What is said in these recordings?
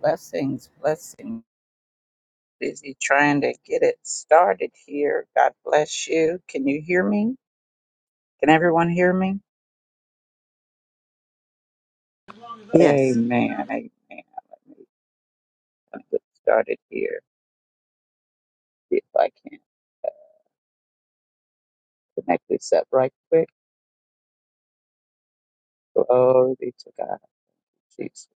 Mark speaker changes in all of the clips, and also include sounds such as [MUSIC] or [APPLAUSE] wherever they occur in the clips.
Speaker 1: Blessings, blessings. Busy trying to get it started here. God bless you. Can you hear me? Can everyone hear me?
Speaker 2: Yes.
Speaker 1: Amen. Amen. I'll get started here. See if I can connect this up right quick. Glory be to God. Jesus.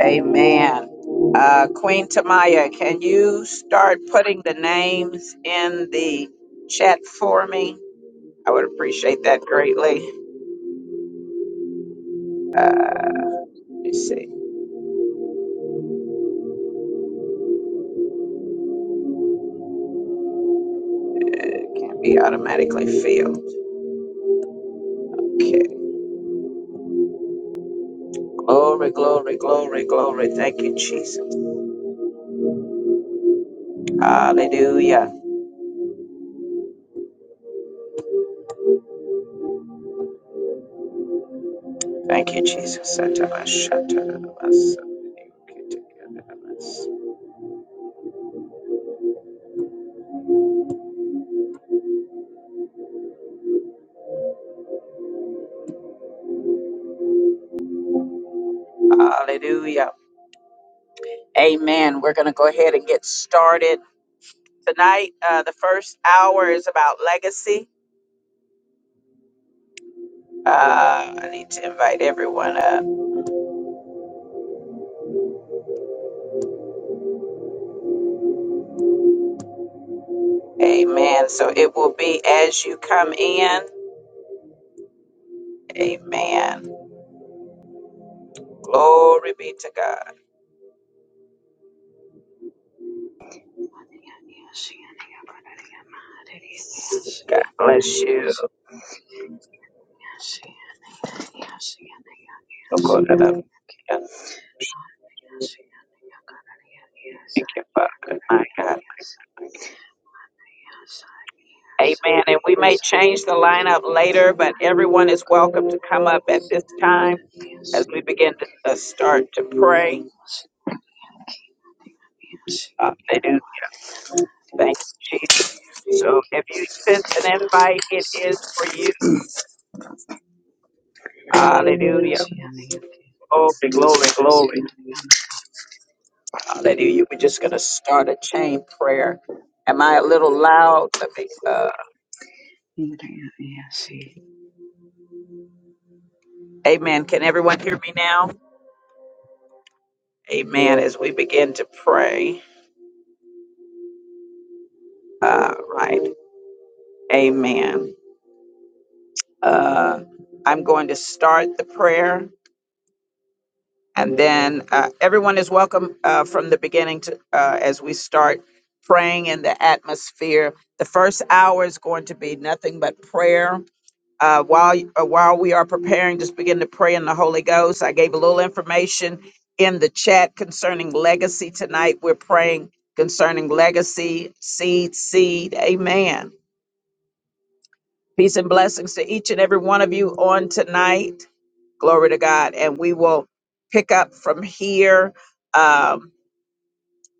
Speaker 1: Amen. Uh, Queen Tamaya, can you start putting the names in the chat for me? I would appreciate that greatly. Let me see. It can't be automatically filled. Okay. Glory, glory, glory, glory. Thank you, Jesus. Hallelujah. Thank you, Jesus. Hallelujah. Amen. We're going to go ahead and get started. Tonight, uh, the first hour is about legacy. Uh, I need to invite everyone up. Amen. So it will be as you come in. Amen. Glory be to God. God bless you. Thank you, Father. My God. Amen. And we may change the lineup later, but everyone is welcome to come up at this time as we begin to uh, start to pray. Hallelujah. Thank you, Jesus. So if you sent an invite, it is for you. Hallelujah. Glory, glory, glory. Hallelujah. We're just going to start a chain prayer. Am I a little loud? Let me. Uh,
Speaker 3: Yes, yes, yes.
Speaker 1: amen. Can everyone hear me now? Amen. As we begin to pray. Uh, right. Amen. Uh, I'm going to start the prayer, and then uh, everyone is welcome uh, from the beginning to uh, as we start praying in the atmosphere. The first hour is going to be nothing but prayer. Uh, while uh, while we are preparing, just begin to pray in the Holy Ghost. I gave a little information in the chat concerning legacy tonight. We're praying concerning legacy, seed, seed. Amen Peace and blessings to each and every one of you on tonight. Glory to God. And we will pick up from here. Um,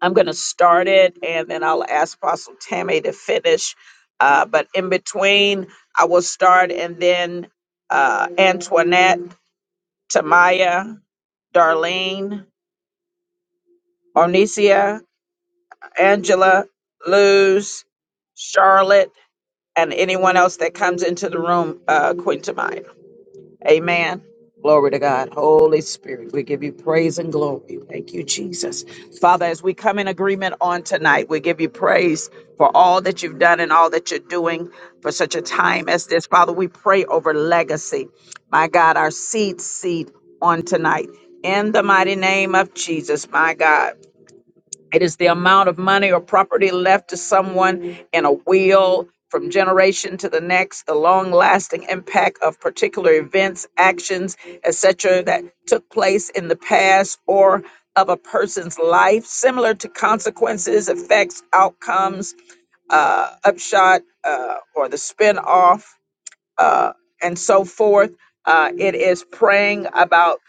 Speaker 1: I'm going to start it and then I'll ask Apostle Tammy to finish. Uh, but in between, I will start and then uh, Antoinette, Tamaya, Darlene, Onicia, Angela, Luz, Charlotte, and anyone else that comes into the room, uh, Queen Tamaya. Amen. Glory to God. Holy Spirit, we give you praise and glory. Thank you, Jesus. Father, as we come in agreement on tonight, we give you praise for all that you've done and all that you're doing for such a time as this. Father, we pray over legacy. My God, our seed seed on tonight. In the mighty name of Jesus, my God. It is the amount of money or property left to someone in a will from generation to the next, the long lasting impact of particular events, actions, etc., that took place in the past or of a person's life, similar to consequences, effects, outcomes, uh, upshot, uh, or the spin off, uh, and so forth. Uh, it is praying about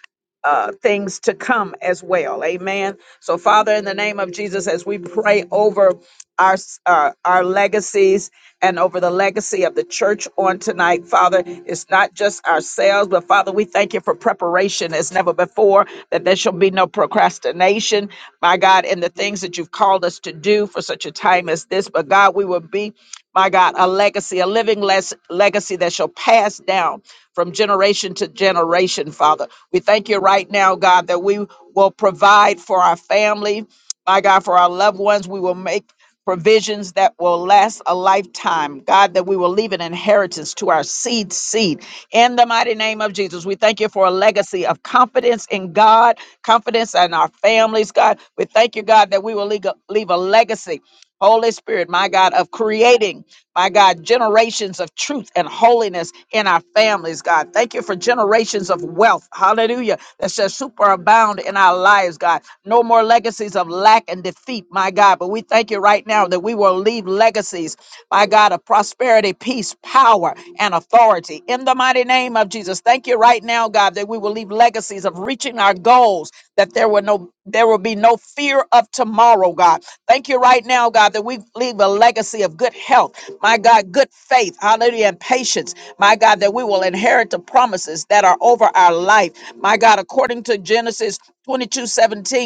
Speaker 1: uh, things to come as well. Amen. So, Father, in the name of Jesus, as we pray over our s- uh, our legacies and over the legacy of the church on tonight, Father, it's not just ourselves, but Father, we thank you for preparation as never before. That there shall be no procrastination, my God, in the things that you've called us to do for such a time as this. But God, we will be, my God, a legacy, a living les- legacy that shall pass down from generation to generation, Father. We thank you right now, God, that we will provide for our family, my God, for our loved ones. We will make provisions that will last a lifetime. God, that we will leave an inheritance to our seed seed. In the mighty name of Jesus, we thank you for a legacy of confidence in God, confidence in our families, God. We thank you, God, that we will leave a, leave a legacy, Holy Spirit, my God, of creating. My God, generations of truth and holiness in our families, God. Thank you for generations of wealth. Hallelujah. That shall superabound in our lives, God. No more legacies of lack and defeat, my God. But we thank you right now that we will leave legacies my God, of prosperity, peace, power, and authority. In the mighty name of Jesus, thank you right now, God, that we will leave legacies of reaching our goals, that there will no there will be no fear of tomorrow, God. Thank you right now, God, that we leave a legacy of good health, my God, good faith, hallelujah, and patience, my God, that we will inherit the promises that are over our life. My God, according to Genesis 22:17,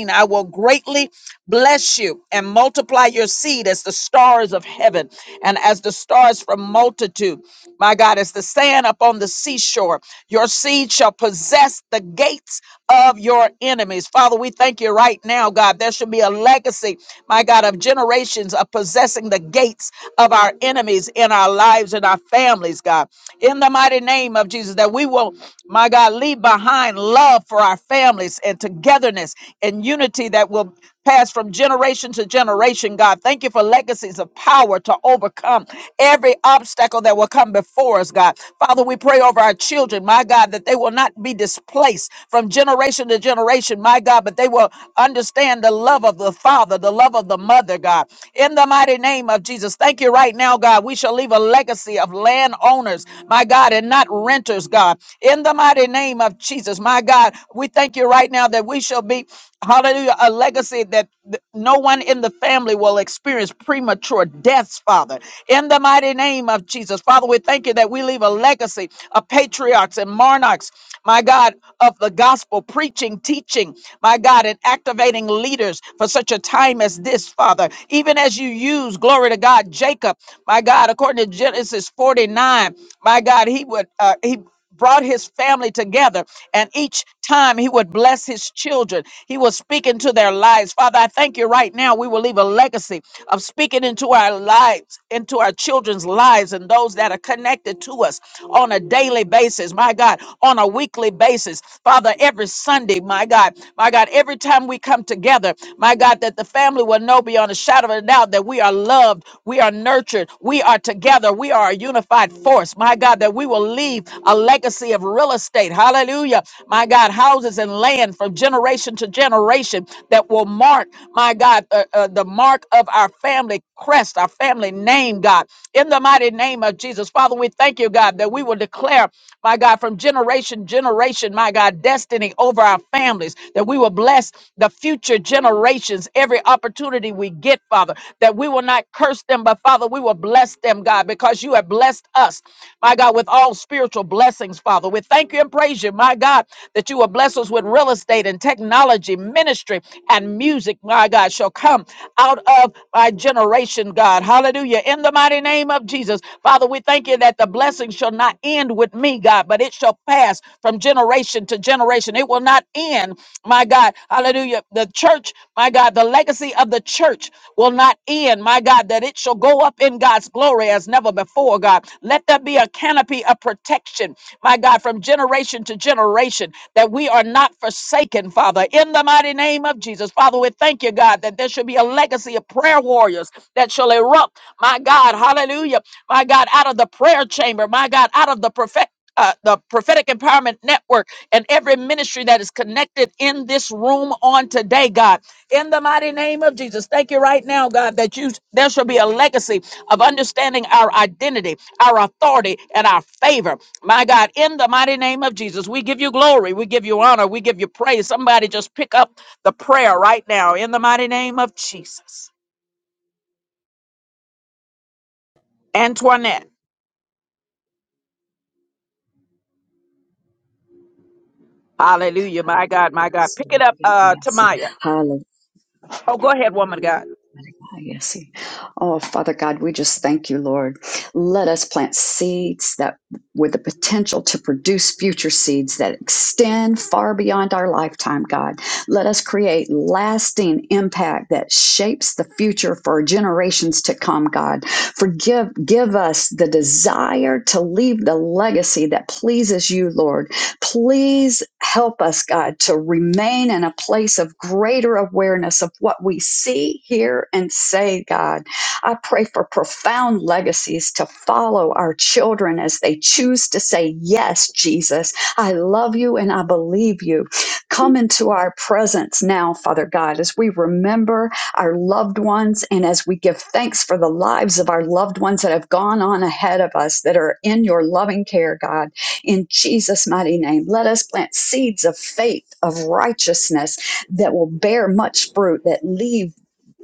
Speaker 1: I will greatly bless you and multiply your seed as the stars of heaven and as the stars from multitude. My God, as the sand upon the seashore, your seed shall possess the gates of your enemies. Father, we thank you right now, God. There should be a legacy, my God, of generations of possessing the gates of our enemies in our lives and our families, God. In the mighty name of Jesus, that we will, my God, leave behind love for our families and togetherness and unity that will pass from generation to generation, God. Thank you for legacies of power to overcome every obstacle that will come before us, God. Father, we pray over our children, my God, that they will not be displaced from generation to generation, my God, but they will understand the love of the Father, the love of the Mother, God. In the mighty name of Jesus, thank you right now, God. We shall leave a legacy of landowners, my God, and not renters, God. In the mighty name of Jesus, my God, we thank you right now that we shall be hallelujah, a legacy that th- no one in the family will experience premature deaths, Father. In the mighty name of Jesus, Father, we thank you that we leave a legacy of patriarchs and monarchs, my God, of the gospel, preaching, teaching, my God, and activating leaders for such a time as this, Father. Even as you use, glory to God, Jacob, my God, according to Genesis 49, my God, he would, uh, he brought his family together and each time he would bless his children he was speaking to their lives father i thank you right now we will leave a legacy of speaking into our lives into our children's lives and those that are connected to us on a daily basis my god on a weekly basis father every sunday my god my god every time we come together my god that the family will know beyond a shadow of a doubt that we are loved we are nurtured we are together we are a unified force my god that we will leave a a legacy of real estate. Hallelujah. My God, houses and land from generation to generation that will mark, my God, uh, uh, the mark of our family crest, our family name, God. In the mighty name of Jesus, Father, we thank you, God, that we will declare, my God, from generation to generation, my God, destiny over our families, that we will bless the future generations every opportunity we get, Father, that we will not curse them, but Father, we will bless them, God, because you have blessed us, my God, with all spiritual blessings, Father. We thank you and praise you, my God, that you will bless us with real estate and technology, ministry, and music, my God, shall come out of my generation, God. Hallelujah. In the mighty name of Jesus, Father, we thank you that the blessing shall not end with me, God, but it shall pass from generation to generation. It will not end, my God. Hallelujah. The church, my God, the legacy of the church will not end, my God, that it shall go up in God's glory as never before, God. Let there be a canopy of protection protection, my God, from generation to generation, that we are not forsaken, Father, in the mighty name of Jesus. Father, we thank you, God, that there should be a legacy of prayer warriors that shall erupt, my God, hallelujah, my God, out of the prayer chamber, my God, out of the prophet. Uh, the prophetic empowerment network and every ministry that is connected in this room on today, God, in the mighty name of Jesus. Thank you right now, God, that you there shall be a legacy of understanding our identity, our authority, and our favor. My God, in the mighty name of Jesus, we give you glory, we give you honor, we give you praise. Somebody just pick up the prayer right now in the mighty name of Jesus. Antoinette, hallelujah, my God, my God. Pick it up, uh, Tamaya.
Speaker 3: Hallelujah.
Speaker 1: Oh, go ahead, woman of God.
Speaker 3: Oh, Father God, we just thank you, Lord. Let us plant seeds that with the potential to produce future seeds that extend far beyond our lifetime, God. Let us create lasting impact that shapes the future for generations to come, God. Forgive, give us the desire to leave the legacy that pleases you, Lord Please help us, God, to remain in a place of greater awareness of what we see, hear, and say, God. I pray for profound legacies to follow our children as they choose to say, Yes, Jesus, I love you and I believe you. Come into our presence now, Father God, as we remember our loved ones and as we give thanks for the lives of our loved ones that have gone on ahead of us that are in your loving care, God in Jesus' mighty name. Let us plant seeds of faith, of righteousness that will bear much fruit, that leave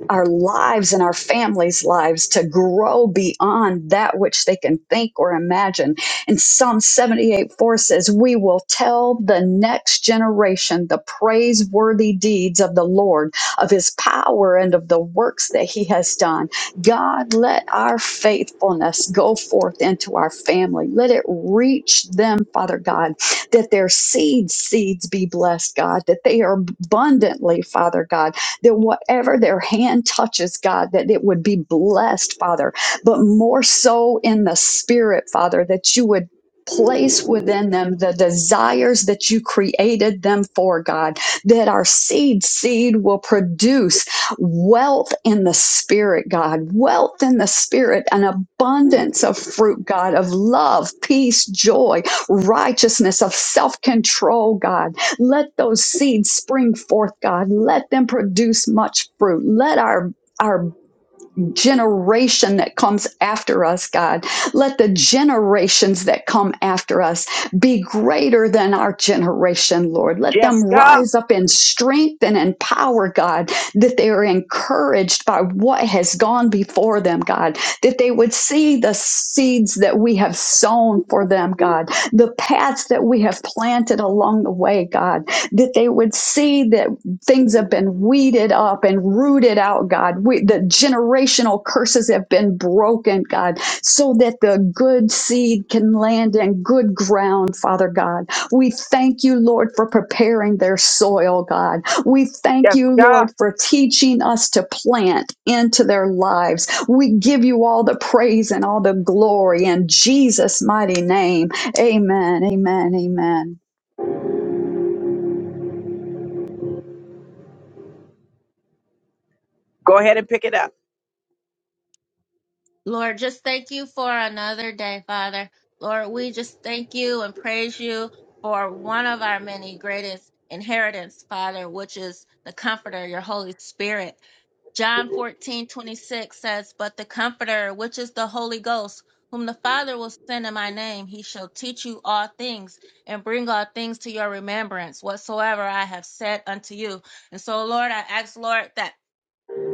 Speaker 3: our lives and our families' lives to grow beyond that which they can think or imagine. And Psalm 78 4 says, We will tell the next generation the praiseworthy deeds of the Lord, of his power, and of the works that he has done. God, let our faithfulness go forth into our family. Let it reach them, Father God, that their seed seeds be blessed, God, that they are abundantly, Father God that whatever their hand touches, God, that it would be blessed, Father, but more so in the spirit, Father, that you would. Place within them the desires that you created them for, God, that our seed seed will produce wealth in the spirit, God, wealth in the spirit, an abundance of fruit, God, of love, peace, joy, righteousness, of self control, God. Let those seeds spring forth, God. Let them produce much fruit. Let our our generation that comes after us, God. Let the generations that come after us be greater than our generation, Lord. Let them
Speaker 1: Jessica,
Speaker 3: rise up in strength and in power, God, that they are encouraged by what has gone before them, God, that they would see the seeds that we have sown for them, God, the paths that we have planted along the way, God, that they would see that things have been weeded up and rooted out, God. We, the generational curses have been broken, God, so that the good seed can land in good ground, Father God. We thank you, Lord, for preparing their soil, God. We thank you,
Speaker 1: Jessica,
Speaker 3: Lord, for teaching us to plant into their lives. We give you all the praise and all the glory in Jesus' mighty name. Amen. Amen. Amen.
Speaker 1: go ahead and pick it up.
Speaker 4: Lord, just thank you for another day, Father. Lord, we just thank you and praise you for one of our many greatest inheritance, Father, which is the Comforter, your Holy Spirit. John 14 26 says, But the Comforter, which is the Holy Ghost, whom the Father will send in my name, he shall teach you all things and bring all things to your remembrance, whatsoever I have said unto you. And so, Lord, I ask, Lord, that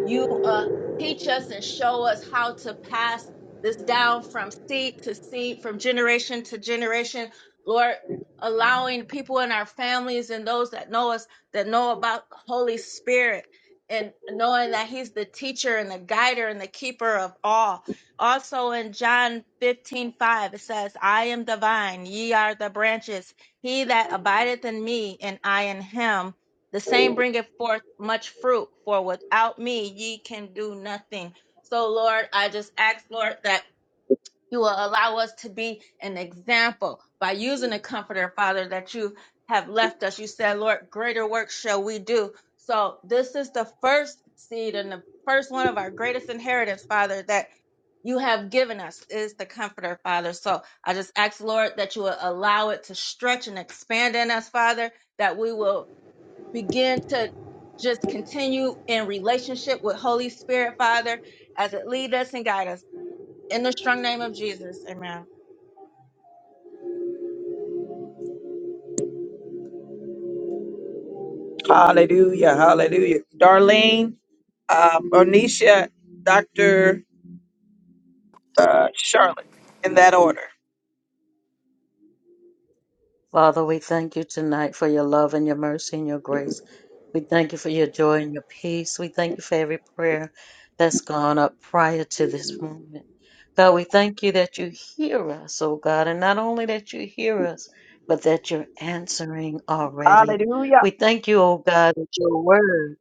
Speaker 4: you uh, teach us and show us how to pass this down from seed to seed, from generation to generation. Lord, allowing people in our families and those that know us that know about Holy Spirit and knowing that He's the teacher and the guider and the keeper of all. Also in John 15:5 it says, I am the vine, ye are the branches. He that abideth in me and I in him the same bringeth forth much fruit, for without me ye can do nothing. So, Lord, I just ask, Lord, that you will allow us to be an example by using the comforter, Father, that you have left us. You said, Lord, greater work shall we do. So, this is the first seed and the first one of our greatest inheritance, Father, that you have given us is the comforter, Father. So, I just ask, Lord, that you will allow it to stretch and expand in us, Father, that we will begin to just continue in relationship with Holy Spirit, Father, as it lead us and guide us. In the strong name of Jesus, amen.
Speaker 1: Hallelujah, hallelujah. Darlene, uh, Bernicia, Dr. Uh, Charlotte, in that order.
Speaker 5: Father, we thank you tonight for your love and your mercy and your grace. We thank you for your joy and your peace. We thank you for every prayer that's gone up prior to this moment. God, we thank you that you hear us, oh God, and not only that you hear us, but that you're answering already.
Speaker 1: Hallelujah.
Speaker 5: We thank you, oh God, that your word,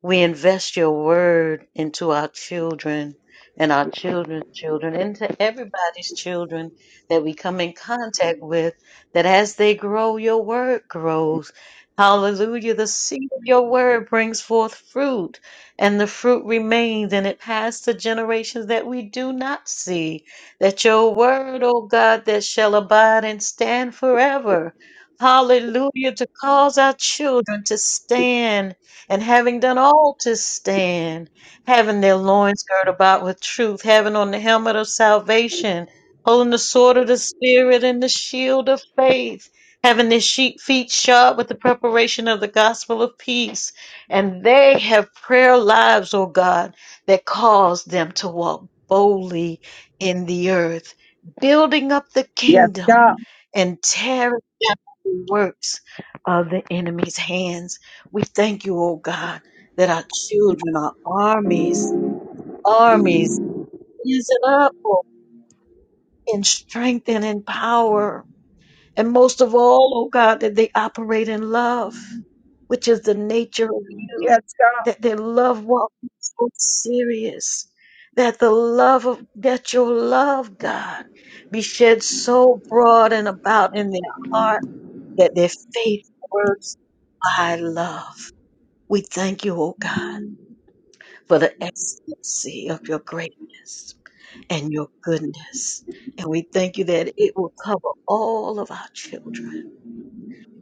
Speaker 5: we invest your word into our children and our children's children, into everybody's children that we come in contact with that as they grow, your word grows. Hallelujah. The seed of your word brings forth fruit, and the fruit remains, and it passed to generations that we do not see. That your word, O God, that shall abide and stand forever. Hallelujah. To cause our children to stand, and having done all to stand, having their loins girt about with truth, having on the helmet of salvation holding the sword of the Spirit and the shield of faith, having their she- feet shod with the preparation of the gospel of peace. And they have prayer lives, oh God, that cause them to walk boldly in the earth, building up the
Speaker 1: Yes,
Speaker 5: kingdom
Speaker 1: God.
Speaker 5: and tearing down the works of the enemy's hands. We thank you, oh God, that our children, our armies, armies, is it up, in strength and in power. And most of all, oh God, that they operate in love, which is the nature of you,
Speaker 1: Yes, God.
Speaker 5: that their love walk is so serious, that the love of, that your love, God, be shed so broad and about in their heart that their faith works by love. We thank you, oh God, for the excellency of your greatness and your goodness. And we thank you that it will cover all of our children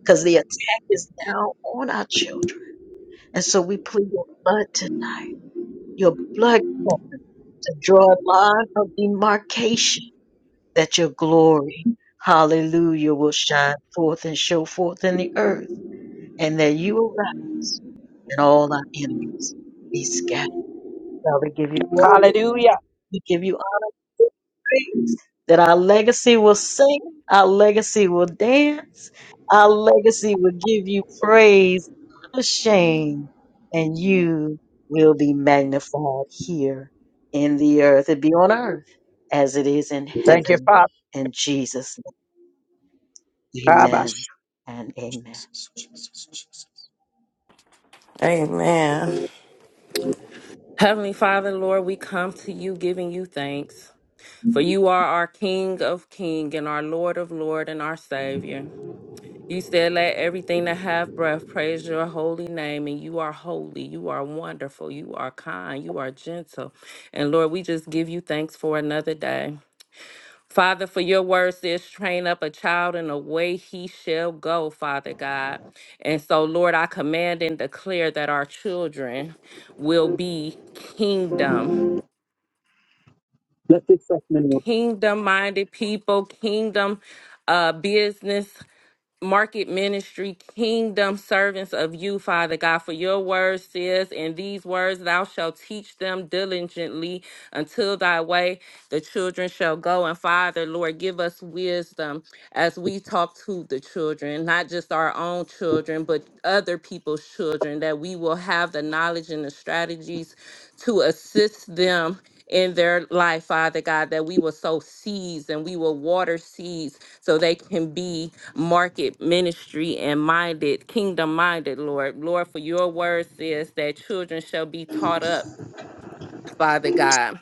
Speaker 5: because the attack is now on our children. And so we plead your blood tonight, your blood covering to draw a line of demarcation that your glory, hallelujah, will shine forth and show forth in the earth and that you will rise and all our enemies be scattered. Father, we give you glory
Speaker 1: Hallelujah.
Speaker 5: We give you honor and praise that our legacy will sing, our legacy will dance, our legacy will give you praise, shame, and you will be magnified here in the earth and be on earth as it is in
Speaker 1: Thank you,
Speaker 5: heaven. In Jesus' name,
Speaker 1: Father.
Speaker 5: amen and amen.
Speaker 6: Amen. Heavenly Father, Lord, we come to you giving you thanks, for you are our King of King and our Lord of Lord and our Savior. You said, Let everything that have breath praise your holy name, and you are holy, you are wonderful, you are kind, you are gentle. And Lord, we just give you thanks for another day. Father, for your word says, train up a child in the way he shall go, Father God. And so, Lord, I command and declare that our children will be kingdom,
Speaker 1: Let this segment work.
Speaker 6: kingdom minded people, kingdom uh, business Market Ministry Kingdom servants of you, Father God, for your word says, and these words thou shalt teach them diligently until thy way the children shall go. And Father, Lord, give us wisdom as we talk to the children, not just our own children, but other people's children, that we will have the knowledge and the strategies to assist them in their life, Father God, that we will sow seeds and we will water seeds so they can be market ministry and minded, kingdom minded, Lord. Lord, for your word says that children shall be taught up, Father God.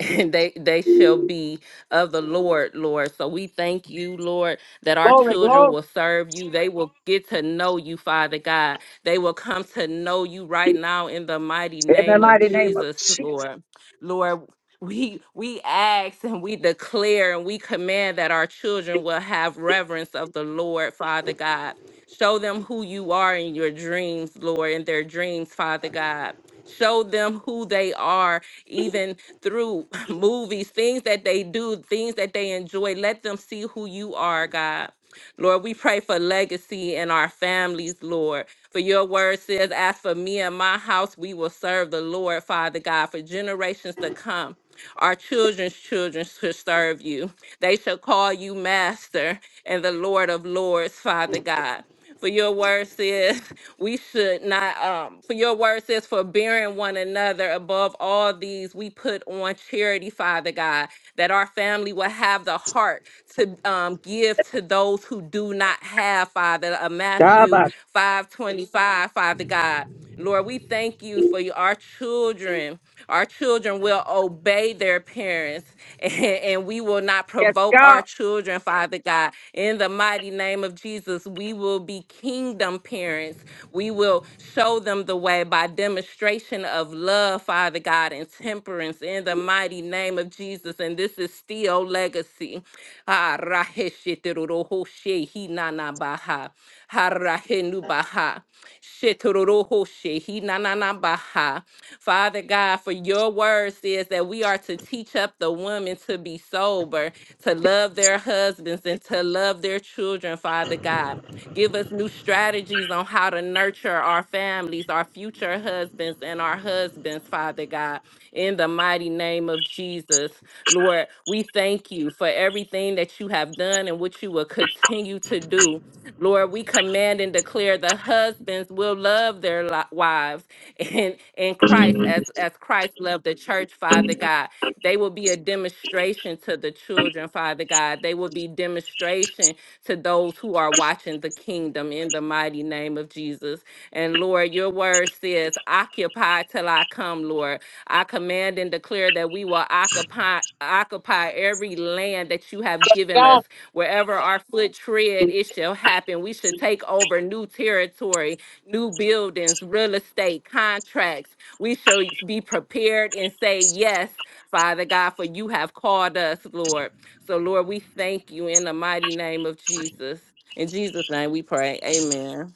Speaker 6: [LAUGHS] and they they shall be of the Lord, Lord. So we thank you, Lord, that our
Speaker 1: Glory,
Speaker 6: children
Speaker 1: glory,
Speaker 6: will serve you. They will get to know you, Father God. They will come to know you right now in the mighty
Speaker 1: in the
Speaker 6: name of
Speaker 1: mighty name of
Speaker 6: Jesus,
Speaker 1: Jesus.
Speaker 6: Lord. Lord, we we ask and we declare and we command that our children will have reverence of the Lord, Father God. Show them who you are in your dreams, Lord, in their dreams, Father God. Show them who they are, even through [LAUGHS] movies, things that they do, things that they enjoy. Let them see who you are, God. Lord, we pray for legacy in our families, Lord. For your word says, As for me and my house, we will serve the Lord, Father God, for generations to come. Our children's children shall serve you. They shall call you Master and the Lord of Lords, Father God. For your word says, [LAUGHS] we should not um for your word says forbearing one another above all these we put on charity father god that our family will have the heart to um give to those who do not have father uh, matthew
Speaker 1: Dabash.
Speaker 6: 5 25, father god lord we thank you for your- our children our children will obey their parents [LAUGHS] and, and we will not
Speaker 1: Yes,
Speaker 6: provoke our
Speaker 1: God,
Speaker 6: children, Father God. In the mighty name of Jesus, we will be kingdom parents. We will show them the way by demonstration of love, Father God, and temperance in the mighty name of Jesus. And this is still legacy. Ah, raheshitiruruhoshe hinanabaha, harahenubaha, shiturururhoshe hinananabaha. Father God, for your word says that we are to teach up the women to be sober, to love their husbands, and to love their children, Father God. Give us new strategies on how to nurture our families, our future husbands, and our husbands, Father God, in the mighty name of Jesus. Lord, we thank you for everything that you have done and what you will continue to do. Lord, we command and declare the husbands will love their their li- wives in in Christ as as Christ loved the church, Father God. They will be a demonstration to the children, Father God. They will be demonstration to those who are watching the kingdom in the mighty name of Jesus. And Lord, your word says, occupy till I come, Lord. I command and declare that we will occupy occupy every land that you have given us.
Speaker 1: God,
Speaker 6: Wherever our foot tread, it shall happen. We should take over new territory new buildings, real estate, contracts. We shall be prepared and say yes, Father God, for you have called us, Lord. So, Lord, we thank you in the mighty name of Jesus. In Jesus' name we pray. Amen.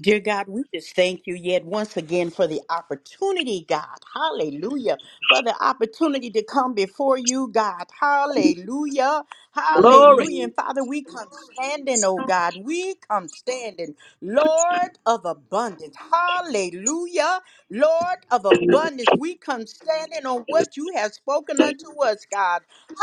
Speaker 7: Dear God, we just thank you yet once again for the opportunity, God. Hallelujah. For the opportunity to come before you, God. Hallelujah.
Speaker 1: glory.
Speaker 7: Hallelujah. And Father, we come standing, oh God. We come standing, Lord of abundance. Hallelujah. Lord of abundance, we come standing on what you have spoken unto us, God.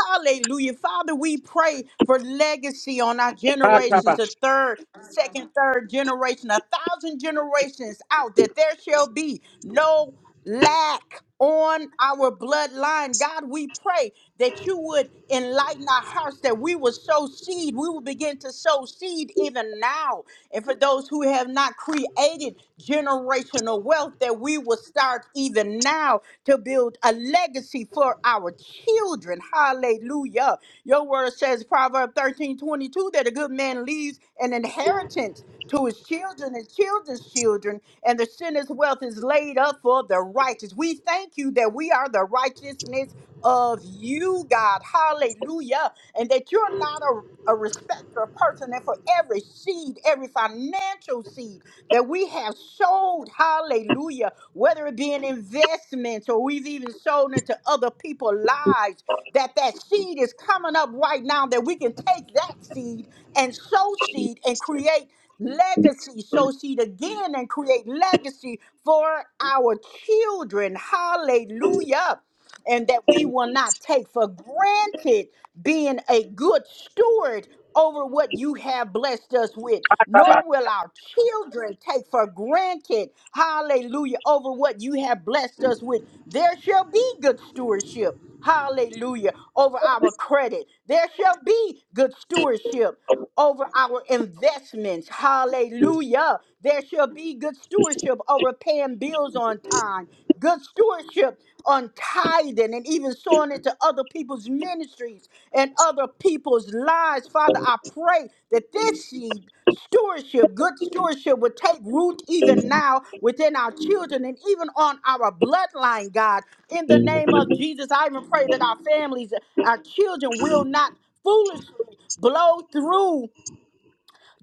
Speaker 7: Hallelujah. Father, we pray for legacy on our generations, the
Speaker 1: Katabash.
Speaker 7: third, second, third generation, a thousand generations out, that there shall be no lack on our bloodline. God, we pray that you would enlighten our hearts, that we will sow seed. We will begin to sow seed even now. And for those who have not created generational wealth, that we will start even now to build a legacy for our children. Hallelujah. Your word says, Proverbs thirteen twenty two that a good man leaves an inheritance to his children and children's children, and the sinner's wealth is laid up for the righteous. We thank you that we are the righteousness of you, God. Hallelujah. And that you're not a a respecter of person, and for every seed, every financial seed that we have sold, hallelujah, whether it be in investments or we've even sold into other people's lives, that that seed is coming up right now, that we can take that seed and sow seed and create legacy, sow seed again and create legacy for our children. Hallelujah. And that we will not take for granted being a good steward over what you have blessed us with, nor will our children take for granted, hallelujah, over what you have blessed us with. There shall be good stewardship, hallelujah, over our credit. There shall be good stewardship over our investments. Hallelujah. There shall be good stewardship over paying bills on time, good stewardship on tithing and even sowing into other people's ministries and other people's lives. Father, I pray that this seed, stewardship, good stewardship, would take root even now within our children and even on our bloodline, God. In the name of Jesus, I even pray that our families, our children will not foolishly blow through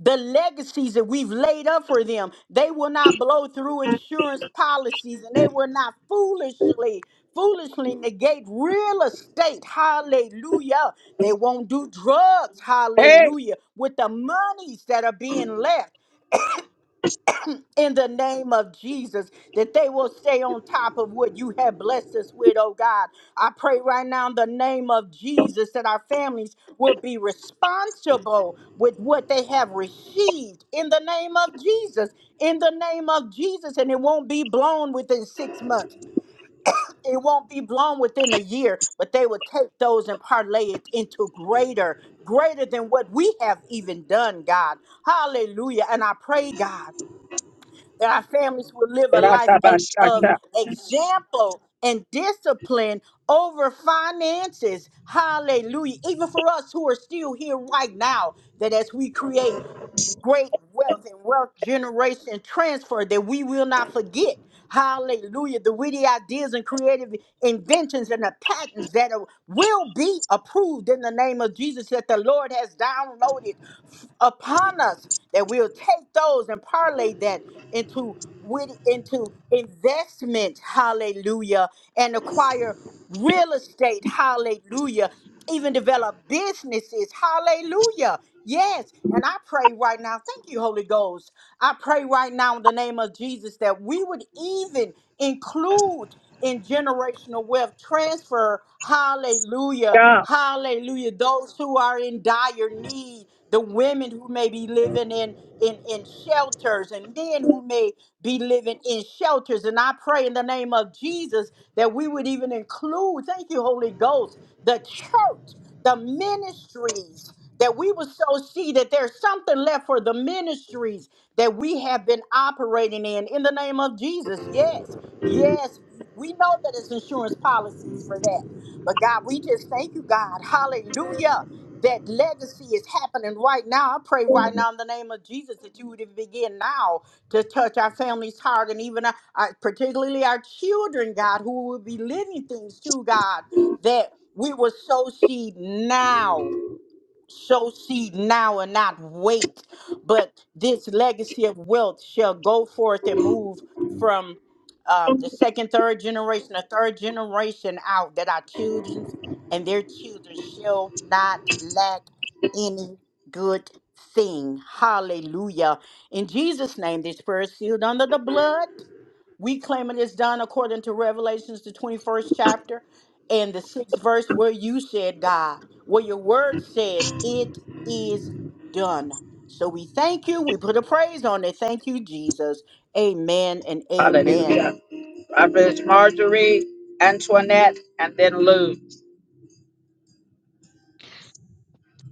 Speaker 7: the legacies that we've laid up for them. They will not blow through insurance policies and they will not foolishly, foolishly negate real estate. Hallelujah. They won't do drugs.
Speaker 1: Hey,
Speaker 7: Hallelujah. With the monies that are being left in the name of Jesus, that they will stay on top of what you have blessed us with, oh God. I pray right now in the name of Jesus that our families will be responsible with what they have received in the name of Jesus, in the name of Jesus, and it won't be blown within six months. It won't be blown within a year, but they will take those and parlay it into greater, greater than what we have even done, God. Hallelujah. And I pray, God that our families will live a life as, of
Speaker 1: Ratabashata.
Speaker 7: example and discipline over finances. Hallelujah. Even for us who are still here right now, that as we create great wealth and wealth generation transfer that we will not forget. Hallelujah. The witty ideas and creative inventions and the patents that are- will be approved in the name of Jesus that the Lord has downloaded f- upon us, that we'll take those and parlay that into witty, into investment. Hallelujah. And acquire real estate, hallelujah, even develop businesses, hallelujah. Yes, and I pray right now, thank you, Holy Ghost. I pray right now in the name of Jesus that we would even include in generational wealth transfer, hallelujah,
Speaker 1: God,
Speaker 7: Hallelujah. Those who are in dire need, the women who may be living in, in, in shelters, and men who may be living in shelters. And I pray in the name of Jesus that we would even include, thank you, Holy Ghost, the church, the ministries, that we would so see that there's something left for the ministries that we have been operating in. In the name of Jesus, yes, yes, we know that it's insurance policies for that. But God, we just thank you, God. Hallelujah. That legacy is happening right now. I pray right now in the name of Jesus that you would begin now to touch our family's heart and even our, our- particularly our children, God, who will be living things too, God, that we will sow seed now sow seed now and not wait. But this legacy of wealth shall go forth and move from um, the second, third generation, the third generation out, that our children and their children shall not lack any good thing. Hallelujah. In Jesus' name, this prayer is sealed under the blood. We claim it is done according to Revelations, the 21st chapter and the sixth verse, where you said, God. Well, your word says it is done. So we thank you. We put a praise on it. Thank you, Jesus. Amen and amen.
Speaker 1: hallelujah. Reverend Marjorie, Antoinette, and then Lou.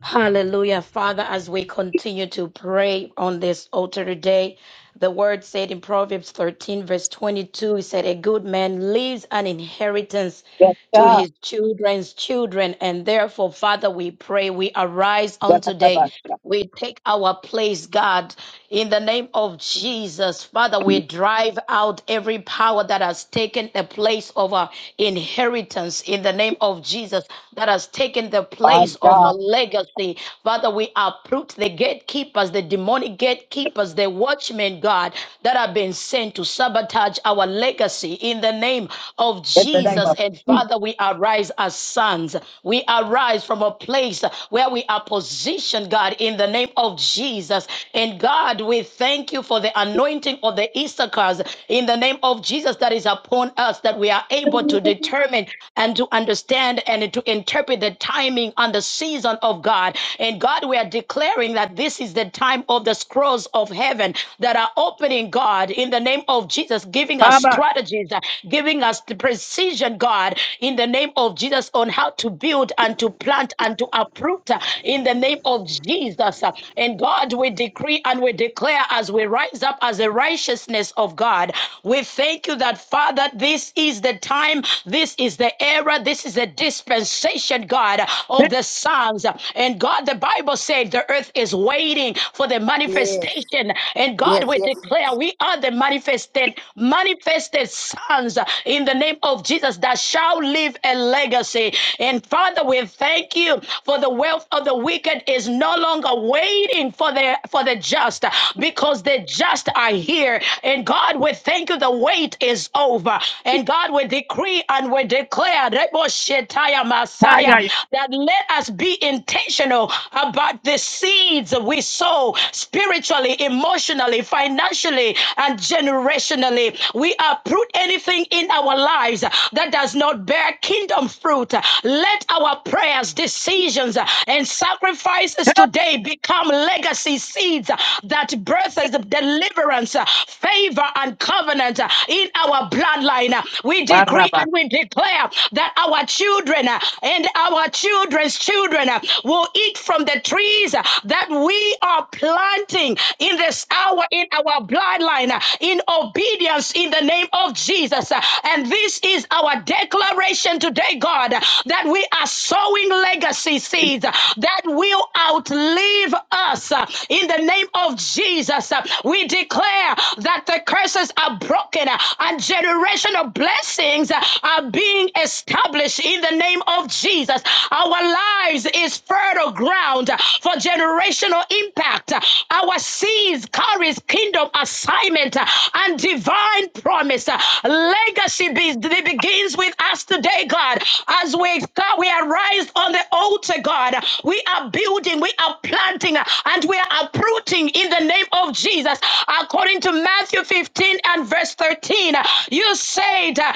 Speaker 8: Hallelujah. Father, as we continue to pray on this altar today, the word said in Proverbs 13, verse 22, it said, A good man leaves an inheritance
Speaker 1: Yes,
Speaker 8: to
Speaker 1: God,
Speaker 8: his children's children. And therefore, Father, we pray, we arise on today
Speaker 1: Ratabashata.
Speaker 8: we take our place, God, in the name of Jesus. Father, we drive out every power that has taken the place of our inheritance in the name of Jesus, that has taken the
Speaker 1: By
Speaker 8: place of a
Speaker 1: God,
Speaker 8: legacy. Father, we uproot the gatekeepers, the demonic gatekeepers, the watchmen, God, that have been sent to sabotage our legacy in the name of
Speaker 1: in the name
Speaker 8: Jesus.
Speaker 1: of
Speaker 8: And
Speaker 1: Jesus.
Speaker 8: Father, we arise as sons. We arise from a place where we are positioned, God, in the name of Jesus. And God, we thank you for the anointing of the Issachars in the name of Jesus that is upon us, that we are able to determine and to understand and to interpret the timing and the season of God. And God, we are declaring that this is the time of the scrolls of heaven that are opening, God, in the name of Jesus, giving us
Speaker 1: Baba,
Speaker 8: strategies, uh, giving us the precision, God, in the name of Jesus, on how to build build and to plant and to uproot uh, in the name of Jesus. Uh, And God, we decree and we declare as we rise up as the righteousness of God. We thank you that, Father, this is the time, this is the era, this is the dispensation, God, of the sons. And God, the Bible said the earth is waiting for the
Speaker 7: Yes,
Speaker 8: manifestation. And God,
Speaker 7: yes,
Speaker 8: we
Speaker 7: yes, yes,
Speaker 8: declare we are the manifested, manifested sons uh, in the name of Jesus that shall live leave a legacy. And Father, we thank you for the wealth of the wicked is no longer waiting for the for the just because the just are here. And God, we thank you. The wait is over. And God, we decree and we declare Rebo Shetaya Messiah
Speaker 1: Hitaya,
Speaker 8: that let us be intentional about the seeds we sow spiritually, emotionally, financially, and generationally. We uproot anything in our lives uh, that does not bear kingdom fruit. Uh, Let our prayers, decisions, uh, and sacrifices today become legacy seeds uh, that births the deliverance, uh, favor, and covenant uh, in our bloodline. Uh, We decree
Speaker 1: Baraba,
Speaker 8: and we declare that our children uh, and our children's children uh, will eat from the trees uh, that we are planting in this hour in our bloodline uh, in obedience deliverance in the name of Jesus. And this is our declaration today, God, that we are sowing legacy seeds that will outlive us in the name of Jesus. We declare that the curses are broken and generational blessings are being established in the name of Jesus. Our lives is fertile ground for generational impact. Our seeds carries kingdom assignment uh, and divine promise. Uh, Legacy be- begins with us today, God. As we God, we are raised on the altar, God. We are building, we are planting, uh, and we are uprooting in the name of Jesus. According to Matthew 15 and verse 13, uh, you said uh,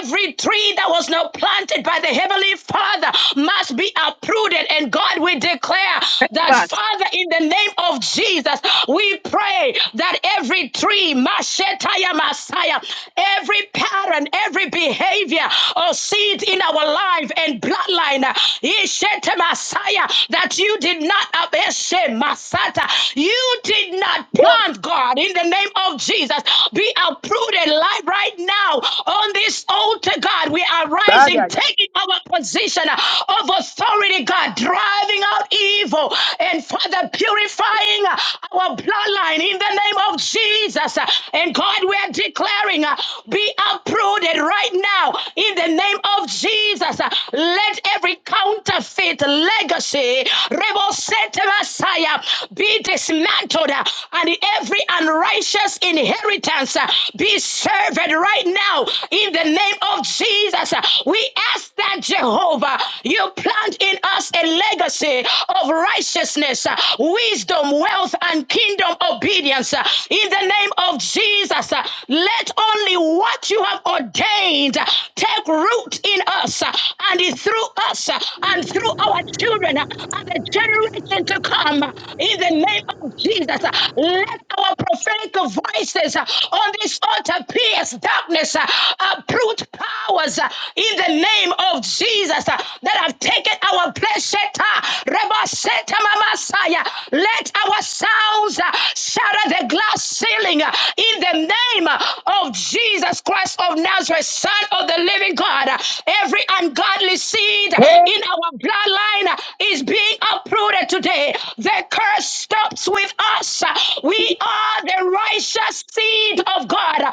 Speaker 8: every tree that was not planted by the heavenly Father must be uprooted. And God, we declare that
Speaker 1: Bash.
Speaker 8: Father, in the name of Jesus, we pray that every tree, Mashetaya Messiah, every pattern, every behavior or seed in our life and bloodline, uh, Ishete Messiah, that you did not Abeshe Masata, you did not
Speaker 1: Woo,
Speaker 8: plant, God, in the name of Jesus. Be uprooted life right now on this altar, God. We are rising,
Speaker 1: Daya,
Speaker 8: taking our position uh, of authority, God, driving out evil and Father, purifying uh, our bloodline in the name of Jesus. Uh, And God, we are declaring, uh, be uprooted right now in the name of Jesus. Uh, Let every counterfeit legacy, rebel set Messiah, be dismantled uh, and every unrighteous inheritance uh, be served right now in the name of Jesus. Uh, We ask that Jehovah, you plant in us a legacy legacy of righteousness, uh, wisdom, wealth, and kingdom obedience. uh, In the name of Jesus, uh, let only what you have ordained uh, take root in us uh, and through us uh, and through our children uh, and the generation to come. In the name of Jesus, uh, let our prophetic voices uh, on this altar pierce darkness, uh, uproot powers uh, in the name of Jesus that have taken our place. Sheta, Reba, Seta, Mama, Let our sounds uh, shatter the glass ceiling uh, in the name uh, of Jesus Christ of Nazareth, Son of the Living God. Uh, Every ungodly seed
Speaker 1: Hey,
Speaker 8: in our bloodline uh, is being uprooted today. The curse stops with us. Uh, We are the righteous seed of God, uh,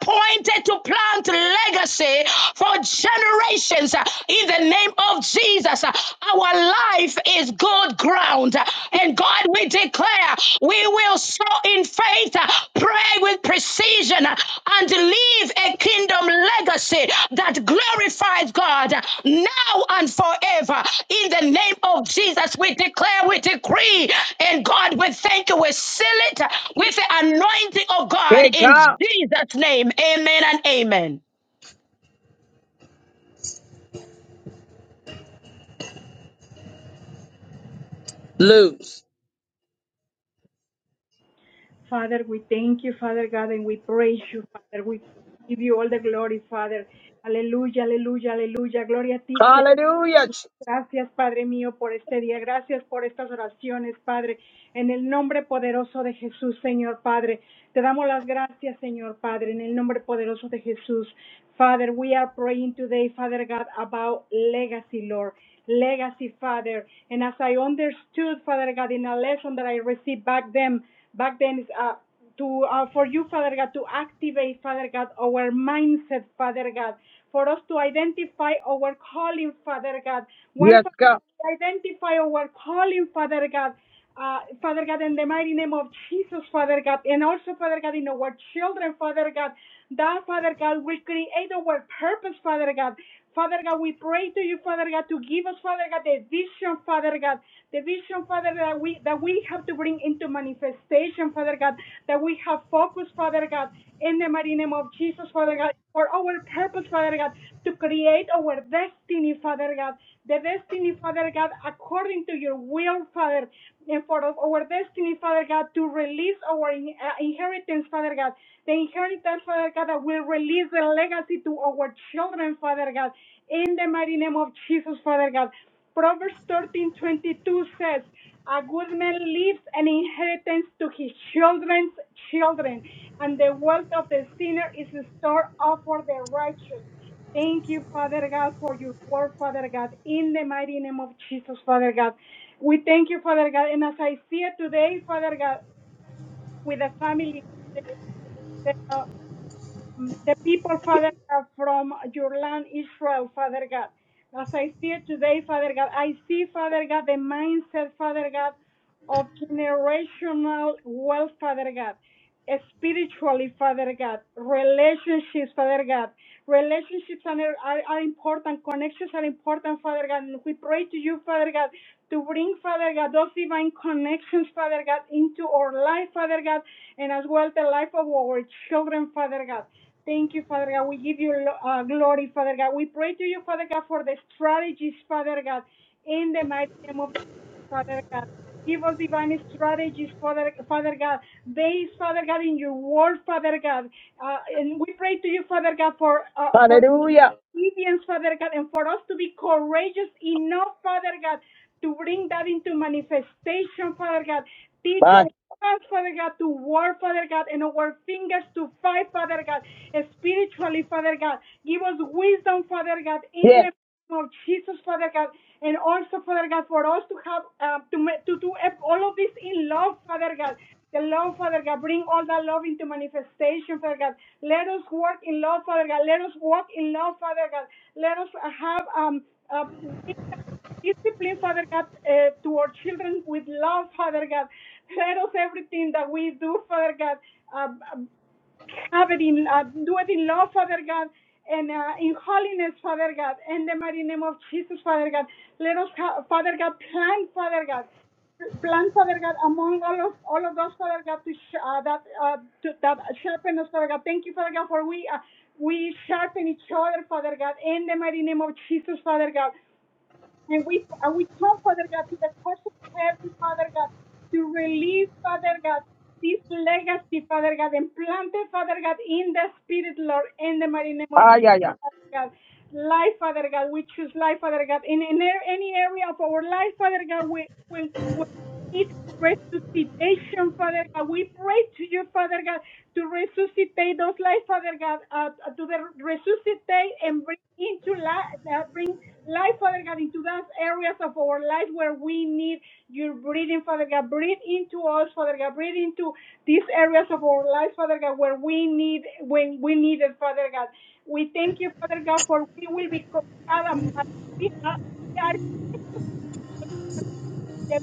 Speaker 8: appointed to plant legacy for generations generations uh, in the name of Jesus. Uh, Our life is good ground. Uh, And God, we declare we will sow in faith, uh, pray with precision, uh, and leave a kingdom legacy that glorifies God uh, now and forever. In the name of Jesus, we declare, we decree, and God, we thank you. We seal it uh, with the anointing of God
Speaker 1: hey,
Speaker 8: in
Speaker 1: God,
Speaker 8: Jesus' name. Amen and amen.
Speaker 1: lose.
Speaker 9: Father, we thank you, Father God, and we praise you, Father. We give you all the glory, Father. Aleluya, aleluya, aleluya. Gloria a ti, Señor.
Speaker 1: Hallelujah.
Speaker 9: Gracias, Padre mío, por este día. Gracias por estas oraciones, Padre. En el nombre poderoso de Jesús, Señor Padre. Te damos las gracias, Señor Padre, en el nombre poderoso de Jesús. Father, we are praying today, Father God, about legacy, Lord. Legacy, Father. And as I understood, Father God, in a lesson that I received back then, back then, is uh, to uh, for you, Father God, to activate, Father God, our mindset, Father God, for us to identify our calling, Father God. Once
Speaker 1: Yes, God.
Speaker 9: we identify our calling, Father God, uh, Father God, in the mighty name of Jesus, Father God, and also, Father God, in our children, Father God, that, Father God, will create our purpose, Father God. Father God, we pray to you, Father God, to give us, Father God, the vision, Father God, the vision, Father, that we that we have to bring into manifestation, Father God that we have focus, Father God, in the mighty name of Jesus, Father God, for our purpose, Father God, to create our destiny, Father God, the destiny, Father God, according to your will, Father, and for our destiny, Father God, to release our uh, inheritance, Father God, the inheritance, Father God, that will release the legacy to our children, Father God, in the mighty name of Jesus, Father God. Proverbs thirteen twenty two says, a good man leaves an inheritance to his children's children, and the wealth of the sinner is stored up for the righteous. Thank you, Father God, for your word, Father God, in the mighty name of Jesus, Father God. We thank you, Father God, and as I see it today, Father God, with the family, the, the, uh, um, the people, Father God, from your land, Israel, Father God. As I see it today, Father God, I see, Father God, the mindset, Father God, of generational wealth, Father God, spiritually, Father God, relationships, Father God. Relationships are, are, are important, connections are important, Father God. And we pray to you, Father God, to bring, Father God, those divine connections, Father God, into our life, Father God, and as well the life of our children, Father God. Thank you, Father God. We give you uh, glory, Father God. We pray to you, Father God, for the strategies, Father God, in the mighty name of Jesus, Father God. Give us divine strategies, Father, Father God, based, Father God, in your word, Father God. Uh, and we pray to you, Father God, for uh, for
Speaker 1: Hallelujah.
Speaker 9: obedience, Father God, and for us to be courageous enough, Father God, to bring that into manifestation, Father God. Teach our
Speaker 1: Bye.
Speaker 9: hands, Father God, to work, Father God, and our fingers to fight, Father God, spiritually, Father God. Give us wisdom, Father God, in the name of Jesus, Father God, and also, Father God, for us to have uh, to to do all of this in love, Father God. The love, Father God, bring all that love into manifestation, Father God. Let us work in love, Father God. Let us walk in love, Father God. Let us have um uh, bring that discipline, Father God, uh, to our children with love, Father God. Let us everything that we do, Father God. uh, have it in, uh, do it in love, Father God, and uh, in holiness, Father God, in the mighty name of Jesus, Father God. Let us, have, Father God, plant, Father God, plant, Father God, among all of all of us, Father God, to sh- uh, that uh, to, that sharpen us, Father God. Thank you, Father God, for we uh, we sharpen each other, Father God, in the mighty name of Jesus, Father God. And we and we come, Father God, to the courts of heaven, Father God, to release, Father God, this legacy, Father God, and plant it, Father God, in the Spirit, Lord, in the mighty name of
Speaker 1: Ah, yeah,
Speaker 9: Jesus,
Speaker 1: yeah,
Speaker 9: Father God. Life, Father God, we choose life, Father God. In, in any area of our life, Father God, we, we, we need resuscitation, Father God. We pray to you, Father God, to resuscitate those lives, Father God, uh, to the, resuscitate and bring into life, uh, bring. Life, Father God, into those areas of our life where we need your breathing, Father God. Breathe into us, Father God. Breathe into these areas of our lives, Father God, where we need when we need it, Father God. We thank you, Father God, for we will be called Adam. We are we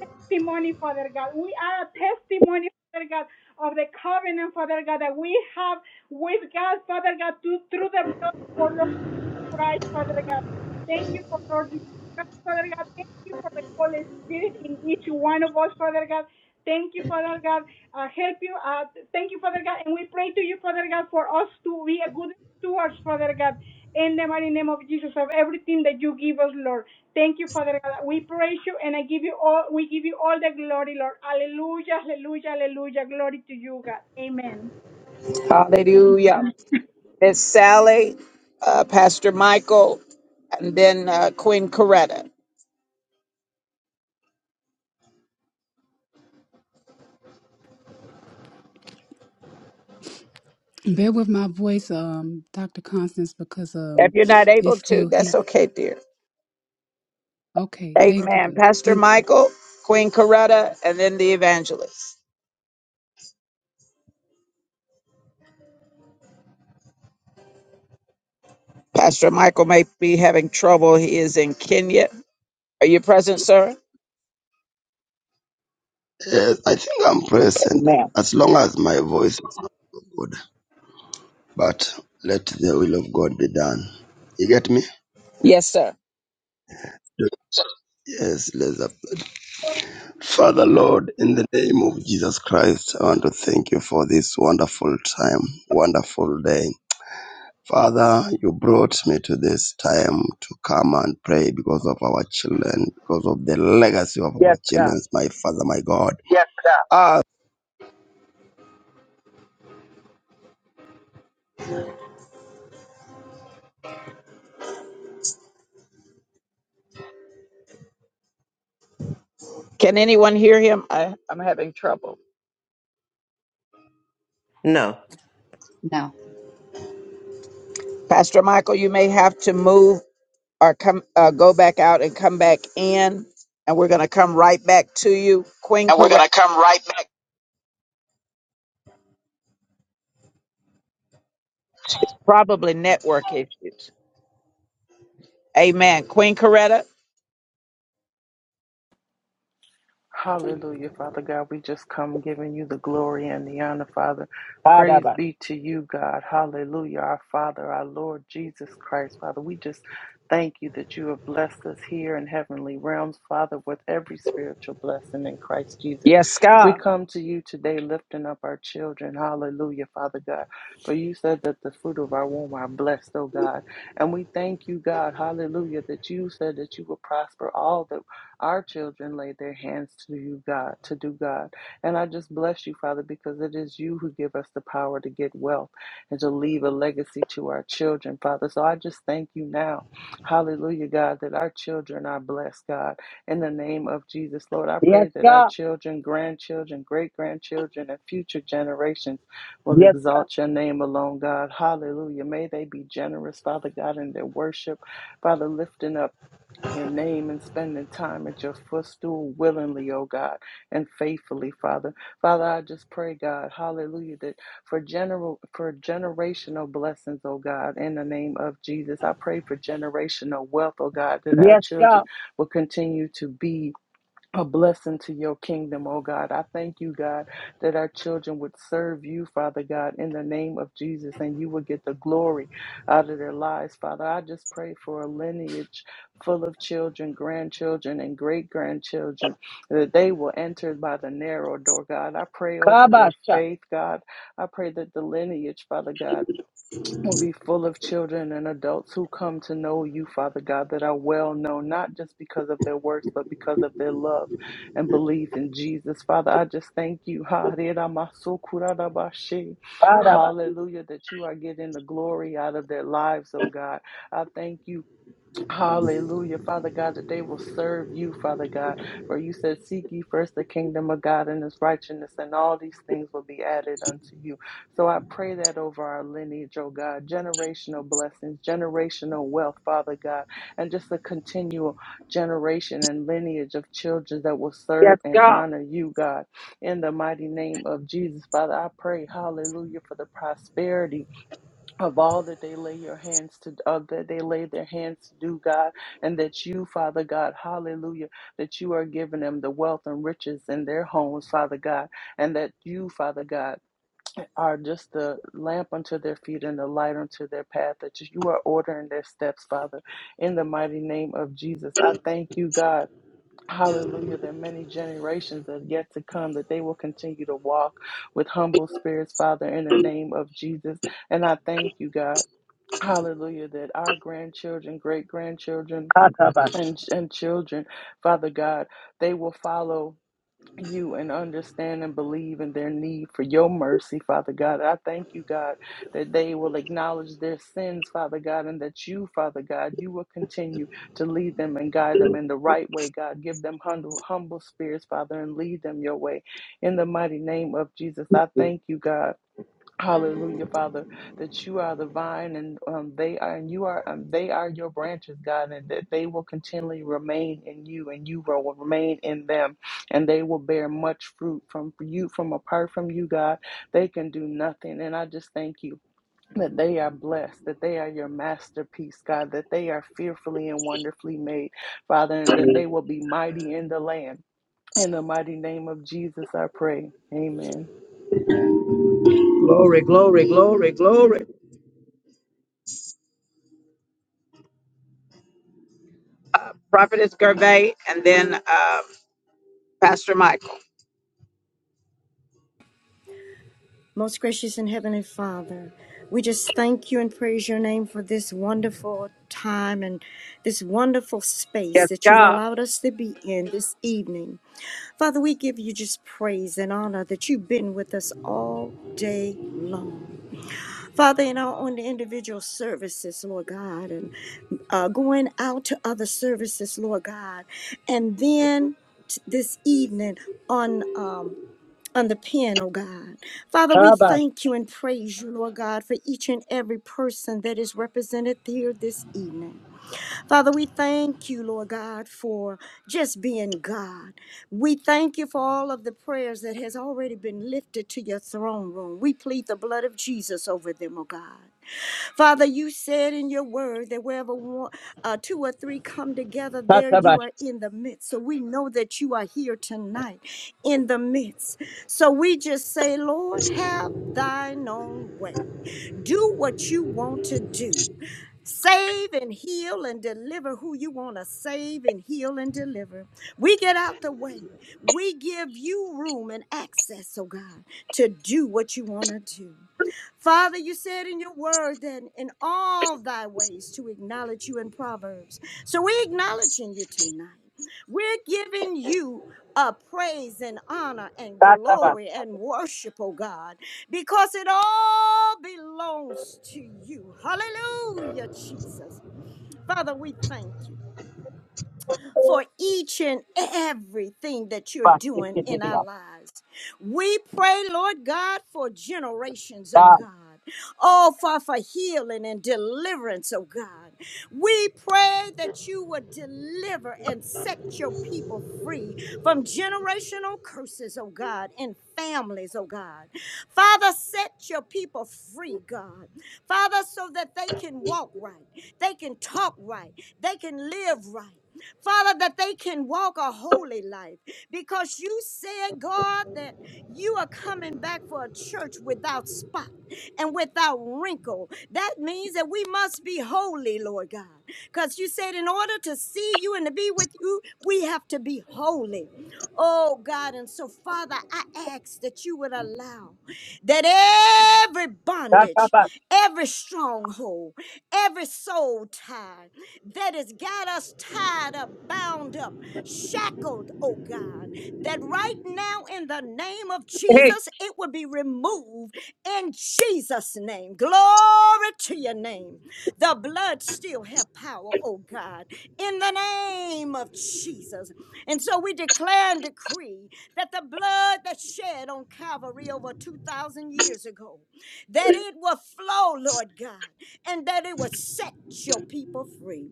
Speaker 9: the testimony, Father God. We are a testimony, Father God, of the covenant, Father God, that we have with God, Father God, to, through the blood. of our Lord. Christ, Father God. Thank you for Lord Jesus Christ, Father God. Thank you for the Holy Spirit in each one of us, Father God. Thank you, Father God. Uh, help you. Uh, thank you, Father God. And we pray to you, Father God, for us to be a good stewards, Father God, in the mighty name of Jesus, of everything that you give us, Lord. Thank you, Father God. We praise you and I give you all we give you all the glory, Lord. Hallelujah, hallelujah, hallelujah. Glory to you, God. Amen.
Speaker 1: yeah. Miss April.
Speaker 10: Bear with my voice, um, Dr. Constance, because um, it's still here. Okay, thank
Speaker 1: Amen.
Speaker 10: you.
Speaker 1: Pastor
Speaker 10: Thank you.
Speaker 1: Michael, Queen Coretta, and then the evangelist. Pastor Michael may be having trouble. He is in Kenya. Are you present, sir?
Speaker 11: Yes, I think I'm present
Speaker 1: Amen.
Speaker 11: as long as my voice is not good. But let the will of God be done. You get me?
Speaker 1: Yes, sir.
Speaker 11: Yes, let's up. Father Lord, in the name of Jesus Christ, I want to thank you for this wonderful time, wonderful day. Father, you brought me to this time to come and pray because of our children, because of the legacy of our
Speaker 1: Yes, sir.
Speaker 11: children, my Father, my God. Yes, sir. Ah,
Speaker 1: Can anyone hear him? I, I'm having trouble.
Speaker 2: No.
Speaker 1: Pastor Michael, you may have to move or come, uh, go back out and come back in, and we're going to come right back to you. Queen
Speaker 11: and we're
Speaker 1: Coretta,
Speaker 11: going to come right back.
Speaker 1: probably network issues. Amen. Queen Coretta.
Speaker 12: Hallelujah, Father God. We just come giving you the glory and the honor, Father. Praise
Speaker 1: Ba-da-ba.
Speaker 12: be to you, God. Hallelujah, our Father, our Lord Jesus Christ, Father. We just thank you that you have blessed us here in heavenly realms, Father, with every spiritual blessing in Christ Jesus.
Speaker 1: Yes,
Speaker 12: We
Speaker 1: God.
Speaker 12: come to you today lifting up our children. Hallelujah, Father God. For you said that the fruit of our womb are blessed, oh God. And we thank you, God. Hallelujah, that you said that you will prosper all that our children lay their hands to you, God, to do God. And I just bless you, Father, because it is you who give us the power to get wealth and to leave a legacy to our children, Father. So I just thank you now. Hallelujah, God, that our children are blessed, God. In the name of Jesus, Lord, I
Speaker 1: Yes,
Speaker 12: pray that our
Speaker 1: God.
Speaker 12: children, grandchildren, great grandchildren, and future generations will
Speaker 1: Yes,
Speaker 12: exalt your name alone, God. Hallelujah. May they be generous, Father God, in their worship, Father, lifting up your name and spending time at your footstool willingly, oh God, and faithfully, Father. Father, I just pray, God, hallelujah, that for general for generational blessings, oh God, in the name of Jesus. I pray for generational wealth, oh God, that
Speaker 1: God.
Speaker 12: our
Speaker 1: Yes,
Speaker 12: children
Speaker 1: God.
Speaker 12: will continue to be a blessing to your kingdom, oh God. I thank you, God, that our children would serve you, Father God, in the name of Jesus, and you would get the glory out of their lives, Father. I just pray for a lineage full of children, grandchildren, and great grandchildren, that they will enter by the narrow door, God. I pray over their
Speaker 1: Kabasha.
Speaker 12: faith, God. I pray that the lineage, Father God, will be full of children and adults who come to know you, Father God, that are well known, not just because of their works, but because of their love and belief in Jesus. Father, I just thank you. [LAUGHS] Hallelujah,
Speaker 1: Baraba.
Speaker 12: that you are getting the glory out of their lives, oh God. I thank you. Hallelujah, Father God, that they will serve you, Father God. For you said, Seek ye first the kingdom of God and his righteousness, and all these things will be added unto you. So I pray that over our lineage, oh God, generational blessings, generational wealth, Father God, and just a continual generation and lineage of children that will
Speaker 1: Yes,
Speaker 12: serve and
Speaker 1: God.
Speaker 12: honor you, God. In the mighty name of Jesus, Father, I pray, hallelujah, for the prosperity of all that they lay your hands to of that they lay their hands to do god and that you father god hallelujah that you are giving them the wealth and riches in their homes father god and that you father god are just the lamp unto their feet and the light unto their path that you are ordering their steps father in the mighty name of jesus i thank you god Hallelujah, that many generations that are yet to come, that they will continue to walk with humble spirits, Father, in the name of Jesus. And I thank you, God. Hallelujah, that our grandchildren, great grandchildren,
Speaker 1: Katabash.
Speaker 12: and, and children, Father God, they will follow you and understand and believe in their need for your mercy, Father God. I thank you, God, that they will acknowledge their sins, Father God, and that you, Father God, you will continue to lead them and guide them in the right way, God. Give them humble, humble spirits, Father, and lead them your way. In the mighty name of Jesus, I thank you, God. Hallelujah, Father, that you are the vine and um, they are, and you are, um, they are your branches, God, and that they will continually remain in you and you will remain in them and they will bear much fruit from you, from apart from you, God. They can do nothing. And I just thank you. That they are blessed, that they are your masterpiece, God, that they are fearfully and wonderfully made, Father, and that they will be mighty in the land. In the mighty name of Jesus, I pray. Amen.
Speaker 1: Prophetess Gervais, and then uh, Pastor Michael.
Speaker 13: Most gracious and heavenly Father, we just thank you and praise your name for this wonderful time and this wonderful space that you've allowed us to be in this evening. Father, we give you just praise and honor that you've been with us all day long. Father, in our own individual services, Lord God, and uh, going out to other services, Lord God, and then t- this evening on. Um, on the pen, oh God. Father, we
Speaker 1: Kabash.
Speaker 13: thank you and praise you, Lord God, for each and every person that is represented here this evening. Father, we thank you, Lord God, for just being God. We thank you for all of the prayers that has already been lifted to your throne room. We plead the blood of Jesus over them, oh God. Father, you said in your word that wherever one, uh, two or three come together, there you
Speaker 1: Katabash.
Speaker 13: are in the midst. So we know that you are here tonight in the midst. So we just say, Lord, have thine own way. Do what you want to do. Save and heal and deliver who you want to save and heal and deliver. We get out the way. We give you room and access, oh God, to do what you want to do. Father, you said in your word then, in all thy ways to acknowledge you in Proverbs. So we're acknowledging you tonight. We're giving you a praise and honor and
Speaker 1: Katabash.
Speaker 13: glory and worship, oh God, because it all belongs to you. Hallelujah, Jesus. Father, we thank you for each and everything that you're doing in our
Speaker 1: Basikitidia.
Speaker 13: lives. We pray, Lord God, for generations, oh
Speaker 1: Da.
Speaker 13: God. Oh, Father, for healing and deliverance, oh God. We pray that you would deliver and set your people free from generational curses, oh God, and families, oh God. Father, set your people free, God. Father, so that they can walk right, they can talk right, they can live right. Father, that they can walk a holy life because you said, God, that you are coming back for a church without spot. And without wrinkle. That means that we must be holy, Lord God. Because you said, in order to see you and to be with you, we have to be holy. Oh, God. And so, Father, I ask that you would allow that every bondage,
Speaker 1: Katabash.
Speaker 13: every stronghold, every soul tie that has got us tied up, bound up, shackled, oh God, that right now in the name of
Speaker 1: Hey.
Speaker 13: Jesus, it would be removed in Jesus' name. Glory to your name. The blood still have power, oh God, in the name of Jesus. And so we declare and decree that the blood that shed on Calvary over 2,000 years ago, that it will flow, Lord God, and that it will set your people free.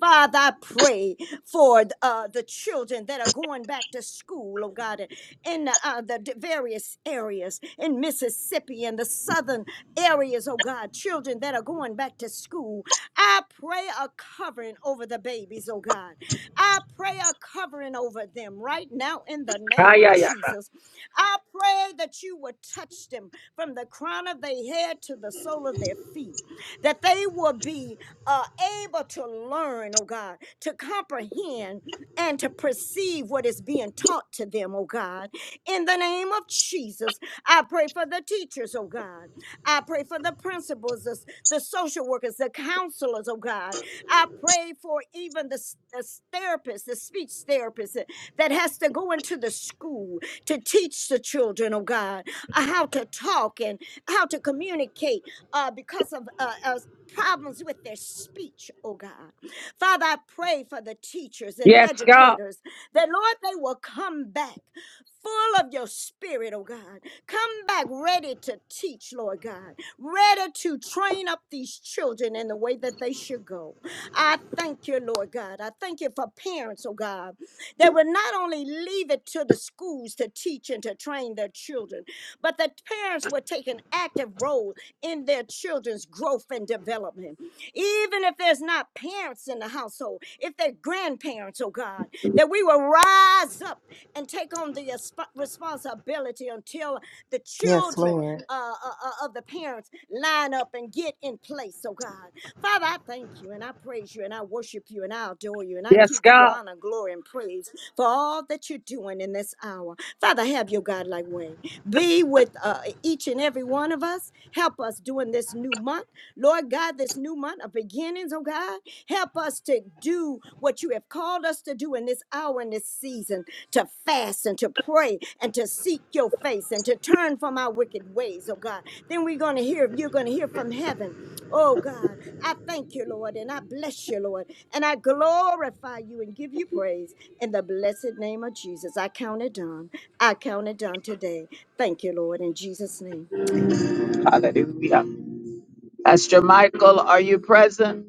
Speaker 13: Father, I pray for uh, the children that are going back to school, oh God, in uh, the various areas in Mississippi and the southern areas, oh God, children that are going back to school. I pray a covering over the babies, oh God. I pray a covering over them right now in the name of
Speaker 1: Kayaya.
Speaker 13: Jesus. I pray that you would touch them from the crown of their head to the sole of their feet, that they will be uh, able to learn, oh God, to comprehend and to perceive what is being taught to them, oh God. In the name of Jesus, I pray for the teachers, oh God. I pray for the principals, the, the social workers, the counselors, oh God. I pray for even the, the s- therapist, the speech therapist that that has to go into the school to teach the children, oh God, uh, how to talk and how to communicate uh, because of uh, uh, problems with their speech, oh God. Father, I pray for the teachers and the
Speaker 1: Yes, God.
Speaker 13: educators that, Lord, they will come back full of your spirit, oh God. Come back ready to teach, Lord God, ready to train up these children in the way that they should go. I thank you, Lord God. I thank you for parents, oh God, that will not only leave it to the schools to teach and to train their children, but that parents will take an active role in their children's growth and development. Even if there's not parents in the household, if they're grandparents, oh God, that we will rise up and take on the responsibility until the
Speaker 7: Yes,
Speaker 13: children
Speaker 7: Lord.
Speaker 13: uh, uh, uh, of the parents line up and get in place, oh God. Father, I thank you and I praise you and I worship you and I adore you and I
Speaker 1: Yes,
Speaker 13: give you
Speaker 1: God.
Speaker 13: honor, glory, and praise for all that you're doing in this hour. Father, have your Godlike way. Be with uh, each and every one of us. Help us during this new month. Lord God, this new month of beginnings, oh God. Help us to do what you have called us to do in this hour and this season to fast and to pray and to seek your face and to turn from our wicked ways, oh God. Then we're going to hear, you're going to hear from heaven. Oh God, I thank you, Lord, and I bless you, Lord, and I glorify you and give you praise in the blessed name of Jesus. I count it done. I count it done today. Thank you, Lord, in Jesus' name. Amen.
Speaker 1: Hallelujah. That's it.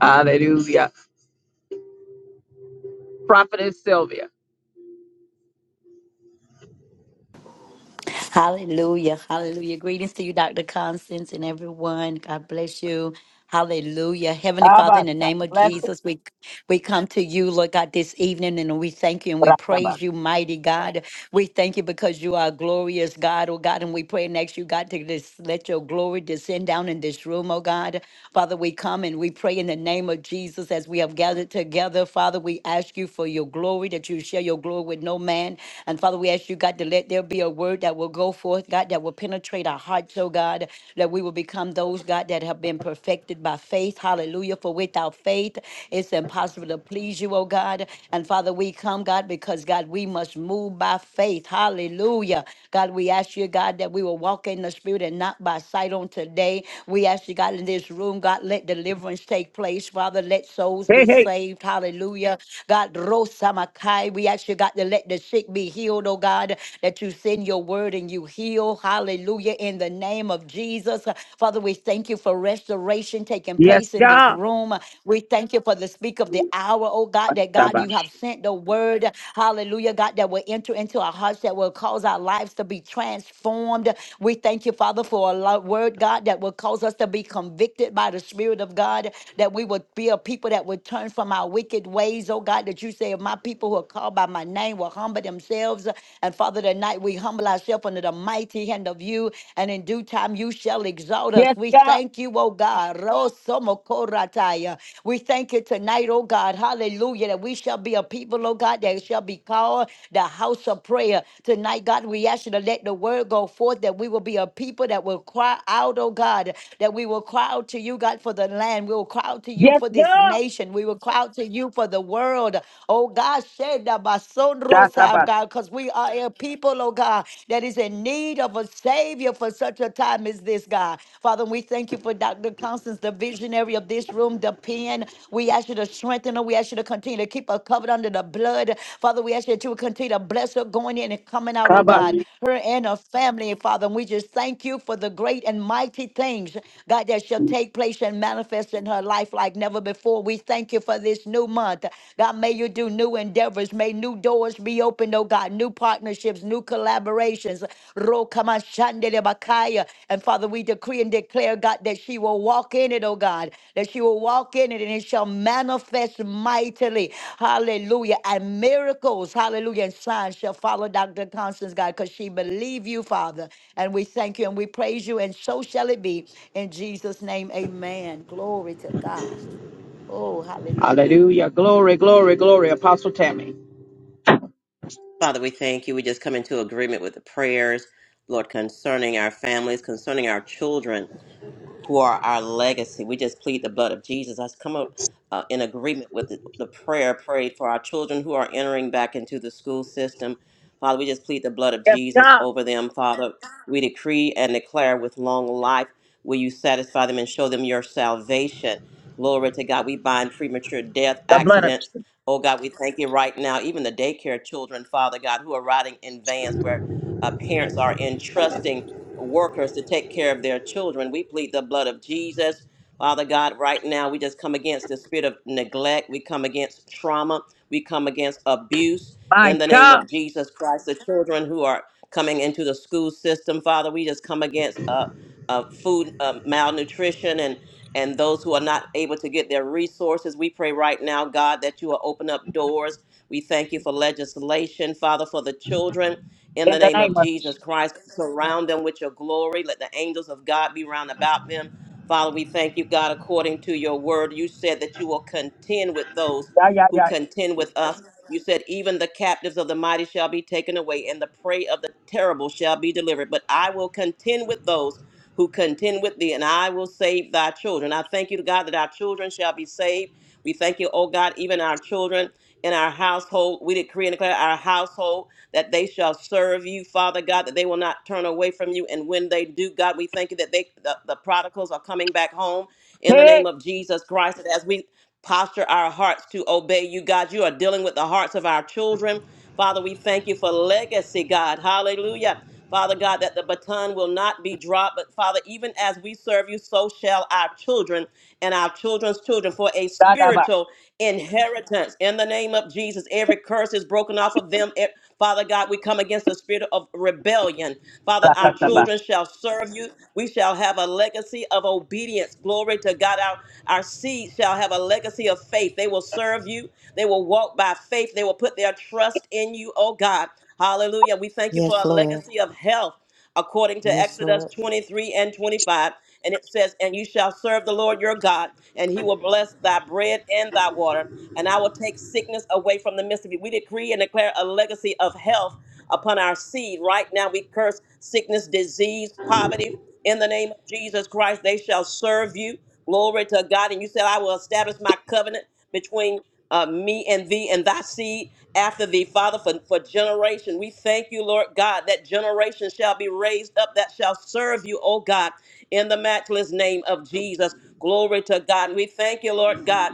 Speaker 1: Hallelujah. Prophetess Sylvia.
Speaker 14: Hallelujah. Hallelujah. Greetings to you, Dr. Constance, and everyone. God bless you. Hallelujah. Heavenly Father, in the
Speaker 1: Kabasha.
Speaker 14: name of
Speaker 1: Blessed.
Speaker 14: Jesus, we we come to you, Lord God, this evening, and we thank you and we
Speaker 1: Bratabash.
Speaker 14: praise you, mighty God. We thank you because you are glorious God, oh God, and we pray and ask you, God, to just let your glory descend down in this room, oh God. Father, we come and we pray in the name of Jesus as we have gathered together. Father, we ask you for your glory, that you share your glory with no man. And Father, we ask you, God, God, to let there be a word that will go forth, God, that will penetrate our hearts, oh God, that we will become those, God, that have been perfected by faith. Hallelujah. For without faith, it's impossible to please you, oh God. And Father, we come, God, because God, we must move by faith. Hallelujah. God, we ask you, God, that we will walk in the spirit and not by sight on today. We ask you, God, in this room, God, let deliverance take place. Father, let souls
Speaker 1: Hey,
Speaker 14: be
Speaker 1: hey.
Speaker 14: saved. Hallelujah. God, Rosamakai, we ask you, God, to let the sick be healed, oh God, that you send your word and you heal. Hallelujah. In the name of Jesus. Father, we thank you for restoration taking
Speaker 1: Yes,
Speaker 14: place in this
Speaker 1: God.
Speaker 14: room. We thank you for the speak of the hour, oh God, that God, you
Speaker 1: Katabash.
Speaker 14: have sent the word. Hallelujah, God, that will enter into our hearts, that will cause our lives to be transformed. We thank you, Father, for a lo- word, God, that will cause us to be convicted by the Spirit of God, that we would be a people that would turn from our wicked ways, oh God, that you say, if my people who are are called by my name will humble themselves. And Father, tonight we humble ourselves under the mighty hand of you, and in due time you shall exalt us.
Speaker 1: Yes,
Speaker 14: We
Speaker 1: God.
Speaker 14: thank you, oh God. Rosomokorataya. We thank you tonight, oh God. Hallelujah. That we shall be a people, oh God, that shall be called the house of prayer. Tonight, God, we ask you to let the word go forth that we will be a people that will cry out, oh God, that we will cry out to you, God, for the land. We will cry out to you
Speaker 1: Yes,
Speaker 14: for this nation. We will cry out to you for the world world. Oh God, Sheda Basondrosa,
Speaker 1: God.
Speaker 14: God, because we are a people, oh God, that is in need of a Savior for such a time as this, God. Father, we thank you for Dr. Constance, the visionary of this room, the pen. We ask you to strengthen her. We ask you to continue to keep her covered under the blood. Father, we ask you that you would continue to bless her going in and coming out, oh
Speaker 1: Kaba.
Speaker 14: God, her and her family, Father. And we just thank you for the great and mighty things, God, that shall take place and manifest in her life like never before. We thank you for for this new month. God, may you do new endeavors. May new doors be opened, oh God, new partnerships, new collaborations. Rokamashandelebakaya. And Father, we decree and declare, God, that she will walk in it, oh God, that she will walk in it and it shall manifest mightily. Hallelujah. And miracles, hallelujah, and signs shall follow Dr. Constance, God, because she believe you, Father. And we thank you and we praise you, and so shall it be. In Jesus' name, amen. Glory to God. Oh, hallelujah.
Speaker 1: Hallelujah. Glory, glory.
Speaker 2: Father, we thank you. We just come into agreement with the prayers, Lord, concerning our families, concerning our children. who are our legacy. We just plead the blood of Jesus. I come up uh, in agreement with the, the prayer prayed for our children who are entering back into the school system. Father, we just plead the blood of
Speaker 1: Yes,
Speaker 2: Jesus
Speaker 1: God.
Speaker 2: over them. Father, we decree and declare with long life will you satisfy them and show them your salvation. Glory to God. We bind premature death,
Speaker 1: The blood of
Speaker 2: accidents.
Speaker 1: Jesus.
Speaker 2: Oh God, we thank you right now. Even the daycare children, Father God, who are riding in vans where uh, parents are entrusting workers to take care of their children. We plead the blood of Jesus. Father God, right now we just come against the spirit of neglect. We come against trauma. We come against abuse
Speaker 1: My
Speaker 2: in the name
Speaker 1: God.
Speaker 2: of Jesus Christ. The children who are coming into the school system, Father, we just come against uh, uh, food uh, malnutrition and and those who are not able to get their resources. We pray right now, God, that you will open up doors. We thank you for legislation, Father, for the children in
Speaker 1: In
Speaker 2: the
Speaker 1: the
Speaker 2: name
Speaker 1: name
Speaker 2: of
Speaker 1: of Jesus.
Speaker 2: Jesus Christ. Surround them with your glory. Let the angels of God be round about them. Father, we thank you, God, according to your word. You said that you will contend with those
Speaker 1: Yeah, yeah,
Speaker 2: who
Speaker 1: yeah.
Speaker 2: contend with us. You said, even the captives of the mighty shall be taken away, and the prey of the terrible shall be delivered. But I will contend with those who contend with thee, and I will save thy children. I thank you, God, that our children shall be saved. We thank you, oh God, even our children in our household. We decree and declare our household that they shall serve you, Father God, that they will not turn away from you. And when they do, God, we thank you that they the, the prodigals are coming back home in the
Speaker 1: Hey.
Speaker 2: name of Jesus Christ. And as we posture our hearts to obey you, God, you are dealing with the hearts of our children. Father, we thank you for legacy, God. Hallelujah. Father God, that the baton will not be dropped, but Father, even as we serve you, so shall our children and our children's children for a
Speaker 1: Dadabash.
Speaker 2: spiritual inheritance. In the name of Jesus, every curse is broken off of them. Eh, Father God, we come against the spirit of rebellion. Father, our
Speaker 1: Rakasabash.
Speaker 2: children shall serve you. We shall have a legacy of obedience. Glory to God. Our, our seed shall have a legacy of faith. They will serve you. They will walk by faith. They will put their trust in you, oh God. Hallelujah. We thank you for
Speaker 7: Yes,
Speaker 2: a
Speaker 7: Lord.
Speaker 2: legacy of health according to
Speaker 7: Yes,
Speaker 2: Exodus
Speaker 7: Lord.
Speaker 2: 23 and 25. And it says, And you shall serve the Lord your God, and he will bless thy bread and thy water, and I will take sickness away from the midst of you. We decree and declare a legacy of health upon our seed. Right now, we curse sickness, disease, poverty. In the name of Jesus Christ, they shall serve you. Glory to God. And you said, I will establish my covenant between uh, me and thee and thy seed after thee, Father, for, for generation. We thank you, Lord God, that generation shall be raised up that shall serve you, oh God in the matchless name of Jesus. Glory to God. And we thank you, Lord God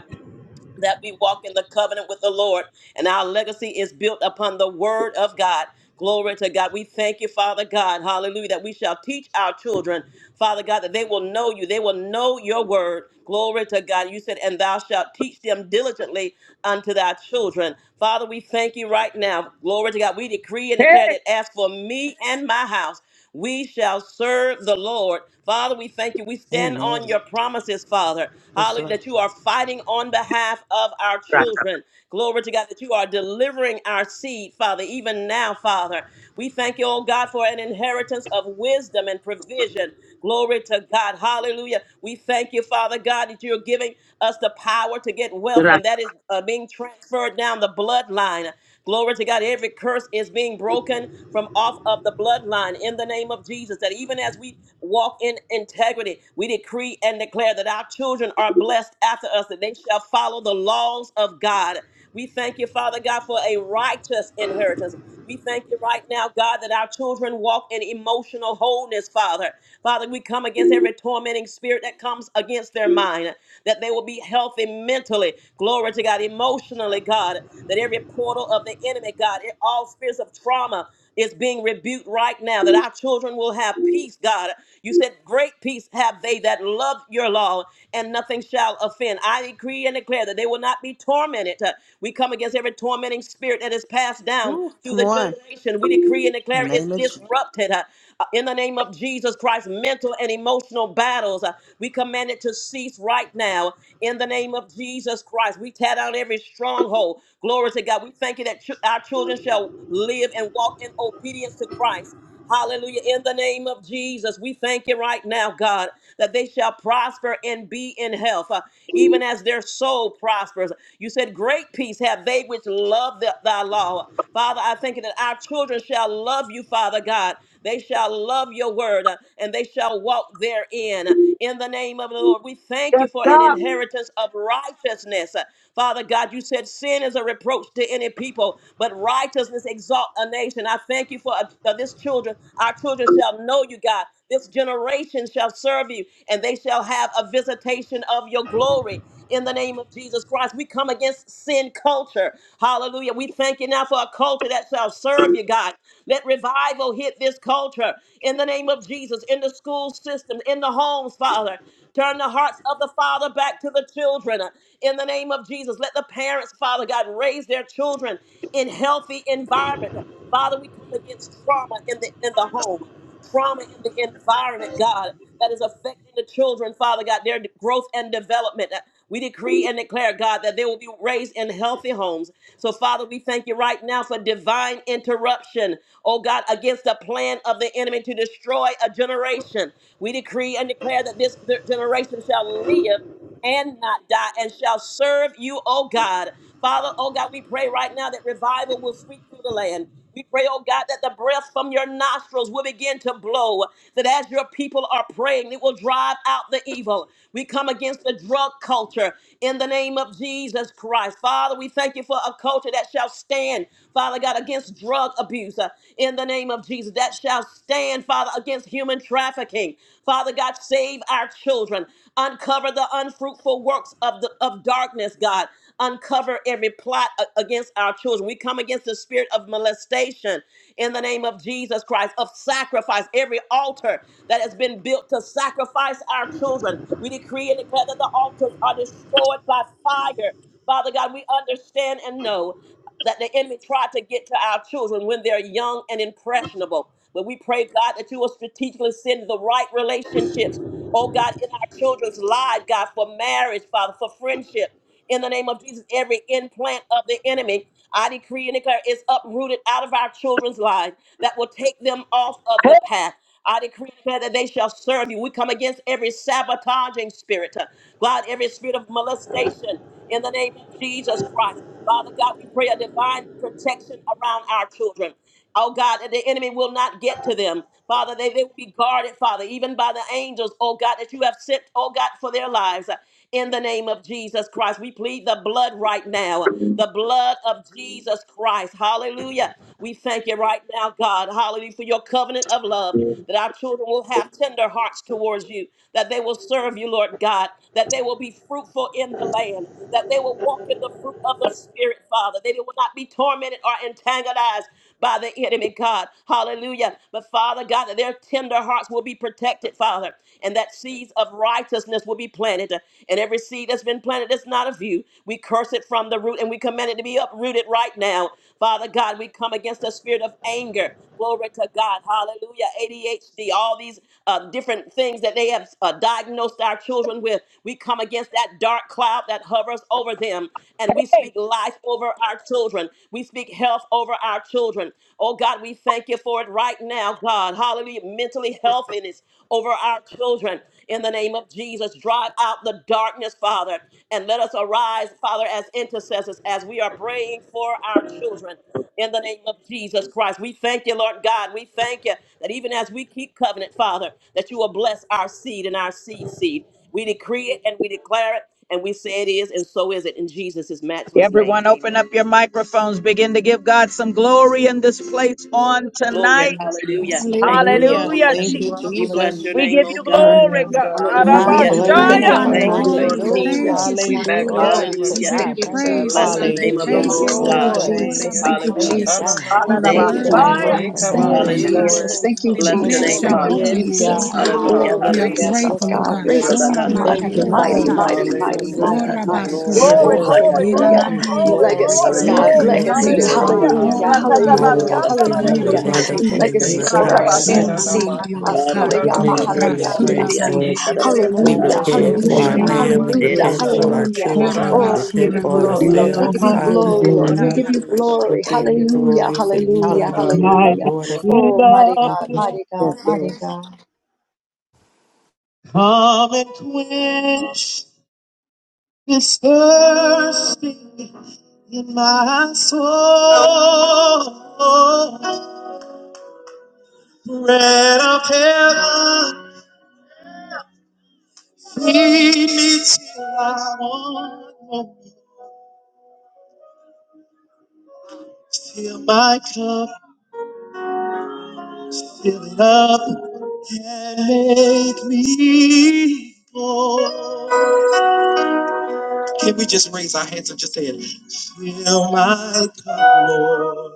Speaker 2: that we walk in the covenant with the Lord, and our legacy is built upon the word of God. Glory to God. We thank you, Father God. Hallelujah. That we shall teach our children, Father God, that they will know you. They will know your word. Glory to God. You said, and thou shalt teach them diligently unto thy children. Father, we thank you right now. Glory to God. We decree and declare that
Speaker 1: Hey.
Speaker 2: as for me and my house, we shall serve the Lord. Father, we thank you. We stand
Speaker 7: Amen.
Speaker 2: on your promises, Father.
Speaker 7: Yes,
Speaker 2: Hallelujah.
Speaker 7: Lord.
Speaker 2: That you are fighting on behalf of our
Speaker 1: Raka.
Speaker 2: children. Glory to God that you are delivering our seed, Father, even now, Father. We thank you, oh God, for an inheritance of wisdom and provision. Glory to God. Hallelujah. We thank you, Father God, that you're giving us the power to get wealth, and
Speaker 1: Raka.
Speaker 2: that is uh, being transferred down the bloodline. Glory to God. Every curse is being broken from off of the bloodline in the name of Jesus. That even as we walk in integrity, we decree and declare that our children are blessed after us, that they shall follow the laws of God. We thank you, Father God, for a righteous inheritance. We thank you right now, God, that our children walk in emotional wholeness, Father. Father, we come against every tormenting spirit that comes against their mind, that they will be healthy mentally. Glory to God, emotionally, God that every portal of the enemy, God, it, all spirits of trauma is being rebuked right now, that our children will have peace, God. You said, Great peace have they that love your law, and nothing shall offend. I decree and declare that they will not be tormented. Uh, We come against every tormenting spirit that is passed down
Speaker 7: Ooh,
Speaker 2: through
Speaker 7: come
Speaker 2: the
Speaker 7: on.
Speaker 2: generation. We decree and
Speaker 7: In
Speaker 2: declare
Speaker 7: the
Speaker 2: it's
Speaker 7: name of Jesus.
Speaker 2: disrupted. Uh, uh, In the name of Jesus Christ, mental and emotional battles. Uh, We command it to cease right now in the name of Jesus Christ. We tear down every stronghold. Glory to God. We thank you that ch- our children shall live and walk in obedience to Christ. Hallelujah. In the name of Jesus, we thank you right now, God, that they shall prosper and be in health, uh, even as their soul prospers. You said, Great peace have they which love the, thy law. Father, I thank you that our children shall love you, Father God. They shall love your word uh, and they shall walk therein. In the name of the Lord, we thank
Speaker 1: Yes,
Speaker 2: you for an
Speaker 1: God.
Speaker 2: inheritance of righteousness. Father God, you said sin is a reproach to any people, but righteousness exalt a nation. I thank you for uh, uh, this children. Our children shall know you, God. This generation shall serve you, and they shall have a visitation of your glory in the name of Jesus Christ. We come against sin culture. Hallelujah. We thank you now for a culture that shall serve you, God. Let revival hit this culture in the name of Jesus, in the school system, in the homes, Father. Turn the hearts of the father back to the children uh, in the name of Jesus. Let the parents, Father God, raise their children in healthy environment. Father, we come against trauma in the in the home trauma in the environment, God, that is affecting the children, Father God, their growth and development. Uh, We decree and declare, God, that they will be raised in healthy homes. So, Father, we thank you right now for divine interruption, oh God, against the plan of the enemy to destroy a generation. We decree and declare that this generation shall live and not die and shall serve you, oh God. Father, oh God, we pray right now that revival will sweep through the land. We pray, oh God, that the breath from your nostrils will begin to blow, that as your people are praying, it will drive out the evil. We come against the drug culture in the name of Jesus Christ. Father, we thank you for a culture that shall stand, Father God, against drug abuse uh, in the name of Jesus, that shall stand, Father, against human trafficking Father God, save our children. Uncover the unfruitful works of the of darkness, God. Uncover every plot a- against our children. We come against the spirit of molestation in the name of Jesus Christ, of sacrifice, every altar that has been built to sacrifice our children. We decree and declare that the altars are destroyed by fire. Father God, we understand and know that the enemy tried to get to our children when they're young and impressionable. But we pray, God, that you will strategically send the right relationships, oh God, in our children's lives, God, for marriage, Father, for friendship in the name of Jesus. Every implant of the enemy, I decree and declare, is uprooted out of our children's lives that will take them off of the
Speaker 1: Hey.
Speaker 2: path. I decree and declare that they shall serve you. We come against every sabotaging spirit, uh, God, every spirit of molestation in the name of Jesus Christ. Father God, we pray a divine protection around our children. Oh God, that the enemy will not get to them. Father, they, they will be guarded, Father, even by the angels, oh God, that you have sent, oh God, for their lives. In the name of Jesus Christ, we plead the blood right now, the blood of Jesus Christ. Hallelujah. We thank you right now, God. Hallelujah for your covenant of love that our children will have tender hearts towards you, that they will serve you, Lord God, that they will be fruitful in the land, that they will walk in the fruit of the Spirit, Father, that they will not be tormented or antagonized by the enemy, God. Hallelujah. But Father God, that their tender hearts will be protected, Father, and that seeds of righteousness will be planted. And every seed that's been planted that's not of you, we curse it from the root and we command it to be uprooted right now. Father God, we come against the spirit of anger. Glory to God. Hallelujah. ADHD, all these uh, different things that they have uh, diagnosed our children with. We come against that dark cloud that hovers over them and we speak life over our children. We speak health over our children. Oh God, we thank you for it right now, God. Hallelujah. Mentally healthiness over our children. In the name of Jesus, drive out the darkness, Father, and let us arise, Father, as intercessors as we are praying for our children in the name of Jesus Christ. We thank you, Lord God. We thank you that even as we keep covenant, Father, that you will bless our seed and our seed seed. We decree it and we declare it, and we say it is, and so is it in Jesus' matchless name.
Speaker 1: Everyone, open up
Speaker 2: Amen.
Speaker 1: your microphones. Begin to give God some glory in this place on
Speaker 2: Glory.
Speaker 1: tonight.
Speaker 3: Hallelujah,
Speaker 2: Hallelujah.
Speaker 3: yes.
Speaker 2: Thank you, Lord
Speaker 7: Hallelujah.
Speaker 3: Hallelujah,
Speaker 1: Hallelujah.
Speaker 2: Jesus.
Speaker 7: Thank
Speaker 1: Jesus.
Speaker 7: you,
Speaker 3: hallelujah,
Speaker 2: We bless
Speaker 7: Jesus.
Speaker 2: your
Speaker 3: hallelujah,
Speaker 1: We
Speaker 2: name,
Speaker 1: give
Speaker 2: oh
Speaker 1: you
Speaker 2: God.
Speaker 1: glory,
Speaker 12: Yes,
Speaker 3: hallelujah,
Speaker 1: God.
Speaker 12: God,
Speaker 10: Lord,
Speaker 3: hallelujah,
Speaker 10: we
Speaker 12: glory
Speaker 7: We
Speaker 10: give
Speaker 2: Hallelujah.
Speaker 12: to
Speaker 10: you
Speaker 12: your
Speaker 7: bless your
Speaker 10: praise,
Speaker 12: name,
Speaker 3: hallelujah,
Speaker 1: Dadabashaya.
Speaker 7: name,
Speaker 14: Hallelujah.
Speaker 10: honor,
Speaker 12: Father.
Speaker 10: and
Speaker 2: Thank
Speaker 12: We
Speaker 7: Lord
Speaker 2: you,
Speaker 3: hallelujah.
Speaker 12: thank
Speaker 10: glory.
Speaker 2: Lord
Speaker 10: We
Speaker 3: Thank
Speaker 12: you.
Speaker 3: you,
Speaker 7: Jesus.
Speaker 10: thank
Speaker 2: Jesus.
Speaker 14: Hallelujah.
Speaker 10: you,
Speaker 3: Jesus.
Speaker 12: We
Speaker 10: Jesus.
Speaker 3: Thank you,
Speaker 12: magnify
Speaker 7: Hallelujah.
Speaker 14: Glory
Speaker 12: you
Speaker 14: to
Speaker 12: and
Speaker 10: We
Speaker 2: Hallelujah.
Speaker 3: Jesus.
Speaker 10: give
Speaker 3: Thank
Speaker 10: you
Speaker 14: God.
Speaker 12: praise
Speaker 3: you,
Speaker 12: you,
Speaker 14: Thank you,
Speaker 12: God.
Speaker 10: praise, oh
Speaker 3: Jesus.
Speaker 2: Bless the
Speaker 10: God.
Speaker 3: Thank you,
Speaker 10: We
Speaker 2: name
Speaker 14: Jesus.
Speaker 2: of
Speaker 12: Hallelujah.
Speaker 2: the
Speaker 14: Yes,
Speaker 7: Hallelujah.
Speaker 10: thank you,
Speaker 2: Lord
Speaker 3: Jesus.
Speaker 12: Oh,
Speaker 3: Thank you,
Speaker 7: Bless
Speaker 10: Lord,
Speaker 2: God.
Speaker 7: your
Speaker 14: Lord.
Speaker 12: glory to
Speaker 10: Glory
Speaker 7: name.
Speaker 3: Jesus.
Speaker 12: your
Speaker 10: by
Speaker 3: Thank
Speaker 12: name,
Speaker 3: you,
Speaker 12: God.
Speaker 2: Hallelujah.
Speaker 14: Praise
Speaker 3: Jesus.
Speaker 14: God.
Speaker 3: You
Speaker 10: for the
Speaker 2: Thank
Speaker 3: paid
Speaker 2: you,
Speaker 12: Hananamasu.
Speaker 7: Bless
Speaker 3: it
Speaker 7: your
Speaker 10: word that
Speaker 2: Jesus.
Speaker 3: all
Speaker 10: has
Speaker 3: for
Speaker 7: name.
Speaker 1: Hallelujah.
Speaker 14: Oh,
Speaker 10: gone
Speaker 3: us. Thank
Speaker 12: Rekaba
Speaker 3: you,
Speaker 10: forward, oh
Speaker 7: Yes,
Speaker 14: katamakata.
Speaker 10: God.
Speaker 2: Hallelujah.
Speaker 7: Lord.
Speaker 3: Jesus. Thank you,
Speaker 10: We
Speaker 12: iradebosu.
Speaker 2: Bless your
Speaker 14: Thank you,
Speaker 10: bless
Speaker 3: Jesus.
Speaker 2: name,
Speaker 12: Glory
Speaker 10: your
Speaker 3: Thank
Speaker 14: Father.
Speaker 12: to
Speaker 3: you,
Speaker 2: Father.
Speaker 8: Your
Speaker 10: holy
Speaker 12: God.
Speaker 7: Yes,
Speaker 10: name, oh
Speaker 3: Jesus.
Speaker 7: God.
Speaker 10: God.
Speaker 8: spirit
Speaker 3: Oh,
Speaker 2: Hallelujah.
Speaker 14: Oh,
Speaker 10: We
Speaker 14: yes,
Speaker 10: are
Speaker 14: God.
Speaker 3: raise
Speaker 2: Hallelujah.
Speaker 7: Hallelujah.
Speaker 3: us
Speaker 12: Hallelujah,
Speaker 3: up,
Speaker 14: Yes,
Speaker 10: grateful, oh
Speaker 14: Lord.
Speaker 3: God.
Speaker 12: Father.
Speaker 10: God.
Speaker 3: Raise
Speaker 14: Yes, Lord.
Speaker 12: Thank
Speaker 3: us up,
Speaker 12: you,
Speaker 10: Shola
Speaker 12: Lord
Speaker 2: Hallelujah.
Speaker 7: Thank
Speaker 3: mighty,
Speaker 7: you,
Speaker 8: is
Speaker 6: Thank
Speaker 12: Jesus.
Speaker 6: you,
Speaker 3: mighty,
Speaker 14: Thank
Speaker 7: Father.
Speaker 8: filled
Speaker 10: mandiosa,
Speaker 14: you,
Speaker 8: with
Speaker 3: mighty,
Speaker 8: what
Speaker 6: Jesus. Thank
Speaker 3: mighty,
Speaker 14: Jesus.
Speaker 8: seems
Speaker 6: you,
Speaker 8: to
Speaker 14: Yes,
Speaker 12: Hallelujah.
Speaker 3: mighty,
Speaker 6: God,
Speaker 8: be
Speaker 10: Kora
Speaker 14: Lord.
Speaker 8: the
Speaker 6: for
Speaker 3: mighty.
Speaker 6: our
Speaker 12: Glory
Speaker 10: basura
Speaker 12: to
Speaker 7: Yes,
Speaker 1: Glory,
Speaker 3: Oh,
Speaker 12: your
Speaker 8: people
Speaker 7: Lord.
Speaker 6: legacy.
Speaker 12: name,
Speaker 1: glory,
Speaker 8: who
Speaker 10: mandi,
Speaker 12: Lord.
Speaker 10: ela
Speaker 3: hallelujah.
Speaker 1: glory,
Speaker 6: Thank
Speaker 10: mandi.
Speaker 6: you
Speaker 1: glory,
Speaker 6: for
Speaker 8: and
Speaker 6: your
Speaker 12: Glory to
Speaker 3: Legacies,
Speaker 1: glory,
Speaker 6: love,
Speaker 12: your
Speaker 10: Lord,
Speaker 6: your
Speaker 3: God.
Speaker 10: for
Speaker 7: Yes,
Speaker 10: the
Speaker 1: glory.
Speaker 12: name,
Speaker 6: grace,
Speaker 7: Lord.
Speaker 10: word
Speaker 2: Thank
Speaker 6: and
Speaker 10: that
Speaker 2: you,
Speaker 3: Legacies.
Speaker 10: has
Speaker 6: your
Speaker 12: Lord.
Speaker 2: Lord
Speaker 10: gone
Speaker 12: Oh,
Speaker 1: Hallelujah.
Speaker 2: Jesus.
Speaker 7: Hallelujah.
Speaker 3: Hallelujah,
Speaker 10: forward, oh
Speaker 12: hallelujah,
Speaker 10: God.
Speaker 6: mighty
Speaker 3: hallelujah,
Speaker 12: Father.
Speaker 6: legacy. You
Speaker 10: Lord,
Speaker 12: Thank
Speaker 1: Rakatabashanda.
Speaker 10: we
Speaker 3: hallelujah
Speaker 12: you,
Speaker 6: are
Speaker 10: thank
Speaker 12: Lord.
Speaker 10: you,
Speaker 6: wonderful.
Speaker 2: Thank
Speaker 10: Jesus.
Speaker 6: You
Speaker 3: legacies
Speaker 12: Thank
Speaker 6: are
Speaker 12: you,
Speaker 3: for our
Speaker 1: Ratabas
Speaker 12: God.
Speaker 8: the
Speaker 6: kind.
Speaker 3: seed,
Speaker 10: Shola
Speaker 3: seed, God.
Speaker 12: Hinanamasu
Speaker 10: mandiosai,
Speaker 6: We
Speaker 3: Hallelujah,
Speaker 8: blessings
Speaker 6: thank you for
Speaker 12: kuranabashi.
Speaker 6: your
Speaker 7: Hallelujah.
Speaker 10: rasula
Speaker 6: grace, Lord.
Speaker 10: mandiosai,
Speaker 6: We
Speaker 3: hallelujah,
Speaker 7: Wonderful
Speaker 6: repent for
Speaker 10: shehusha
Speaker 6: our
Speaker 3: hallelujah,
Speaker 7: Savior.
Speaker 6: land.
Speaker 8: of Jesus'
Speaker 6: We
Speaker 3: hallelujah,
Speaker 6: repent
Speaker 7: Yes,
Speaker 10: mandrebesi,
Speaker 6: for our
Speaker 7: Lord.
Speaker 3: hallelujah.
Speaker 6: children. We
Speaker 3: Oh, we give
Speaker 6: repent
Speaker 3: you
Speaker 10: Korabasura basura
Speaker 6: for
Speaker 3: glory,
Speaker 12: エケレレボソトロクナナナマイヤナラバスラバセカバ
Speaker 3: Lord. We
Speaker 10: mandila
Speaker 1: You
Speaker 6: ourselves,
Speaker 3: give you
Speaker 1: must
Speaker 10: mandi.
Speaker 7: Yes,
Speaker 6: Father.
Speaker 3: glory,
Speaker 12: Glory,
Speaker 3: Lord.
Speaker 7: Lord.
Speaker 3: We
Speaker 1: be
Speaker 3: give you
Speaker 2: you,
Speaker 12: hallelujah.
Speaker 6: We
Speaker 3: glory.
Speaker 12: Thank
Speaker 6: give
Speaker 12: you,
Speaker 6: you
Speaker 12: Lord
Speaker 3: Hallelujah,
Speaker 6: glory for
Speaker 12: Jesus.
Speaker 6: you are
Speaker 3: hallelujah,
Speaker 7: Hallelujah.
Speaker 1: My
Speaker 6: the
Speaker 3: hallelujah.
Speaker 6: Lord
Speaker 12: Hallelujah.
Speaker 6: of Lords.
Speaker 3: Oh, mighty
Speaker 1: love
Speaker 6: Thank
Speaker 3: God,
Speaker 6: you,
Speaker 1: will
Speaker 3: mighty God,
Speaker 6: Jesus.
Speaker 7: Yes, Lord.
Speaker 3: mighty God.
Speaker 1: come and quench this thirsting in my soul. Bread of heaven, feed me till I want no more. Fill my cup, fill it up, and make me whole. Can we just raise our hands and just say it? Fill my cup, Lord.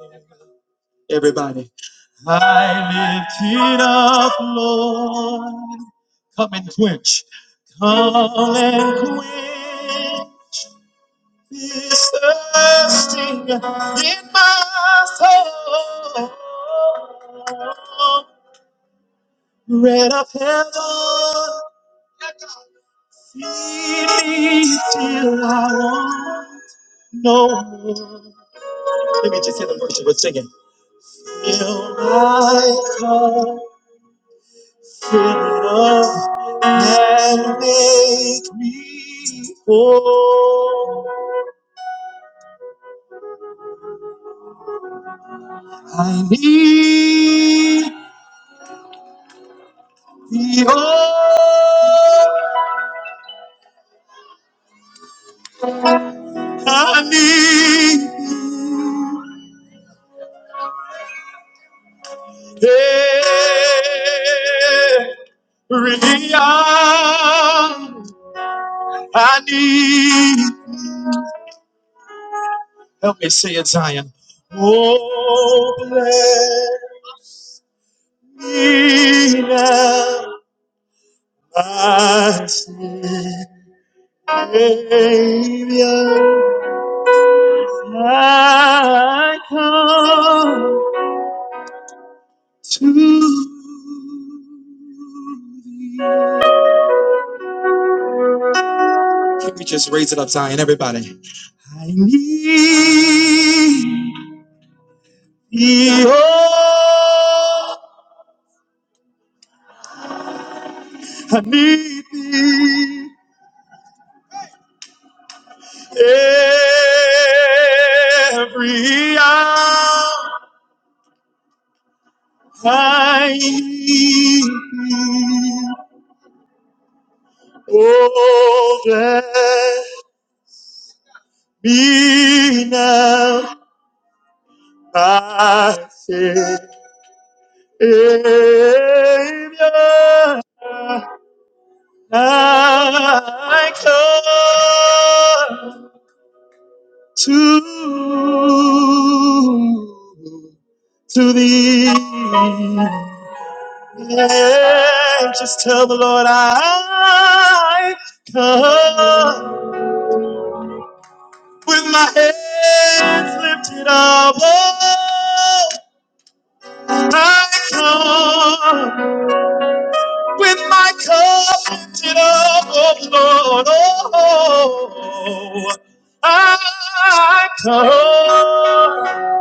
Speaker 1: Everybody. I lift it up, Lord. Come and quench. Come and quench this thirsting in my soul. Bread of heaven. Feed me till I want no more. Let me just hear the worship we're singing. Fill my cup, fill it up, and make me whole. I need thee, oh, I need you. Every hour I need. you. Help me say it, Zion. Oh, bless me now, my Savior. I come to. Can we just raise it up, Zion, everybody? I need thee, oh, I need thee. Every hour I need thee. Oh, bless me now, my Savior. I come to to thee. Yeah, just tell the Lord I come with my hands lifted up. Oh, I come with my cup lifted up, oh Lord. Oh, I come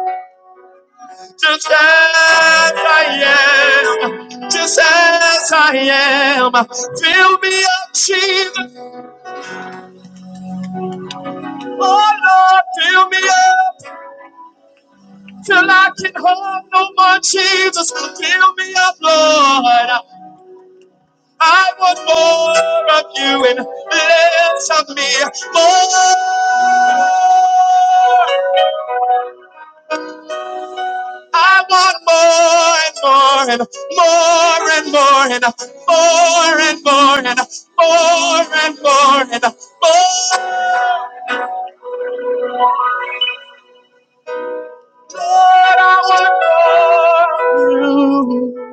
Speaker 1: just as I am, just as I am. Fill me up, Jesus. Oh Lord, fill me up till I can hold no more. Jesus, fill me up, Lord. I want more of you and less of me. More. I want more and more and more and more and more and more and more and more and more. Lord, I want more of you.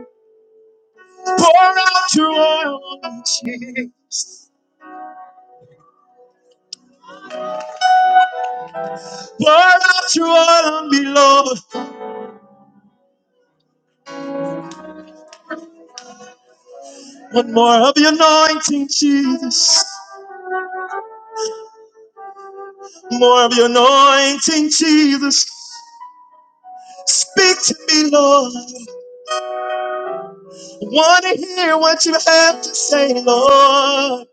Speaker 1: Pour out your oil on me, Jesus. Pour out your oil on me, Lord. One more of your anointing, Jesus. More of your anointing, Jesus. Speak to me, Lord. I want to hear what you have to say, Lord.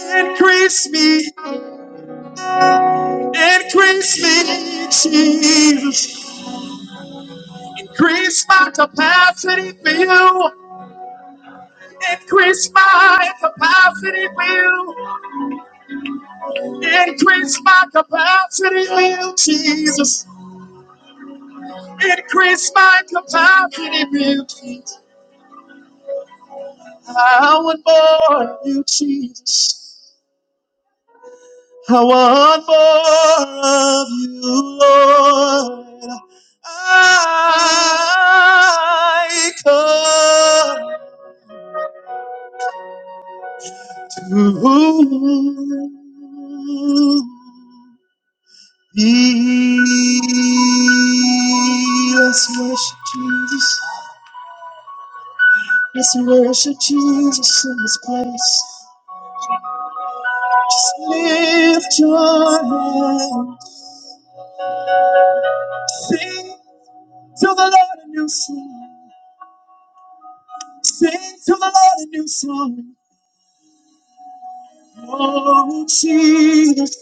Speaker 1: Increase me, increase me, Jesus. Increase my capacity for you. Increase my capacity for you. Increase my capacity, will Jesus. Increase my capacity, will Jesus. I want more of you, Jesus. I want more of you, Lord. I come to thee. Let's worship Jesus. Let's worship Jesus in this place. Just lift your hand. Sing to the Lord a new song. Sing to the Lord a new song. Oh, Jesus.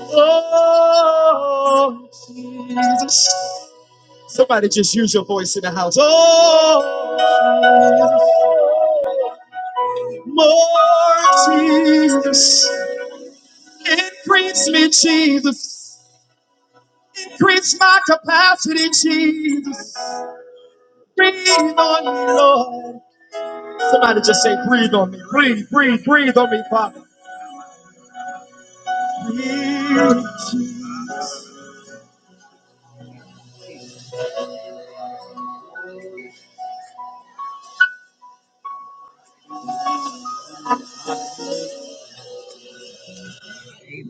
Speaker 1: Oh, Jesus. Somebody just use your voice in the house. Oh, more Jesus. Increase me, Jesus. Increase my capacity, Jesus. Breathe on me, Lord. Somebody just say, breathe on me. Breathe, breathe, breathe on me, Father. Breathe, Jesus.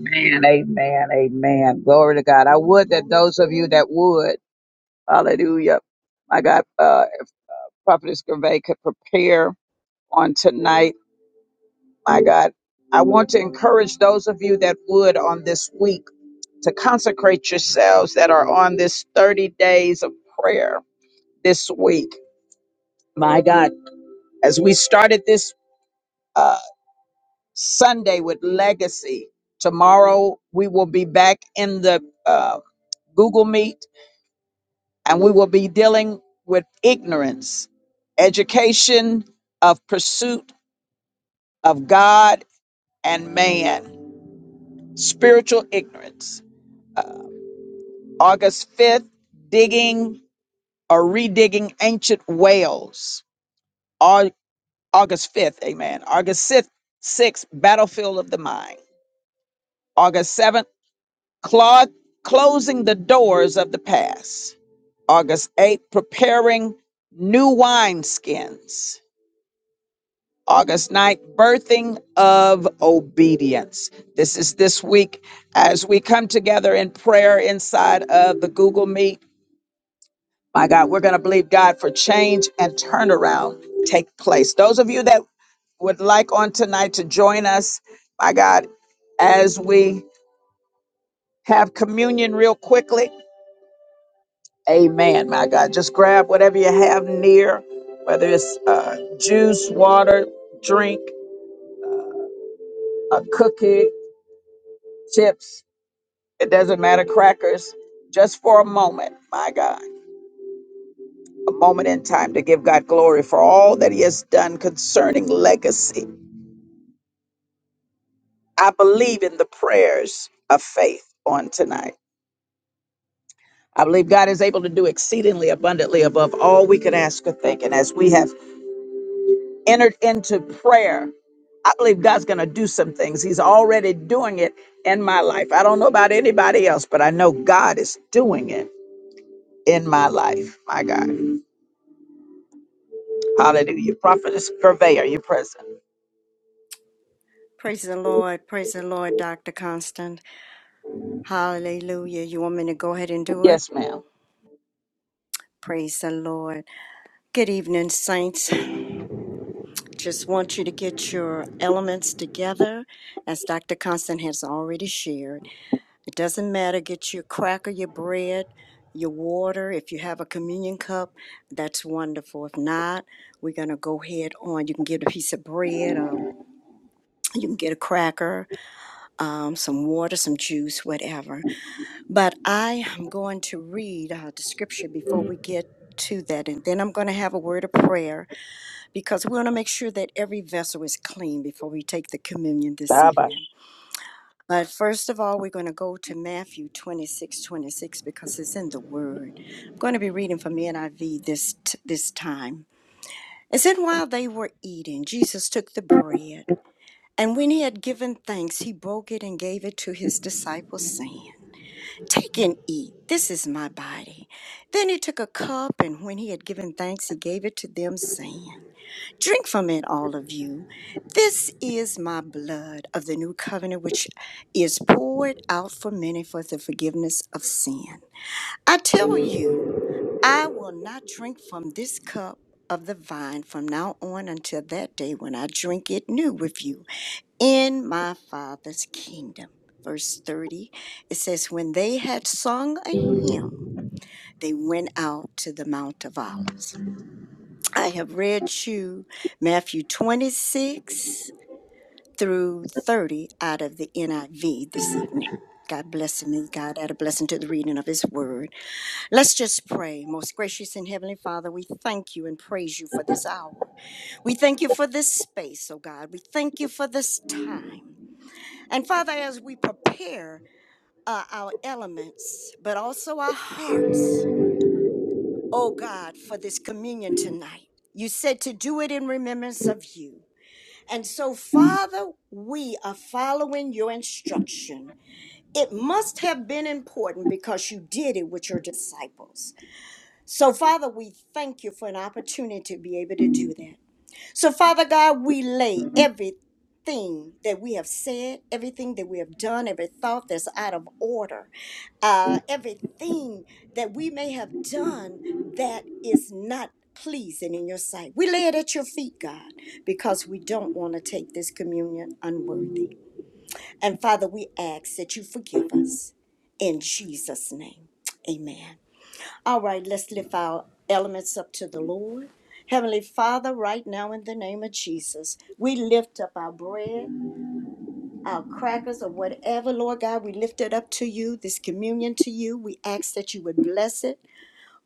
Speaker 1: Amen, amen, amen. Glory to God. I would that those of you that would, hallelujah, my God, uh, Prophetess Gervais could prepare on tonight. My God, I want to encourage those of you that would on this week to consecrate yourselves that are on this 30 days of prayer this week. My God, as we started this uh, Sunday with Legacy, tomorrow we will be back in the uh, Google Meet and we will be dealing with ignorance, education of pursuit of God and man, spiritual ignorance. August 5th, digging or redigging ancient wells. Au- August 5th, amen. August 6th, 6th, battlefield of the mind. August 7th, clo- closing the doors of the past. August 8th, preparing new wineskins. August 9th, birthing of obedience. This is this week as we come together in prayer inside of the Google Meet. My God, we're going to believe God for change and turnaround take place. Those of you that would like on tonight to join us, my God, as we have communion real quickly. Amen, my God. Just grab whatever you have near, whether it's uh, juice, water, drink, a cookie, chips, it doesn't matter, crackers, just for a moment, my God, a moment in time to give God glory for all that He has done concerning legacy. I believe in the prayers of faith on tonight. I believe God is able to do exceedingly abundantly above all we could ask or think. And as we have entered into prayer. I believe God's going to do some things. He's already doing it in my life. I don't know about anybody else, but I know God is doing it in my life. My God. Hallelujah. Prophetess Purveyor, you present.
Speaker 13: Praise the Lord. Praise the Lord, Dr. Constant. Hallelujah. You want me to go ahead and do it?
Speaker 1: Yes, ma'am.
Speaker 13: Praise the Lord. Good evening, saints. Just want you to get your elements together, as Dr. Constant has already shared. It doesn't matter, get your cracker, your bread, your water. If you have a communion cup, that's wonderful. If not, we're going to go ahead on. You can get a piece of bread, um, you can get a cracker, um, some water, some juice, whatever. But I am going to read uh, the scripture before we get to that, and then I'm going to have a word of prayer because we want to make sure that every vessel is clean before we take the communion this
Speaker 1: Shabbat.
Speaker 13: evening. But first of all, we're going to go to Matthew 26:26 because it's in the Word. I'm going to be reading from the NIV this, t- this time. It said, While they were eating, Jesus took the bread, and when he had given thanks, he broke it and gave it to his disciples, saying, Take and eat. This is my body. Then he took a cup, and when he had given thanks, he gave it to them, saying, Drink from it, all of you. This is my blood of the new covenant, which is poured out for many for the forgiveness of sin. I tell you, I will not drink from this cup of the vine from now on until that day when I drink it new with you in my Father's kingdom. Verse 30, it says, When they had sung a hymn, they went out to the Mount of Olives. I have read you Matthew 26 through 30 out of the NIV this evening. God bless me. God add a blessing to the reading of His Word. Let's just pray. Most gracious and Heavenly Father, we thank you and praise you for this hour. We thank you for this space, oh God. We thank you for this time. And Father, as we prepare uh, our elements, but also our hearts, oh God, for this communion tonight, you said to do it in remembrance of you. And so, Father, we are following your instruction. It must have been important because you did it with your disciples. So, Father, we thank you for an opportunity to be able to do that. So, Father God, we lay everything that we have said, everything that we have done, every thought that's out of order, uh, everything that we may have done that is not pleasing in your sight. We lay it at your feet, God, because we don't want to take this communion unworthy. And Father, we ask that you forgive us in Jesus' name. Amen. All right, let's lift our elements up to the Lord. Heavenly Father, right now in the name of Jesus, we lift up our bread, our crackers, or whatever, Lord God, we lift it up to you, this communion to you. We ask that you would bless it.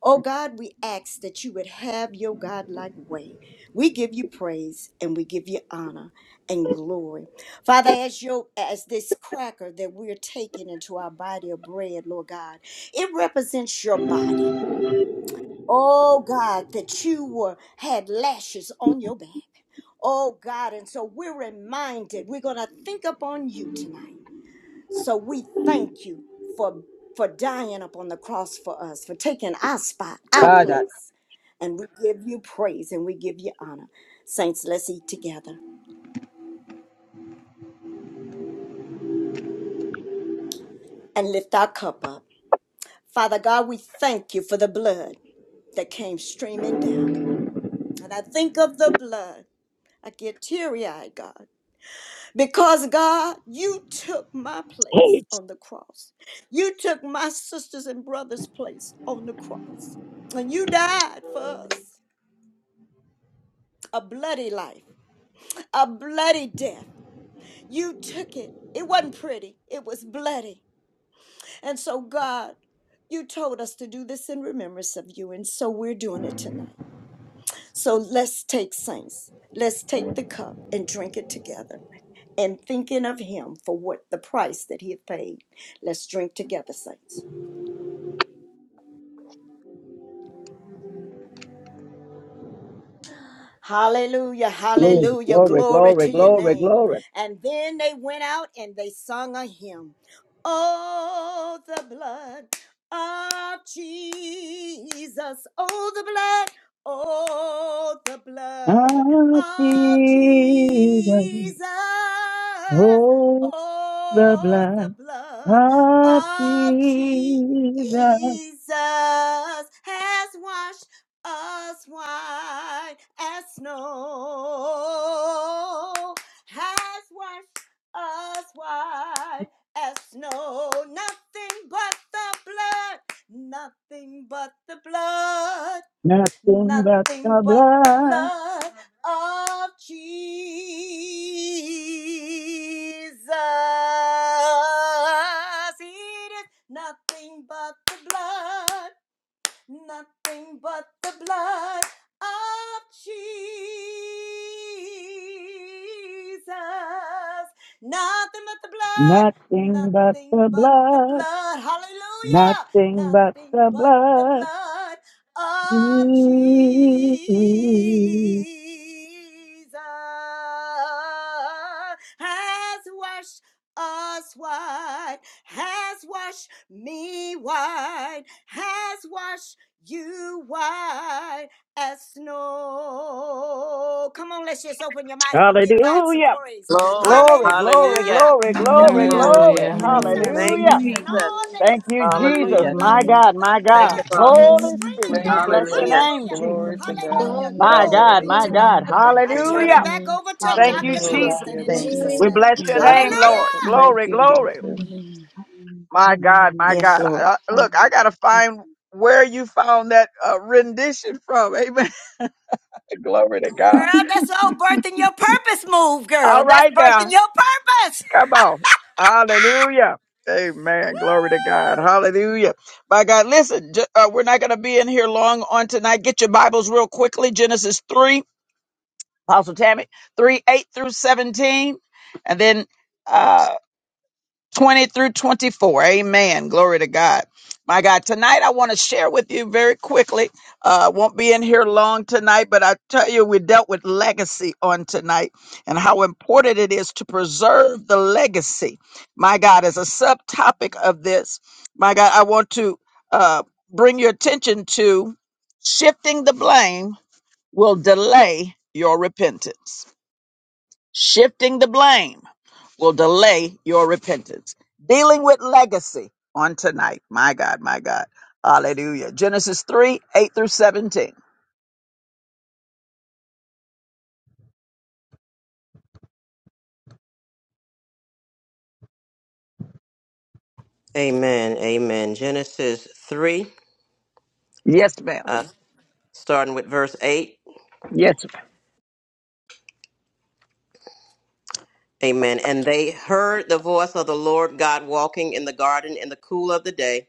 Speaker 13: Oh God, we ask that you would have your God-like way. We give you praise and we give you honor and glory. Father, as your as this cracker that we're taking into our body of bread, Lord God, it represents your body. Oh God, that you were had lashes on your back. Oh God, and so we're reminded we're gonna think upon you tonight. So we thank you for for dying upon the cross for us, for taking our spot, our
Speaker 1: Kada.
Speaker 13: place. And we give you praise and we give you honor. Saints, let's eat together and lift our cup up. Father God, we thank you for the blood that came streaming down. And I think of the blood. I get teary eyed, God. Because God, you took my place
Speaker 1: Hey.
Speaker 13: on the cross. You took my sisters and brothers' place on the cross. And you died for us a bloody life, a bloody death. You took it. It wasn't pretty, it was bloody. And so, God, you told us to do this in remembrance of you. And so we're doing it tonight. So let's take saints. Let's take the cup and drink it together. and thinking of him for what the price that he had paid. Let's drink together, saints. Hallelujah,
Speaker 1: Glory,
Speaker 13: hallelujah,
Speaker 1: glory,
Speaker 13: glory
Speaker 1: glory,
Speaker 13: to your
Speaker 1: glory,
Speaker 13: name.
Speaker 1: glory.
Speaker 13: And then they went out and they sung a hymn. Oh, the blood of Jesus. Oh, the blood. Oh, the blood of
Speaker 1: Jesus,
Speaker 13: Jesus.
Speaker 1: oh, the
Speaker 13: Oh,
Speaker 1: blood
Speaker 13: the blood
Speaker 1: of
Speaker 13: of Jesus
Speaker 1: Jesus.
Speaker 13: has washed as white as snow. Has washed us white as snow. Nothing but the blood. Nothing but the blood.
Speaker 1: Nothing but
Speaker 13: Nothing
Speaker 1: the
Speaker 13: but the
Speaker 1: blood.
Speaker 13: blood of Jesus. It is nothing but the blood Nothing but the blood of Jesus. Nothing but the blood.
Speaker 1: Nothing but
Speaker 13: Nothing
Speaker 1: the
Speaker 13: but the
Speaker 1: blood,
Speaker 13: blood. Hallelujah.
Speaker 1: nothing but
Speaker 13: Nothing
Speaker 1: the
Speaker 13: but the
Speaker 1: blood.
Speaker 13: blood of Jesus
Speaker 1: Mm.
Speaker 13: has washed us white, has washed me white, has washed you white as snow. Come on, let's just open your mouth and give God some
Speaker 1: Hallelujah.
Speaker 13: praise.
Speaker 2: Glory.
Speaker 1: Glory, glory,
Speaker 2: Hallelujah.
Speaker 13: Hallelujah.
Speaker 1: glory,
Speaker 13: When we
Speaker 2: Yes,
Speaker 1: glory,
Speaker 13: think
Speaker 2: Lord.
Speaker 10: Hallelujah,
Speaker 13: about the
Speaker 1: glory.
Speaker 6: Hallelujah.
Speaker 3: Hallelujah,
Speaker 13: goodness
Speaker 10: glory,
Speaker 6: Hallelujah.
Speaker 13: of
Speaker 2: Thank you,
Speaker 1: Hallelujah.
Speaker 13: Jesus
Speaker 3: hallelujah,
Speaker 10: hallelujah.
Speaker 13: and
Speaker 2: Jesus.
Speaker 13: all
Speaker 3: hallelujah,
Speaker 13: that
Speaker 1: Thank
Speaker 13: he's
Speaker 1: you,
Speaker 3: hallelujah,
Speaker 13: done
Speaker 3: hallelujah,
Speaker 13: for
Speaker 1: Jesus.
Speaker 2: Hallelujah.
Speaker 13: us,
Speaker 1: My
Speaker 3: hallelujah,
Speaker 1: God,
Speaker 13: the
Speaker 1: my
Speaker 2: Thank you,
Speaker 1: God.
Speaker 13: blood
Speaker 12: Thank
Speaker 13: that
Speaker 12: you,
Speaker 2: Father.
Speaker 13: came
Speaker 12: Lord.
Speaker 1: Holy
Speaker 13: streaming
Speaker 1: Spirit, we
Speaker 3: hallelujah.
Speaker 12: Thank you,
Speaker 13: down.
Speaker 1: bless your
Speaker 2: Hallelujah.
Speaker 12: Lord.
Speaker 1: name,
Speaker 13: Hallelujah.
Speaker 1: Jesus.
Speaker 12: Glory to
Speaker 3: Hallelujah,
Speaker 12: God.
Speaker 13: Hallelujah.
Speaker 3: hallelujah,
Speaker 1: My
Speaker 13: Glory
Speaker 3: hallelujah,
Speaker 1: God,
Speaker 13: be
Speaker 1: my
Speaker 13: to
Speaker 12: Hallelujah.
Speaker 13: God.
Speaker 1: God.
Speaker 3: hallelujah.
Speaker 12: Thank
Speaker 13: I
Speaker 12: you,
Speaker 13: turn it
Speaker 12: Lord.
Speaker 1: Hallelujah.
Speaker 13: back over
Speaker 3: Yes,
Speaker 13: to
Speaker 3: God,
Speaker 1: Thank you,
Speaker 13: Dr.
Speaker 3: yes, God,
Speaker 12: Glory
Speaker 1: Jesus.
Speaker 7: Hallelujah.
Speaker 12: to
Speaker 13: Constant
Speaker 12: your
Speaker 13: in
Speaker 3: yes,
Speaker 7: Thank
Speaker 3: God,
Speaker 12: name,
Speaker 13: Jesus'
Speaker 1: We
Speaker 12: Lord.
Speaker 13: name.
Speaker 3: yes,
Speaker 1: bless
Speaker 7: you,
Speaker 3: God.
Speaker 1: your
Speaker 7: sir.
Speaker 12: Thank
Speaker 13: Hallelujah.
Speaker 12: you,
Speaker 1: name, Lord.
Speaker 12: Father. Thank
Speaker 1: Glory,
Speaker 3: Yes,
Speaker 12: you,
Speaker 3: God.
Speaker 1: glory.
Speaker 12: Jesus.
Speaker 3: Hallelujah. Hallelujah.
Speaker 1: My God, my
Speaker 3: Hallelujah.
Speaker 7: Yes,
Speaker 1: God.
Speaker 7: Lord.
Speaker 1: Uh, Look.
Speaker 3: Hallelujah. Hallelujah.
Speaker 1: where you found that uh, rendition from. Amen. [LAUGHS] Glory to God.
Speaker 13: Girl, that's all birthing your purpose move, girl.
Speaker 1: All
Speaker 13: That's
Speaker 1: right
Speaker 13: birthing
Speaker 1: now.
Speaker 13: your purpose.
Speaker 1: Come on. Hallelujah. Amen. Glory to God.
Speaker 13: Woo!
Speaker 1: Hallelujah. By God, listen, j- uh, we're not going to be in here long on tonight. Get your Bibles real quickly. Genesis 3, Apostle Tammy, 3, 8 through 17. And then uh, 20 through 24. Amen. Glory to God. My God, tonight I want to share with you very quickly. Uh, won't be in here long tonight, but I tell you, we dealt with legacy on tonight and how important it is to preserve the legacy. My God, as a subtopic of this, my God, I want to uh, bring your attention to shifting the blame will delay your repentance Shifting the blame will delay your repentance. Dealing with legacy on tonight. My God, my God. Hallelujah. Genesis 3 8 through 17.
Speaker 2: Amen. Amen. Genesis 3.
Speaker 1: Yes, ma'am.
Speaker 2: starting with verse 8.
Speaker 1: Yes.
Speaker 2: Amen. And they heard the voice of the Lord God walking in the garden in the cool of the day.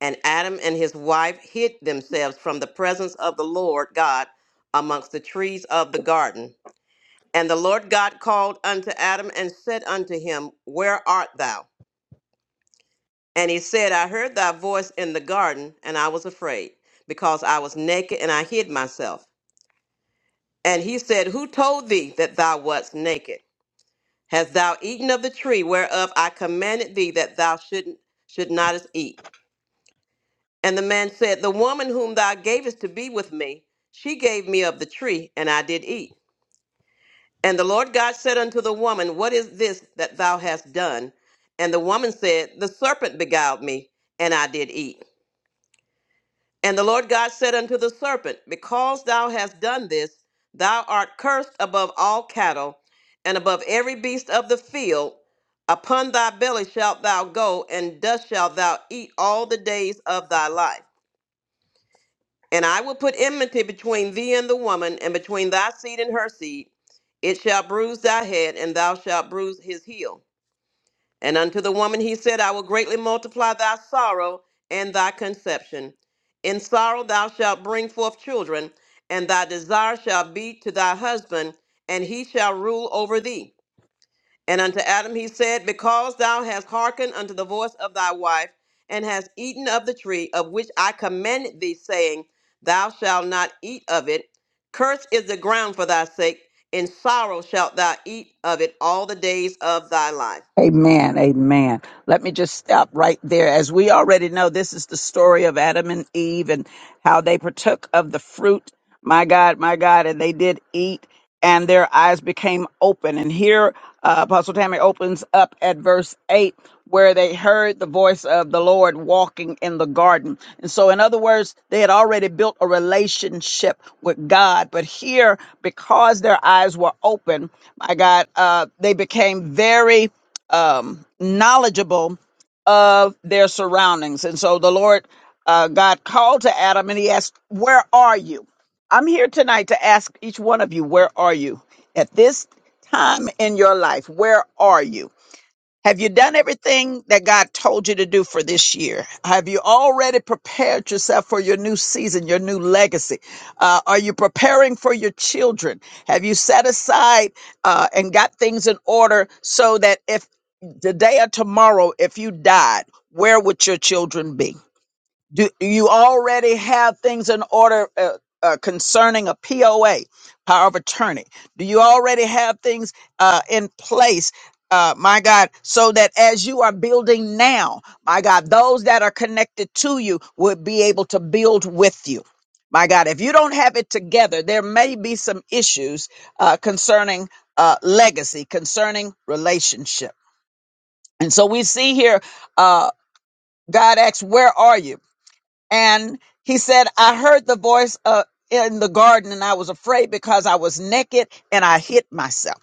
Speaker 2: And Adam and his wife hid themselves from the presence of the Lord God amongst the trees of the garden. And the Lord God called unto Adam and said unto him, Where art thou? And he said, I heard thy voice in the garden, and I was afraid, because I was naked and I hid myself. And he said, Who told thee that thou wast naked? Hast thou eaten of the tree whereof I commanded thee that thou should, should not eat? And the man said, The woman whom thou gavest to be with me, she gave me of the tree, and I did eat. And the Lord God said unto the woman, What is this that thou hast done? And the woman said, The serpent beguiled me, and I did eat. And the Lord God said unto the serpent, Because thou hast done this, thou art cursed above all cattle, and above every beast of the field. Upon thy belly shalt thou go, and dust shalt thou eat all the days of thy life. And I will put enmity between thee and the woman, and between thy seed and her seed. It shall bruise thy head, and thou shalt bruise his heel and unto the woman he said, I will greatly multiply thy sorrow and thy conception. In sorrow thou shalt bring forth children, and thy desire shall be to thy husband, and he shall rule over thee. And unto Adam he said, Because thou hast hearkened unto the voice of thy wife, and hast eaten of the tree of which I commanded thee, saying, Thou shalt not eat of it, cursed is the ground for thy sake, in sorrow shalt thou eat of it all the days of thy life.
Speaker 1: man. Let me just stop right there. As we already know, this is the story of Adam and Eve and how they partook of the fruit. My God, my God, and they did eat, and their eyes became open. And here, uh, Apostle Tammy opens up at verse 8, where they heard the voice of the Lord walking in the garden. And so, in other words, they had already built a relationship with God. But here, because their eyes were open, my God, uh, they became very um, knowledgeable of their surroundings. And so the Lord uh, God called to Adam and he asked, Where are you? I'm here tonight to ask each one of you, Where are you? At this time in your life, where are you? Have you done everything that God told you to do for this year? Have you already prepared yourself for your new season, your new legacy? Uh, are you preparing for your children? Have you set aside uh, and got things in order so that if today or tomorrow, if you died, where would your children be? do you already have things in order uh, uh, concerning a POA, power of attorney? Do you already have things uh, in place? Uh, my God, so that as you are building now, my God, those that are connected to you would be able to build with you. My God, if you don't have it together, there may be some issues uh, concerning uh, legacy, concerning relationship. And so we see here, uh, God asks, Where are you? and he said, I heard the voice uh, in the garden and I was afraid because I was naked and I hid myself.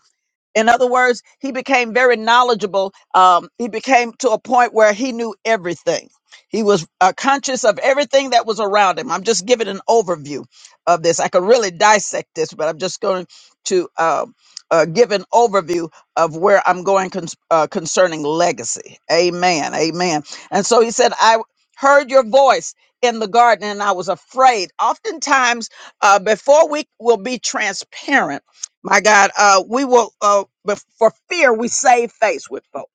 Speaker 1: In other words, he became very knowledgeable. Um, he became to a point where he knew everything. He was uh, conscious of everything that was around him. I'm just giving an overview of this. I could really dissect this, but I'm just going to uh, uh, give an overview of where I'm going cons- uh, concerning legacy. Amen. Amen. And so he said, I heard your voice in the garden and I was afraid. Oftentimes, uh, before we will be transparent, my God, uh, we will, uh, bef- for fear, we save face with folks.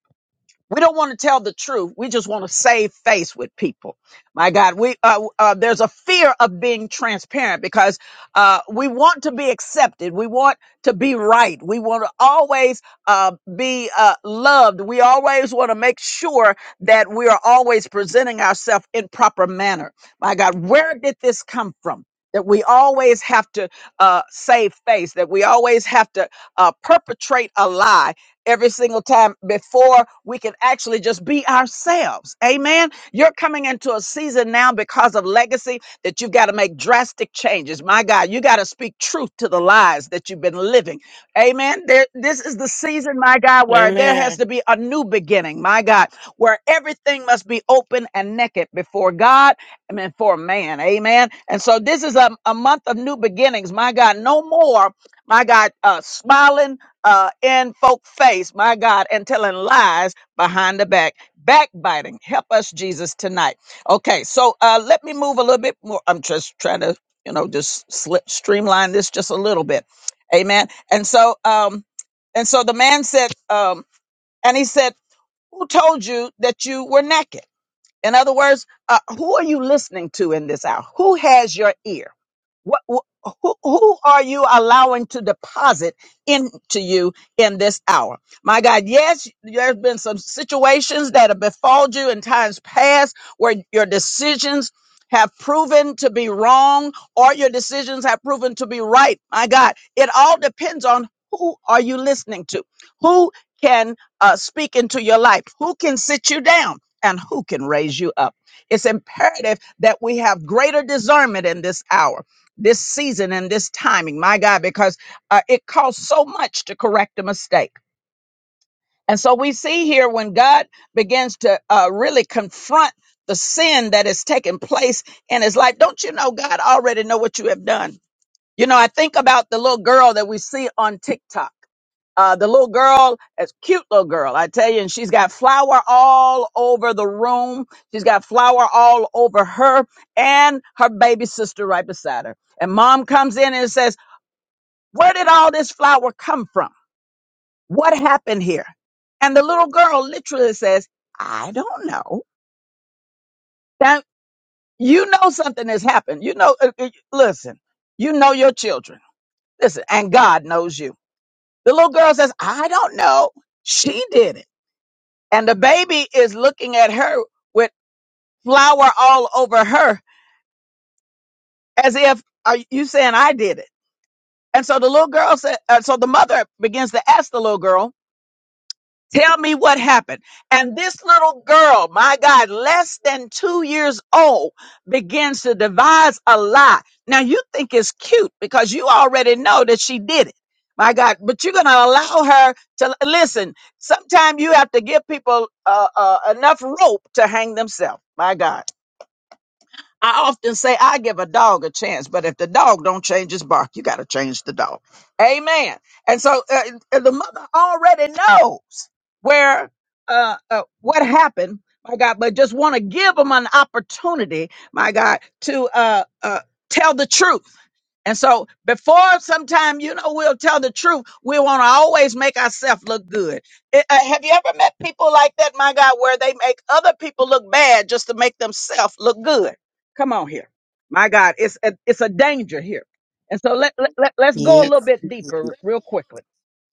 Speaker 1: We don't want to tell the truth. We just want to save face with people. My God, we uh, uh, there's a fear of being transparent because uh, we want to be accepted. We want to be right. We want to always uh, be uh, loved. We always want to make sure that we are always presenting ourselves in proper manner. My God, where did this come from? That we always have to uh, save face. That we always have to uh, perpetrate a lie every single time before we can actually just be ourselves. Amen. You're coming into a season now because of legacy that you've got to make drastic changes. My God, you got to speak truth to the lies that you've been living. Amen. There, this is the season, my God, where there has
Speaker 6: Amen.
Speaker 1: to be a new beginning, my God, where everything must be open and naked before God and before man. Amen. And so this is a, a month of new beginnings, my God. No more, my God, uh, smiling uh, in folk face, my God, and telling lies behind the back, backbiting. Help us, Jesus, tonight. Okay, so uh, let me move a little bit more. I'm just trying to, you know, just slip, streamline this just a little bit. Amen. And so, um, and so the man said, um, and he said, "Who told you that you were naked?" In other words, uh, who are you listening to in this hour? Who has your ear? What, wh- who, who are you allowing to deposit into you in this hour? My God, yes, there's been some situations that have befalled you in times past where your decisions have proven to be wrong or your decisions have proven to be right. My God, it all depends on who are you listening to? Who can uh, speak into your life? Who can sit you down? and who can raise you up. It's imperative that we have greater discernment in this hour, this season, and this timing, my God, because uh, it costs so much to correct a mistake. And so we see here when God begins to uh, really confront the sin that is taking place in his life. Don't you know God already know what you have done? You know, I think about the little girl that we see on TikTok. Uh, the little girl, as cute little girl, I tell you, and she's got flour all over the room. She's got flour all over her and her baby sister right beside her. And mom comes in and says, where did all this flour come from? What happened here? And the little girl literally says, I don't know. Now, you know something has happened. You know, uh, uh, listen, you know your children. Listen, and God knows you. The little girl says, I don't know. She did it. And the baby is looking at her with flour all over her as if, are you saying I did it? And so the little girl said, uh, so the mother begins to ask the little girl, Tell me what happened. And this little girl, my God, less than two years old, begins to devise a lie. Now you think it's cute because you already know that she did it. My God, but you're going to allow her to listen. Sometimes you have to give people uh, uh, enough rope to hang themselves. My God. I often say I give a dog a chance, but if the dog don't change his bark, you got to change the dog. Amen. And so uh, uh, the mother already knows where uh, uh, what happened, my God, but just want to give them an opportunity, my God, to uh, uh, tell the truth. And so before sometime, you know, we'll tell the truth. We want to always make ourselves look good. It- uh, have you ever met people like that, my God, where they make other people look bad just to make themselves look good? Come on here. My God, it's a, it's a danger here. And so let, let, let- let's go a
Speaker 7: Yes.
Speaker 1: little bit deeper real quickly.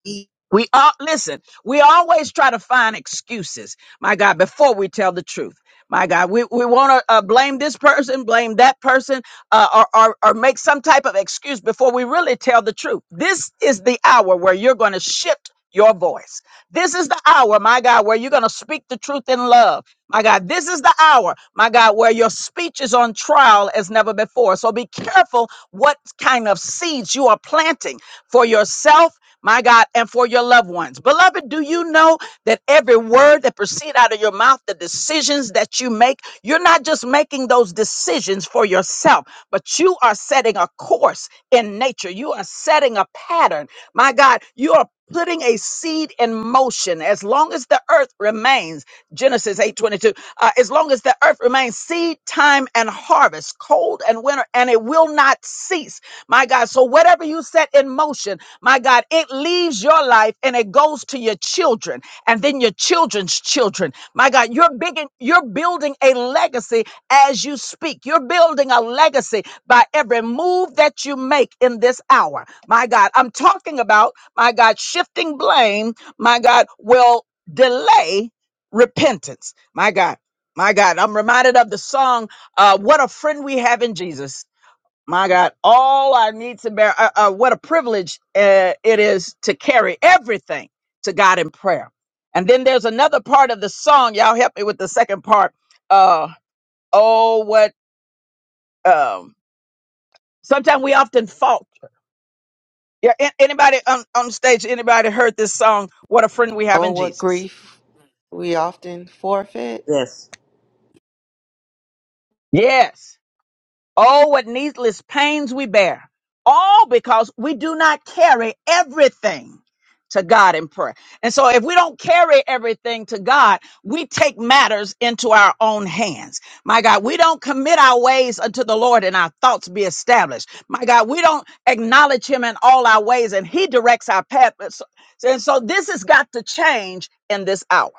Speaker 7: Come
Speaker 1: We all listen, we always try to find excuses, my God, before we tell the truth. My God, we, we want to uh, blame this person, blame that person, uh, or, or, or make some type of excuse before we really tell the truth. This is the hour where you're going to shift your voice. This is the hour, my God, where you're going to speak the truth in love. My God, this is the hour, my God, where your speech is on trial as never before. So be careful what kind of seeds you are planting for yourself my God, and for your loved ones. Beloved, do you know that every word that proceed out of your mouth, the decisions that you make, you're not just making those decisions for yourself, but you are setting a course in nature. You are setting a pattern. My God, you are putting a seed in motion as long as the earth remains. Genesis 8:22. Uh, as long as the earth remains seed time and harvest, cold and winter, and it will not cease. My God, so whatever you set in motion, my God, it leaves your life and it goes to your children and then your children's children. My God, you're big in, you're building a legacy as you speak. You're building a legacy by every move that you make in this hour. My God, I'm talking about, my God, shifting blame, my God, will delay repentance my God. My God. I'm reminded of the song, uh, What a Friend We Have in Jesus. My God. All our needs and bear. Uh, uh, what a privilege uh, it is to carry everything to God in prayer. And then there's another part of the song. Y'all help me with the second part. Uh, oh, what. Um, sometimes we often fault. Yeah, a- anybody on, on stage, anybody heard this song, What a Friend We Have
Speaker 15: Oh,
Speaker 1: in
Speaker 15: what
Speaker 1: Jesus?
Speaker 15: grief we often forfeit.
Speaker 2: Yes.
Speaker 1: Yes. Oh, what needless pains we bear. All because we do not carry everything to God in prayer. And so if we don't carry everything to God, we take matters into our own hands. My God, we don't commit our ways unto the Lord and our thoughts be established. My God, we don't acknowledge him in all our ways and he directs our path. And so and so this has got to change in this hour.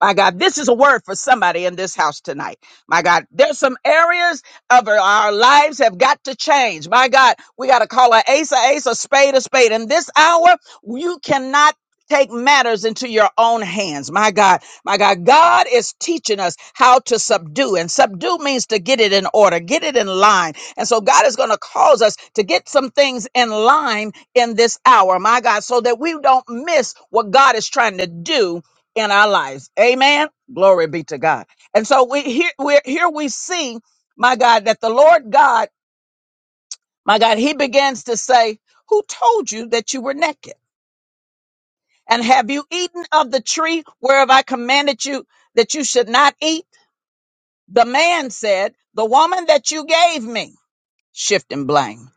Speaker 1: My God, this is a word for somebody in this house tonight. My God, there's some areas of our our lives have got to change. My God, we got to call an ace a ace, a spade a spade. In this hour, you cannot take matters into your own hands. My God, my God, God is teaching us how to subdue. And subdue means to get it in order, get it in line. And so God is going to cause us to get some things in line in this hour, my God, so that we don't miss what God is trying to do in our lives. Amen. Glory be to God. And so we here we here we see, my God, that the Lord God, my God, he begins to say, "Who told you that you were naked? And have you eaten of the tree whereof I commanded you that you should not eat?" The man said, "The woman that you gave me, shifting blame,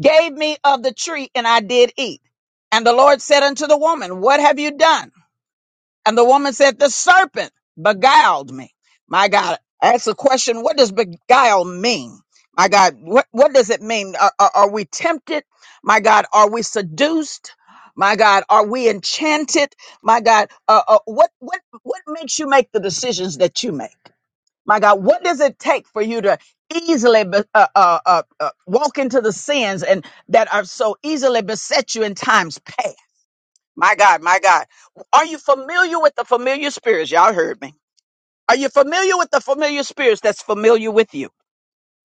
Speaker 1: gave me of the tree and I did eat." And the Lord said unto the woman, "What have you done?" And the woman said, The serpent beguiled me. My God, I asked the question, what does beguile mean? My God, what, what does it mean? Are, are, are we tempted? My God, are we seduced? My God, are we enchanted? My God, uh, uh, what what what makes you make the decisions that you make? My God, what does it take for you to easily be, uh, uh, uh, uh, walk into the sins and that are so easily beset you in times past? My God, my God. Are you familiar with the familiar spirits? Y'all heard me. Are you familiar with the familiar spirits that's familiar with you?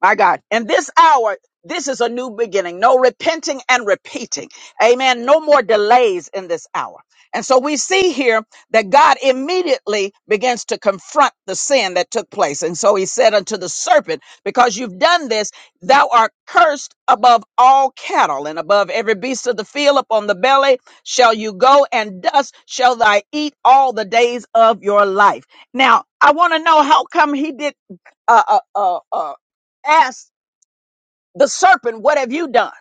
Speaker 1: My God. In this hour, this is a new beginning. No repenting and repeating. Amen. No more delays in this hour. And so we see here that God immediately begins to confront the sin that took place. And so he said unto the serpent, Because you've done this, thou art cursed above all cattle and above every beast of the field upon the belly shall you go, and dust shall thy eat all the days of your life. Now, I want to know how come he did uh, uh, uh, uh, asked the serpent, What have you done?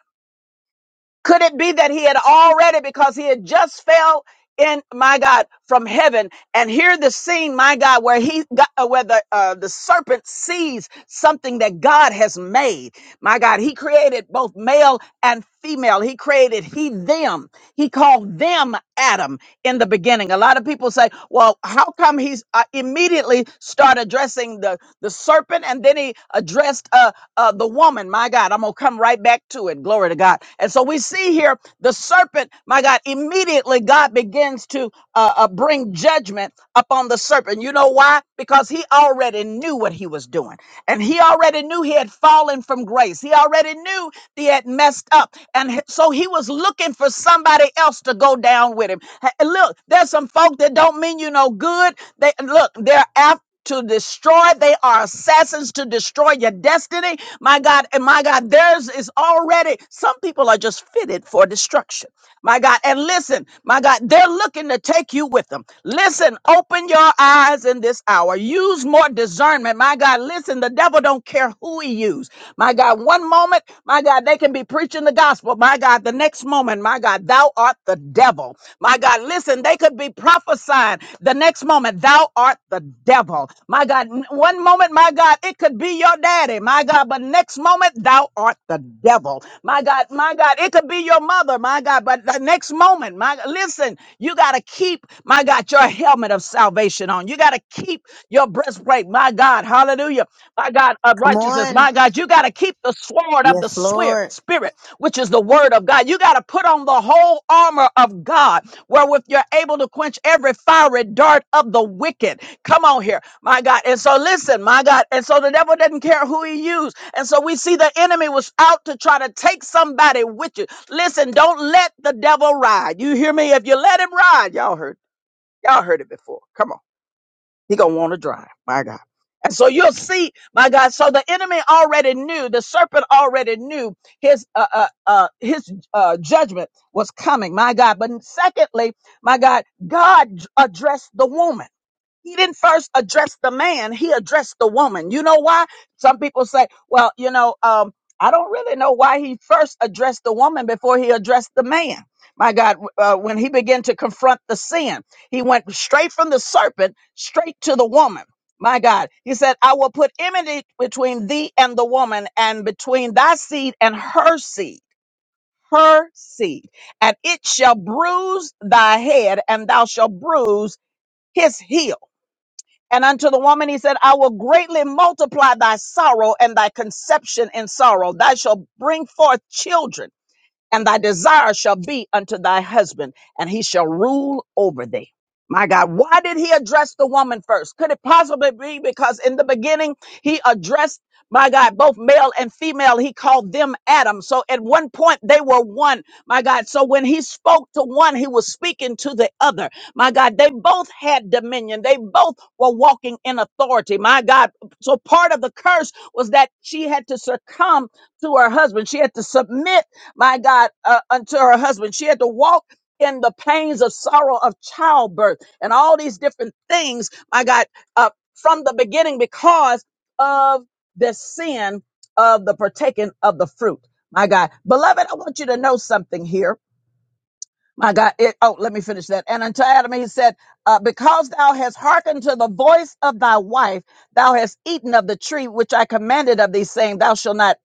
Speaker 1: Could it be that he had already, because he had just fell in, my God, from heaven, and here the scene, my God, where he got, uh, where the, uh, the serpent sees something that God has made. My God, he created both male and female. He created he, them. He called them Adam in the beginning. A lot of people say, well, how come he's uh, immediately start addressing the, the serpent and then he addressed uh.'" uh, the woman, my God, I'm going to come right back to it. Glory to God. And so we see here the serpent, my God, immediately God begins to uh, uh, bring judgment upon the serpent. You know why? Because he already knew what he was doing. And he already knew he had fallen from grace. He already knew he had messed up. And he- so he was looking for somebody else to go down with him. Ha- and Look, there's some folk that don't mean you no good. They look, they're after to destroy. They are assassins to destroy your destiny. My God, and my God, theirs is already, some people are just fitted for destruction my God. And listen, my God, they're looking to take you with them. Listen, open your eyes in this hour. Use more discernment, my God. Listen, the devil don't care who he use, my God. One moment, my God, they can be preaching the gospel, my God. The next moment, my God, thou art the devil, my God. Listen, they could be prophesying. the. The next moment, thou art the devil. My God, n- one moment, my God, it could be your daddy, my God, but next moment, thou art the devil. My God, my God, it could be your mother, my God, but the next moment, my listen, you got to keep, my God, your helmet of salvation on. You got to keep your breastplate, my God, hallelujah my God, of righteousness.
Speaker 7: on.
Speaker 1: My God, you got to keep the sword of the
Speaker 7: Yes,
Speaker 1: swear-
Speaker 7: Lord.
Speaker 1: spirit, which is the word of God. You got to put on the whole armor of God, wherewith you're able to quench every fiery dart of the wicked. Come on here, my God. And so listen, my God. And so the devil didn't care who he used. And so we see the enemy was out to try to take somebody with you. Listen, don't let the devil ride. You hear me? If you let him ride, y'all heard, y'all heard it before. Come on. He gonna want to drive, my God. And so you'll see, my God. So the enemy already knew, the serpent already knew his uh, uh, uh, his uh, judgment was coming, my God. But secondly, my God, God addressed the woman. He didn't first address the man, he addressed the woman. You know why? Some people say, well, you know, um, I don't really know why he first addressed the woman before he addressed the man. My God, uh, when he began to confront the sin, he went straight from the serpent straight to the woman. My God, he said, I will put enmity between thee and the woman, and between thy seed and her seed, her seed, and it shall bruise thy head, and thou shalt bruise his heel and unto the woman he said, I will greatly multiply thy sorrow and thy conception in sorrow. Thou shalt bring forth children and thy desire shall be unto thy husband, and he shall rule over thee. My God, why did he address the woman first? Could it possibly be because in the beginning he addressed, my God, both male and female, he called them Adam. So at one point they were one, my God. So when he spoke to one, he was speaking to the other. My God, they both had dominion. They both were walking in authority. My God. So part of the curse was that she had to succumb to her husband. She had to submit my God, uh, unto her husband. She had to walk in the pains of sorrow of childbirth and all these different things, my God, uh, from the beginning because of the sin of the partaking of the fruit. My God, beloved, I want you to know something here my God. It, oh, let me finish that. And unto Adam, he said, uh, because thou hast hearkened to the voice of thy wife, thou hast eaten of the tree which I commanded of thee, saying, thou shalt not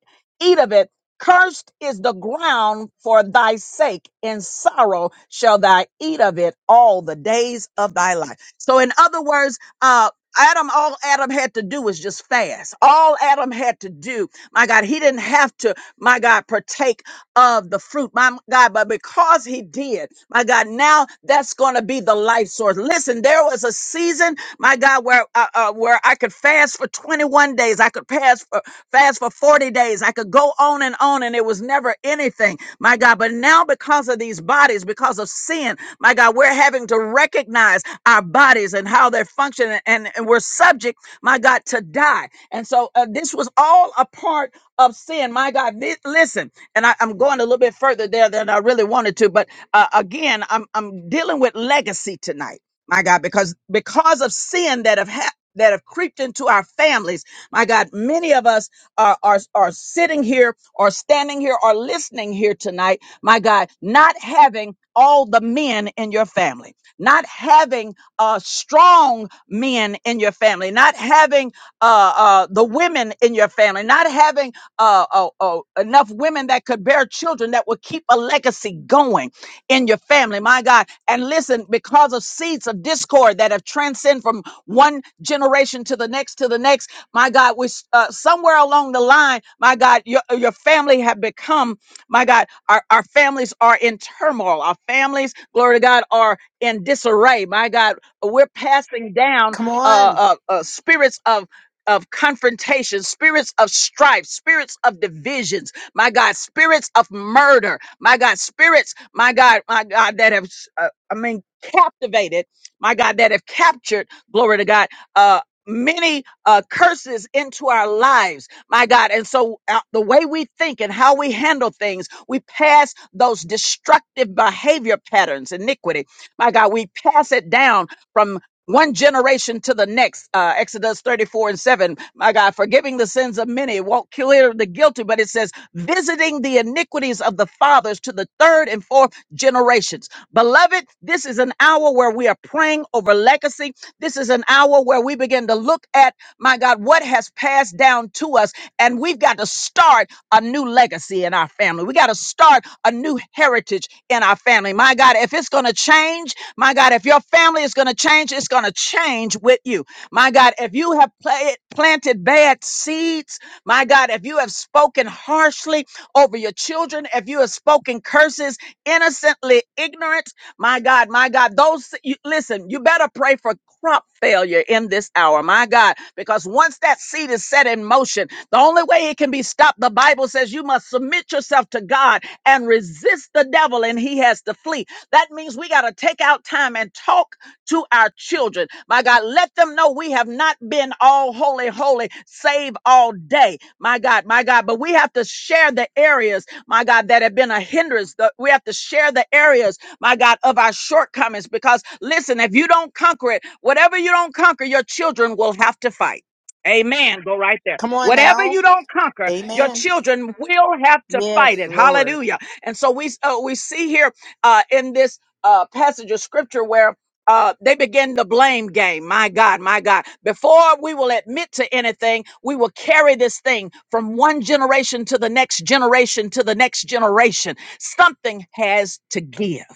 Speaker 1: eat of it. Cursed is the ground for thy sake. In sorrow shall thou eat of it all the days of thy life. So in other words, uh, Adam, all Adam had to do was just fast. All Adam had to do, my God, he didn't have to, my God, partake of the fruit, my God. But because he did, my God, now that's going to be the life source. Listen, there was a season, my God, where uh, uh, where I could fast for 21 days, I could pass for, fast for 40 days, I could go on and on, and it was never anything, my God. But now, because of these bodies, because of sin, my God, we're having to recognize our bodies and how they're functioning, and, and we're subject, my God, to die. And so uh, this was all a part of sin. My God, Li- listen, and I, am going a little bit further there than I really wanted to, but uh, again, I'm I'm dealing with legacy tonight. My God, because because of sin that have hap that have creeped into our families. My God, many of us are, are, are sitting here or standing here or listening here tonight. My God, not having all the men in your family, not having uh, strong men in your family, not having uh, uh, the women in your family, not having uh, uh, uh, enough women that could bear children that would keep a legacy going in your family, my God. And listen, because of seeds of discord that have transcended from one generation to the next to the next, my God, we uh, somewhere along the line, my God, your uh, your family have become, my God, our, our families are in turmoil. Our families, glory to God, are in disarray. My God, we're passing down
Speaker 7: Come
Speaker 1: uh,
Speaker 7: on.
Speaker 1: uh, uh, spirits of of confrontation, spirits of strife, spirits of divisions, my God, spirits of murder, my God, spirits, my God, my God, that have, uh, I mean, captivated, my God, that have captured, glory to God, uh, many uh, curses into our lives, my God. And so uh, the way we think and how we handle things, we pass those destructive behavior patterns, iniquity, my God, we pass it down from one generation to the next. Uh, Exodus 34 and 7. My God, forgiving the sins of many won't clear the guilty, but it says, visiting the iniquities of the fathers to the third and fourth generations. Beloved, this is an hour where we are praying over legacy. This is is an hour where we begin to look at, my God, what has passed down to us. And we've got to start a new legacy in our family. We got to start a new heritage in our family. My God, if it's going to change, my God, if your family is going to change, it's going to change with you. My God, if you have pla- planted bad seeds, my God, if you have spoken harshly over your children, if you have spoken curses, innocently ignorant. My God, my God, those you, listen, you better pray for crop failure in this hour, my God, because once that seed is set in motion, the only way it can be stopped, the Bible says you must submit yourself to God and resist the devil, and he has to flee. That means we got to take out time and talk to our children. My God, let them know we have not been all holy, holy, save all day. My God, my God, but we have to share the areas, my God, that have been a hindrance. The- We have to share the areas my God, of our shortcomings. Because listen, if you don't conquer it, whatever you don't conquer, your children will have to fight. Amen. Go right there.
Speaker 7: Come on
Speaker 1: Whatever
Speaker 7: now.
Speaker 1: you don't conquer, your
Speaker 7: Amen.
Speaker 1: children will have to fight
Speaker 7: Yes,
Speaker 1: it.
Speaker 7: Lord.
Speaker 1: Hallelujah. And so we uh, we see here uh, in this uh, passage of scripture where uh, they begin the blame game. My God, my God. Before we will admit to anything, we will carry this thing from one generation to the next generation to the next generation. Something has to give.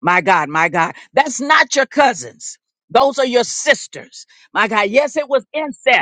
Speaker 1: My God, my God. That's not your cousins. Those are your sisters. My God. Yes, it was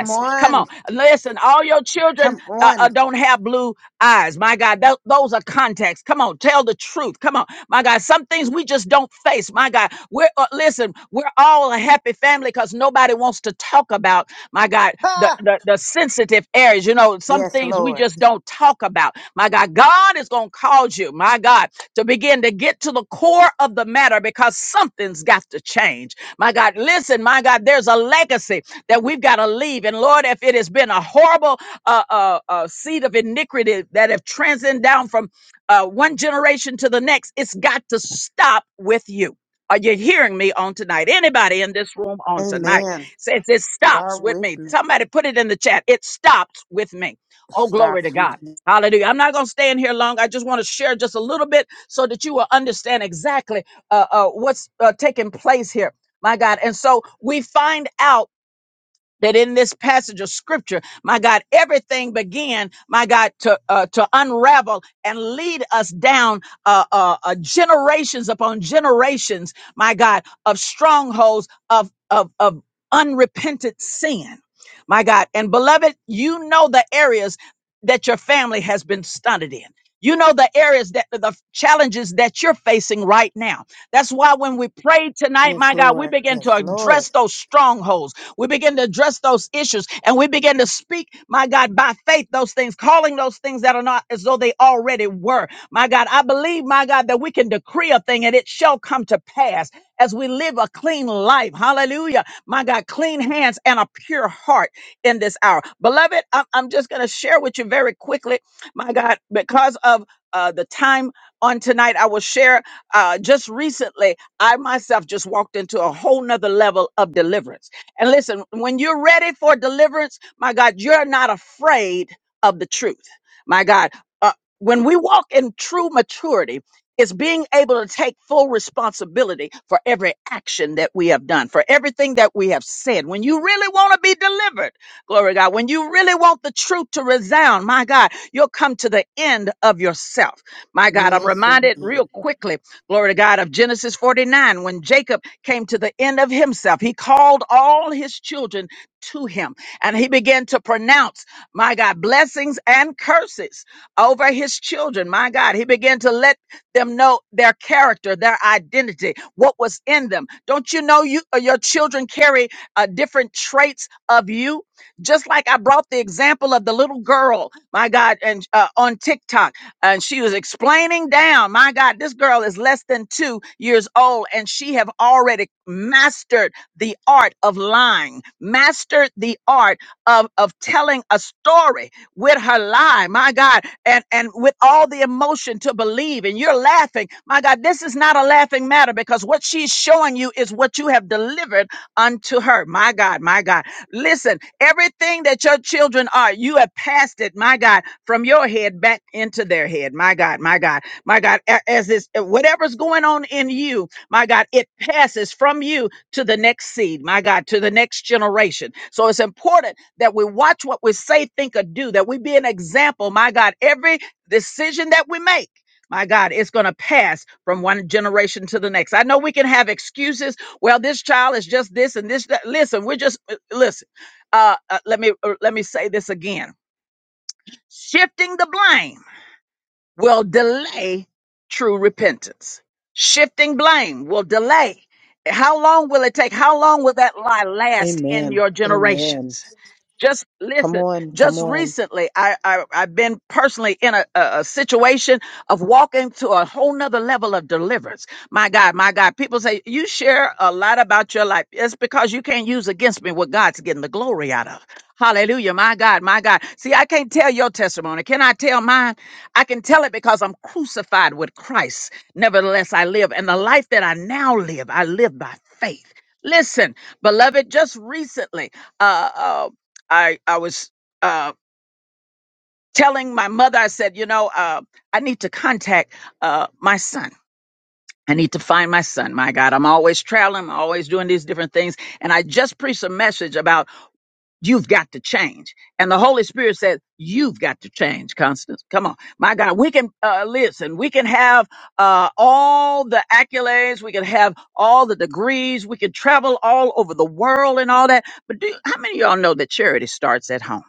Speaker 7: Come
Speaker 1: Come
Speaker 7: on.
Speaker 1: on. Listen, all your
Speaker 7: Come
Speaker 1: children uh, uh,
Speaker 7: on.
Speaker 1: don't have blue eyes. My God, tho- those are contacts. Come on, tell the truth. Come on, my God. Some things we just don't face. My God, we're uh, listen. We're all a happy family because nobody wants to talk about my God the,
Speaker 7: Ah,
Speaker 1: the the sensitive areas. You know, some
Speaker 7: yes,
Speaker 1: things we
Speaker 7: Lord.
Speaker 1: just don't talk about. My God, God is gonna call you. My God, to begin to get to the core of the matter because something's got to change. My God, listen. My God, there's a legacy that we've got to leave. And Lord, if it has been a horrible uh, uh, uh, seed of iniquity that have transcended down from uh, one generation to the next. It's got to stop with you. Are you hearing me on tonight? Anybody in this room on tonight
Speaker 7: and
Speaker 1: says it stops
Speaker 7: start
Speaker 1: with
Speaker 7: with
Speaker 1: me.
Speaker 7: me.
Speaker 1: Somebody put it in the chat. It stops with me. Oh, glory to God. Hallelujah. I'm not going to stay in here long. I just want to share just a little bit so that you will understand exactly uh, uh, what's uh, taking place here. My God. And so we find out that in this passage of scripture, my God, everything began, my God, to uh, to unravel and lead us down uh, uh, uh, generations upon generations, my God, of strongholds of of of unrepentant sin, my God, and beloved, you know the areas that your family has been stunted in. You know the areas that the challenges that you're facing right now. That's why when we pray tonight,
Speaker 7: Yes,
Speaker 1: my God, we
Speaker 7: Lord.
Speaker 1: begin to
Speaker 7: Yes, Lord.
Speaker 1: address those strongholds. We begin to address those issues and we begin to speak, my God, by faith, those things, calling those things that are not as though they already were. My God, I believe, my God, that we can decree a thing and it shall come to pass as we live a clean life. Hallelujah. My God, clean hands and a pure heart in this hour. Beloved, I'm, I'm just going to share with you very quickly, my God, because of uh, the time on tonight, I will share uh, just recently, I myself just walked into a whole nother level of deliverance. And listen, when you're ready for deliverance, my God, you're not afraid of the truth. My God, uh, when we walk in true maturity, it's being able to take full responsibility for every action that we have done, for everything that we have said. When you really want to be delivered, glory to God, when you really want the truth to resound, my God, you'll come to the end of yourself. My God, I'm
Speaker 7: Yes,
Speaker 1: reminded
Speaker 7: indeed.
Speaker 1: real quickly glory to God, of Genesis 49, when Jacob came to the end of himself, he called all his children to him and he began to pronounce, my God, blessings and curses over his children. My God, he began to let them know their character, their identity, what was in them. Don't you know you uh, your children carry uh, different traits of you? Just like I brought the example of the little girl, my God, and uh, on TikTok and she was explaining down my god this girl is less than two years old and she have already mastered the art of lying mastered the art of of telling a story with her lie my god and and with all the emotion to believe and you're laughing my god this is not a laughing matter because what she's showing you is what you have delivered unto her my god my god listen everything that your children are you have passed it my god from your head back into their head. My God, my God, my God, a- as this, uh, whatever's going on in you, my God, it passes from you to the next seed, my God, to the next generation. So it's important that we watch what we say, think, or do, that we be an example, my God, every decision that we make. My God, it's going to pass from one generation to the next. I know we can have excuses. Well, this child is just this and this. That. Listen, we're just uh, listen. Uh, uh, let me uh, let me say this again Shifting the blame will delay true repentance. Shifting blame will delay. How long will it take? How long will that lie last in
Speaker 7: Amen.
Speaker 1: your
Speaker 7: Amen.
Speaker 1: generations? Just
Speaker 7: Come
Speaker 1: listen.
Speaker 7: on. Come
Speaker 1: Just
Speaker 7: on.
Speaker 1: recently, I, I I've been personally in a, a, a situation of walking to a whole nother level of deliverance. My God, my God. People say you share a lot about your life. It's because you can't use against me what God's getting the glory out of. Hallelujah, my God, my God. See, I can't tell your testimony. Can I tell mine? I can tell it because I'm crucified with Christ. Nevertheless, I live, and the life that I now live, I live by faith. Listen, beloved, just recently. uh, uh, I I was uh, telling my mother, I said, you know, uh, I need to contact uh, my son. I need to find my son. My God, I'm always traveling, I'm always doing these different things, and I just preached a message about You've got to change. And the Holy Spirit said, You've got to change, Constance. Come on. My God, we can uh, listen. We can have uh, all the accolades. We can have all the degrees. We can travel all over the world and all that. But do, how many of y'all know that charity starts at home?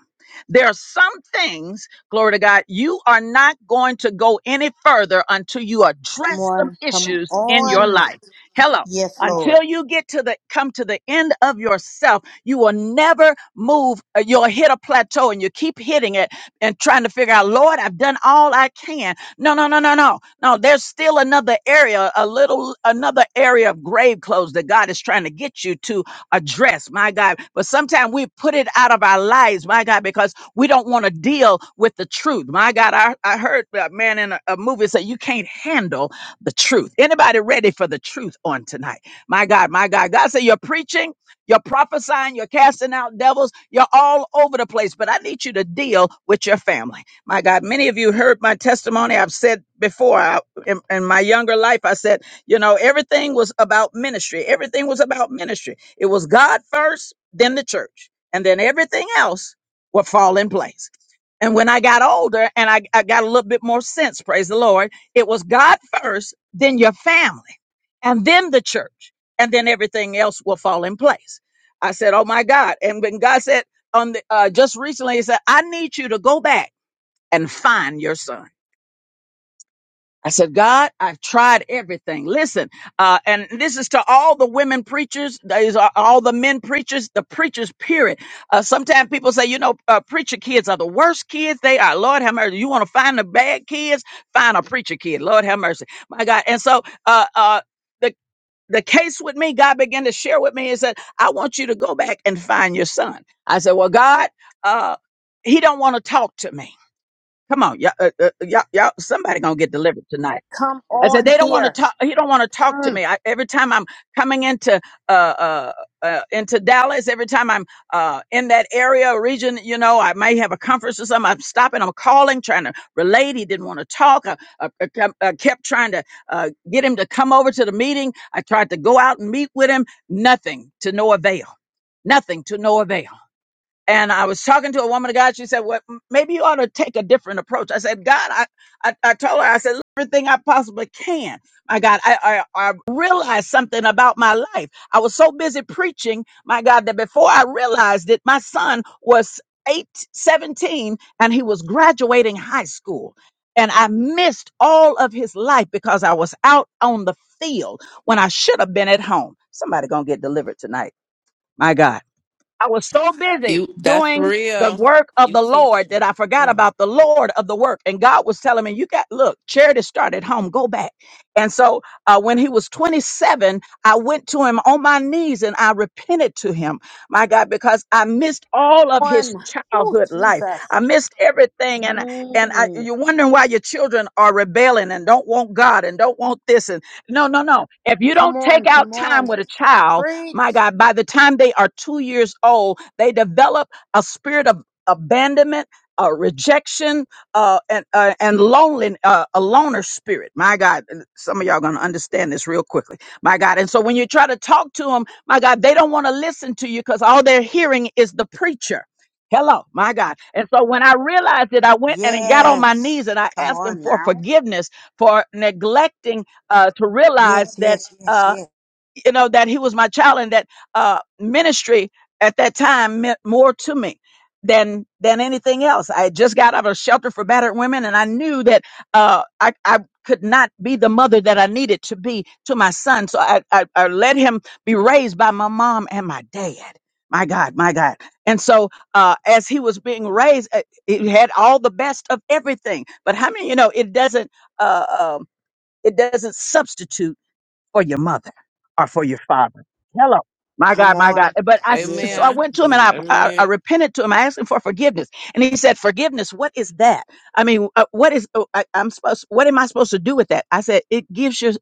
Speaker 1: There are some things, glory to God, you are not going to go any further until you
Speaker 7: Come
Speaker 1: address some
Speaker 7: on. Come
Speaker 1: issues in your
Speaker 7: on.
Speaker 1: life. Hello.
Speaker 7: Yes, Lord.
Speaker 1: Until you get to the come to the end of yourself you will never move. uh, You'll hit a plateau and you keep hitting it and trying to figure out, Lord, I've done all I can. No, no, no, no, no. No, there's still another area, a little, another area of grave clothes that God is trying to get you to address, my God. But sometimes we put it out of our lives, my God, because we don't want to deal with the truth. My God, I, I heard a man in a, a movie say, you can't handle the truth. Anybody ready for the truth on tonight? My God, my God. God said, you're preaching. You're prophesying, you're casting out devils, you're all over the place, but I need you to deal with your family. My God, many of you heard my testimony. I've said before I, in, in my younger life, I said, you know, everything was about ministry. Everything was about ministry. It was God first, then the church, and then everything else would fall in place. And when I got older and I, I got a little bit more sense, praise the Lord, it was God first, then your family, and then the church, and then everything else will fall in place. I said, "Oh my God!" And when God said on the uh, just recently, He said, "I need you to go back and find your son." I said, "God, I've tried everything. Listen, uh, and this is to all the women preachers. These are all the men preachers. The preachers, period. Uh, sometimes people say, you know, uh, preacher kids are the worst kids. They are. Lord have mercy. You want to find the bad kids? Find a preacher kid. Lord have mercy. My God. And so, uh, uh." the the case with me, God began to share with me, is that I want you to go back and find your son. I said, well, God, uh, he don't want to talk to me. Come on, y'all, uh, uh, y'all, y'all, somebody gonna get delivered tonight.
Speaker 7: Come
Speaker 1: I said
Speaker 7: on
Speaker 1: they don't want to
Speaker 7: here.
Speaker 1: talk. He don't want to talk to
Speaker 7: Mm.
Speaker 1: me. I, every time I'm coming into uh, uh, uh, into Dallas, every time I'm uh, in that area or region, you know, I may have a conference or something. I'm stopping. I'm calling, trying to relate. He didn't want to talk. I, I, I kept I kept trying to uh, get him to come over to the meeting. I tried to go out and meet with him. Nothing to no avail. Nothing to no avail and I was talking to a woman of God. She said, "Well, maybe you ought to take a different approach." I said, "God, I, I, I told her, I said "Look, everything I possibly can." My God, I, I, I realized something about my life. I was so busy preaching, my God, that before I realized it, my son was eight, seventeen, and he was graduating high school. And I missed all of his life because I was out on the field when I should have been at home. Somebody gonna get delivered tonight. My God. I was so busy
Speaker 6: You that's
Speaker 1: doing the
Speaker 6: real.
Speaker 1: work of
Speaker 6: You
Speaker 1: the
Speaker 6: teach.
Speaker 1: Lord that
Speaker 6: me.
Speaker 1: I forgot
Speaker 6: Mhm.
Speaker 1: about the Lord of the work. And God was telling me, you got, look, charity started at home, go back. And so uh, when he was 27, I went to him on my knees and I repented to him, my God, because I missed all of his
Speaker 7: On. Oh,
Speaker 1: childhood life.
Speaker 7: Jesus.
Speaker 1: I missed everything. And, and I,
Speaker 7: Mm.
Speaker 1: you're wondering why your children are rebelling and don't want God and don't want this. And no, no, no. If you
Speaker 7: Come
Speaker 1: don't take
Speaker 7: on.
Speaker 1: out
Speaker 7: Come on.
Speaker 1: time with a child,
Speaker 7: Preach.
Speaker 1: my God, by the time they are two years old, they develop a spirit of abandonment, uh, rejection, uh, and uh, and lonely, uh, a loner spirit. My God, and some of y'all gonna understand this real quickly. My God, and so when you try to talk to them, my God, they don't want to listen to you because all they're hearing is the preacher. Hello, my God. And so when I realized it, I went and got on my
Speaker 7: Yes.
Speaker 1: knees and I
Speaker 7: Come
Speaker 1: asked him
Speaker 7: on
Speaker 1: for
Speaker 7: now.
Speaker 1: forgiveness for neglecting uh, to realize
Speaker 7: Yes,
Speaker 1: that.
Speaker 7: yes, yes,
Speaker 1: uh,
Speaker 7: yes.
Speaker 1: you know that he was my child and that uh ministry at that time meant more to me than than anything else i had just got out of a shelter for battered women and i knew that uh i i could not be the mother that i needed to be to my son so i i, I let him be raised by my mom and my dad my god my god and so uh as he was being raised uh, he had all the best of everything but how many you know it doesn't uh um, it doesn't substitute for your mother or for your Hello. My
Speaker 7: Come
Speaker 1: God, my God.
Speaker 7: on.
Speaker 1: But I, s-
Speaker 7: Yeah,
Speaker 1: so I
Speaker 6: Amen.
Speaker 1: went to him and
Speaker 7: indeed.
Speaker 1: I, I, I
Speaker 6: Amen.
Speaker 1: repented to him. I asked him for forgiveness. And he said, forgiveness, what is that? I mean, uh, what is, oh, I, I'm supposed, what am I supposed to do with that? I said, it gives you,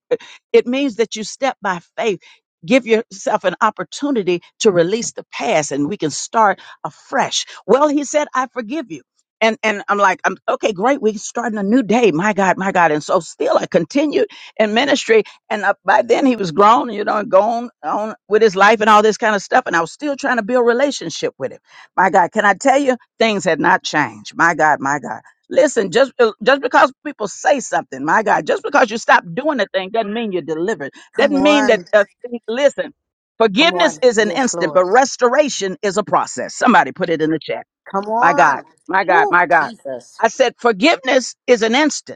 Speaker 1: it means that you step by faith. Give yourself an opportunity to release the past and we can start afresh. Well, he said, I forgive you. And, and I'm like, I'm okay, great. We're starting a new day. My God, my God. And so still I continued in ministry and uh, by then he was grown, you know, and gone on with his life and all this kind of stuff. And I was still trying to build relationship with him. My God, can I tell you, things had not changed. My God, my God. Listen, just uh, just because people say something, my God, just because you stop doing the thing doesn't mean you're delivered.
Speaker 7: Come
Speaker 1: Doesn't mean that.
Speaker 7: on.
Speaker 1: Uh, thi- listen,
Speaker 7: Come
Speaker 1: forgiveness
Speaker 7: on.
Speaker 1: is an
Speaker 7: Yes,
Speaker 1: instant, but
Speaker 7: Lord.
Speaker 1: restoration is a process. Somebody put it in the chat.
Speaker 7: Come
Speaker 1: My God,
Speaker 7: on.
Speaker 1: my God,
Speaker 7: Oh,
Speaker 1: my God.
Speaker 7: Jesus.
Speaker 1: I said forgiveness is an instant.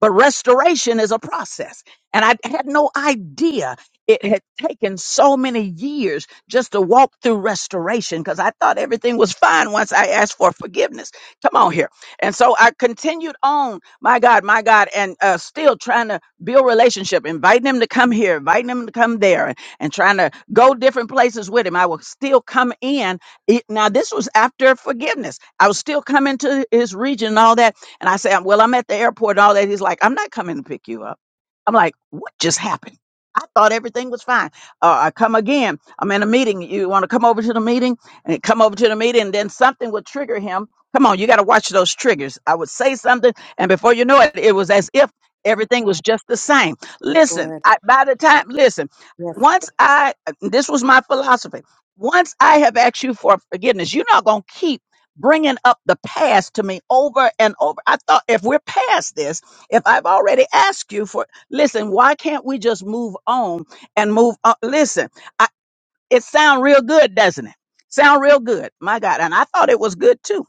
Speaker 1: But restoration is a process. And I had no idea it had taken so many years just to walk through restoration because I thought everything was fine once I asked for forgiveness. Come on here. And so I continued on, my God, my God, and uh, still trying to build relationship, inviting him to come here, inviting him to come there, and, and trying to go different places with him. I would still come in. It- now, this was after forgiveness. I was still coming to his region and all that and I say, "I'm- well, I'm at the airport and all that. He's like, I'm not coming to pick you up. I'm like, what just happened? I thought everything was fine. Uh, I come again. I'm in a meeting. You want to come over to the meeting and he come over to the meeting, and then something would trigger him. Come on, you got to watch those triggers. I would say something, and before you know it, it was as if everything was just the same. Listen,
Speaker 7: Lord.
Speaker 1: I, by the time, listen,
Speaker 7: Yes.
Speaker 1: once I, uh, this was my philosophy. Once I have asked you for forgiveness, you're not going to keep bringing up the past to me over and over. I thought if we're past this, if I've already asked you for, listen, why can't we just move on and move on? Listen, it sound real good, doesn't it? Sound real good. My God. And I thought it was good too.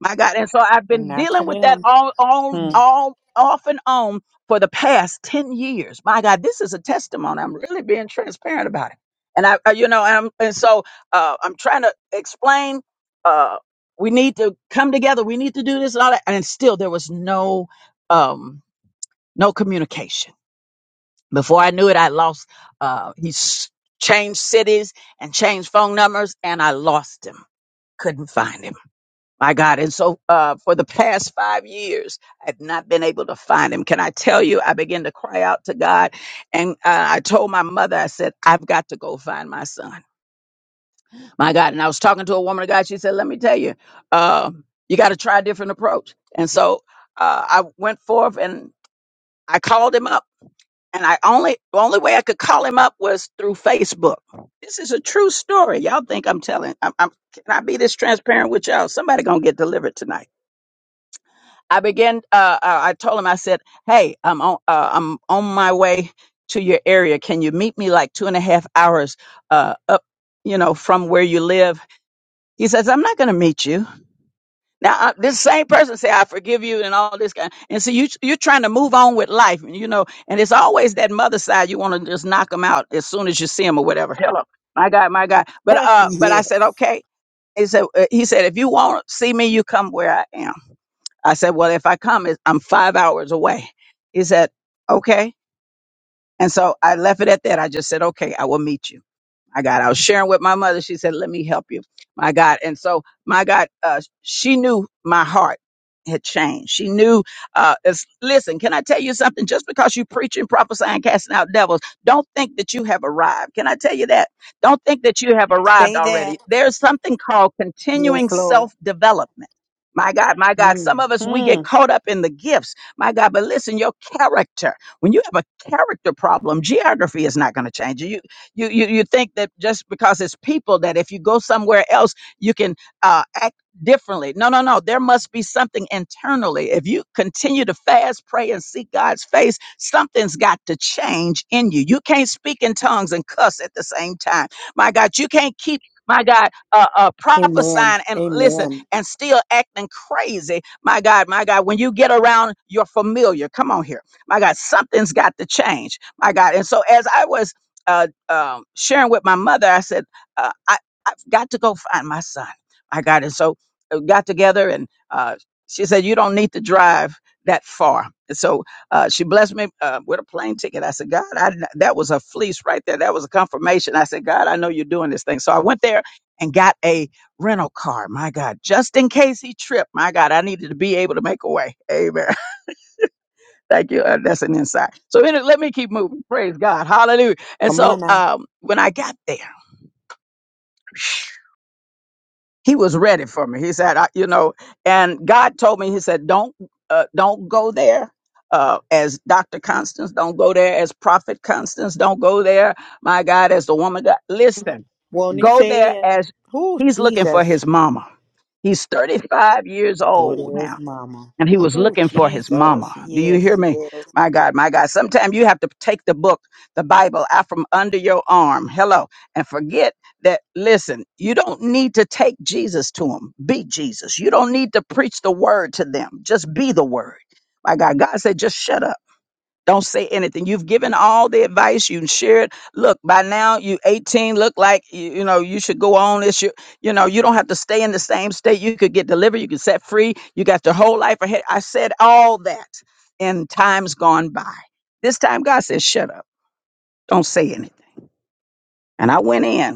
Speaker 1: My God. And so I've been
Speaker 7: Not to
Speaker 1: dealing with that
Speaker 7: them.
Speaker 1: all on
Speaker 7: Hmm.
Speaker 1: all off and on for the past 10 years. My God, this is a testimony. I'm really being transparent about it. And I, uh, you know, and, I'm, and so uh, I'm trying to explain uh, we need to come together. We need to do this and all that. And still there was no um, no communication before I knew it, I lost. Uh, he s- changed cities and changed phone numbers, and I lost him. Couldn't find him. My God. And so uh, for the past five years, I've not been able to find him. Can I tell you, I began to cry out to God. And uh, I told my mother, I said, I've got to go find my son. My God. And I was talking to a woman of God. She said, Let me tell you, um, you got to try a different approach. And so uh, I went forth and I called him up and I only only way I could call him up was through Facebook. This is a true story. Y'all think I'm telling? I'm, I'm can I be this transparent with y'all? Somebody gonna get delivered tonight. I began. Uh, uh, I told him. I said, "Hey, I'm on. Uh, I'm on my way to your area. Can you meet me like two and a half hours uh, up? You know, from where you live." He says, "I'm not gonna meet you." Now I, this same person say, "I forgive you," and all this kind. And so you you're trying to move on with life, you know. And it's always that mother side you want to just knock them out as soon as you see them or whatever. Hello, my God, my God. But
Speaker 7: [LAUGHS]
Speaker 1: uh, but I
Speaker 7: yeah.
Speaker 1: said, okay. He said, uh, he said, if you want to see me, you come where I am. I said, well, if I come, it's- I'm five hours away. He said, okay. And so I left it at that. I just said, okay, I will meet you my God, I was sharing with my mother. She said, "Let me help you, my God." And so, my God, uh, she knew my heart had changed. She knew. Uh, it's, listen, can I tell you something? Just because you preaching, prophesying, casting out devils, don't think that you have arrived. Can I tell you that? Don't think that you have arrived
Speaker 7: Say
Speaker 1: already.
Speaker 7: that.
Speaker 1: There's something called continuing
Speaker 7: Yes, Lord.
Speaker 1: self development. My God, my God,
Speaker 7: hmm
Speaker 1: some of us, we get
Speaker 7: Amen.
Speaker 1: caught up in the gifts. My God, but listen, your character, when you have a character problem, geography is not going to change you. You, you you think that just because it's people that if you go somewhere else you can uh, act differently. No, no, no. There must be something internally. If you continue to fast, pray, and seek God's face, something's got to change in you. You can't speak in tongues and cuss at the same time. My God, you can't keep. My God, uh, uh, prophesying and listen
Speaker 7: Amen.
Speaker 1: and still acting crazy. My God, my God, when you get around your familiar, come on here. My God, something's got to change. My God. And so as I was uh, um, sharing with my mother, I said, uh, I, I've got to go find my son. I got it. So uh, got together and uh, she said, you don't need to drive that far. And so uh, she blessed me uh, with a plane ticket. I said, God, I, that was a fleece right there. That was a confirmation. I said, God, I know you're doing this thing. So I went there and got a rental car. My God, just in case he tripped. My God, I needed to be able to make a way. Amen. [LAUGHS] Thank you. Uh, that's an insight. So anyway, let me keep moving. Praise God. Hallelujah. And
Speaker 7: Come
Speaker 1: so
Speaker 7: on now.
Speaker 1: um, when I got there, he was ready for me. He said, I, you know, and God told me, he said, don't uh, don't go there. Uh, as Dr. Constance, don't go there. As Prophet Constance, don't go there. My God, as the woman, God, listen,
Speaker 7: Won't he
Speaker 1: go
Speaker 7: say
Speaker 1: there
Speaker 7: it?
Speaker 1: as
Speaker 7: Oh,
Speaker 1: he's looking for his
Speaker 7: Jesus.
Speaker 1: mama. He's 35 years
Speaker 7: Go
Speaker 1: old now
Speaker 7: there's mama.
Speaker 1: and he was
Speaker 7: Oh,
Speaker 1: looking for his mama.
Speaker 7: Jesus.
Speaker 1: Do you hear
Speaker 7: Yes,
Speaker 1: me?
Speaker 7: yes.
Speaker 1: My God, my God. Sometimes you have to take the book, the Bible, out from under your arm. Hello. And forget that, listen, you don't need to take Jesus to them. Be Jesus. You don't need to preach the word to them. Just be the word. My God, God said, just shut up. Don't say anything. You've given all the advice. You shared. Look, by now you 18. Look like you, you know you should go on. This you you know you don't have to stay in the same state. You could get delivered. You could set free. You got your whole life ahead. I said all that in times gone by. This time God said, "Shut up. Don't say anything." And I went in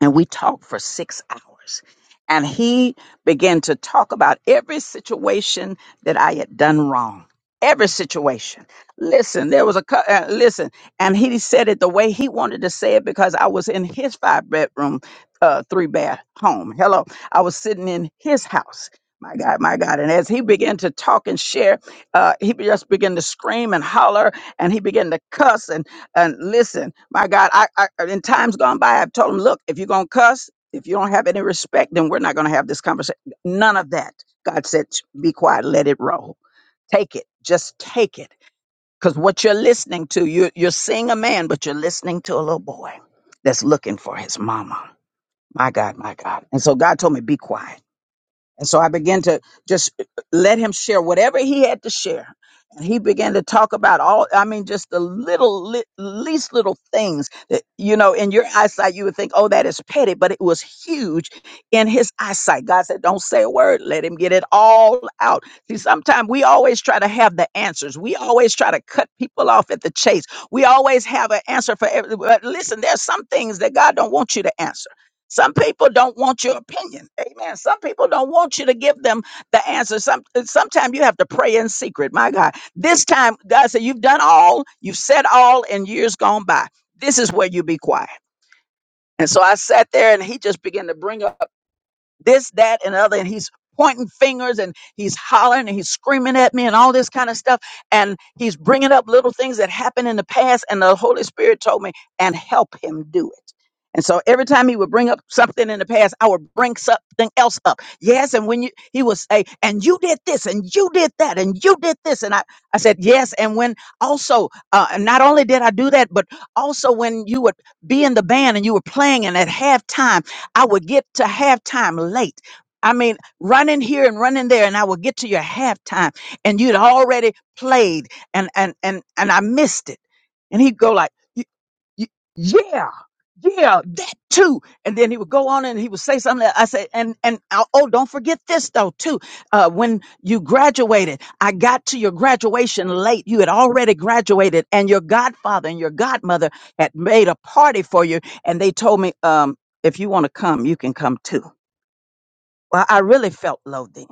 Speaker 1: and we talked for six hours. And he began to talk about every situation that I had done wrong. Every situation. Listen, there was a cou- uh, listen, and he said it the way he wanted to say it because I was in his five bedroom, uh, three bath home. Hello, I was sitting in his house my God, my God. And as he began to talk and share, uh, he just began to scream and holler and he began to cuss and, and listen. My God, I, I in times gone by, I've told him, look, if you're going to cuss, if you don't have any respect, then we're not going to have this conversation. None of that. God said, "Sh- be quiet, let it roll. Take it. Just take it. Because what you're listening to, you're, you're seeing a man, but you're listening to a little boy that's looking for his mama. My God, my God. And so God told me, be quiet and so I began to just let him share whatever he had to share. And he began to talk about all, I mean, just the little, li- least little things that, you know, in your eyesight, you would think, oh, that is petty, but it was huge in his eyesight. God said, don't say a word. Let him get it all out. See, sometimes we always try to have the answers. We always try to cut people off at the chase. We always have an answer for every, but listen, there's some things that God don't want you to answer. Some people don't want your opinion. Amen. Some people don't want you to give them the answer. Some sometimes you have to pray in secret. My God. This time, God said, You've done all, you've said all in years gone by. This is where you be quiet. And so I sat there and he just began to bring up this, that, and other. And he's pointing fingers and he's hollering and he's screaming at me and all this kind of stuff. And he's bringing up little things that happened in the past. And the Holy Spirit told me, and help him do it. And so every time he would bring up something in the past, I would bring something else up. Yes. And when you, he would say, and you did this and you did that and you did this. And I, I said, yes. And when also, uh, and not only did I do that, but also when you would be in the band and you were playing and at halftime, I would get to halftime late. I mean, running here and running there, and I would get to your halftime, and you'd already played, and and and and I missed it. And he'd go like. "You Y- yeah yeah that too and then he would go on and he would say something that i said and and uh, oh don't forget this though too uh when you graduated i got to your graduation late you had already graduated and your godfather and your godmother had made a party for you and they told me um if you want to come you can come too well i really felt low then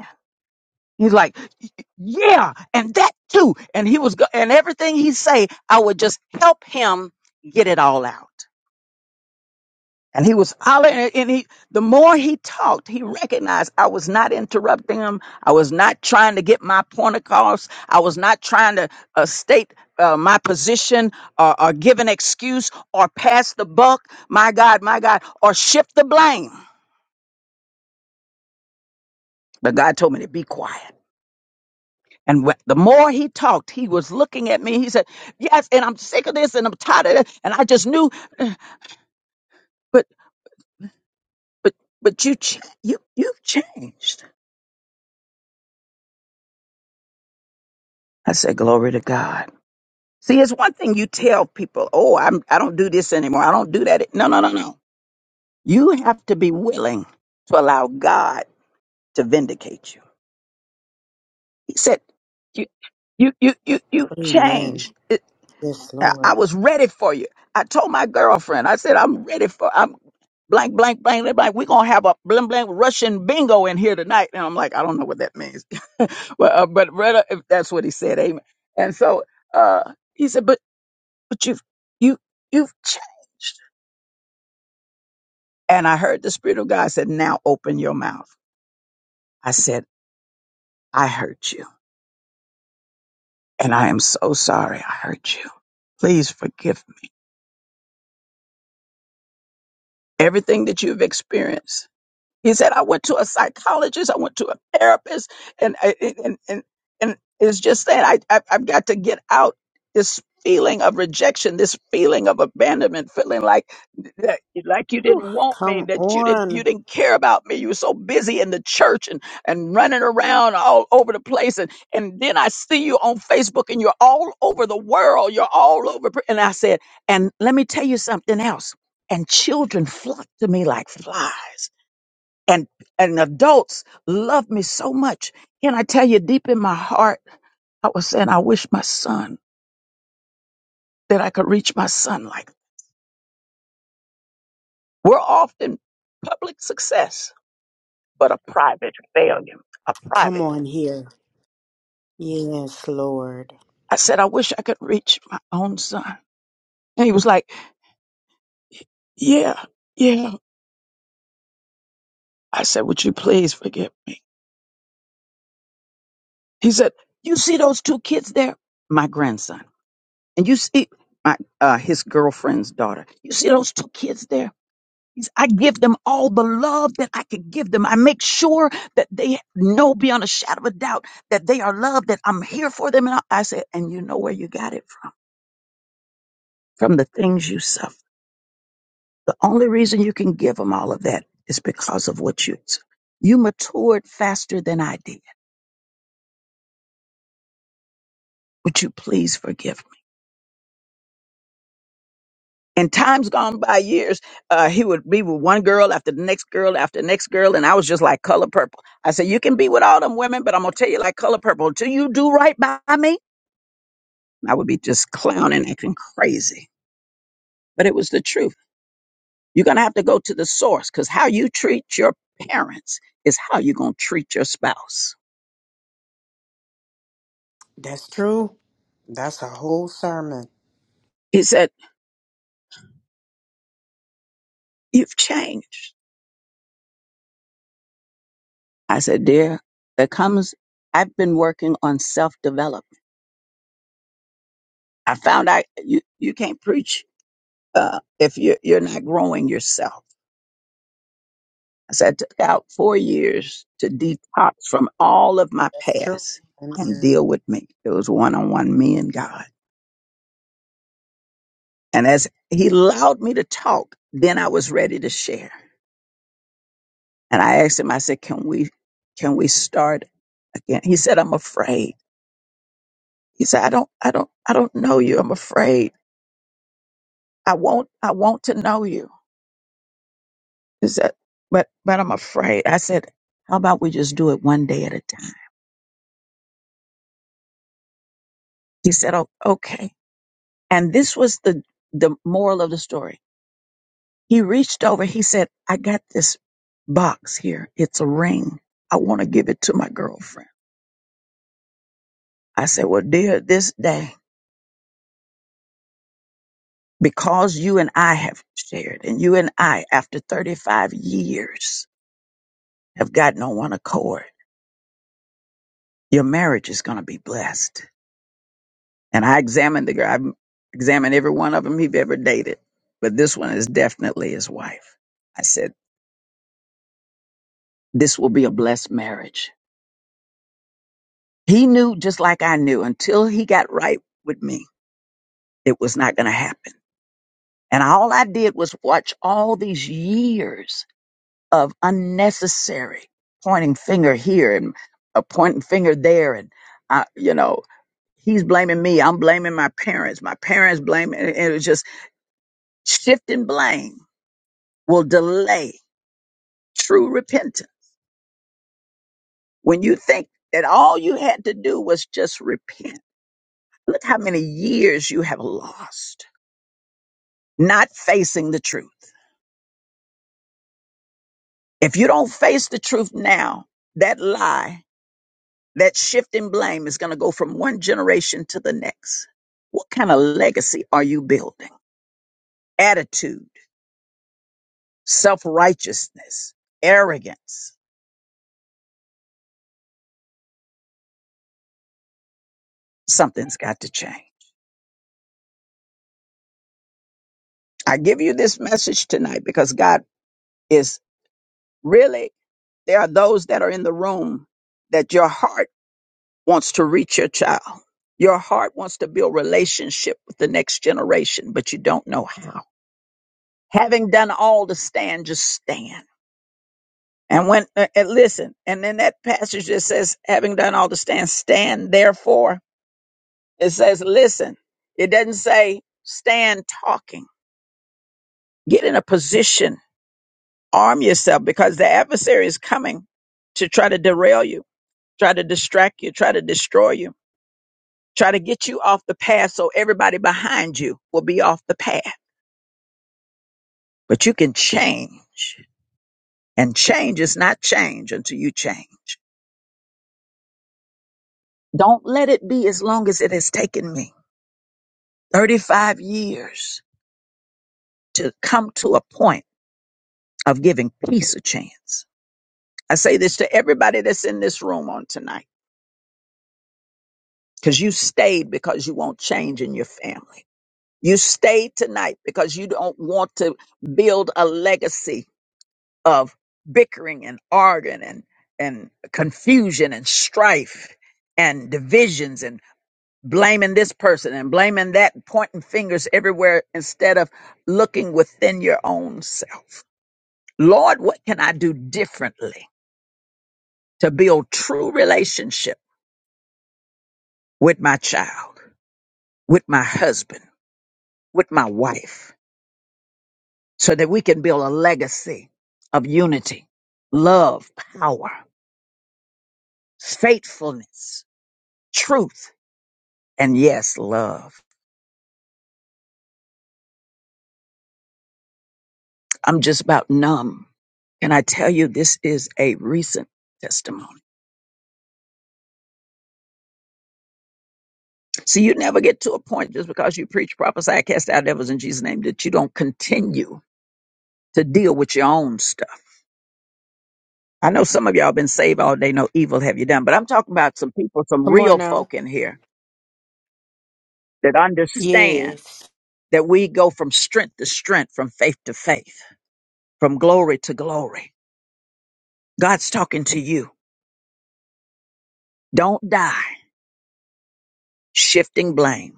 Speaker 1: he's like "Y- y- yeah and that too and he was go- and everything he say i would just help him get it all out And he was hollering, and he, the more he talked, he recognized I was not interrupting him. I was not trying to get my point across. I was not trying to uh, state uh, my position or, or give an excuse or pass the buck. My God, my God, or shift the blame. But God told me to be quiet. And wh- the more he talked, he was looking at me. He said, "Yes, and I'm sick of this, and I'm tired of it." And I just knew, "Uh, but, but, but you, ch- you, you've changed. I said, "Glory to God." See, it's one thing you tell people, "Oh, I'm I don't do this anymore. I don't do that." No, no, no, no. You have to be willing to allow God to vindicate you. He said, "You, you, you, you, you
Speaker 7: Amen.
Speaker 1: changed. It,
Speaker 7: Yes,
Speaker 1: I I
Speaker 7: Lord.
Speaker 1: was ready for you." I told my girlfriend, I said, "I'm ready for. I'm blank, blank, blank, blank. blank. We're gonna have a blank, blank Russian bingo in here tonight." And I'm like, "I don't know what that means," [LAUGHS] well, uh, but rather, if that's what he said, amen. And so uh, he said, "But." but you've you you've changed. And I heard the Spirit of God said, Now open your mouth. I said, I hurt you. And I am so sorry I hurt you. Please forgive me. Everything that you've experienced. He said, I went to a psychologist, I went to a therapist, and I- and and, and, it's just saying I, I I've got to get out this feeling of rejection, this feeling of abandonment, feeling like that, like you didn't want me,
Speaker 7: Come
Speaker 1: that you didn't you
Speaker 7: on.
Speaker 1: didn't care about me. You were so busy in the church and and running around all over the place, and and then I see you on Facebook, and you're all over the world, you're all over. And I said, and let me tell you something else. And children flock to me like flies and and adults love me so much. And I tell you, deep in my heart, I was saying, I wish my son that I could reach my son like we're often public success, but a private failure, a
Speaker 7: Come
Speaker 1: private.
Speaker 7: on here. Yes, Lord.
Speaker 1: I said, I wish I could reach my own son. And he was like, Yeah, yeah. I said, Would you please forgive me? He said, You see those two kids there? My grandson. And you see my uh, his girlfriend's daughter. You see those two kids there? I give them all the love that I could give them. I make sure that they know beyond a shadow of a doubt that they are loved, that I'm here for them. And I I said, and you know where you got it from? From the things you suffer. The only reason you can give them all of that is because of what you suffered. You matured faster than I did. Would you please forgive me? In times gone by years, uh, he would be with one girl after the next girl after the next girl. And I was just like color purple. I said, you can be with all them women, but I'm going to tell you like color purple until you do right by me. I would be just clowning, acting crazy. But it was the truth. You're going to have to go to the source because how you treat your parents is how you're going to treat your spouse.
Speaker 7: That's true. That's a whole sermon.
Speaker 1: He said, You've changed. I said, Dear, there comes, I've been working on self development. I found out you, you can't preach uh, if you're, you're not growing yourself. I said, I took out four years to detox from all of my
Speaker 7: That's true.
Speaker 1: past and
Speaker 7: Amen.
Speaker 1: deal with me. It was one on one, me and God. And as he allowed me to talk, then I was ready to share. And I asked him, I said, Can we can we start again? He said, I'm afraid. He said, I don't I don't I don't know you. I'm afraid. I won't I want to know you. He said, but but I'm afraid. I said, How about we just do it one day at a time? He said, Oh, okay. And this was the the moral of the story. He reached over, he said, I got this box here. It's a ring. I want to give it to my girlfriend. I said, Well, dear, this day, because you and I have shared, and you and I, after 35 years, have gotten on one accord, your marriage is going to be blessed. And I examined the girl, I examined every one of them he've ever dated, but this one is definitely his wife. I said, This will be a blessed marriage. He knew just like I knew until he got right with me, it was not going to happen. And all I did was watch all these years of unnecessary pointing finger here and a pointing finger there, and I, you know, he's blaming me. I'm blaming my parents. My parents blaming. and It was just shifting blame will delay true repentance. When you think that all you had to do was just repent, look how many years you have lost not facing the truth. If you don't face the truth now, that lie That shifting blame is going to go from one generation to the next. What kind of legacy are you building? Attitude, self righteousness, arrogance. Something's got to change. I give you this message tonight because God is really, there are those that are in the room that your heart wants to reach your child. Your heart wants to build relationship with the next generation, but you don't know how. Having done all to stand, just stand And when uh, and listen, and then that passage that says, having done all to stand, stand therefore. It says, listen. It doesn't say stand talking. Get in a position, arm yourself, because the adversary is coming to try to derail you, try to distract you, try to destroy you, try to get you off the path so everybody behind you will be off the path. But you can change. And change is not change until you change. Don't let it be as long as it has taken me. 35 years to come to a point of giving peace a chance. I say this to everybody that's in this room on tonight because you stayed because you want change in your family. You stayed tonight because you don't want to build a legacy of bickering and arguing and, and confusion and strife and divisions and blaming this person and blaming that, pointing fingers everywhere instead of looking within your own self. Lord, what can I do differently to build true relationship with my child, with my husband, with my wife, so that we can build a legacy of unity, love, power, faithfulness, truth, and yes, love. I'm just about numb. Can I tell you this is a recent testimony? See, you never get to a point just because you preach, prophesy, cast out devils in Jesus' name that you don't continue to deal with your own stuff I know some of y'all been saved all day, no evil have you done, but I'm talking about some people, some
Speaker 7: Come on
Speaker 1: real
Speaker 7: now.
Speaker 1: folk in here that understand
Speaker 7: Yes.
Speaker 1: that we go from strength to strength, from faith to faith, from glory to glory. God's talking to you. Don't die shifting blame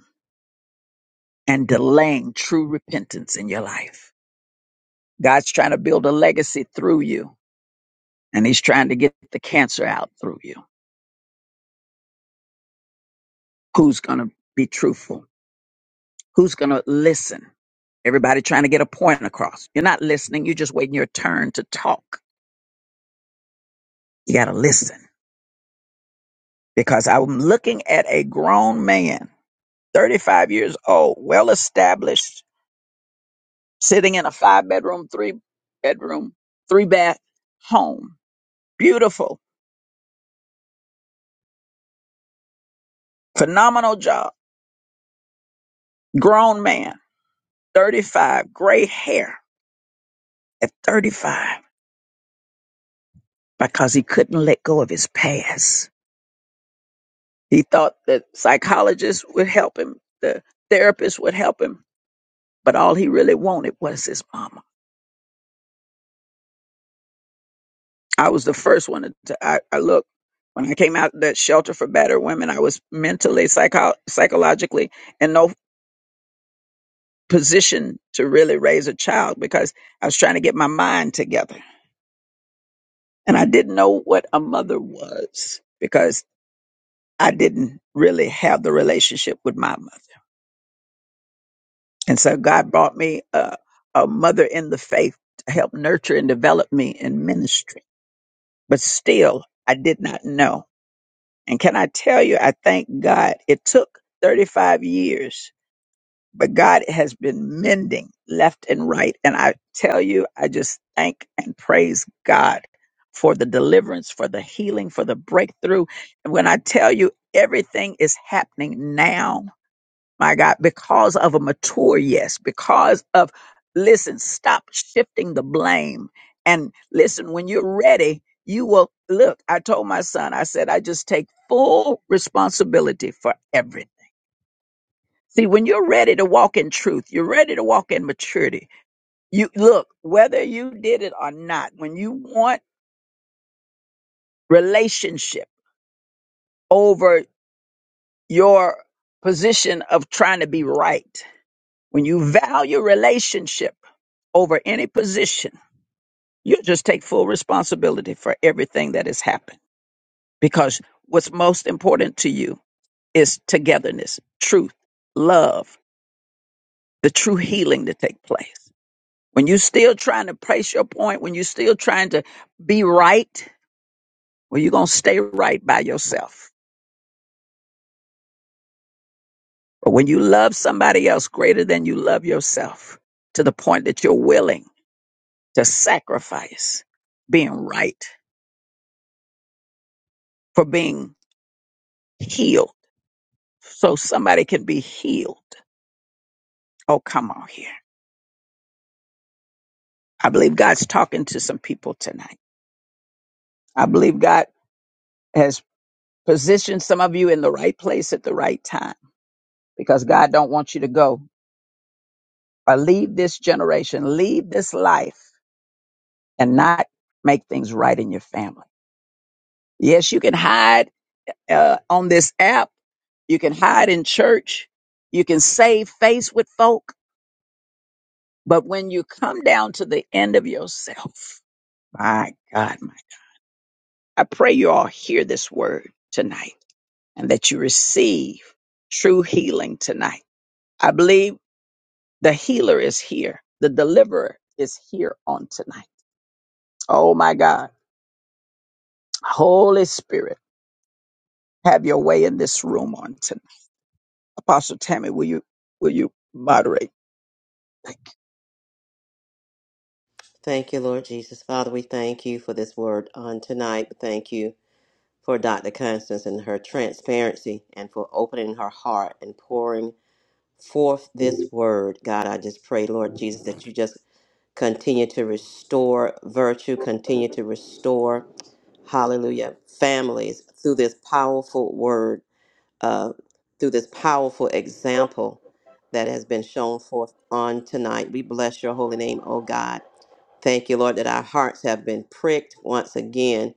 Speaker 1: and delaying true repentance in your life. God's trying to build a legacy through you, and He's trying to get the cancer out through you. Who's going to be truthful? Who's going to listen? Everybody trying to get a point across. You're not listening. You're just waiting your turn to talk. You got to listen because I'm looking at a grown man, 35 years old, well established, sitting in a five bedroom, three bedroom, three bath home. Beautiful, phenomenal job. Grown man, 35, gray hair at 35 because he couldn't let go of his past. He thought that psychologists would help him, the therapist would help him, but all he really wanted was his mama. I was the first one to, to- I, I look, when I came out of that shelter for battered women, I was mentally, psycho- psychologically in no position to really raise a child because I was trying to get my mind together. And I didn't know what a mother was because I didn't really have the relationship with my mother. And so God brought me a, a mother in the faith to help nurture and develop me in ministry. But still, I did not know. And can I tell you, I thank God it took 35 years, but God has been mending left and right. And I tell you, I just thank and praise God for the deliverance, for the healing, for the breakthrough. And when I tell you, everything is happening now my God, because of a mature yes, because of, listen, stop shifting the blame. And listen, when you're ready, you will look. I told my son, I said, I just take full responsibility for everything. See, when you're ready to walk in truth, you're ready to walk in maturity. You look, whether you did it or not, when you want relationship over your position of trying to be right, When you value relationship over any position, you just take full responsibility for everything that has happened because what's most important to you is togetherness, truth, love, the true healing to take place. When you're still trying to place your point, when you're still trying to be right, well, you're going to stay right by yourself. But when you love somebody else greater than you love yourself, to the point that you're willing to sacrifice being right for being healed so somebody can be healed. Oh, come on here. I believe God's talking to some people tonight. I believe God has positioned some of you in the right place at the right time because God don't want you to go or leave this generation, leave this life and not make things right in your family. Yes, you can hide uh, on this app. You can hide in church. You can save face with folk. But when you come down to the end of yourself, My God, my, I pray you all hear this word tonight and that you receive true healing tonight. I believe the healer is here. The deliverer is here on tonight. Oh my God. Holy Spirit, have your way in this room on tonight. Apostle Tammy, will you, will you moderate? Thank you.
Speaker 2: Thank you, Lord Jesus. Father, we thank you for this word on tonight. We Thank you for Dr. Constance and her transparency and for opening her heart and pouring forth this word. God, I just pray, Lord Jesus, that you just continue to restore virtue, continue to restore, hallelujah, families through this powerful word, uh, through this powerful example that has been shown forth on tonight. We bless your holy name, oh God. Thank you, Lord, that our hearts have been pricked once again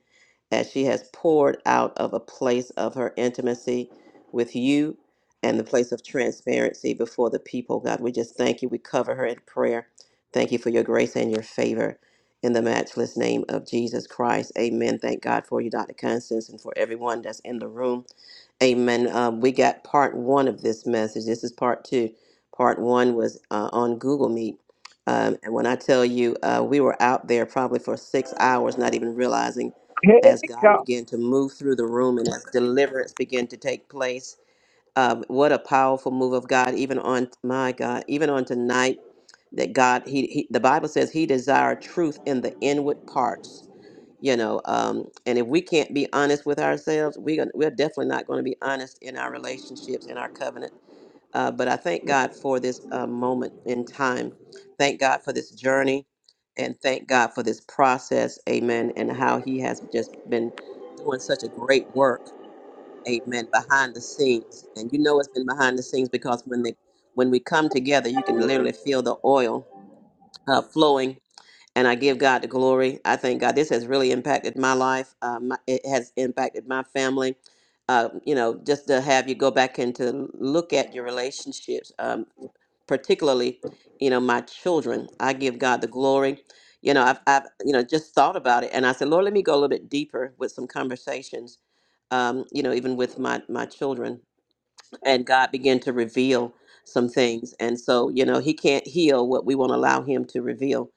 Speaker 2: as she has poured out of a place of her intimacy with you and the place of transparency before the people. God, we just thank you. We cover her in prayer. Thank you for your grace and your favor. In the matchless name of Jesus Christ. Amen. Thank God for you, Dr. Constance, and for everyone that's in the room. Amen. Um, we got part one of this message. This is part two. Part one was uh, on Google Meet um, and when I tell you, uh, we were out there probably for six hours, not even realizing
Speaker 1: Hey,
Speaker 2: as God
Speaker 1: God.
Speaker 2: began to move through the room and as deliverance began to take place. Um, what a powerful move of God, even on my God, even on tonight, that God, he, he the Bible says he desired truth in the inward parts you know um and if we can't be honest with ourselves we gonna, we're definitely not going to be honest in our relationships in our covenant uh, but I thank God for this uh, moment in time. Thank God for this journey and thank God for this process. Amen. And how He has just been doing such a great work. Amen. Behind the scenes. And you know it's been behind the scenes because when they when we come together, you can literally feel the oil uh, flowing. And I give God the glory. I thank God. This has really impacted my life. Uh, my, it has impacted my family uh, you know, just to have you go back and to look at your relationships. Um, particularly, you know, my children. I give God the glory. You know, I've, I've, you know, just thought about it, and I said, Lord, let me go a little bit deeper with some conversations. Um, you know, even with my my children, and God began to reveal some things, and so you know, He can't heal what we won't allow Him to reveal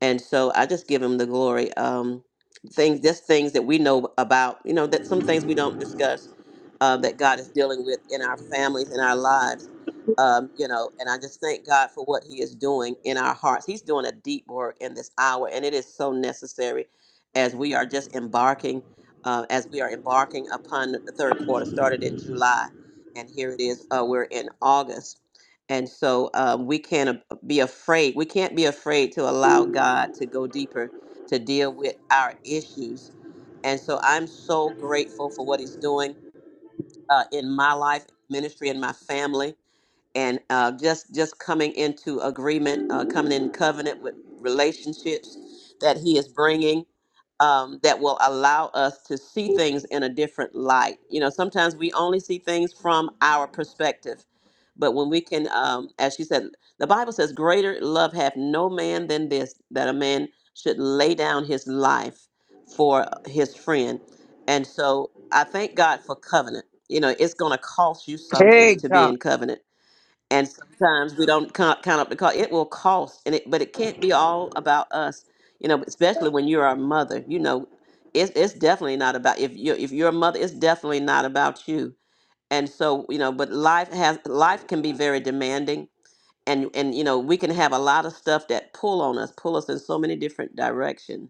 Speaker 2: and so I just give him the glory. Um, things, just things that we know about, you know, that some things we don't discuss uh, that God is dealing with in our families, in our lives, um, you know. And I just thank God for what He is doing in our hearts. He's doing a deep work in this hour, and it is so necessary as we are just embarking, uh, as we are embarking upon the third quarter, started in July, and here it is, uh, we're in August. And so um, we can be afraid. We can't be afraid to allow God to go deeper to deal with our issues. And so I'm so grateful for what He's doing uh, in my life, ministry, and my family and uh, just just coming into agreement, uh, coming in covenant with relationships that He is bringing um, that will allow us to see things in a different light. You know, sometimes we only see things from our perspective, but when we can, um, as she said, the Bible says, "Greater love hath no man than this, that a man should lay down his life for his friend." And so, I thank God for covenant. You know, it's going to cost you something
Speaker 1: Hey,
Speaker 2: to be
Speaker 1: God.
Speaker 2: in covenant and sometimes we don't count, count up the cost. It will cost, and it but it can't be all about us, you know. Especially when you're a mother, you know, it's it's definitely not about if you if you're a mother, it's definitely not about you. And so you know, but life has life can be very demanding, and and you know we can have a lot of stuff that pull on us pull us in so many different directions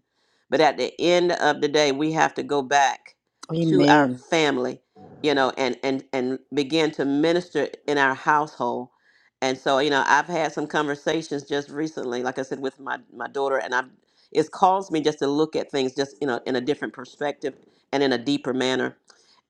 Speaker 2: but at the end of the day we have to go back to Mhm. our
Speaker 7: Amen.
Speaker 2: family you know and and and begin to minister in our household and so you know i've had some conversations just recently like i said with my my daughter and i've it's caused me just to look at things just you know in a different perspective and in a deeper manner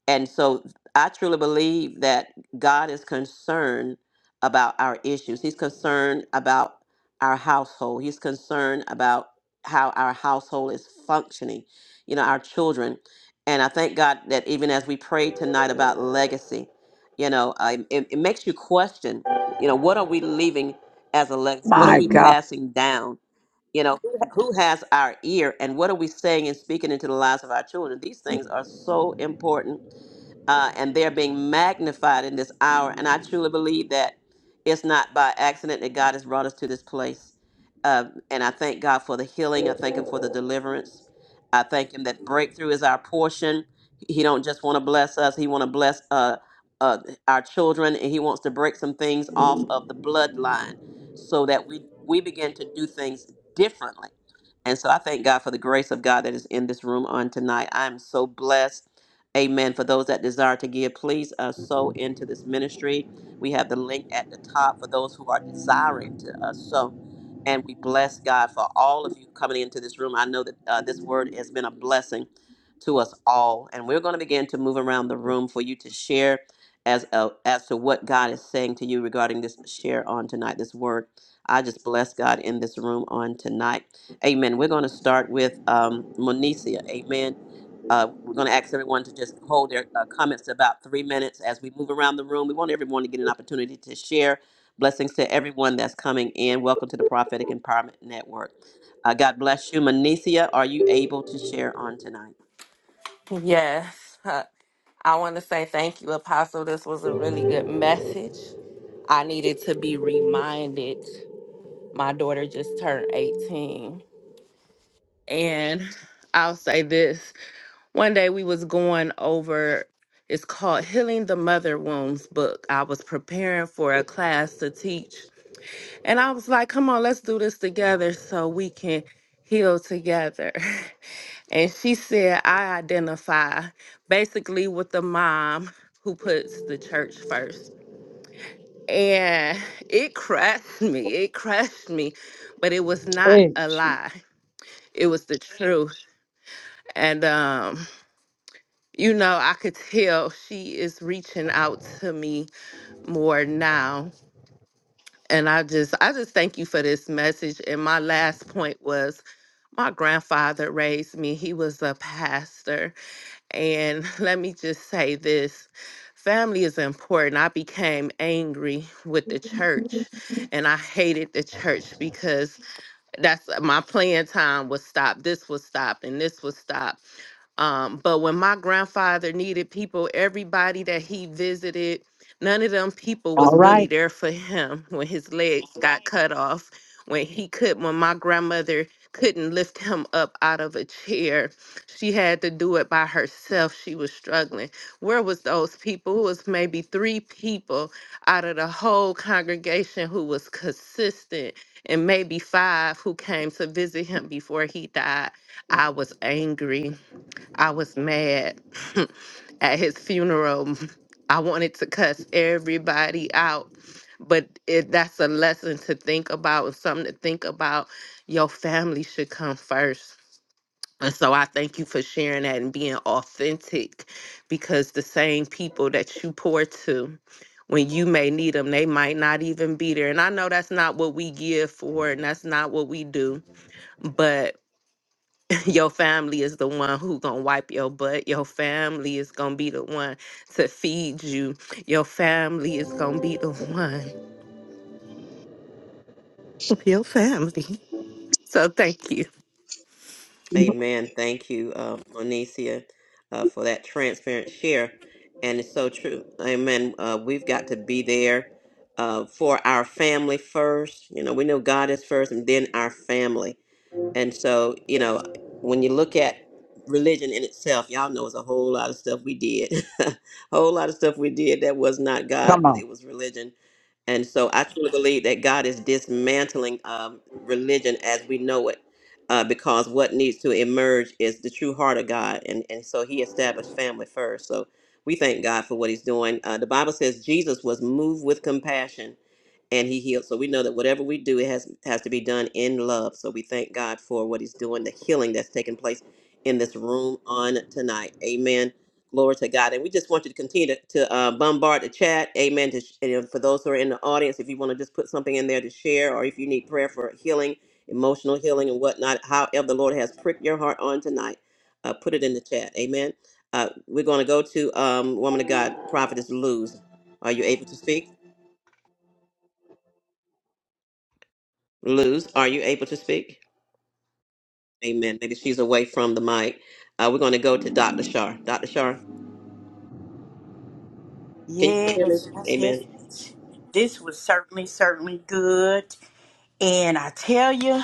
Speaker 2: and so I truly believe that God is concerned about our issues. He's concerned about our household. He's concerned about how our household is functioning, you know, our children. And I thank God that even as we pray tonight about legacy, you know, I, it, it makes you question, you know, what are we leaving as a legacy? What are
Speaker 1: My
Speaker 2: we
Speaker 1: God.
Speaker 2: passing down? You know, who who has our ear and what are we saying and speaking into the lives of our children? These things are so important uh, and they're being magnified in this hour. And I truly believe that it's not by accident that God has brought us to this place. Uh, and I thank God for the healing. I thank Him for the deliverance. I thank Him that breakthrough is our portion. He don't just want to bless us; He want to bless uh, uh, our children, and He wants to break some things off of the bloodline so that we we begin to do things differently. And so I thank God for the grace of God that is in this room on tonight. I'm so blessed. Amen. For those that desire to give, please uh, sow into this ministry. We have the link at the top for those who are desiring to uh, sow. And we bless God for all of you coming into this room. I know that uh, this word has been a blessing to us all. And we're going to begin to move around the room for you to share as, uh, as to what God is saying to you regarding this share on tonight, this word. I just bless God in this room on tonight. Amen. We're going to start with um, Monicia. Amen. Uh, we're going to ask everyone to just hold their uh, comments to about three minutes as we move around the room. We want everyone to get an opportunity to share. Blessings to everyone that's coming in. Welcome to the Prophetic Empowerment Network. Uh, God bless you, Monicia. Are you able to share on tonight?
Speaker 6: Yes. Uh, I want to say thank you, Apostle. This was a really good message. I needed to be reminded My daughter just turned 18. And I'll say this. One day we was going over it's called Healing the Mother Wounds book. I was preparing for a class to teach. And I was like, come on, let's do this together so we can heal together. [LAUGHS] And she said, I identify basically with the mom who puts the church first. And [LAUGHS] it crushed me. It crushed me, but it was not
Speaker 1: Hey,
Speaker 6: a
Speaker 1: Jesus.
Speaker 6: lie. it was the truth and um you know i could tell she is reaching out to me more now and i just i just thank you for this message and my last point was my grandfather raised me he was a pastor and [LAUGHS] let me just say this family is important i became angry with the church and i hated the church because that's my playing time was stopped this was stopped and this was stopped Um, but when my grandfather needed people, everybody that he visited, none of them people was
Speaker 1: All
Speaker 6: really
Speaker 1: right.
Speaker 6: there for him [LAUGHS] when his legs got cut off, when he could, when my grandmother couldn't lift him up out of a chair. She had to do it by herself. She was struggling. Where was those people? It was maybe three people out of the whole congregation who was consistent and maybe five who came to visit him before he died. I was angry. I was mad [LAUGHS] at his funeral. [LAUGHS] I wanted to cuss everybody out, but it, that's a lesson to think about and something to think about. Your family should come first. And so I thank you for sharing that and being authentic because the same people that you pour to when you may need them, they might not even be there. And I know that's not what we give for and that's not what we do, but your family is the one who gonna wipe your butt your family is gonna be the one to feed you your family is gonna be the one [LAUGHS] your family so thank you
Speaker 2: Amen. Thank you, uh, Monicia, uh, for that transparent share. And it's so true. Amen. Uh, we've got to be there uh, for our family first. You know, we know God is first and then our family And so, you know, when you look at religion in itself, y'all know it's a whole lot of stuff we did, [LAUGHS] a whole lot of stuff we did that was not God,
Speaker 1: Come
Speaker 2: but
Speaker 1: on.
Speaker 2: it was religion. And so I truly believe that God is dismantling um, religion as we know it, uh, because what needs to emerge is the true heart of God. And, and so he established family first. So we thank God for what he's doing. Uh, the Bible says Jesus was moved with compassion and he healed. So we know that whatever we do, it has has to be done in love. So we thank God for what He's doing, the healing that's taking place in this room on tonight. Amen. Glory to God. And we just want you to continue to, to uh, bombard the chat. Amen. To, sh- and you know, for those who are in the audience, if you want to just put something in there to share, or if you need prayer for healing, emotional healing, and whatnot, however the Lord has pricked your heart on tonight, uh, put it in the chat. Amen. Uh, we're going to go to um, woman of God, prophetess Luz. Are you able to speak? Luz, are you able to speak? Amen. Maybe she's away from the mic. Uh, we're going to go to Dr. Shar. Dr. Shar, can you guys hear me?
Speaker 7: Yes, yes, yes,
Speaker 2: Amen.
Speaker 7: yes. This was certainly, certainly good. And I tell you,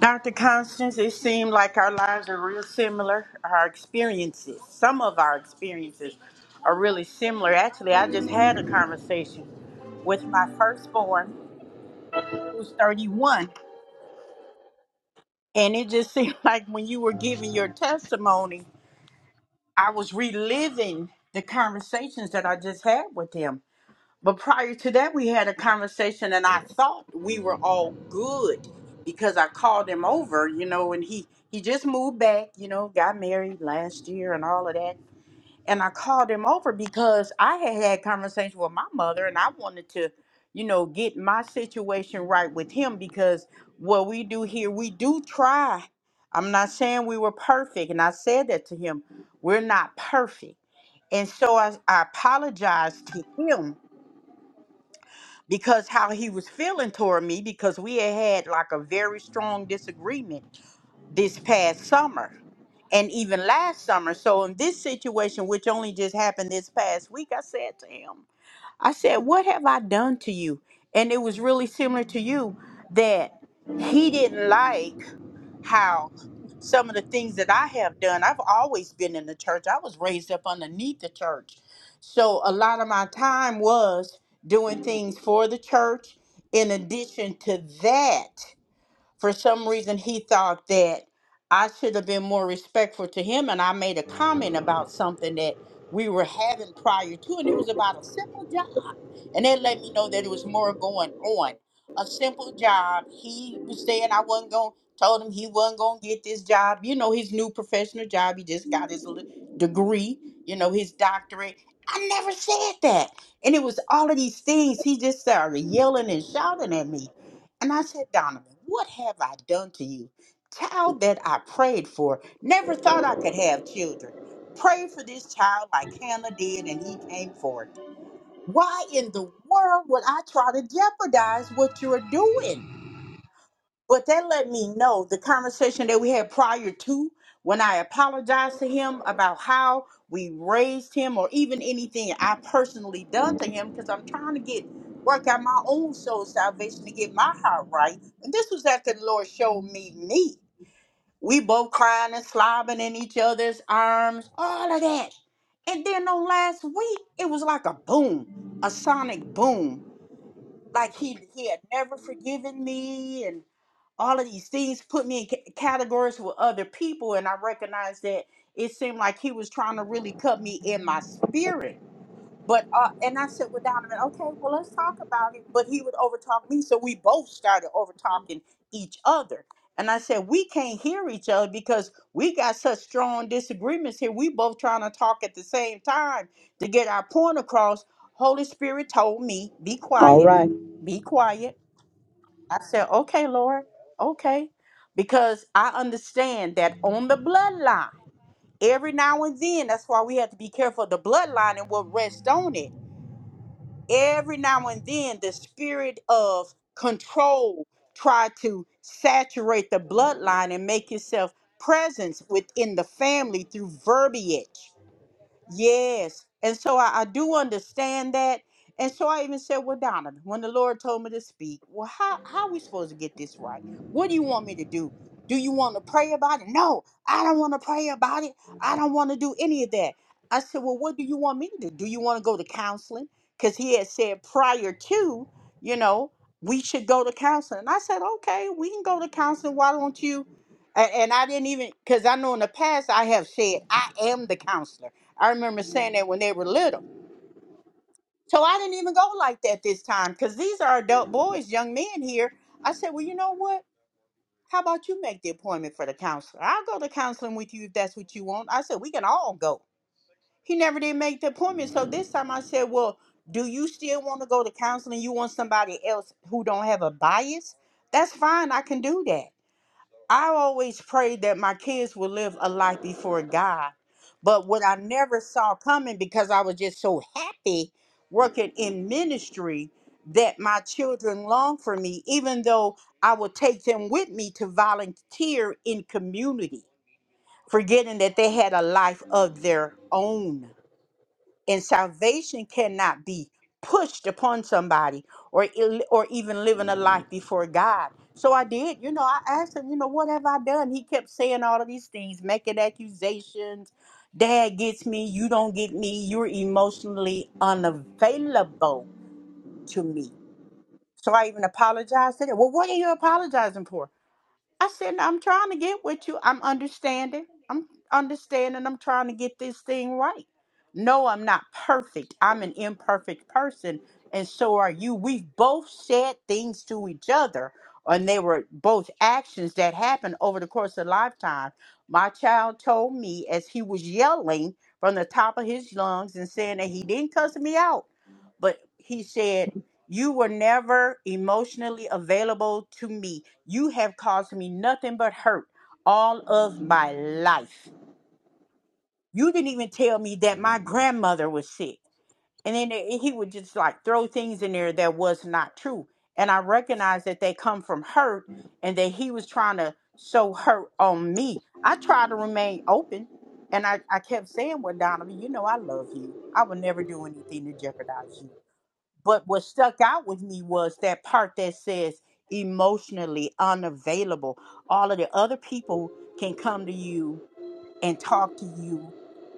Speaker 7: Dr. Constance, it seemed like our lives are real similar. Our experiences, some of our experiences are really similar. Actually, I just had a conversation with my firstborn, who's 31. And it just seemed [LAUGHS] like when you were giving your testimony, I was reliving the conversations that I just had with him But prior to that, we had a conversation, and I thought we were all good because I called him over, you know, and he he just moved back, you know, got married last year and all of that. And I called him over because I had had conversation with my mother, and I wanted to, you know, get my situation right with him because what we do here, we do try. I'm not saying we were perfect, and I said that to him. We're not perfect, and so I, I apologized to him because how he was feeling toward me because we had had like a very strong disagreement this past summer and even last summer so in this situation which only just happened this past week i said to him I said, What have I done to you? And it was really similar to you that he didn't like how some of the things that I have done. I've always been in the church, I was raised up underneath the church. So a lot of my time was doing things for the church. In addition to that, for some reason, he thought that I should have been more respectful to him. And I made a comment about something that we were having prior to, and it was about a simple job. And that let me know that there was more going on. A simple job. He was saying I wasn't going, told him he wasn't going to get this job. You know, his new professional job. He just got his li- degree, you know, his doctorate. I never said that. And it was all of these things. He just started yelling and shouting at me. And I said, Donovan, what have I done to you? Child that I prayed for, never thought I could have children. Pray for this child like Hannah did, and he came forth. Why in the world would I try to jeopardize what you're doing? But that let me know the conversation that we had prior to when I apologized to him about how we raised him or even anything I personally done to him because I'm trying to get work out my own soul salvation to get my heart right. And this was after the Lord showed me me. We both crying and slobbing in each other's arms, all of that. And then on last week, it was like a boom, a sonic boom. Like he he had never forgiven me, and all of these things put me in c- categories with other people, and I recognized that it seemed like he was trying to really cut me in my spirit but uh, and I sit with Donovan. Okay, well let's talk about it. But he would overtalk me, so we both started overtalking each other. And I said we can't hear each other because we got such strong disagreements here. We both trying to talk at the same time to get our point across. Holy Spirit told me, be
Speaker 1: All
Speaker 7: quiet,
Speaker 1: right.
Speaker 7: be quiet. I said, okay, Lord, okay, because I understand that on the bloodline, every now and then, that's why we have to be careful of the bloodline and what rests on it every now and then the spirit of control try to saturate the bloodline and make itself presence within the family through verbiage Yes. And so I, I do understand that. And so I even said, Well, Donovan, when the Lord told me to speak, well, how, how are we supposed to get this right? What do you want me to do? Do you want to pray about it? No, I don't want to pray about it. I don't want to do any of that. I said, Well, what do you want me to do? Do you want to go to counseling? Because he had said prior to, you know, we should go to counseling. And I said, Okay, we can go to counseling. Why don't you? And, and I didn't even, because I know in the past I have said, I am the counselor. I remember saying that when they were little. So I didn't even go like that this time because these are adult boys, young men here. I said, well, you know what? How about you make the appointment for the counselor? I'll go to counseling with you if that's what you want. I said, we can all go. He never did make the appointment. So this time I said, well, do you still want to go to counseling? You want somebody else who don't have a bias? That's fine. I can do that. I always prayed that my kids would live a life before God. But what I never saw coming because I was just so happy working in ministry that my children longed for me, even though I would take them with me to volunteer in community, forgetting that they had a life of their own and salvation cannot be pushed upon somebody or ill- or even living a life before God. So I did, you know, I asked him, you know, what have I done? He kept saying all of these things, making accusations. Dad gets me, you don't get me, you're emotionally unavailable to me. So I even apologized to him. Well, what are you apologizing for? I said, I'm trying to get with you. I'm understanding. I'm understanding. I'm trying to get this thing right. No, I'm not perfect. I'm an imperfect person, and so are you. We've both said things to each other, and they were both actions that happened over the course of lifetime. My child told me as he was yelling from the top of his lungs and saying that he didn't cuss me out, but he said, you were never emotionally available to me. You have caused me nothing but hurt all of my life. You didn't even tell me that my grandmother was sick. And then they- he would just like throw things in there that was not true. And I recognized that they come from hurt and that he was trying to sow hurt on me. I tried to remain open and I, I kept saying, Well, Donovan, you know, I love you. I would never do anything to jeopardize you. But what stuck out with me was that part that says emotionally unavailable. All of the other people can come to you and talk to you.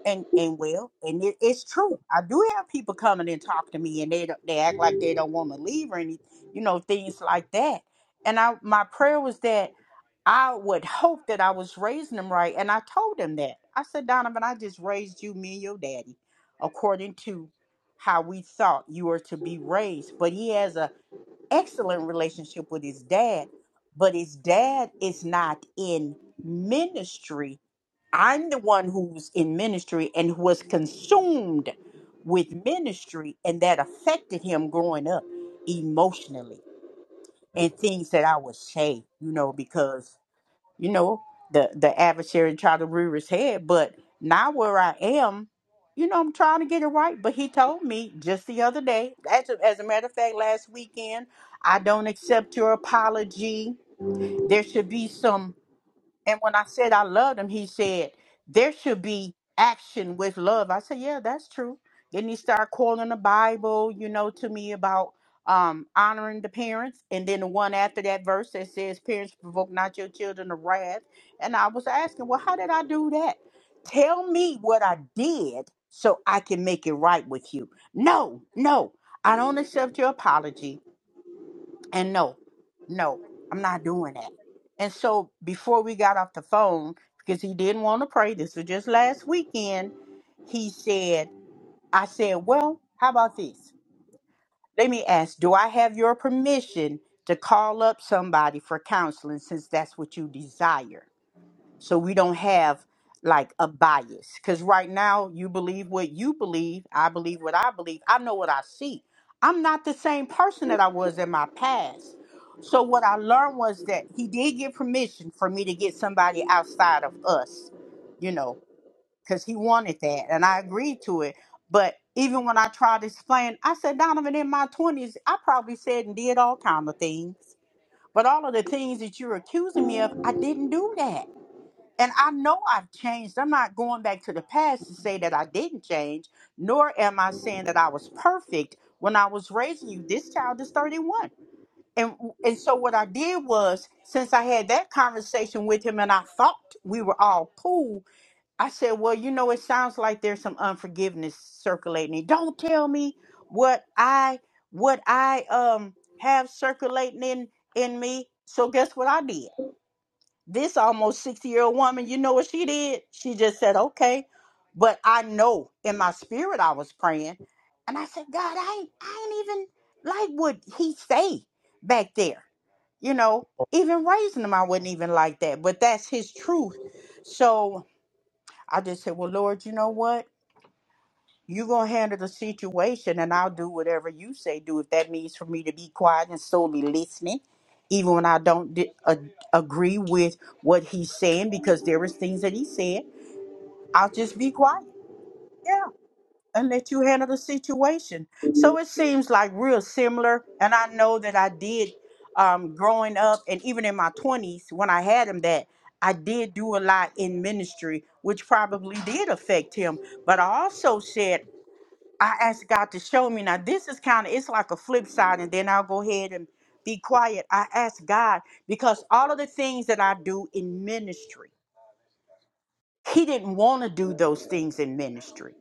Speaker 7: And, and well, and it, it's true. I do have people coming and talk to me, and they don't- they act like they don't want to leave or any, you know, things like that. And I my prayer was that I would hope that I was raising him right. And I told him that. I said, Donovan, I just raised you, me and your daddy, according to how we thought you were to be raised. But he has an excellent relationship with his dad, but his dad is not in ministry. I'm the one who's in ministry and who was consumed with ministry, and that affected him growing up emotionally and things that I would say, you know, because you know, the the adversary tried to rear his head, but now where I am, you know, I'm trying to get it right. But he told me just the other day, as a, as a matter of fact, last weekend, I don't accept your apology. There should be some and when I said I loved him, he said, There should be action with love. I said, Yeah, that's true. Then he started quoting the Bible, you know, to me about um honoring the parents. And then the one after that verse that says, Parents provoke not your children to wrath. And I was asking, Well, how did I do that? Tell me what I did so I can make it right with you. No, no, I don't accept your apology. And no, no, I'm not doing that. And so before we got off the phone, because he didn't want to pray, this was just last weekend, he said, I said, Well, how about this? Let me ask, do I have your permission to call up somebody for counseling since that's what you desire? so we don't have like a bias because right now you believe what you believe i believe what i believe i know what i see i'm not the same person that i was in my past so what i learned was that he did give permission for me to get somebody outside of us you know because he wanted that and i agreed to it but even when i tried to explain i said donovan in my 20s i probably said and did all kind of things but all of the things that you're accusing me of i didn't do that and I know I've changed. I'm not going back to the past to say that I didn't change, nor am I saying that I was perfect when I was raising you. This child is 31. And and so what I did was, since I had that conversation with him and I thought we were all cool, I said, Well, you know, it sounds like there's some unforgiveness circulating. Don't tell me what I what I um have circulating in in me. So guess what I did? This almost 60 year old woman, you know what she did? She just said, okay. But I know in my spirit I was praying. And I said, God, I ain't, I ain't even like what he say back there. You know, even raising him, I wasn't even like that. But that's his truth. So I just said, well, Lord, you know what? You're going to handle the situation, and I'll do whatever you say do. If that means for me to be quiet and solely listening, even when I don't di- a- agree with what he's saying, because there is things that he said, I'll just be quiet. Yeah, and let you handle the situation. So it seems like real similar, and I know that I did um, growing up, and even in my twenties when I had him, that I did do a lot in ministry, which probably did affect him. But I also said I asked God to show me. Now, this is kind of, it's like a flip side, and then I'll go ahead and be quiet. I asked God because all of the things that I do in ministry, he didn't want to do those things in ministry.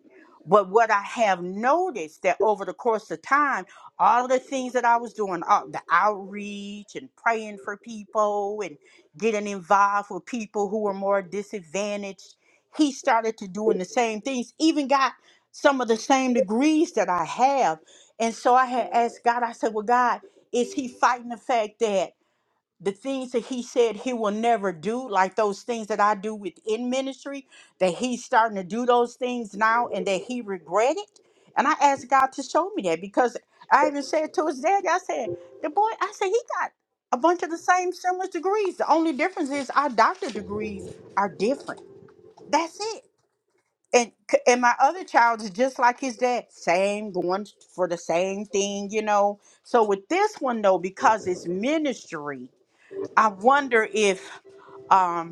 Speaker 7: But what I have noticed that over the course of time, all the things that I was doing, all the outreach and praying for people and getting involved with people who were more disadvantaged, he started to doing the same things, even got some of the same degrees that I have. And so I had asked God, I said, Well, God, is he fighting the fact that? the things that he said he will never do, like those things that I do within ministry, that he's starting to do those things now and that he regretted. And I asked God to show me that because I even said to his daddy, I said, the boy, I said, he got a bunch of the same similar degrees. The only difference is our doctor degrees are different. That's it. And c- and my other child is just like his dad, same going for the same thing, you know. So with this one though, because it's ministry, I wonder if um,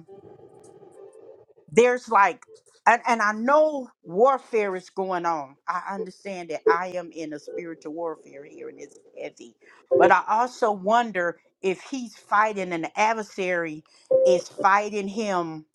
Speaker 7: there's like and, and I know warfare is going on. I understand that I am in a spiritual warfare here and it's heavy. But I also wonder if he's fighting an adversary is fighting him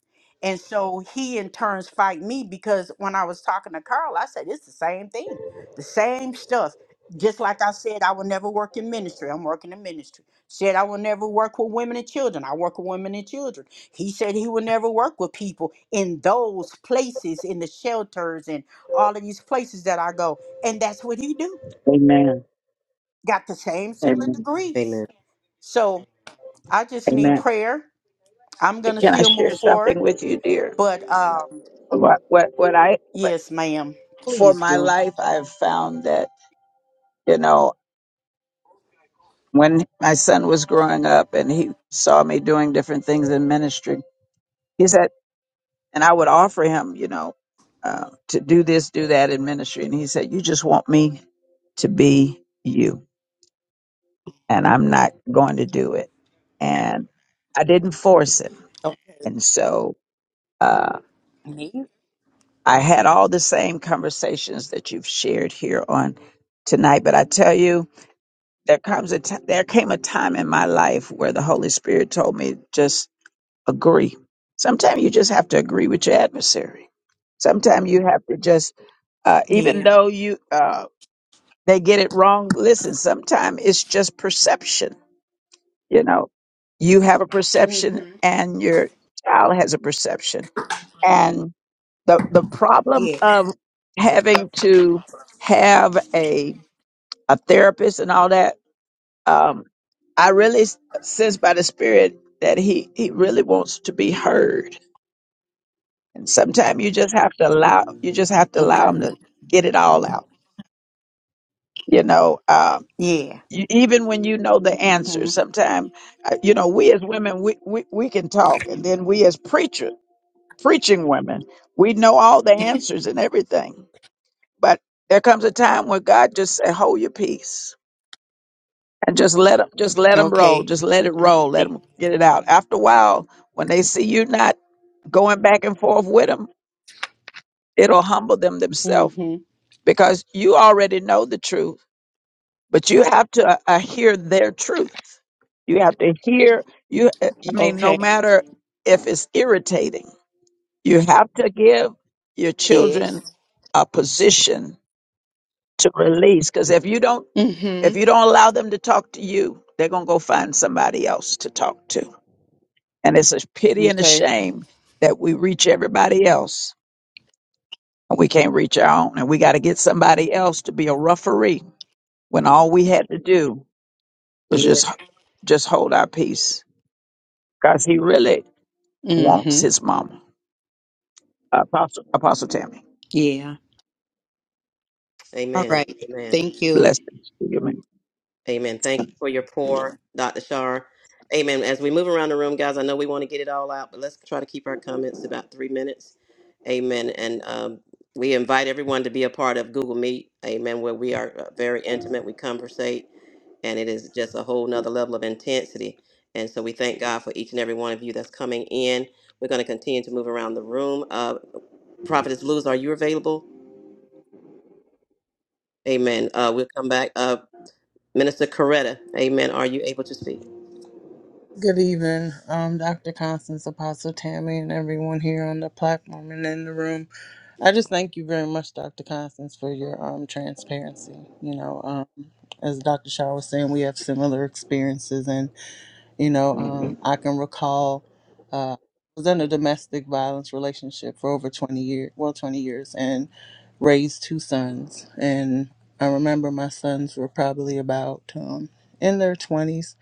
Speaker 7: and so he in turns fight me because when I was talking to Carl, I said it's the same thing. The same stuff. Just like I said, I will never work in ministry. I'm working in ministry. Said I will never work with women and children. I work with women and children he said he would never work with people in those places, in the shelters and all of these places that I go. And that's what he do.
Speaker 1: Amen.
Speaker 7: Got the same similar
Speaker 1: Amen.
Speaker 7: degrees.
Speaker 2: Amen.
Speaker 7: So I just need
Speaker 1: Amen.
Speaker 7: prayer. I'm gonna
Speaker 1: Can I
Speaker 7: still
Speaker 1: share
Speaker 7: move forward.
Speaker 1: something with you, dear?
Speaker 7: But um
Speaker 1: What, what, what I, what,
Speaker 7: yes, ma'am.
Speaker 1: for
Speaker 7: Please
Speaker 1: my
Speaker 7: do.
Speaker 1: life, I've found that, you know, when my son was growing up and he saw me doing different things in ministry, he said, and I would offer him, you know, uh, to do this, do that in ministry. And he said, You just want me to be you. and I'm not going to do it. And I didn't force him.
Speaker 7: Oh,
Speaker 1: And so uh,
Speaker 7: me?
Speaker 1: I had all the same conversations that you've shared here on tonight. But I tell you, there comes a t- there came a time in my life where the Holy Spirit told me just agree. Sometimes you just have to agree with your adversary. Sometimes you have to just, uh, even
Speaker 7: Yeah.
Speaker 1: though you uh, they get it wrong. Listen, sometimes it's just perception You know, you have a perception and your child has a perception. And the, the problem
Speaker 7: Yeah.
Speaker 1: of having to have a, a therapist and all that, um, I really s- sense by the spirit that he, he really wants to be heard. And sometimes you just have to allow, you just have to allow him
Speaker 7: Okay.
Speaker 1: to get it all out. You know, um,
Speaker 7: Yeah.
Speaker 1: you, even when you know the answer,
Speaker 7: hmm
Speaker 1: sometimes, uh, you know, we as women, we, we, we can talk and then we as preachers, preaching women. We know all the answers and everything. But there comes a time where God just said, hold your peace and just let them, just let them roll.
Speaker 7: Okay.
Speaker 1: Just let it roll. Let them get it out. After a while, when they see you not going back and forth with them, it'll humble them themselves
Speaker 7: Mm-hmm.
Speaker 1: because you already know the truth, but you have to uh, uh, hear their truth. You have to hear you. uh, I mean, no
Speaker 7: Okay.
Speaker 1: matter if it's irritating, you have to give your
Speaker 7: Yes.
Speaker 1: children a position to release because if you don't if
Speaker 7: Mm-hmm.
Speaker 1: you don't allow them to talk to you they're going to go find somebody else to talk to and it's a pity and a
Speaker 7: Okay.
Speaker 1: shame that we reach everybody else and we can't reach our own and we got to get somebody else to be a referee when all we had to do was just just hold our peace because he really wants his mama apostle apostle tammy
Speaker 7: Yeah.
Speaker 2: Amen. Amen.
Speaker 7: Thank you.
Speaker 1: bless you man
Speaker 2: Amen. Thank you for your pour, Dr. Shar. Amen. As we move around the room, guys, I know we want to get it all out, but let's try to keep our comments to about three minutes. Amen. And um, we invite everyone to be a part of Google Meet. Amen. Where we are uh, very intimate. We conversate. and it is just a whole nother level of intensity. And so we thank God for each and every one of you that's coming in. We're going to continue to move around the room. Uh, Prophetess Luz, are you available? Amen. Uh, we'll come back. Uh, Minister Coretta, amen. Are you able to speak?
Speaker 12: Good evening, um, Dr. Constance, Apostle Tammy, and everyone here on the platform and in the room. I just thank you very much, Dr. Constance, for your um, transparency. You know, um, as Dr. Shaw was saying, we have similar experiences, and you know, um, I can recall uh, I was in a domestic violence relationship for over twenty years, well, twenty years, and raised two sons. And I remember my sons were probably about um, in their twenties,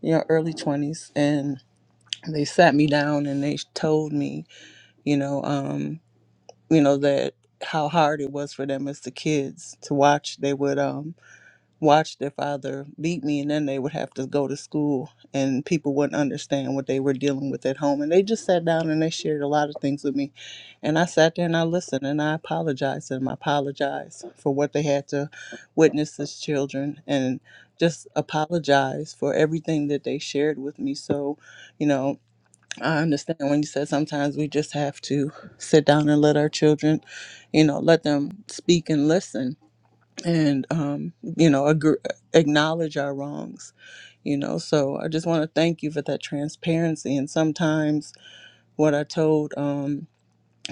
Speaker 12: you know, early twenties, and they sat me down and they told me, you know. Um, you know that how hard it was for them as the kids to watch they would um watch their father beat me and then they would have to go to school and people wouldn't understand what they were dealing with at home and they just sat down and they shared a lot of things with me and i sat there and i listened and i apologized and i apologized for what they had to witness as children and just apologized for everything that they shared with me so you know I understand when you said sometimes we just have to sit down and let our children, you know, let them speak and listen and, um, you know, agree, acknowledge our wrongs, you know. So I just want to thank you for that transparency. And sometimes what I told um,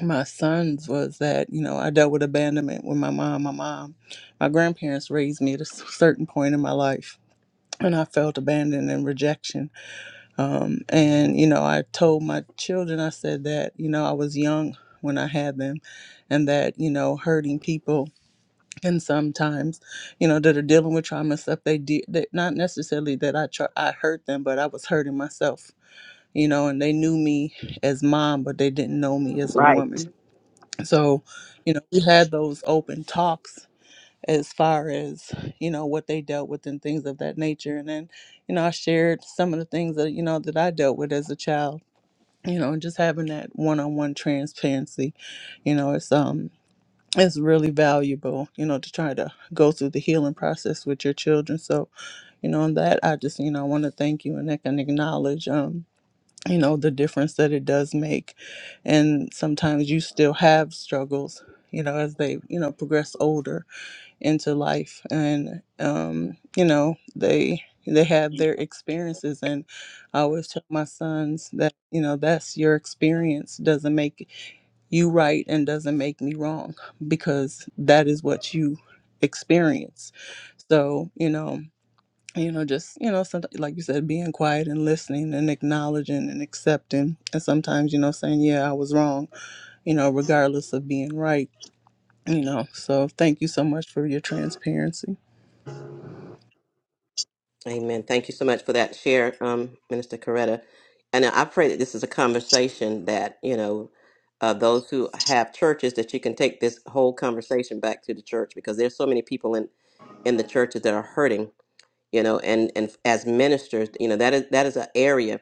Speaker 12: my sons was that, you know, I dealt with abandonment with my mom. My mom, my grandparents raised me at a s- certain point in my life, and I felt abandoned and rejection um, and, you know, I told my children, I said that, you know, I was young when I had them and that, you know, hurting people and sometimes, you know, that are dealing with trauma and stuff, they did that not necessarily that I try, I hurt them, but I was hurting myself, you know, and they knew me as mom, but they didn't know me as a woman. So, you know, we had those open talks as far as, you know, what they dealt with and things of that nature. And then, you know, I shared some of the things that, you know, that I dealt with as a child you know just having that one-on-one transparency you know it's um it's really valuable you know to try to go through the healing process with your children so you know on that i just you know i want to thank you and i can acknowledge um you know the difference that it does make and sometimes you still have struggles you know as they you know progress older into life and um you know they they have their experiences and i always tell my sons that you know that's your experience doesn't make you right and doesn't make me wrong because that is what you experience so you know you know just you know sometimes, like you said being quiet and listening and acknowledging and accepting and sometimes you know saying yeah i was wrong you know regardless of being right you know so thank you so much for your transparency
Speaker 2: Amen. Thank you so much for that share, um, Minister Coretta. And I pray that this is a conversation that, you know, uh, those who have churches, that you can take this whole conversation back to the church because there's so many people in, in the churches that are hurting you know and and as ministers you know that is that is an area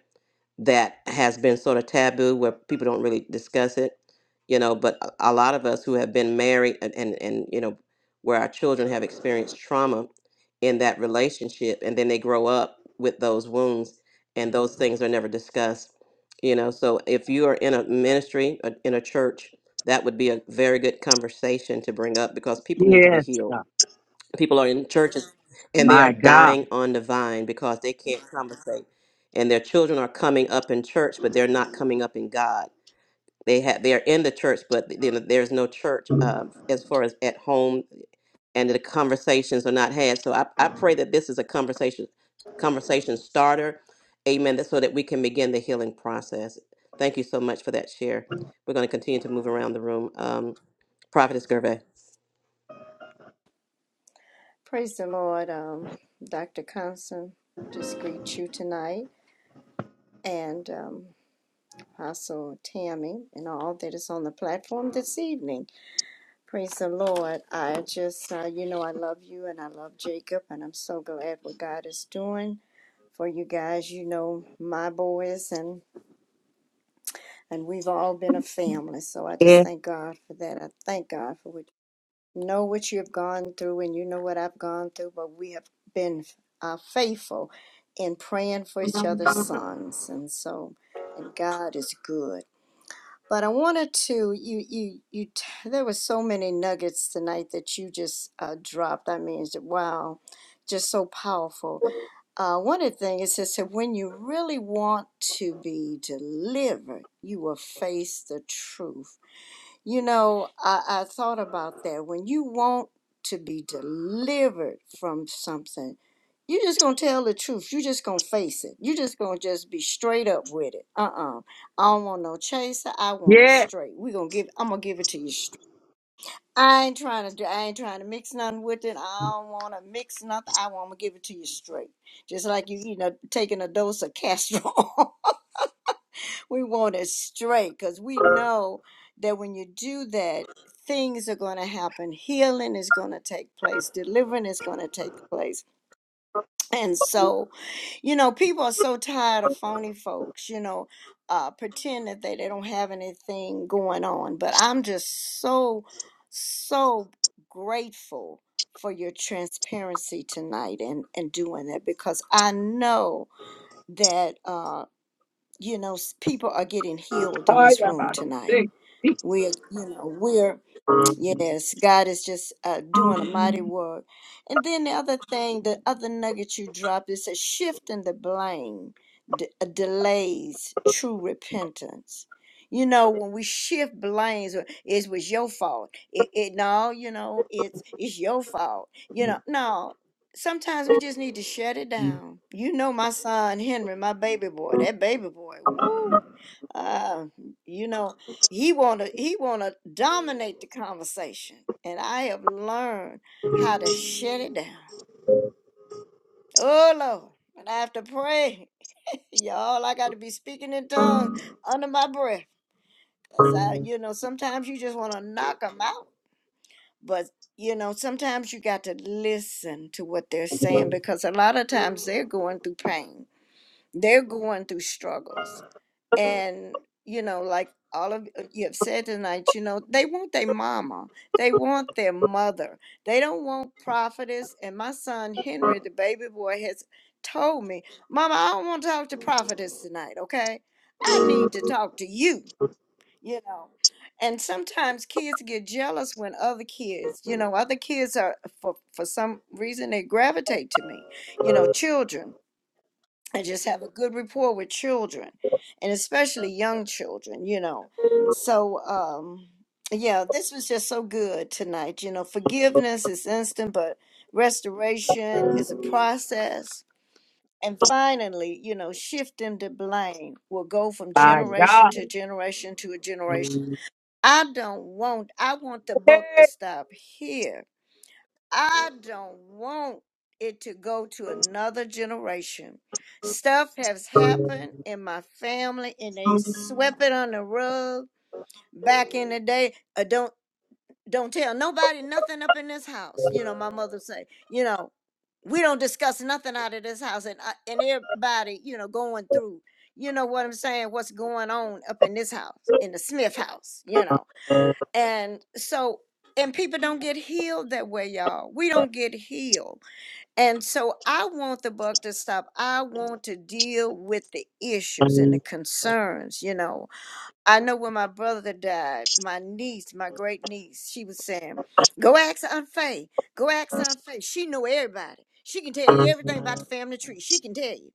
Speaker 2: that has been sort of taboo where people don't really discuss it you know but a a lot of us who have been married and and, and you know where our children have experienced trauma in that relationship and then they grow up with those wounds and those things are never discussed you know so if you are in a ministry uh, in a church that would be a very good conversation to bring up because people need to be
Speaker 1: yes
Speaker 2: healed
Speaker 1: God.
Speaker 2: people are in churches and they are
Speaker 1: my god
Speaker 2: dying on the vine because they can't conversate and their children are coming up in church but they're not coming up in god they have they are in the church but th- you know, there's no church uh, as far as at home and the conversations are not had so i, I pray that this is a conversation conversation starter amen that- so that we can begin the healing process thank you so much for that share we're going to continue to move around the room um, prophetess gervais
Speaker 13: Praise the Lord, um, Dr. Constant. Just greet you tonight, and um, Apostle Tammy, and all that is on the platform this evening. Praise the Lord. I just, uh, you know, I love you, and I love Jacob, and I'm so glad what God is doing for you guys. You know, my boys, and and we've all been a family. So I just thank God for that. I thank God for what know what you've gone through and you know what I've gone through, but we have been uh, faithful in praying for each other's sons. And so, and God is good. But I wanted to, you, you, you, t- there were so many nuggets tonight that you just uh, dropped. I mean, it's- wow, just so powerful. Uh, one of the things is that when you really want to be delivered, you will face the truth you know, I, I thought about that. When you want to be delivered from something, you're just gonna tell the truth. You're just gonna face it. You're just gonna just be straight up with it. Uh-uh. I don't want no chaser. I want it
Speaker 1: yes
Speaker 13: straight. we gonna give I'm gonna give it to you straight. I ain't trying to do I ain't trying to mix nothing with it. I don't wanna mix nothing. I wanna give it to you straight. Just like you, you know, taking a dose of [LAUGHS] castor we want it straight because we know that when you do that, things are going to happen. Healing is going to take place, delivering is going to take place. And so, you know, people are so tired of phony folks, you know, uh, pretend that they, they don't have anything going on. But I'm just so, so grateful for your transparency tonight and, and doing that because I know that. Uh, you know s- people are getting healed in this room tonight we're you know we're Yes, God is just uh, doing a mighty work. And then the other thing, the other nugget you dropped is a shift in the blame d- uh, delays true repentance. You know, when we shift blames, uh, it was your fault. It, it no, you know, it's it's your fault. You know, no. Sometimes we just need to shut it down. You know, my son Henry, my baby boy, that baby boy, woo. Uh, you know he wanna he wanna dominate the conversation and i have learned how to shut it down oh lord and i have to pray [LAUGHS] y'all i got to be speaking in tongues under my breath because i you know sometimes you just want to knock them out but you know sometimes you got to listen to what they're saying because a lot of times they're going through pain they're going through struggles and you know like all of uh, you have said tonight you know they want their mama they want their mother they don't want prophetess and my son henry the baby boy has told me mama i don't want to talk to prophetess tonight okay i need to talk to you you know and sometimes kids get jealous when other kids you know other kids are for for some reason they gravitate to me you know children I just have a good rapport with children and especially young children you know so um yeah this was just so good tonight you know forgiveness is instant but restoration is a process and finally you know shifting the blame will go from
Speaker 1: my
Speaker 13: generation
Speaker 1: god
Speaker 13: to generation to a generation i don't want i want the book to stop here I don't want it to go to another generation. Stuff has happened in my family and they swept it on the rug back in the day. Uh, don't don't tell nobody nothing up in this house. You know, my mother say, you know, we don't discuss nothing out of this house and I, and everybody, you know, going through, you know what I'm saying, what's going on up in this house, in the Smith house, you know and so, and people don't get healed that way, y'all. We don't get healed. And so I want the buck to stop. I want to deal with the issues and the concerns, you know. I know when my brother died, my niece, my great niece, she was saying, Go ask Aunt Faye. Go ask Aunt Faye. She know everybody. She can tell you everything about the family tree. She can tell you.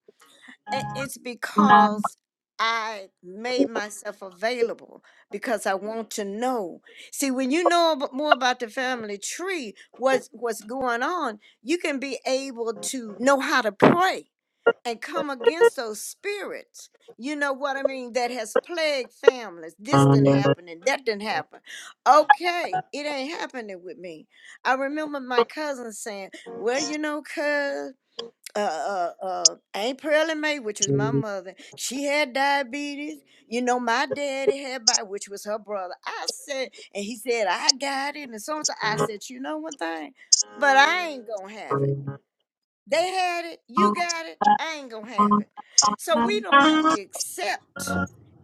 Speaker 13: I- it's because I made myself available because I want to know. See, when you know ab- more about the family tree, what's what's going on, you can be able to know how to pray and come against those spirits. You know what I mean? That has plagued families. This didn't happen and that didn't happen. Okay, it ain't happening with me. I remember my cousin saying, "Well, you know, cuz." uh, uh, uh, Aunt Pearlie Mae, which was my mother, she had diabetes. You know, my daddy had, bi- which was her brother. I said, and he said, I got it. And so on. So I said, you know one thing, but I ain't going to have it. They had it. You got it. I ain't going to have it. So we don't have to accept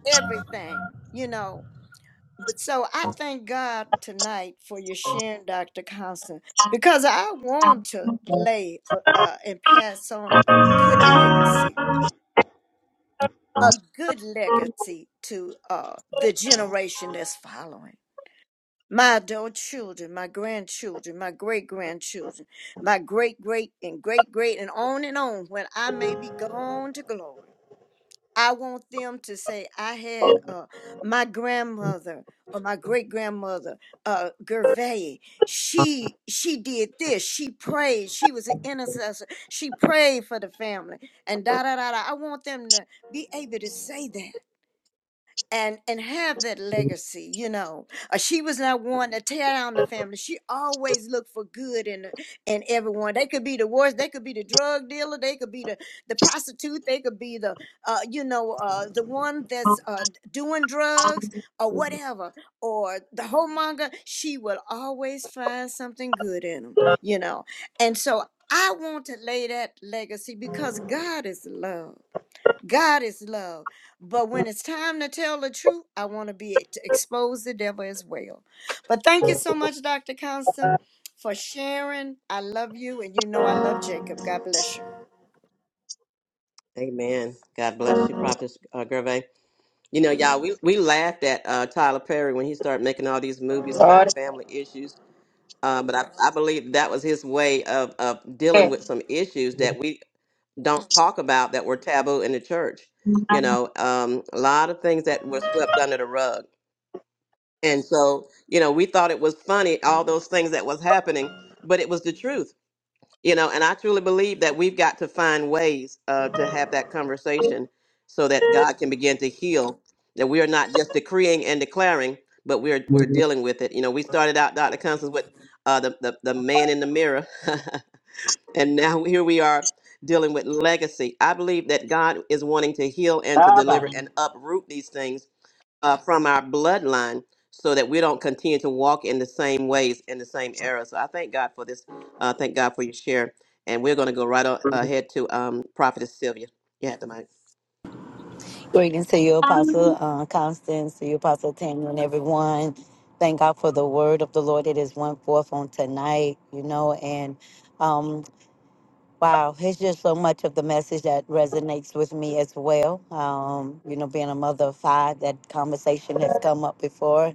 Speaker 13: everything, you know but so I thank God tonight for your sharing, Dr. Constant, because I want to lay uh, uh, and pass on a good legacy, a good legacy to uh, the generation that's following. My adult children, my grandchildren, my great grandchildren, my great great and great great, and on and on when I may be gone to glory. I want them to say, I had uh, my grandmother or my great grandmother, uh, Gervais. She she did this. She prayed. She was an intercessor. She prayed for the family. And da da da da. I want them to be able to say that and and have that legacy you know uh, she was not one to tear down the family she always looked for good in in everyone they could be the worst they could be the drug dealer they could be the the prostitute they could be the uh you know uh the one that's uh doing drugs or whatever or the whoremonger she will always find something good in them you know and so i want to lay that legacy because god is love God is love. But when it's time to tell the truth, I want to be e, to expose the devil as well. But thank you so much, Dr. Constant, for sharing. I love you, and you know I love Jacob. God bless you.
Speaker 2: amen god bless you prophetess uh, gervais You know, y'all, we, we laughed at uh, Tyler Perry when he started making all these movies about family issues. Uh, but I, I believe that was his way of, of dealing with some issues that we don't talk about that were taboo in the church. You know, um, a lot of things that were swept under the rug. And so, you know, we thought it was funny, all those things that was happening, but it was the truth you know and i truly believe that we've got to find ways uh, to have that conversation so that god can begin to heal that we are not just decreeing and declaring but we're we're dealing with it you know we started out dr constance with uh, the, the, the man in the mirror [LAUGHS] and now here we are dealing with legacy i believe that god is wanting to heal and to deliver
Speaker 1: Baba.
Speaker 2: and uproot these things uh, from our bloodline so that we don't continue to walk in the same ways in the same era. So I thank God for this. Uh, thank God for your share. And we're going to go right on, ahead to um, Prophetess Sylvia. You have the mic.
Speaker 14: Greetings to you, Apostle uh, Constance, to you, Apostle Tanya, and everyone. Thank God for the word of the Lord. It is one forth on tonight, you know, and um, Wow, it's just so much of the message that resonates with me as well. Um, you know, being a mother of five, that conversation has come up before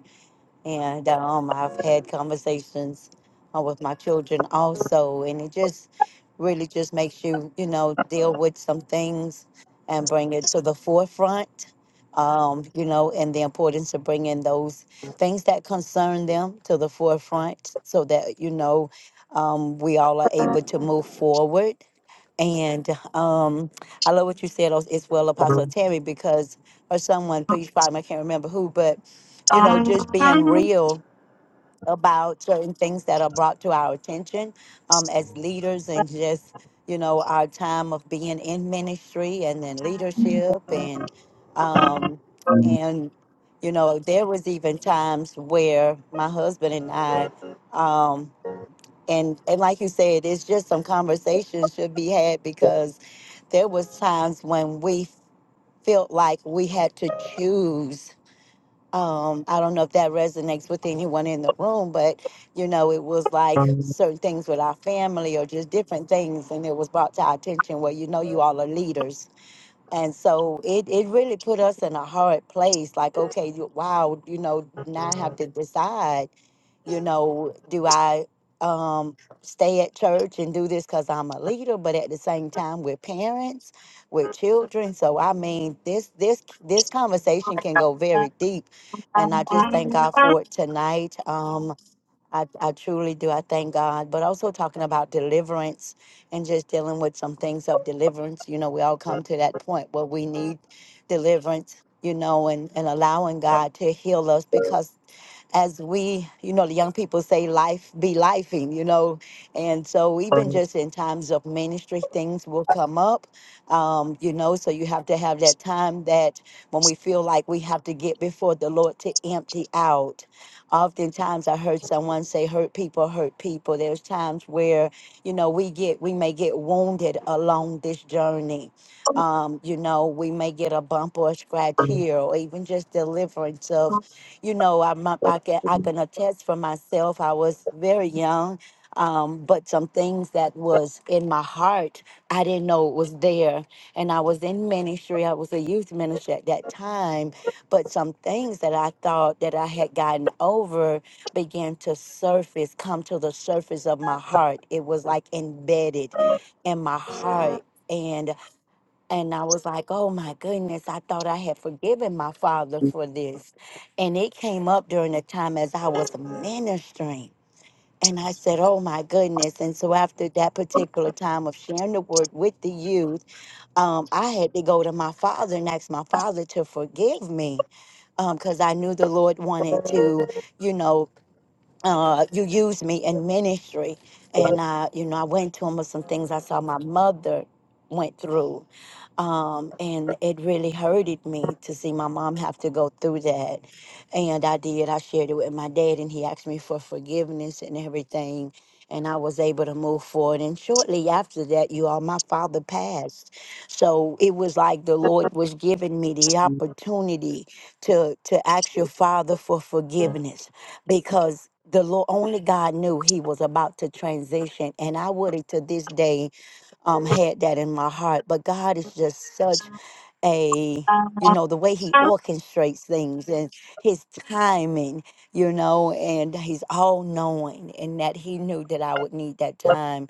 Speaker 14: and um, I've had conversations uh, with my children also, and it just really just makes you, you know, deal with some things and bring it to the forefront, um, you know, and the importance of bringing those things that concern them to the forefront, so that you know um, we all are able to move forward. And um, I love what you said as as well, Apostle Terry, because or someone, please pardon, me, I can't remember who, but you know, just being real about certain things that are brought to our attention um, as leaders and just, you know, our time of being in ministry and then leadership and, um, and, you know, there was even times where my husband and I, um, and, and like you said, it's just some conversations should be had because there was times when we felt like we had to choose um, I don't know if that resonates with anyone in the room, but you know, it was like certain things with our family or just different things, and it was brought to our attention. Well, you know, you all are leaders, and so it, it really put us in a hard place. Like, okay, you- wow, you know, now I have to decide, you know, do I um, stay at church and do this because I'm a leader, but at the same time with parents, with children. So I mean, this this this conversation can go very deep, and I just thank God for it tonight. um, I, I truly do. I thank God. But also talking about deliverance and just dealing with some things of deliverance. You know, we all come to that point where we need deliverance, you know, and, and allowing God to heal us because as we, you know, the young people say life be lifing, you know. And so even just in times of ministry, things will come up, um, you know, so you have to have that time that when we feel like we have to get before the Lord to empty out. Oftentimes I heard someone say hurt people hurt people. There's times where, you know, we get we may get wounded along this journey. Um, you know, we may get a bump or a scratch here or even just deliverance of you know, I, mu- I can I can attest for myself. I was very young, um, but some things that was in my heart, I didn't know it was there. And I was in ministry. I was a youth minister at that time, but some things that I thought that I had gotten over began to surface, come to the surface of my heart. It was like embedded in my heart. And and I was like, oh my goodness, I thought I had forgiven my father for this. And it came up during the time as I was ministering. And I said, oh my goodness. And so after that particular time of sharing the word with the youth, um, I had to go to my father and ask my father to forgive me because I knew the Lord wanted to, you know uh, you used me in ministry. And I, you know, I went to him with some things I saw my mother went through. Um, and it really hurted me to see my mom have to go through that. And I did. I shared it with my dad, and he asked me for forgiveness and everything. And I was able to move forward. And shortly after that, you all, my father passed. So it was like the Lord was giving me the opportunity to to ask your father for forgiveness because the Lord only God knew he was about to transition, and I would have to this day um had that in my heart. But God is just such a you know the way he orchestrates things and his timing you know and he's all knowing and that he knew that i would need that time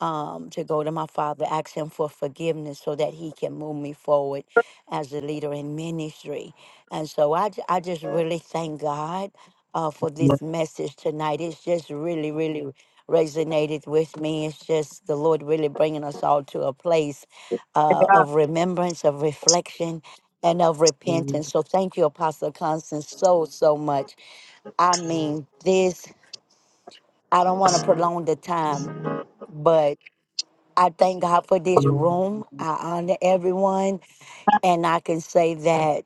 Speaker 14: um, to go to my father ask him for forgiveness so that he can move me forward as a leader in ministry and so i, ju- I just really thank god uh, for this message tonight it's just really really resonated with me it's just the lord really bringing us all to a place uh, of remembrance, of reflection, and of repentance. So thank you, Apostle Constance, so, so much. I mean, this, I don't want to prolong the time, but I thank God for this room. I honor everyone. And I can say that.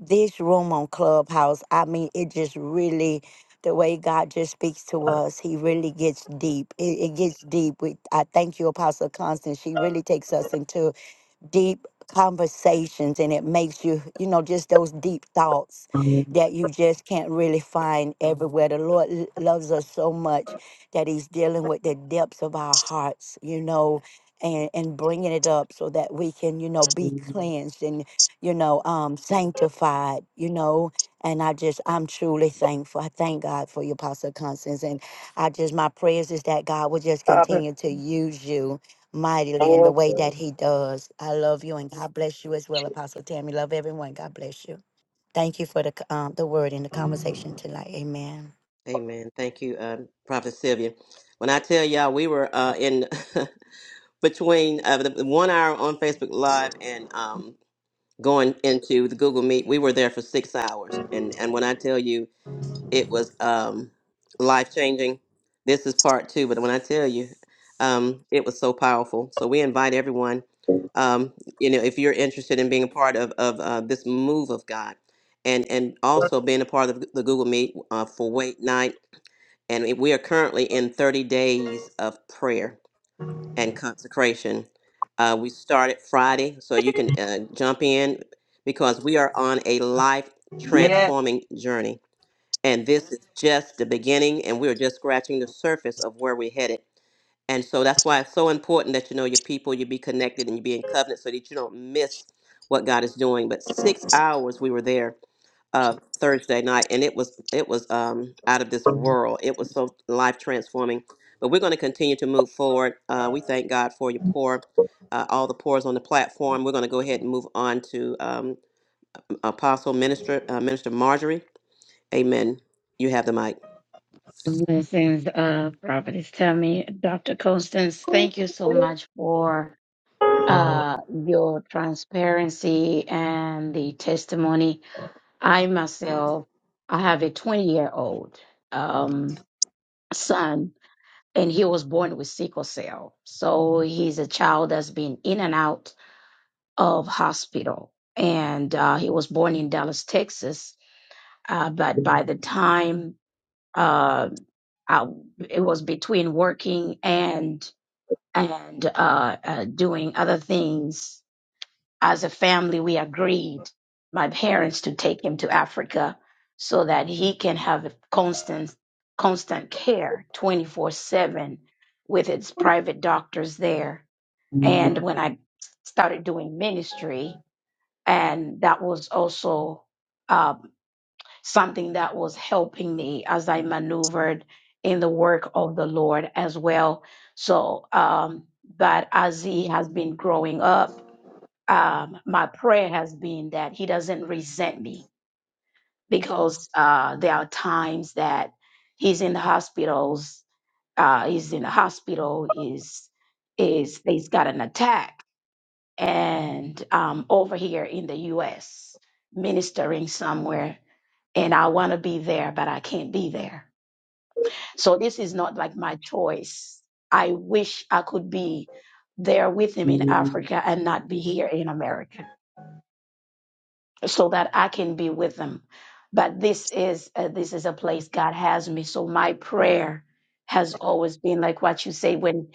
Speaker 14: this room on Clubhouse, I mean, it just really, the way God just speaks to us, He really gets deep. It, it gets deep. We, I thank you, Apostle Constance. She really takes us into deep conversations and it makes you, you know, just those deep thoughts that you just can't really find everywhere. The Lord l- loves us so much that He's dealing with the depths of our hearts, you know. And, and bringing it up so that we can, you know, be cleansed you know, um, sanctified, you know. And I just, I'm truly thankful. I thank God for you, Apostle Constance. And I just, my prayers is that God will just continue to use you mightily in the way that He does. I love you, and God bless you as well, Apostle Tammy. Love everyone. God bless you. Thank you for the c- um, the word and the conversation tonight. Amen.
Speaker 2: Amen. Thank you, um, Prophetess Sylvia. When I tell y'all, we were uh, in [LAUGHS] between uh, the the one hour on Facebook Live and um, going into the Google Meet. We were there for six hours. And, and when I tell you, it was um, life changing. This is part two, but when I tell you, um, it was so powerful. So we invite everyone. Um, you know, if you're interested in being a part of of uh, this move of God, and and also being a part of the Google Meet uh, for Wait Night, and we we are currently in 30 days of prayer and consecration. Uh, we started Friday, so you can uh, jump in because we are on a life
Speaker 1: yes
Speaker 2: transforming journey and this is just the beginning, and we're just scratching the surface of where we're headed. And so that's why it's so important that you know your people, you be connected and you be in covenant so that you don't miss what God is doing. But six hours we were there uh, Thursday night, and it was it was um, out of this world. It was so life transforming. But we're going to continue to move forward. Uh, we thank God for your pour, uh, all the pours on the platform. We're going to go ahead and move on to um, Apostle Minister uh, Minister Marjorie. Amen. You have the mic.
Speaker 8: Blessings, uh, Prophetess. Tell me, Dr. Constance, thank you so much for uh, your transparency and the testimony. I myself, I have a 20 year old um, son, and he was born with sickle cell. So he's a child that's been in and out of hospital. And uh, he was born in Dallas, Texas. Uh, but by the time uh, I, it was between working and and uh, uh, doing other things, as a family, we agreed my parents to take him to Africa so that he can have a constant constant care 24/7 with its private doctors there. And when I started doing ministry, and that was also um, something that was helping me as I maneuvered in the work of the Lord as well. So, um, but as he has been growing up, um, my prayer has been that he doesn't resent me because uh, there are times that he's in the hospitals, uh, he's in the hospital, is is he's got an attack and um, over here in the U.S. ministering somewhere, and I want to be there, but I can't be there. So this is not like my choice. I wish I could be there with him in Africa and not be here in America so that I can be with them. But this is uh, this is a place God has me. So my prayer has always been like what you say when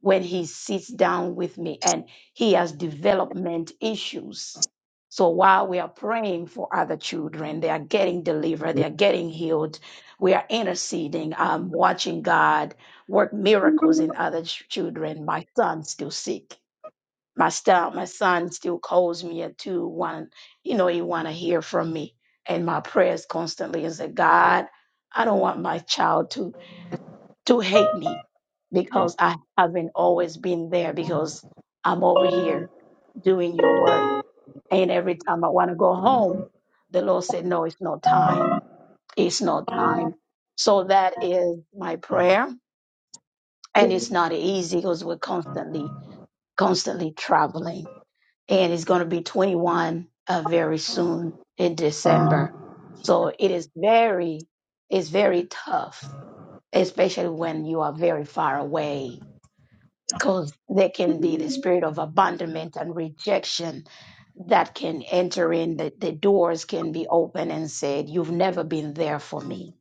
Speaker 8: when he sits down with me and he has development issues. So while we are praying for other children, they are getting delivered, they are getting healed. We are interceding, um, watching God work miracles in other ch- children. My son's still sick my style, my son still calls me at two, one, you know, he wanna hear from me. And my prayers constantly is that God, I don't want my child to to hate me because I haven't always been there because I'm over here doing your work. And every time I want to go home, the Lord said, No, it's not time. It's not time. So that is my prayer. And it's not easy because we're constantly, constantly traveling and he's going to be 21 uh, very soon in December. So it is very, it's very tough, especially when you are very far away, because there can be the spirit of abandonment and rejection that can enter in. The, the doors can be open and said, "You've never been there for me,"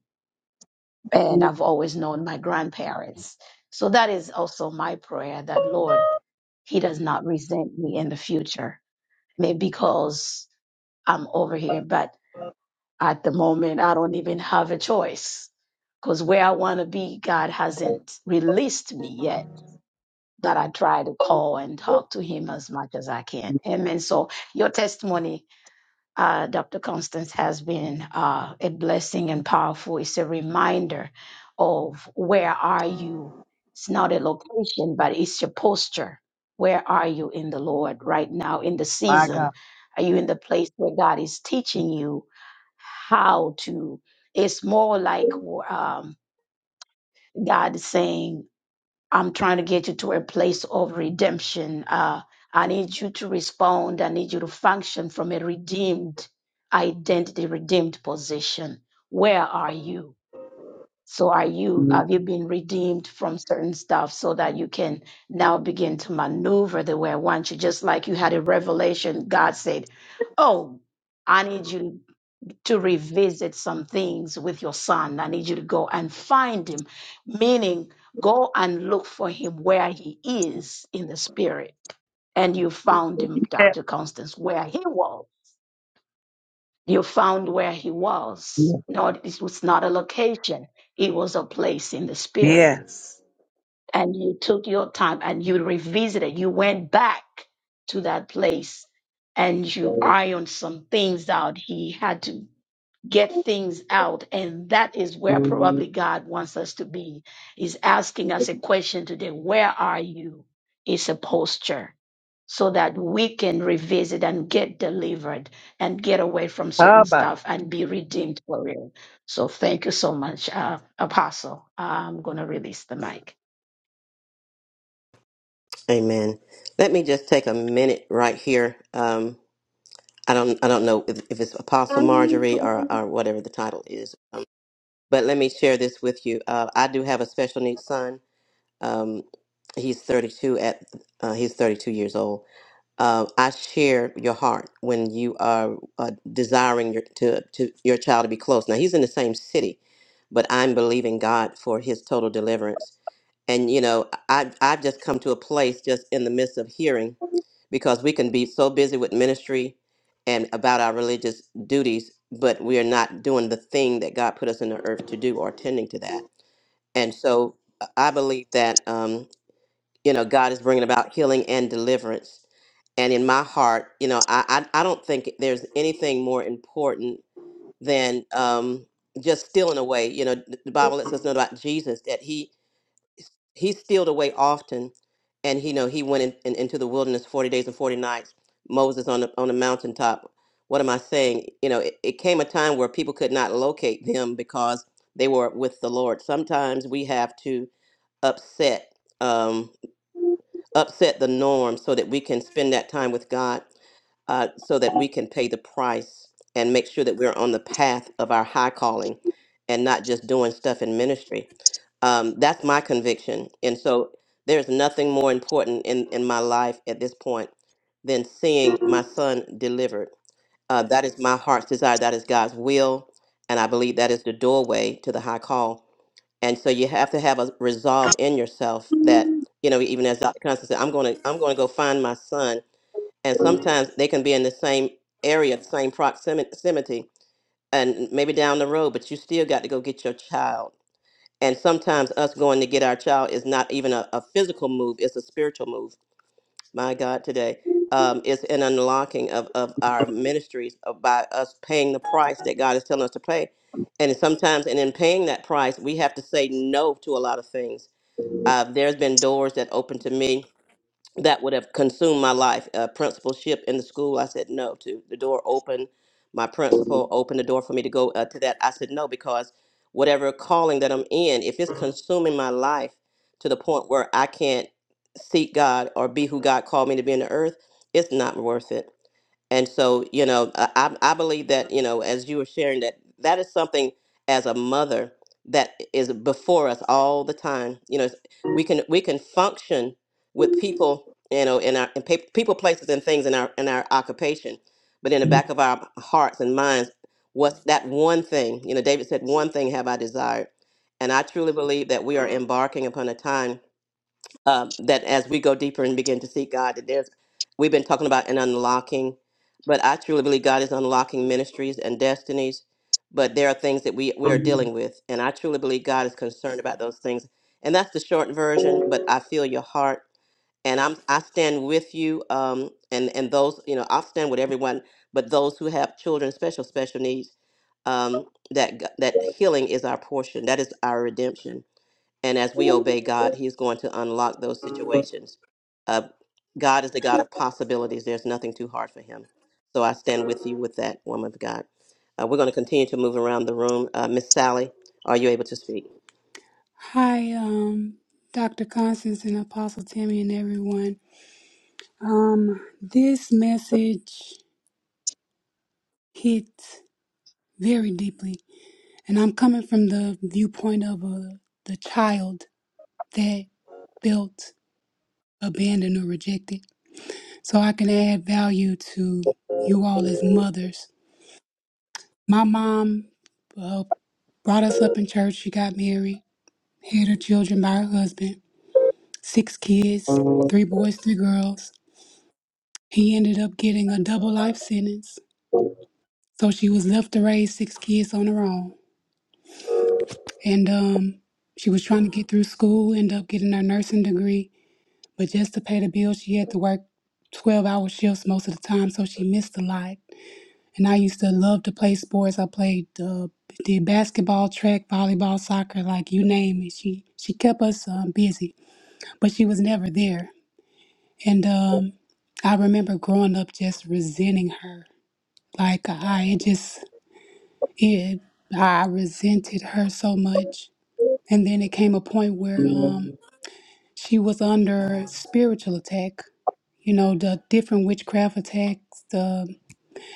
Speaker 8: and I've always known my grandparents. So that is also my prayer that Lord, He does not resent me in the future, maybe because I'm over here. But at the moment, I don't even have a choice because where I want to be, God hasn't released me yet. That I try to call and talk to Him as much as I can. Amen. So your testimony, uh, Dr. Constance, has been uh, a blessing and powerful. It's a reminder of where are you. It's not a location, but it's your posture. Where are you in the Lord right now in the
Speaker 1: my God.
Speaker 8: season? Are you in the place where God is teaching you how to. It's more like um, God is saying, I'm trying to get you to a place of redemption. Uh, I need you to respond. I need you to function from a redeemed identity, redeemed position. Where are you? So are you have you been redeemed from certain stuff so that you can now begin to maneuver the way I want you? Just like you had a revelation, God said, Oh, I need you to revisit some things with your son. I need you to go and find him, meaning go and look for him where he is in the spirit. And you found him, Dr. Constance, where he was. You found where he was. No, it was not a location, it was a place in the spirit.
Speaker 1: Yes.
Speaker 8: And you took your time and you revisited, you went back to that place and you ironed some things out. He had to get things out. And that is where probably God wants us to be. He's asking us a question today Where are you? It's a posture so that we can revisit and get delivered and get away from certain
Speaker 1: Abba.
Speaker 8: stuff and be redeemed for real. So thank you so much, uh, Apostle. I'm going to release the mic.
Speaker 2: Amen. Let me just take a minute right here. Um, I don't, I don't know if, if it's Apostle Marjorie or, or whatever the title is, um, but let me share this with you. Uh, I do have a special needs son. Um, he's 32 at, uh, he's 32 years old uh, I share your heart when you are uh, desiring your, to, to your child to be close. Now he's in the same city, but I'm believing God for his total deliverance. And you know, I I've just come to a place just in the midst of hearing, because we can be so busy with ministry and about our religious duties, but we are not doing the thing that God put us in the earth to do or tending to that. And so uh, I believe that. um, you know god is bringing about healing and deliverance and in my heart you know i i, I don't think there's anything more important than um just stealing away you know th- the bible lets us know about jesus that he he stealed away often and he you know he went in, in, into the wilderness 40 days and 40 nights moses on the on the mountaintop what am i saying you know it, it came a time where people could not locate them because they were with the lord sometimes we have to upset Um, upset the norm so that we can spend that time with God, uh, so that we can pay the price and make sure that we're on the path of our high calling and not just doing stuff in ministry. Um, that's my conviction. And so there's nothing more important in, in my life at this point than seeing my son delivered. Uh, that is my heart's desire. That is God's will. And I believe that is the doorway to the high call and so you have to have a resolve in yourself that you know even as dr constance said i'm going to i'm going to go find my son and sometimes they can be in the same area the same proximity and maybe down the road but you still got to go get your child and sometimes us going to get our child is not even a, a physical move it's a spiritual move my God, today um, is an unlocking of, of our ministries of by us paying the price that God is telling us to pay. And sometimes, and in paying that price, we have to say no to a lot of things. Uh, there's been doors that open to me that would have consumed my life. A principalship in the school, I said no to. The door opened, my principal opened the door for me to go uh, to that. I said no because whatever calling that I'm in, if it's consuming my life to the point where I can't seek God or be who God called me to be in the earth, it's not worth it. And so, you know, I, I I believe that, you know, as you were sharing that, that is something as a mother that is before us all the time. You know, it's- we can we can function with people, you know, in our in pa- people, places, and things in our in our occupation, but in the back of our hearts and minds, what's that one thing? You know, David said, "One thing have I desired," and I truly believe that we are embarking upon a time um, that, as we go deeper and begin to seek God, that there's we've been talking about an unlocking, but I truly believe God is unlocking ministries and destinies. But there are things that we we are dealing with, and I truly believe God is concerned about those things. And that's the short version. But I feel your heart and I'm I stand with you um and and those you know I stand with everyone but those who have children special special needs um that g- that healing is our portion that is our redemption and as we obey God he's going to unlock those situations uh God is the God of possibilities there's nothing too hard for him so I stand with you with that woman of God uh, we're going to continue to move around the room uh, Miss Sally are you able to speak
Speaker 10: Hi, um, Dr. Constance and Apostle Tammy and everyone. Um, this message hit very deeply, and I'm coming from the viewpoint of a, the child that built. abandoned or rejected. So I can add value to you all as mothers. My mom uh, brought us up in church. She got married, had her children by her husband, six kids, three boys, three girls. He ended up getting a double life sentence. So she was left to raise six kids on her own. And um, she was trying to get through school, end up getting her nursing degree. But just to pay the bills, she had to work 12 hour shifts most of the time. So she missed a lot. And I used to love to play sports. I played uh, did basketball, track, volleyball, soccer, like you name it. She she kept us um, busy, but she was never there. And um, I remember growing up just resenting her. Like I it just it I resented her so much. And then it came a point where um, she was under spiritual attack. You know the different witchcraft attacks.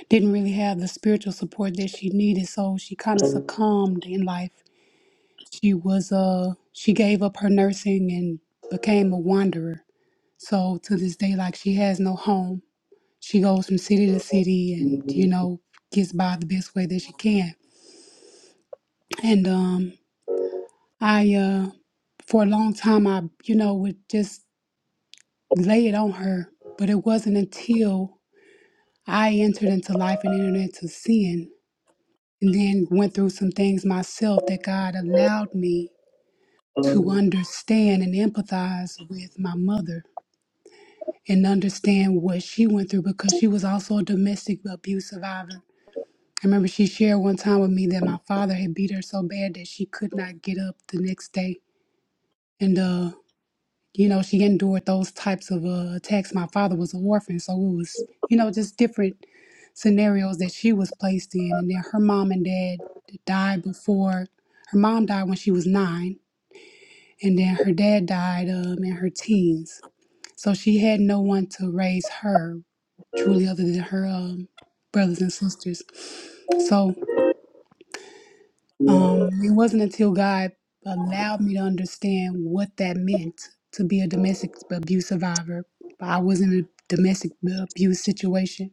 Speaker 10: didn't really have the spiritual support that she needed, so she kind of succumbed in life. She was uh she gave up her nursing and became a wanderer. So to this day, like she has no home. She goes from city to city and you know gets by the best way that she can. And um, I uh for a long time I you know would just lay it on her, but it wasn't until I entered into life and entered into sin and then went through some things myself that God allowed me to understand and empathize with my mother and understand what she went through because she was also a domestic abuse survivor. I remember she shared one time with me that my father had beat her so bad that she could not get up the next day. And uh you know she endured those types of uh, attacks my father was an orphan so it was you know just different scenarios that she was placed in and then her mom and dad died before her mom died when she was nine and then her dad died um, in her teens so she had no one to raise her truly other than her um, brothers and sisters so Um, it wasn't until God allowed me to understand what that meant to be a domestic abuse survivor. I was in a domestic abuse situation,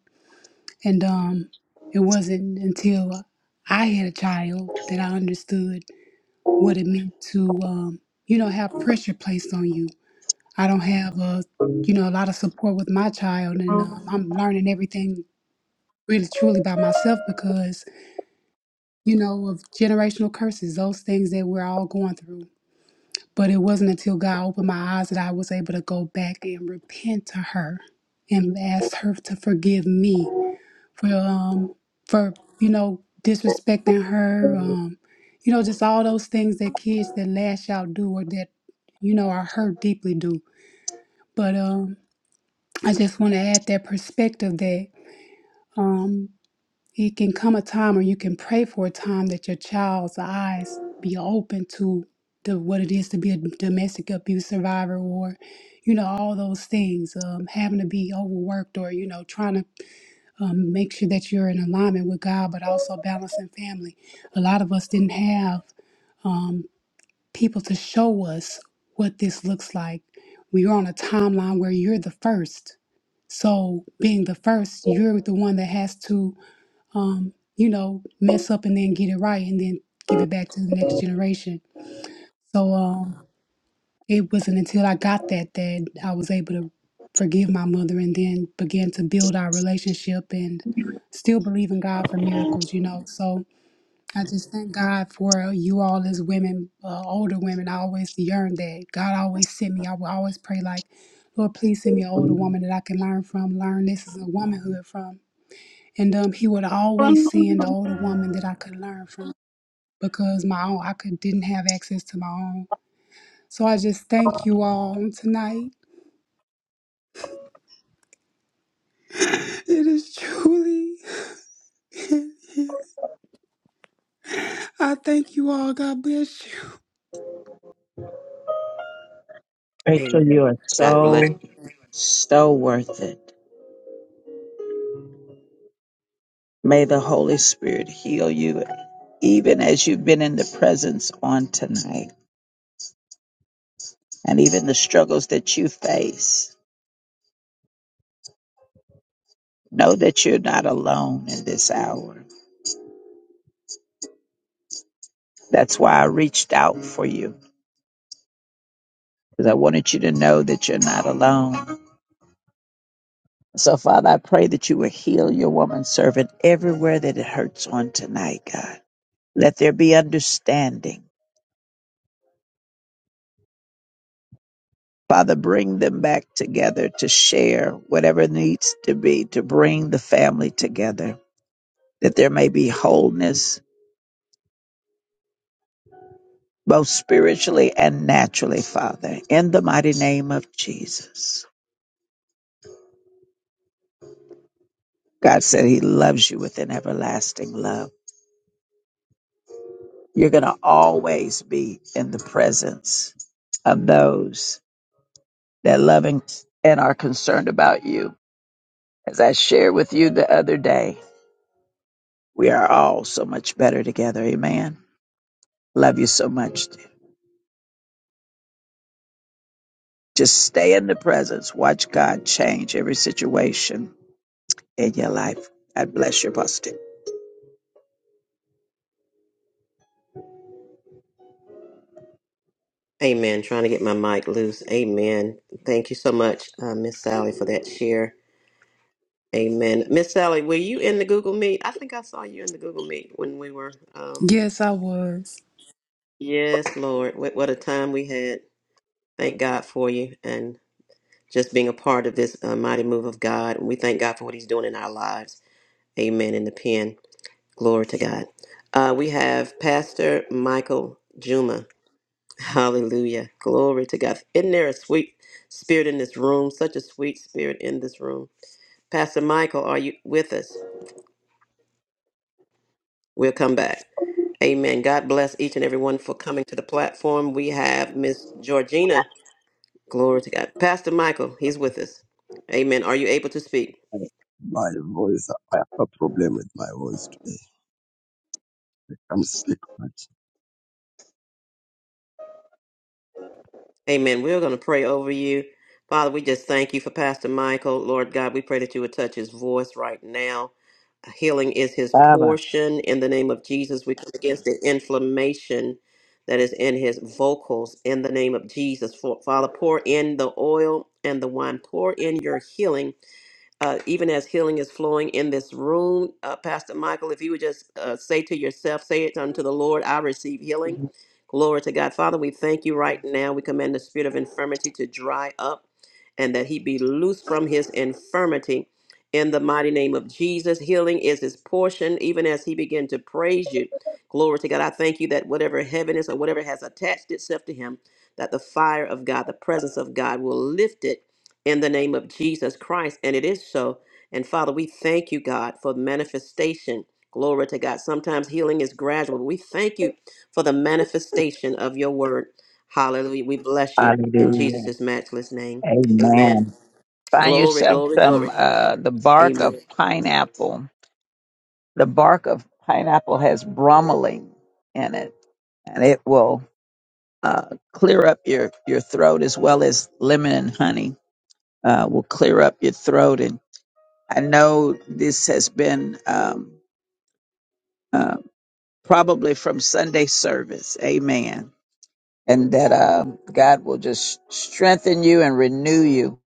Speaker 10: and um, it wasn't until I had a child that I understood what it meant to, um, you know, have pressure placed on you. I don't have a, you know, a lot of support with my child, and um, I'm learning everything really truly by myself because, you know, of generational curses, those things that we're all going through But it wasn't until God opened my eyes that I was able to go back and repent to her and ask her to forgive me for um for you know disrespecting her um you know just all those things that kids that lash out do or that you know are hurt deeply do. But um I just want to add that perspective that um it can come a time or you can pray for a time that your child's eyes be open to the what it is to be a domestic abuse survivor or you know all those things um, having to be overworked or you know trying to um, make sure that you're in alignment with god but also balancing family a lot of us didn't have um, people to show us what this looks like we are on a timeline where you're the first so being the first you're the one that has to um, you know, mess up and then get it right and then give it back to the next generation. So um, it wasn't until I got that that I was able to forgive my mother and then began to build our relationship and still believe in God for miracles, you know. So I just thank God for you all as women, uh, older women. I always yearn that. God always sent me. I will always pray like, Lord, please send me an older woman that I can learn from, learn this is a womanhood from and um, he would always send the older woman that I could learn from because my own I could didn't have access to my own. So I just thank you all on tonight. It is truly. [LAUGHS] I thank you all. God bless you.
Speaker 1: Rachel, you
Speaker 2: Amen
Speaker 1: are
Speaker 2: God bless
Speaker 1: so, so worth it. May the Holy Spirit heal you, even as you've been in the presence on tonight, and even the struggles that you face. Know that you're not alone in this hour. That's why I reached out for you, because I wanted you to know that you're not alone. So, Father, I pray that you will heal your woman servant everywhere that it hurts on tonight, God. Let there be understanding. Father, bring them back together to share whatever needs to be to bring the family together, that there may be wholeness, both spiritually and naturally, Father, in the mighty name of Jesus. God said He loves you with an everlasting love. You're going to always be in the presence of those that love and, and are concerned about you. As I shared with you the other day, we are all so much better together. Amen. Love you so much. Just stay in the presence. Watch God change every situation in your life. God bless you, Pastor.
Speaker 2: Amen. Trying to get my mic loose. Amen. Thank you so much, uh, Miss Sally, for that share. Amen. Miss Sally, were you in the Google Meet? I think I saw you in the Google Meet when we were. Um,
Speaker 10: Yes, I was.
Speaker 2: yes, Lord. What, what a time we had. Thank God for you and just being a part of this uh, mighty move of God. We thank God for what He's doing in our lives. Amen. In the pen. Glory to God. Uh, we have Pastor Michael Juma. Hallelujah. Glory to God. Isn't there a sweet spirit in this room? Such a sweet spirit in this room. Pastor Michael, are you with us? We'll come back. Amen. God bless each and everyone for coming to the platform. We have Miss Georgina. Glory to God. Pastor Michael, he's with us. Amen. Are you able to speak?
Speaker 11: My voice, I have a problem with my voice today. I can't speak much.
Speaker 2: Amen. We're going to pray over you. Father, we just thank you for Pastor Michael. Lord God, we pray that you would touch his voice right now. Healing is his
Speaker 1: Baba.
Speaker 2: portion. In the name of Jesus, we come against the inflammation that is in his vocals. In the name of Jesus, For- Father, pour in the oil and the wine. Pour in your healing uh, even as healing is flowing in this room, uh, Pastor Michael, if you would just uh, say to yourself, say it unto the Lord, I receive healing. Glory to God. Father, we thank you right now. We command the spirit of infirmity to dry up and that he be loose from his infirmity. In the mighty name of Jesus, healing is his portion, even as he began to praise you. Glory to God. I thank you that whatever heaviness or whatever has attached itself to him, that the fire of God, the presence of God will lift it in the name of Jesus Christ. And it is so. And Father, we thank you, God, for the manifestation. Glory to God. Sometimes healing is gradual. But we thank you for the manifestation of your word. Hallelujah. We bless you in
Speaker 1: Hallelujah.
Speaker 2: Jesus' matchless name. Amen.
Speaker 1: Amen. Find
Speaker 2: Glory,
Speaker 1: yourself
Speaker 2: glory, glory.
Speaker 1: some uh, the bark of
Speaker 2: Amen.
Speaker 1: pineapple. The bark of pineapple has bromelain in it, and it will uh, clear up your, your throat as well as lemon and honey uh, will clear up your throat and. I know this has been um, uh, probably from Sunday service. Amen. And that uh, God will just strengthen you and renew you,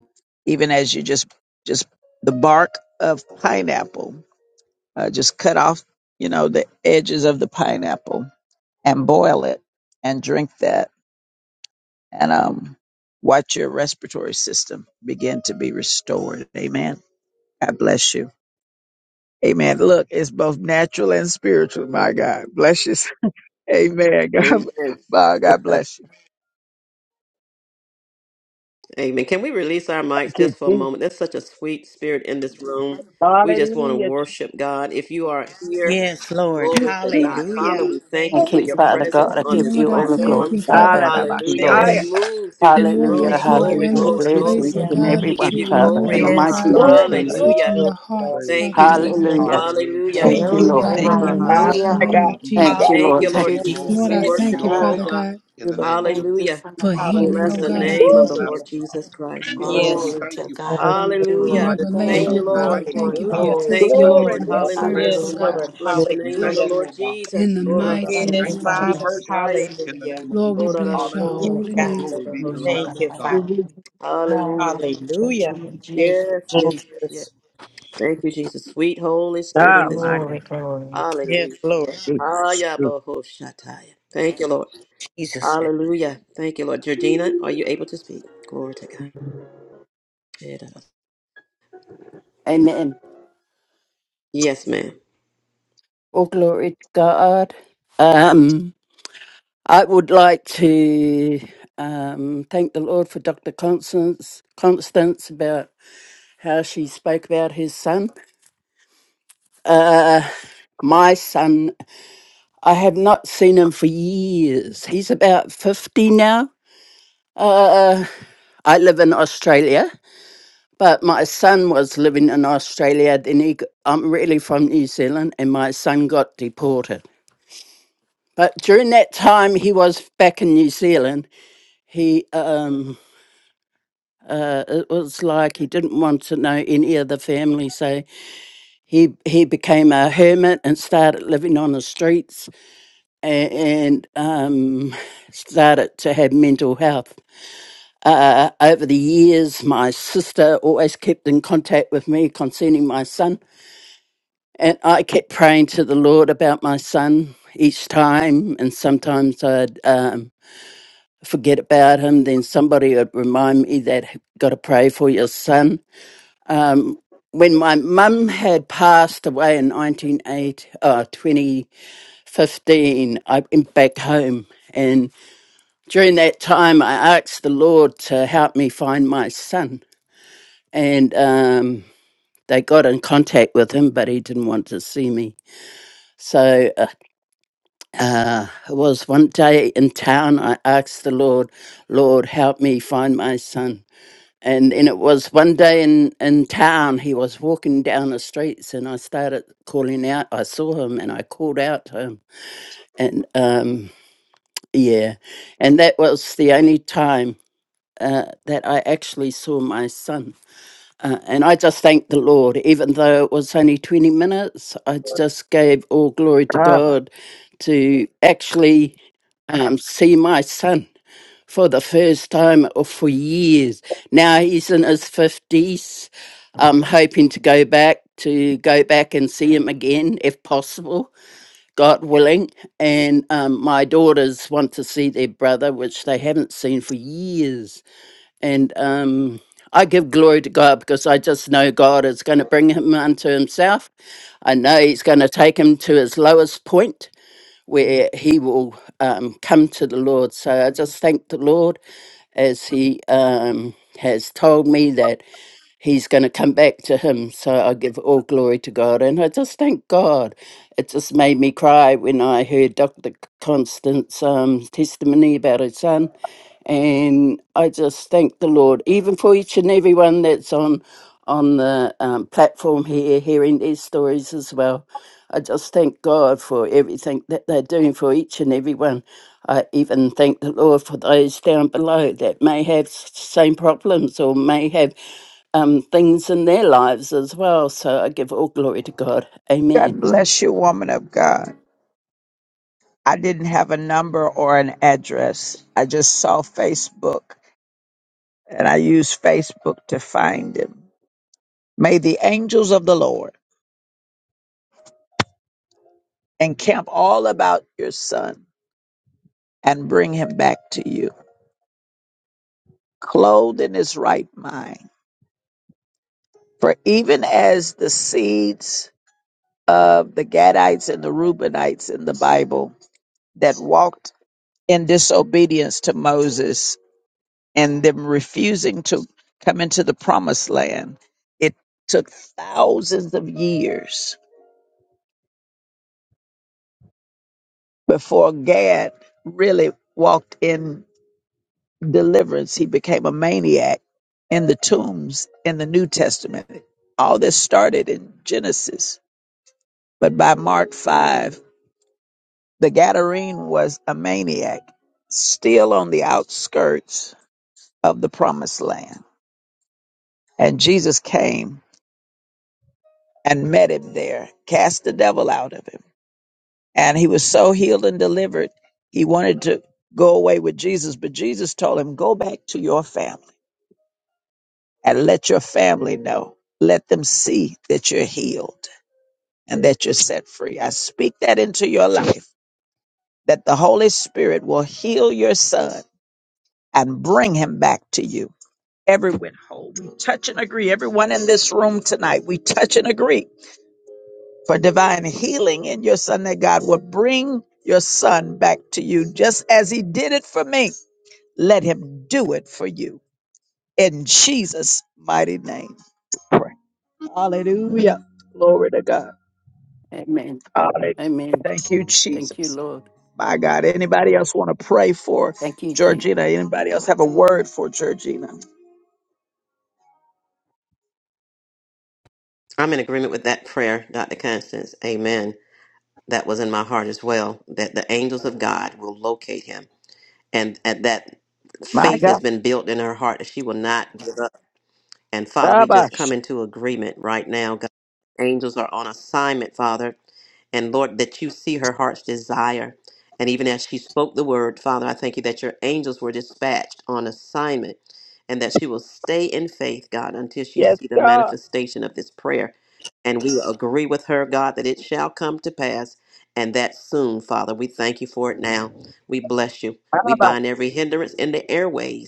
Speaker 1: even as you just just the bark of pineapple. Uh, just cut off, you know, the edges of the pineapple and boil it and drink that, and um, watch your respiratory system begin to be restored. Amen. God bless you. Amen. Look, it's both natural and spiritual. My God, bless you. [LAUGHS] Amen. God,
Speaker 2: Amen.
Speaker 1: my God bless you.
Speaker 2: Amen. Can we release our mics
Speaker 1: Okay,
Speaker 2: just for a
Speaker 1: see?
Speaker 2: moment? There's such a sweet spirit in this room. We just want to
Speaker 1: Hallelujah.
Speaker 2: worship God. If you are here,
Speaker 7: Yes, Lord.
Speaker 2: glory to God. Father,
Speaker 7: Hallelujah.
Speaker 2: we thank
Speaker 7: Thank
Speaker 2: you
Speaker 16: Thank
Speaker 2: for
Speaker 7: you,
Speaker 16: you,
Speaker 2: your
Speaker 16: Father God.
Speaker 2: presence
Speaker 16: I
Speaker 2: on
Speaker 16: give
Speaker 2: this
Speaker 10: Lord,
Speaker 16: you
Speaker 10: I
Speaker 16: all the
Speaker 7: Lord.
Speaker 10: thank
Speaker 2: platform.
Speaker 16: glory,
Speaker 10: you,
Speaker 7: We thank
Speaker 10: Father
Speaker 16: Father.
Speaker 7: you.
Speaker 16: Thank
Speaker 10: God.
Speaker 16: you,
Speaker 2: Hallelujah. Let
Speaker 16: Lord.
Speaker 7: Thank
Speaker 2: it
Speaker 1: Hallelujah.
Speaker 7: you.
Speaker 2: move through this
Speaker 10: Lord,
Speaker 16: Hallelujah,
Speaker 2: room.
Speaker 10: that you
Speaker 7: Thank
Speaker 10: are
Speaker 7: you.
Speaker 2: Glory,
Speaker 10: in
Speaker 17: Thank
Speaker 16: hallelujah.
Speaker 12: Glory
Speaker 2: glory,
Speaker 10: this
Speaker 16: Bless
Speaker 12: to
Speaker 2: glory.
Speaker 10: place,
Speaker 16: each
Speaker 10: oh
Speaker 12: your
Speaker 7: Hallelujah.
Speaker 16: and
Speaker 10: God,
Speaker 12: name,
Speaker 2: We
Speaker 10: that
Speaker 2: give
Speaker 16: everyone,
Speaker 10: you
Speaker 2: you
Speaker 10: are
Speaker 16: Father,
Speaker 2: glory,
Speaker 16: in
Speaker 10: moving,
Speaker 16: the
Speaker 2: oh
Speaker 10: oh
Speaker 7: Yes,
Speaker 16: mighty
Speaker 2: God.
Speaker 10: God,
Speaker 16: name of
Speaker 10: that
Speaker 7: Lord.
Speaker 10: you
Speaker 1: Glory,
Speaker 10: are
Speaker 12: magnified
Speaker 16: Jesus.
Speaker 2: Hallelujah.
Speaker 10: touching
Speaker 1: glory,
Speaker 12: Lord.
Speaker 10: the
Speaker 1: glory.
Speaker 10: hearts,
Speaker 18: Praise
Speaker 2: Thank
Speaker 18: the
Speaker 10: Father
Speaker 2: you,
Speaker 10: God,
Speaker 18: Lord.
Speaker 10: of
Speaker 2: Jesus.
Speaker 10: your
Speaker 7: Yes,
Speaker 16: Hallelujah.
Speaker 18: Hallelujah.
Speaker 12: Lord,
Speaker 2: Hallelujah.
Speaker 16: Thank
Speaker 7: thank
Speaker 12: we
Speaker 16: you,
Speaker 10: children,
Speaker 7: you.
Speaker 18: Bless
Speaker 10: oh
Speaker 7: We
Speaker 18: his
Speaker 12: honor
Speaker 16: Lord.
Speaker 14: Hallelujah,
Speaker 10: God,
Speaker 12: you.
Speaker 18: holy
Speaker 7: thank
Speaker 2: Ora
Speaker 10: in the
Speaker 7: you,
Speaker 18: name.
Speaker 12: We
Speaker 2: baha
Speaker 7: God.
Speaker 1: My
Speaker 10: mighty
Speaker 14: hallelujah.
Speaker 18: Father,
Speaker 10: name
Speaker 2: sataya.
Speaker 18: we
Speaker 1: God,
Speaker 10: of
Speaker 18: give you
Speaker 1: my
Speaker 16: Thank
Speaker 10: Jesus.
Speaker 1: God.
Speaker 16: you,
Speaker 18: praise.
Speaker 2: Thank
Speaker 16: Lord.
Speaker 18: We
Speaker 2: you,
Speaker 14: Thank
Speaker 7: Hallelujah.
Speaker 18: give
Speaker 16: Thank
Speaker 14: you,
Speaker 2: Lord
Speaker 18: you
Speaker 16: you.
Speaker 2: Jesus.
Speaker 18: glory.
Speaker 10: Lord,
Speaker 2: We
Speaker 10: I
Speaker 18: We give
Speaker 14: Jesus.
Speaker 7: Yes,
Speaker 2: worship
Speaker 10: thank
Speaker 18: you
Speaker 10: you,
Speaker 2: you,
Speaker 18: all the
Speaker 7: God.
Speaker 2: oh
Speaker 10: Father
Speaker 18: honor
Speaker 2: God.
Speaker 10: God.
Speaker 18: in
Speaker 12: feel
Speaker 18: the
Speaker 12: the
Speaker 18: name of
Speaker 14: Thank
Speaker 18: Jesus.
Speaker 14: you,
Speaker 2: Hallelujah.
Speaker 14: Father.
Speaker 10: for
Speaker 16: Thank
Speaker 7: Hallelujah.
Speaker 18: Hallelujah.
Speaker 14: Thank
Speaker 10: healing,
Speaker 16: you,
Speaker 2: Bless
Speaker 14: you,
Speaker 10: oh
Speaker 2: the
Speaker 16: Lord.
Speaker 10: God.
Speaker 7: We
Speaker 18: Glory
Speaker 10: I
Speaker 1: Woo.
Speaker 14: Lord
Speaker 2: name
Speaker 17: you,
Speaker 18: to
Speaker 2: of
Speaker 18: the
Speaker 7: thank
Speaker 2: the
Speaker 17: Lord.
Speaker 10: thank you
Speaker 7: you.
Speaker 18: Lamb
Speaker 2: Lord
Speaker 18: of God.
Speaker 2: Jesus Christ.
Speaker 18: We
Speaker 16: Thank you,
Speaker 18: bless and
Speaker 2: Hallelujah.
Speaker 18: we
Speaker 7: Yes,
Speaker 14: Glory
Speaker 18: thank
Speaker 14: to
Speaker 18: you,
Speaker 14: God.
Speaker 18: Father,
Speaker 14: Thank
Speaker 12: presence.
Speaker 14: you,
Speaker 18: for
Speaker 7: Lord.
Speaker 18: your
Speaker 10: for
Speaker 2: Hallelujah.
Speaker 14: Lord.
Speaker 7: Jesus'
Speaker 18: mighty healing
Speaker 2: Thank
Speaker 18: touch.
Speaker 10: revelation,
Speaker 7: name.
Speaker 14: Thank
Speaker 2: you,
Speaker 10: oh
Speaker 18: We
Speaker 10: God. I
Speaker 14: you,
Speaker 18: thank
Speaker 2: Lord.
Speaker 18: you,
Speaker 10: thank
Speaker 14: Lord.
Speaker 18: Lord
Speaker 10: you for
Speaker 18: God,
Speaker 10: the
Speaker 7: Hallelujah.
Speaker 14: Glory.
Speaker 2: Thank you,
Speaker 18: that the
Speaker 10: testimonies
Speaker 1: Glory,
Speaker 2: Lord.
Speaker 10: of
Speaker 18: healing
Speaker 10: your
Speaker 18: is
Speaker 1: glory.
Speaker 18: the bread
Speaker 2: Hallelujah.
Speaker 10: servants,
Speaker 18: of
Speaker 10: oh
Speaker 7: Yes,
Speaker 18: the
Speaker 10: God.
Speaker 7: Lord.
Speaker 14: Hallelujah.
Speaker 18: righteous.
Speaker 2: Bless the
Speaker 18: We
Speaker 2: name of the
Speaker 18: thank
Speaker 7: Hallelujah.
Speaker 18: you,
Speaker 2: Lord
Speaker 18: Lord God,
Speaker 10: In
Speaker 18: for
Speaker 2: Jesus.
Speaker 10: the
Speaker 18: your
Speaker 14: Lord,
Speaker 18: goodness.
Speaker 10: mighty
Speaker 18: We
Speaker 14: thank
Speaker 7: Yes,
Speaker 10: name
Speaker 14: you,
Speaker 18: thank you
Speaker 10: of
Speaker 18: for your
Speaker 14: Father.
Speaker 7: Father.
Speaker 10: Jesus.
Speaker 18: mercies in the
Speaker 7: Hallelujah.
Speaker 18: name of
Speaker 10: Lord, we
Speaker 18: Jesus.
Speaker 10: bless your
Speaker 7: Yes,
Speaker 18: Hallelujah.
Speaker 14: Glory,
Speaker 10: holy
Speaker 14: glory
Speaker 7: God.
Speaker 10: name.
Speaker 14: to
Speaker 18: Glory
Speaker 14: the
Speaker 18: be to
Speaker 14: name
Speaker 18: the
Speaker 14: of
Speaker 18: Lamb
Speaker 7: Thank
Speaker 14: God.
Speaker 18: of
Speaker 7: you,
Speaker 14: God,
Speaker 7: Father.
Speaker 18: God.
Speaker 14: I
Speaker 2: Hallelujah.
Speaker 14: appreciate
Speaker 7: Hallelujah.
Speaker 14: you,
Speaker 16: Lord.
Speaker 14: Lord
Speaker 7: Thank
Speaker 14: Jesus.
Speaker 2: Yes, yes,
Speaker 7: you,
Speaker 2: yes, yes.
Speaker 7: Jesus.
Speaker 2: Thank you, Jesus. Sweet Holy Spirit
Speaker 1: Oh,
Speaker 2: in this
Speaker 1: my
Speaker 2: room.
Speaker 1: God.
Speaker 14: Glory, glory.
Speaker 7: Yes,
Speaker 2: Hallelujah.
Speaker 7: Lord.
Speaker 1: Jesus.
Speaker 2: Ayabahoshataia. Thank you, Lord.
Speaker 7: Jesus.
Speaker 2: Hallelujah. Thank you, Lord. Georgina, are you able to speak? Glory to God.
Speaker 16: Amen.
Speaker 2: Yes, ma'am.
Speaker 16: All glory to God. Um, I would like to um, thank the Lord for Dr. Constance, Constance about how she spoke about his son. Uh, my son, I have not seen him for years. He's about 50 now. Uh, I live in Australia, but my son was living in Australia. Then he, g- I'm really from New Zealand, and my son got deported. But during that time, he was back in New Zealand. He, um, uh, it was like he didn't want to know any of the family, so he he became a hermit and started living on the streets and um, started to have mental health. Uh, over the years, my sister always kept in contact with me concerning my son, and I kept praying to the Lord about my son each time. And sometimes I'd um, forget about him, then somebody would remind me that got to pray for your son. Um, when my mum had passed away in 1980, uh, 2015, I went back home and. During that time, I asked the Lord to help me find my son. And um, they got in contact with him, but he didn't want to see me. So uh, uh, it was one day in town, I asked the Lord, Lord, help me find my son. And then it was one day in, in town, he was walking down the streets, and I started calling out. I saw him and I called out to him. And um, yeah, and that was the only time. uh, that I actually saw my son. Uh, and I just thanked the Lord, even though it was only 20 minutes. I just gave all glory to God to actually um, see my son for the first time or for years. Now he's in his 50s. I'm hoping to go back to go back and see him again if possible, God willing. And um, my daughters want to see their brother, which they haven't seen for years and um, I give glory to God because I just know God is going to bring him unto himself. I know he's going to take him to his lowest point where he will um, come to the Lord. So I just thank the Lord as he um, has told me that he's going to come back to him. So I give all glory to God. And I just thank God. It just made me cry when I heard Dr. Constance's um, testimony about her son. And I just thank the Lord, even for each and everyone that's on on the um, platform here, hearing their stories as well. I just thank God for everything that they're doing for each and everyone. I even thank the Lord for those down below that may have s- same problems or may have um, things in their lives as well. So I give all glory to God. Amen.
Speaker 1: God bless you, woman of God. I didn't have a number or an address. I just saw Facebook and I used Facebook to find him. May the angels of the Lord encamp all about your son and bring him back to you, clothed in his right mind. For even as the seeds of the Gadites and the Reubenites in the Bible that walked in disobedience to Moses and them refusing to come into the promised land. It took thousands of years before Gad really walked in deliverance. He became a maniac in the tombs in the New Testament. All this started in Genesis, but by Mark 5, The Gadarene was a maniac, still on the outskirts of the promised land. And Jesus came and met him there, cast the devil out of him. And he was so healed and delivered, he wanted to go away with Jesus. But Jesus told him, Go back to your family and let your family know. Let them see that you're healed and that you're set free. I speak that into your life, that the Holy Spirit will heal your son and bring him back to you everyone whole. We touch and agree. Everyone in this room tonight, we touch and agree for divine healing in your son that God will bring your son back to you just as he did it for me. Let him do it for you in Jesus' mighty name. we Pray. Hallelujah. Glory to God.
Speaker 16: Amen.
Speaker 1: Hallelujah.
Speaker 16: Amen.
Speaker 1: Thank you,
Speaker 16: Thank you,
Speaker 1: Jesus.
Speaker 16: Lord.
Speaker 1: My God. Anybody else want to pray for
Speaker 16: Thank you, Jesus.
Speaker 1: Georgina? Anybody else have a word for Georgina?
Speaker 2: I'm in agreement with that prayer, Dr. Constance. Amen. That was in my heart as well, that the angels of God will locate him. And, and that
Speaker 1: My
Speaker 2: faith has
Speaker 1: God.
Speaker 2: been built in her heart that she will not give up. And Father, we just come
Speaker 1: Tabash.
Speaker 2: into agreement right now. God, angels are on assignment, Father, and Lord, that you see her heart's desire. And even as she spoke the word, Father, I thank you that your angels were dispatched on assignment and that she will stay in faith, God, until she
Speaker 1: Yes,
Speaker 2: see the
Speaker 1: God.
Speaker 2: manifestation of this prayer. And we will agree with her, God, that it shall come to pass and that soon, Father. We thank you for it now. We bless you. We bind every hindrance in the airways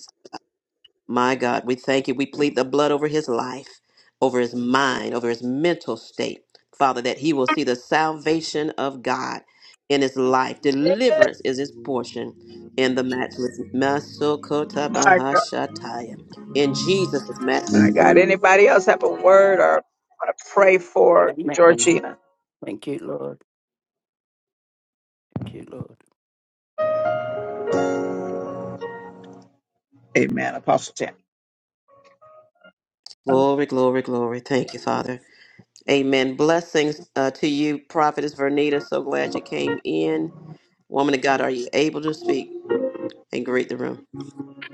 Speaker 2: my God, we thank you. We plead the blood over his life, over his mind, over his mental state. Father, that he will see the salvation of God in his life. Deliverance is his portion in the matchless.
Speaker 1: My God,
Speaker 2: Masokotabahashataya. In Jesus'
Speaker 1: my
Speaker 2: matchless name.
Speaker 1: God. Anybody else have a word or want to pray for
Speaker 16: Amen.
Speaker 1: Georgina?
Speaker 16: Thank you, Lord. Thank you, Lord.
Speaker 1: Amen. Apostle Tammy.
Speaker 2: Glory, glory, glory. Thank you, Father. Amen. Blessings uh, to you, Prophetess Vernita. So glad you came in. Woman of God, are you able to speak and greet the room?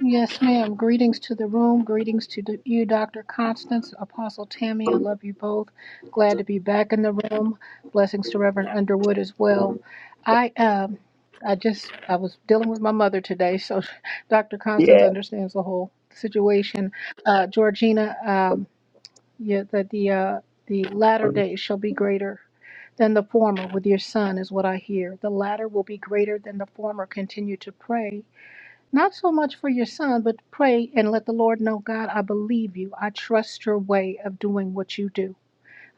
Speaker 17: Yes, ma'am. Greetings to the room. Greetings to the- you, Dr. Constance, Apostle Tammy. I love you both. Glad to be back in the room. Blessings to Reverend Underwood as well. I um, I just I was dealing with my mother today, so [LAUGHS] Dr. Constance
Speaker 1: Yeah.
Speaker 17: understands the whole situation. Uh, Georgina. Um, yeah, that the uh, the latter days shall be greater than the former with your son is what I hear. The latter will be greater than the former. Continue to pray, not so much for your son, but pray and let the Lord know, God, I believe you. I trust your way of doing what you do.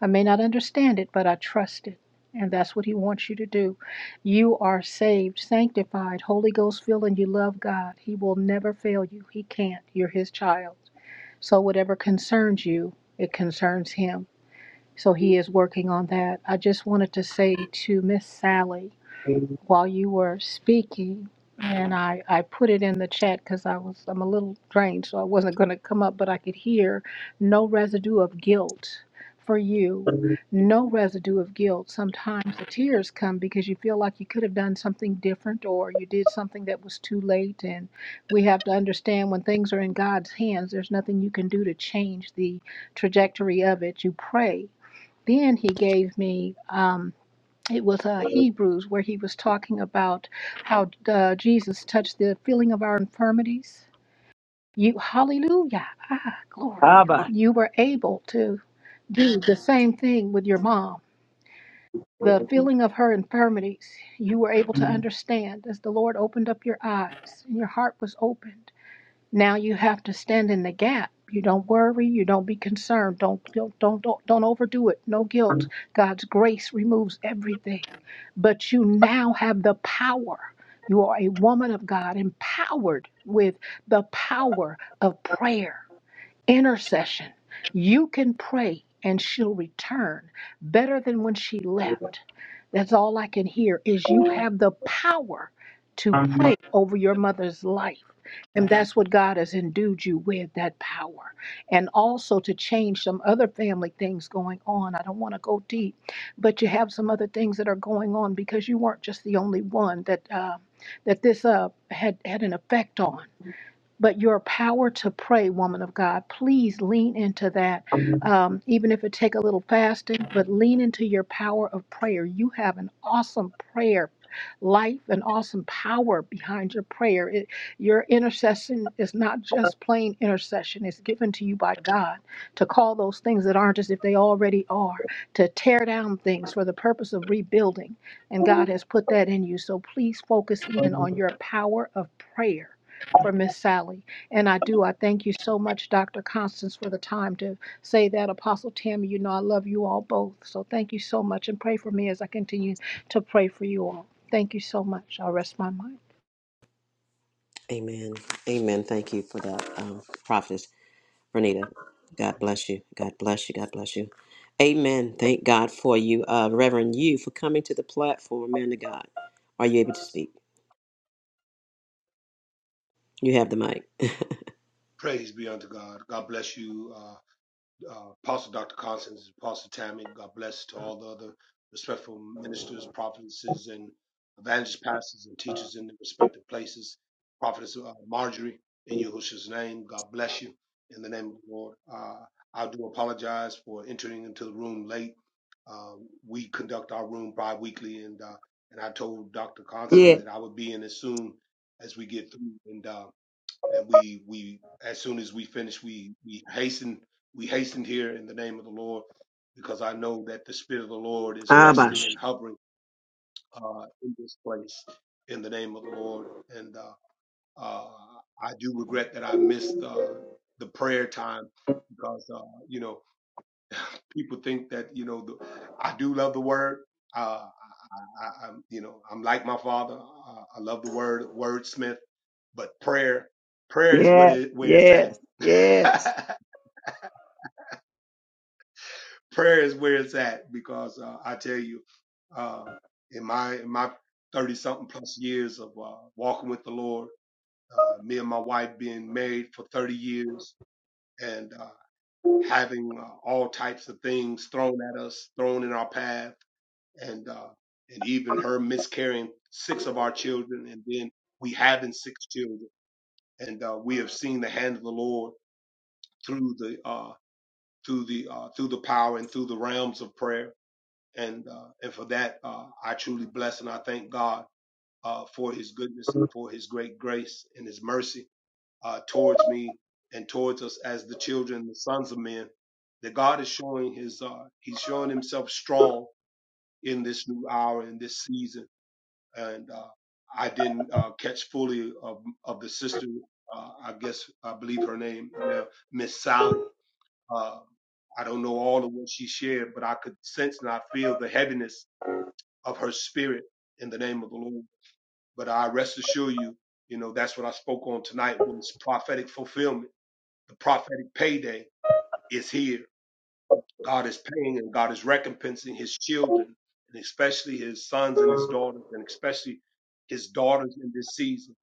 Speaker 17: I may not understand it, but I trust it. And that's what He wants you to do. You are saved, sanctified, Holy Ghost filled, and you love God. He will never fail you. He can't. You're His child. So whatever concerns you, it concerns Him. So He is working on that. I just wanted to say to Miss Sally, while you were speaking, and I, I put it in the chat because I was I'm a little drained, so I wasn't going to come up, but I could hear no residue of guilt for you. No residue of guilt. Sometimes the tears come because you feel like you could have done something different or you did something that was too late. And we have to understand when things are in God's hands, there's nothing you can do to change the trajectory of it. You pray. Then he gave me. Um, it was uh, Hebrews where he was talking about how uh, Jesus touched the feeling of our infirmities. You, hallelujah, ah, glory.
Speaker 1: Abba.
Speaker 17: You were able to do the same thing with your mom. The feeling of her infirmities, you were able to understand as the Lord opened up your eyes and your heart was opened. Now you have to stand in the gap. You don't worry. You don't be concerned. Don't don't don't don't, don't overdo it. No guilt. God's grace removes everything. But you now have the power. You are a woman of God, empowered with the power of prayer. Intercession. You can pray and she'll return better than when she left. That's all I can hear is you have the power to pray over your mother's life. And that's what God has endued you with that power. And also to change some other family things going on. I don't want to go deep, but you have some other things that are going on because you weren't just the only one that uh, that this uh, had had an effect on but your power to pray, woman of God. Please lean into that, um, even if it take a little fasting. But lean into your power of prayer. You have an awesome prayer life, an awesome power behind your prayer. It, your intercession is not just plain intercession; it's given to you by God to call those things that aren't as if they already are, to tear down things for the purpose of rebuilding. And God has put that in you. So please focus in on your power of prayer for Miss Sally. And I do. I thank you so much, Dr. Constance, for the time to say that. Apostle Tammy, you know I love you all both. So thank you so much. And pray for me as I continue to pray for you all. Thank you so much. I will rest my mind.
Speaker 2: Amen. Amen. Thank you for that, um, Prophetess Renita. God bless you. God bless you. God bless you. Amen. Thank God for you, uh, Reverend. You for coming to the platform, man of God. Are you able to speak? You have the mic. [LAUGHS]
Speaker 18: Praise be unto God. God bless you. Uh, uh, Apostle Dr. Constance, Apostle Tammy, God bless to all the other respectful ministers, prophetesses, and evangelist pastors and teachers in their respective places. Prophetess uh, Marjorie, in Yahushua's name, God bless you in the name of the Lord. Uh, I do apologize for entering into the room late. Um, we conduct our room bi-weekly, and uh, and I told Dr. Constance
Speaker 1: Yeah.
Speaker 18: that I would be in as soon as we get through, and uh, and we as we hasten, we hastened here in the name of the Lord because I know that the Spirit of the Lord is resting
Speaker 1: Abash.
Speaker 18: and hovering uh, in this place in the name of the Lord. And uh, uh, I just, uh, the prayer time, because, uh, you know, people, do, I do love the word. Uh, I, I'm, you know, I'm like my father. Uh, I love the word, wordsmith, but prayer, prayer is what
Speaker 1: Yeah.
Speaker 18: it, where it's at.
Speaker 1: Yes. Yes.
Speaker 18: [LAUGHS] prayer is where it's at because uh, I tell you, um, in my, in my 30 something plus years of uh, walking with the Lord, uh, me and my wife being married for 30 years and uh, having uh, all types of things thrown at us, thrown in our path, and uh, and even her miscarrying six of our children, and then we having six children, and uh, we have seen the hand of the Lord through the uh, through the uh, through the power and through the realms of prayer, and uh, and for that uh, I truly bless and I thank God uh, for His goodness and for His great grace and His mercy uh, towards me and towards us as the children, the sons of men, that God is showing his, uh, he's showing himself strong in this new hour, in this season. And, uh, I didn't, uh, catch fully of, of the sister, uh, I guess, I believe her name, yeah, Miss Sally. Uh, I don't know all of what she shared, but I could sense and I feel the heaviness of her spirit in the name of the Lord. But I rest assure you, you know, that's what I spoke on tonight was prophetic fulfillment The prophetic payday is here. God is paying and God is recompensing his children, and especially his sons and his daughters, and especially his daughters in this season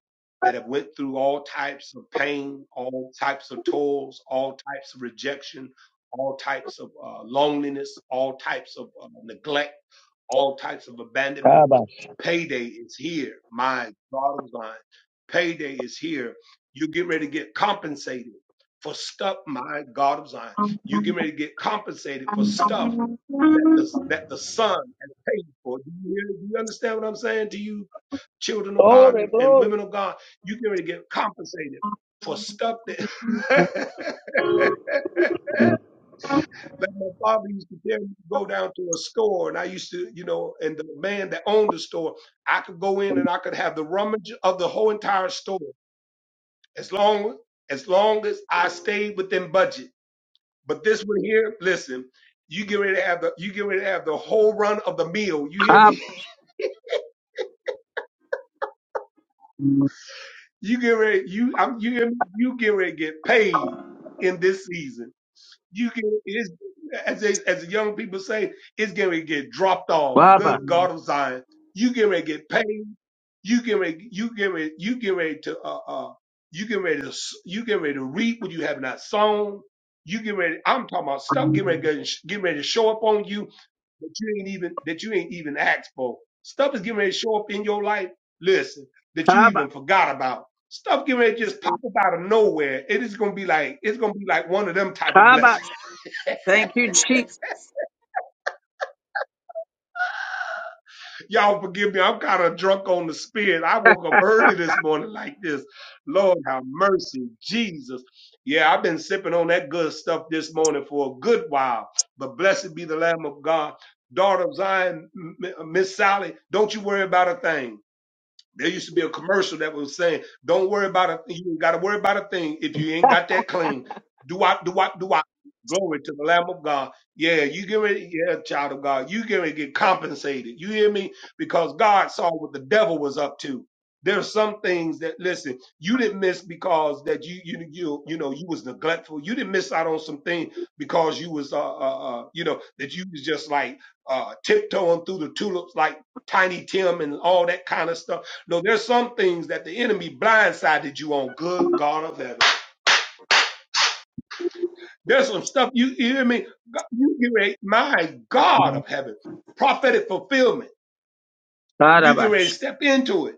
Speaker 18: that have went through all types of pain, all types of toils, all types of rejection, all types of uh, loneliness, all types of uh, neglect, all types of abandonment
Speaker 1: Kabash.
Speaker 18: Payday is here. My bottom line, payday is here. You get ready to get compensated for stuff. My God of Zion, you get ready to get compensated for stuff that the that the Son has paid for. Do you, hear, do you understand what I'm saying to you, children of God
Speaker 1: Glory,
Speaker 18: and, and
Speaker 1: glory.
Speaker 18: women of God? You get ready to get compensated for stuff that. [LAUGHS] Like my father used to tell me to go down to a store, and I used to, you know, and the man that owned the store, I could go in and I could have the rummage of the whole entire store as long as long as I stayed within budget. But this one here, listen, you get ready to have the you get ready to have the whole run of the meal. You hear
Speaker 1: Kab.
Speaker 18: me? [LAUGHS] You get ready, you I'm you hear me? You get ready to get paid in this season. you can it is as they, as the young people say, it's going to get dropped off.
Speaker 1: Baba.
Speaker 18: Good God of Zion, you get ready to get paid. You get ready, you get ready, you get ready to uh uh you get ready to s- you get ready to reap what you have not sown. You get ready. I'm talking about stuff. Get ready, to get ready to show up on you that you ain't even that you ain't even asked for. Stuff is getting ready to show up in your life. Listen, that you
Speaker 1: Kaba.
Speaker 18: even forgot about. Stuff getting ready to just pop up out of nowhere. It is gonna be like it's gonna be like one of them type of blessings
Speaker 1: Kabash. Thank you, Jesus.
Speaker 18: Y'all forgive me. I'm kind of drunk on the spirit. I woke up early this morning like this. Lord have mercy, Jesus. Yeah, I've been sipping on that good stuff this morning for a good while. But blessed be the Lamb of God. Daughter of Zion, M- Miss Sally, don't you worry about a thing. There used to be a commercial that was saying, "Don't worry about a thing. You ain't got to worry about a thing if you ain't got that claim." Do I? Do I? Do I? Glory to the Lamb of God. Yeah, you get ready. Yeah, child of God, you get ready to get compensated. You hear me? Because God saw what the devil was up to. There's some things that listen you didn't miss because that you you you you know you was neglectful. You didn't miss out on some things because you was uh, uh uh you know that you was just like uh tiptoeing through the tulips like Tiny Tim and all that kind of stuff no, there's some things that the enemy blindsided you on. Good God of heaven, there's some stuff you, you hear me. God- You get ready, my God of heaven, prophetic fulfillment. You get ready to
Speaker 1: Karabash.
Speaker 18: step into it,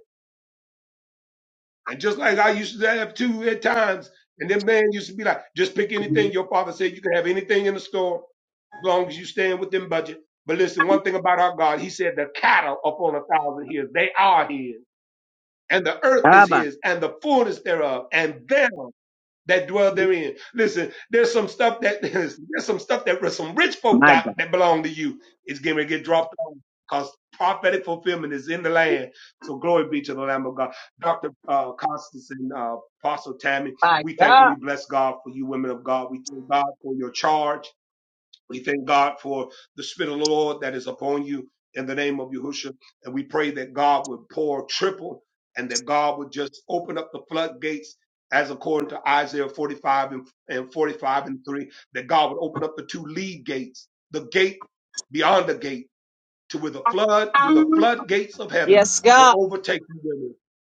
Speaker 18: and just like I used to have two at times, and then man used to be like, just pick anything. Your father said you can have anything in the store as long as you stand within budget. But listen, one thing about our God, He said the cattle upon a thousand hills, they are His, and the earth is
Speaker 1: Kabash.
Speaker 18: His, and the fullness thereof, and them. that dwell therein. Listen, there's some stuff that [LAUGHS] there's some stuff that some rich folk
Speaker 1: My
Speaker 18: got
Speaker 1: God.
Speaker 18: that belong to you. It's getting ready to get dropped on because prophetic fulfillment is in the land. So glory be to the Lamb of God. Dr. Uh, Constance and uh, Apostle Tammy,
Speaker 1: My
Speaker 18: we thank and
Speaker 1: God.
Speaker 18: we bless God for you women of God. We thank God for your charge. We thank God for the Spirit of the Lord that is upon you in the name of Yahushua. And we pray that God would pour triple and that God would just open up the floodgates as according to Isaiah 45 and, and 45 and 3, that God would open up the two lead gates, the gate beyond the gate to where the flood, where the floodgates of heaven will overtake you women.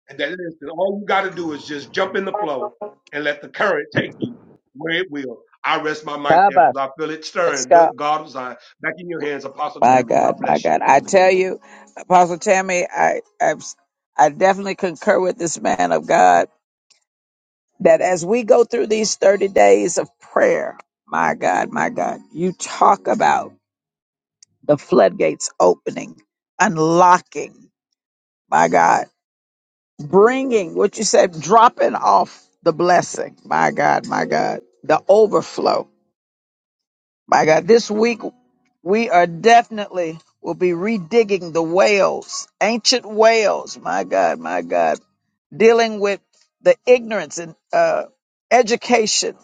Speaker 18: And that instant, all you got to do is just jump in the flow and let the current take you where it will. I rest my mic there
Speaker 1: Kabash.
Speaker 18: because I feel it
Speaker 1: Let's
Speaker 18: stirring.
Speaker 1: go.
Speaker 18: Good God of Zion. Back in your hands, Apostle
Speaker 1: My
Speaker 18: Tammy. God
Speaker 1: God. My
Speaker 18: bless you.
Speaker 1: God. I tell
Speaker 2: Amen.
Speaker 1: you, Apostle Tammy, I, I, I definitely concur with this man of God that as we go through these 30 days of prayer, my God, my God, you talk about the floodgates opening, unlocking, my God, bringing what you said, dropping off the blessing, my God, my God, the overflow, my God. This week, we are definitely will be redigging the whales, ancient whales, my God, my God, dealing with the ignorance and uh, education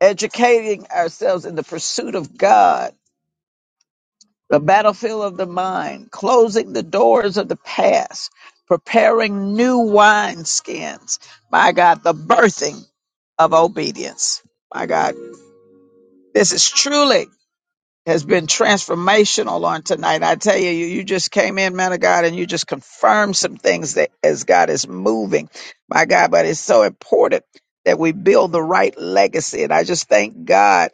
Speaker 1: educating ourselves in the pursuit of God, the battlefield of the mind, closing the doors of the past, preparing new wineskins. My God, the birthing of obedience. My God, this is truly has been transformational on tonight. I tell you, you, you just came in, man of God, and you just confirmed some things that as God is moving, my God. But it's so important that we build the right legacy. And I just thank God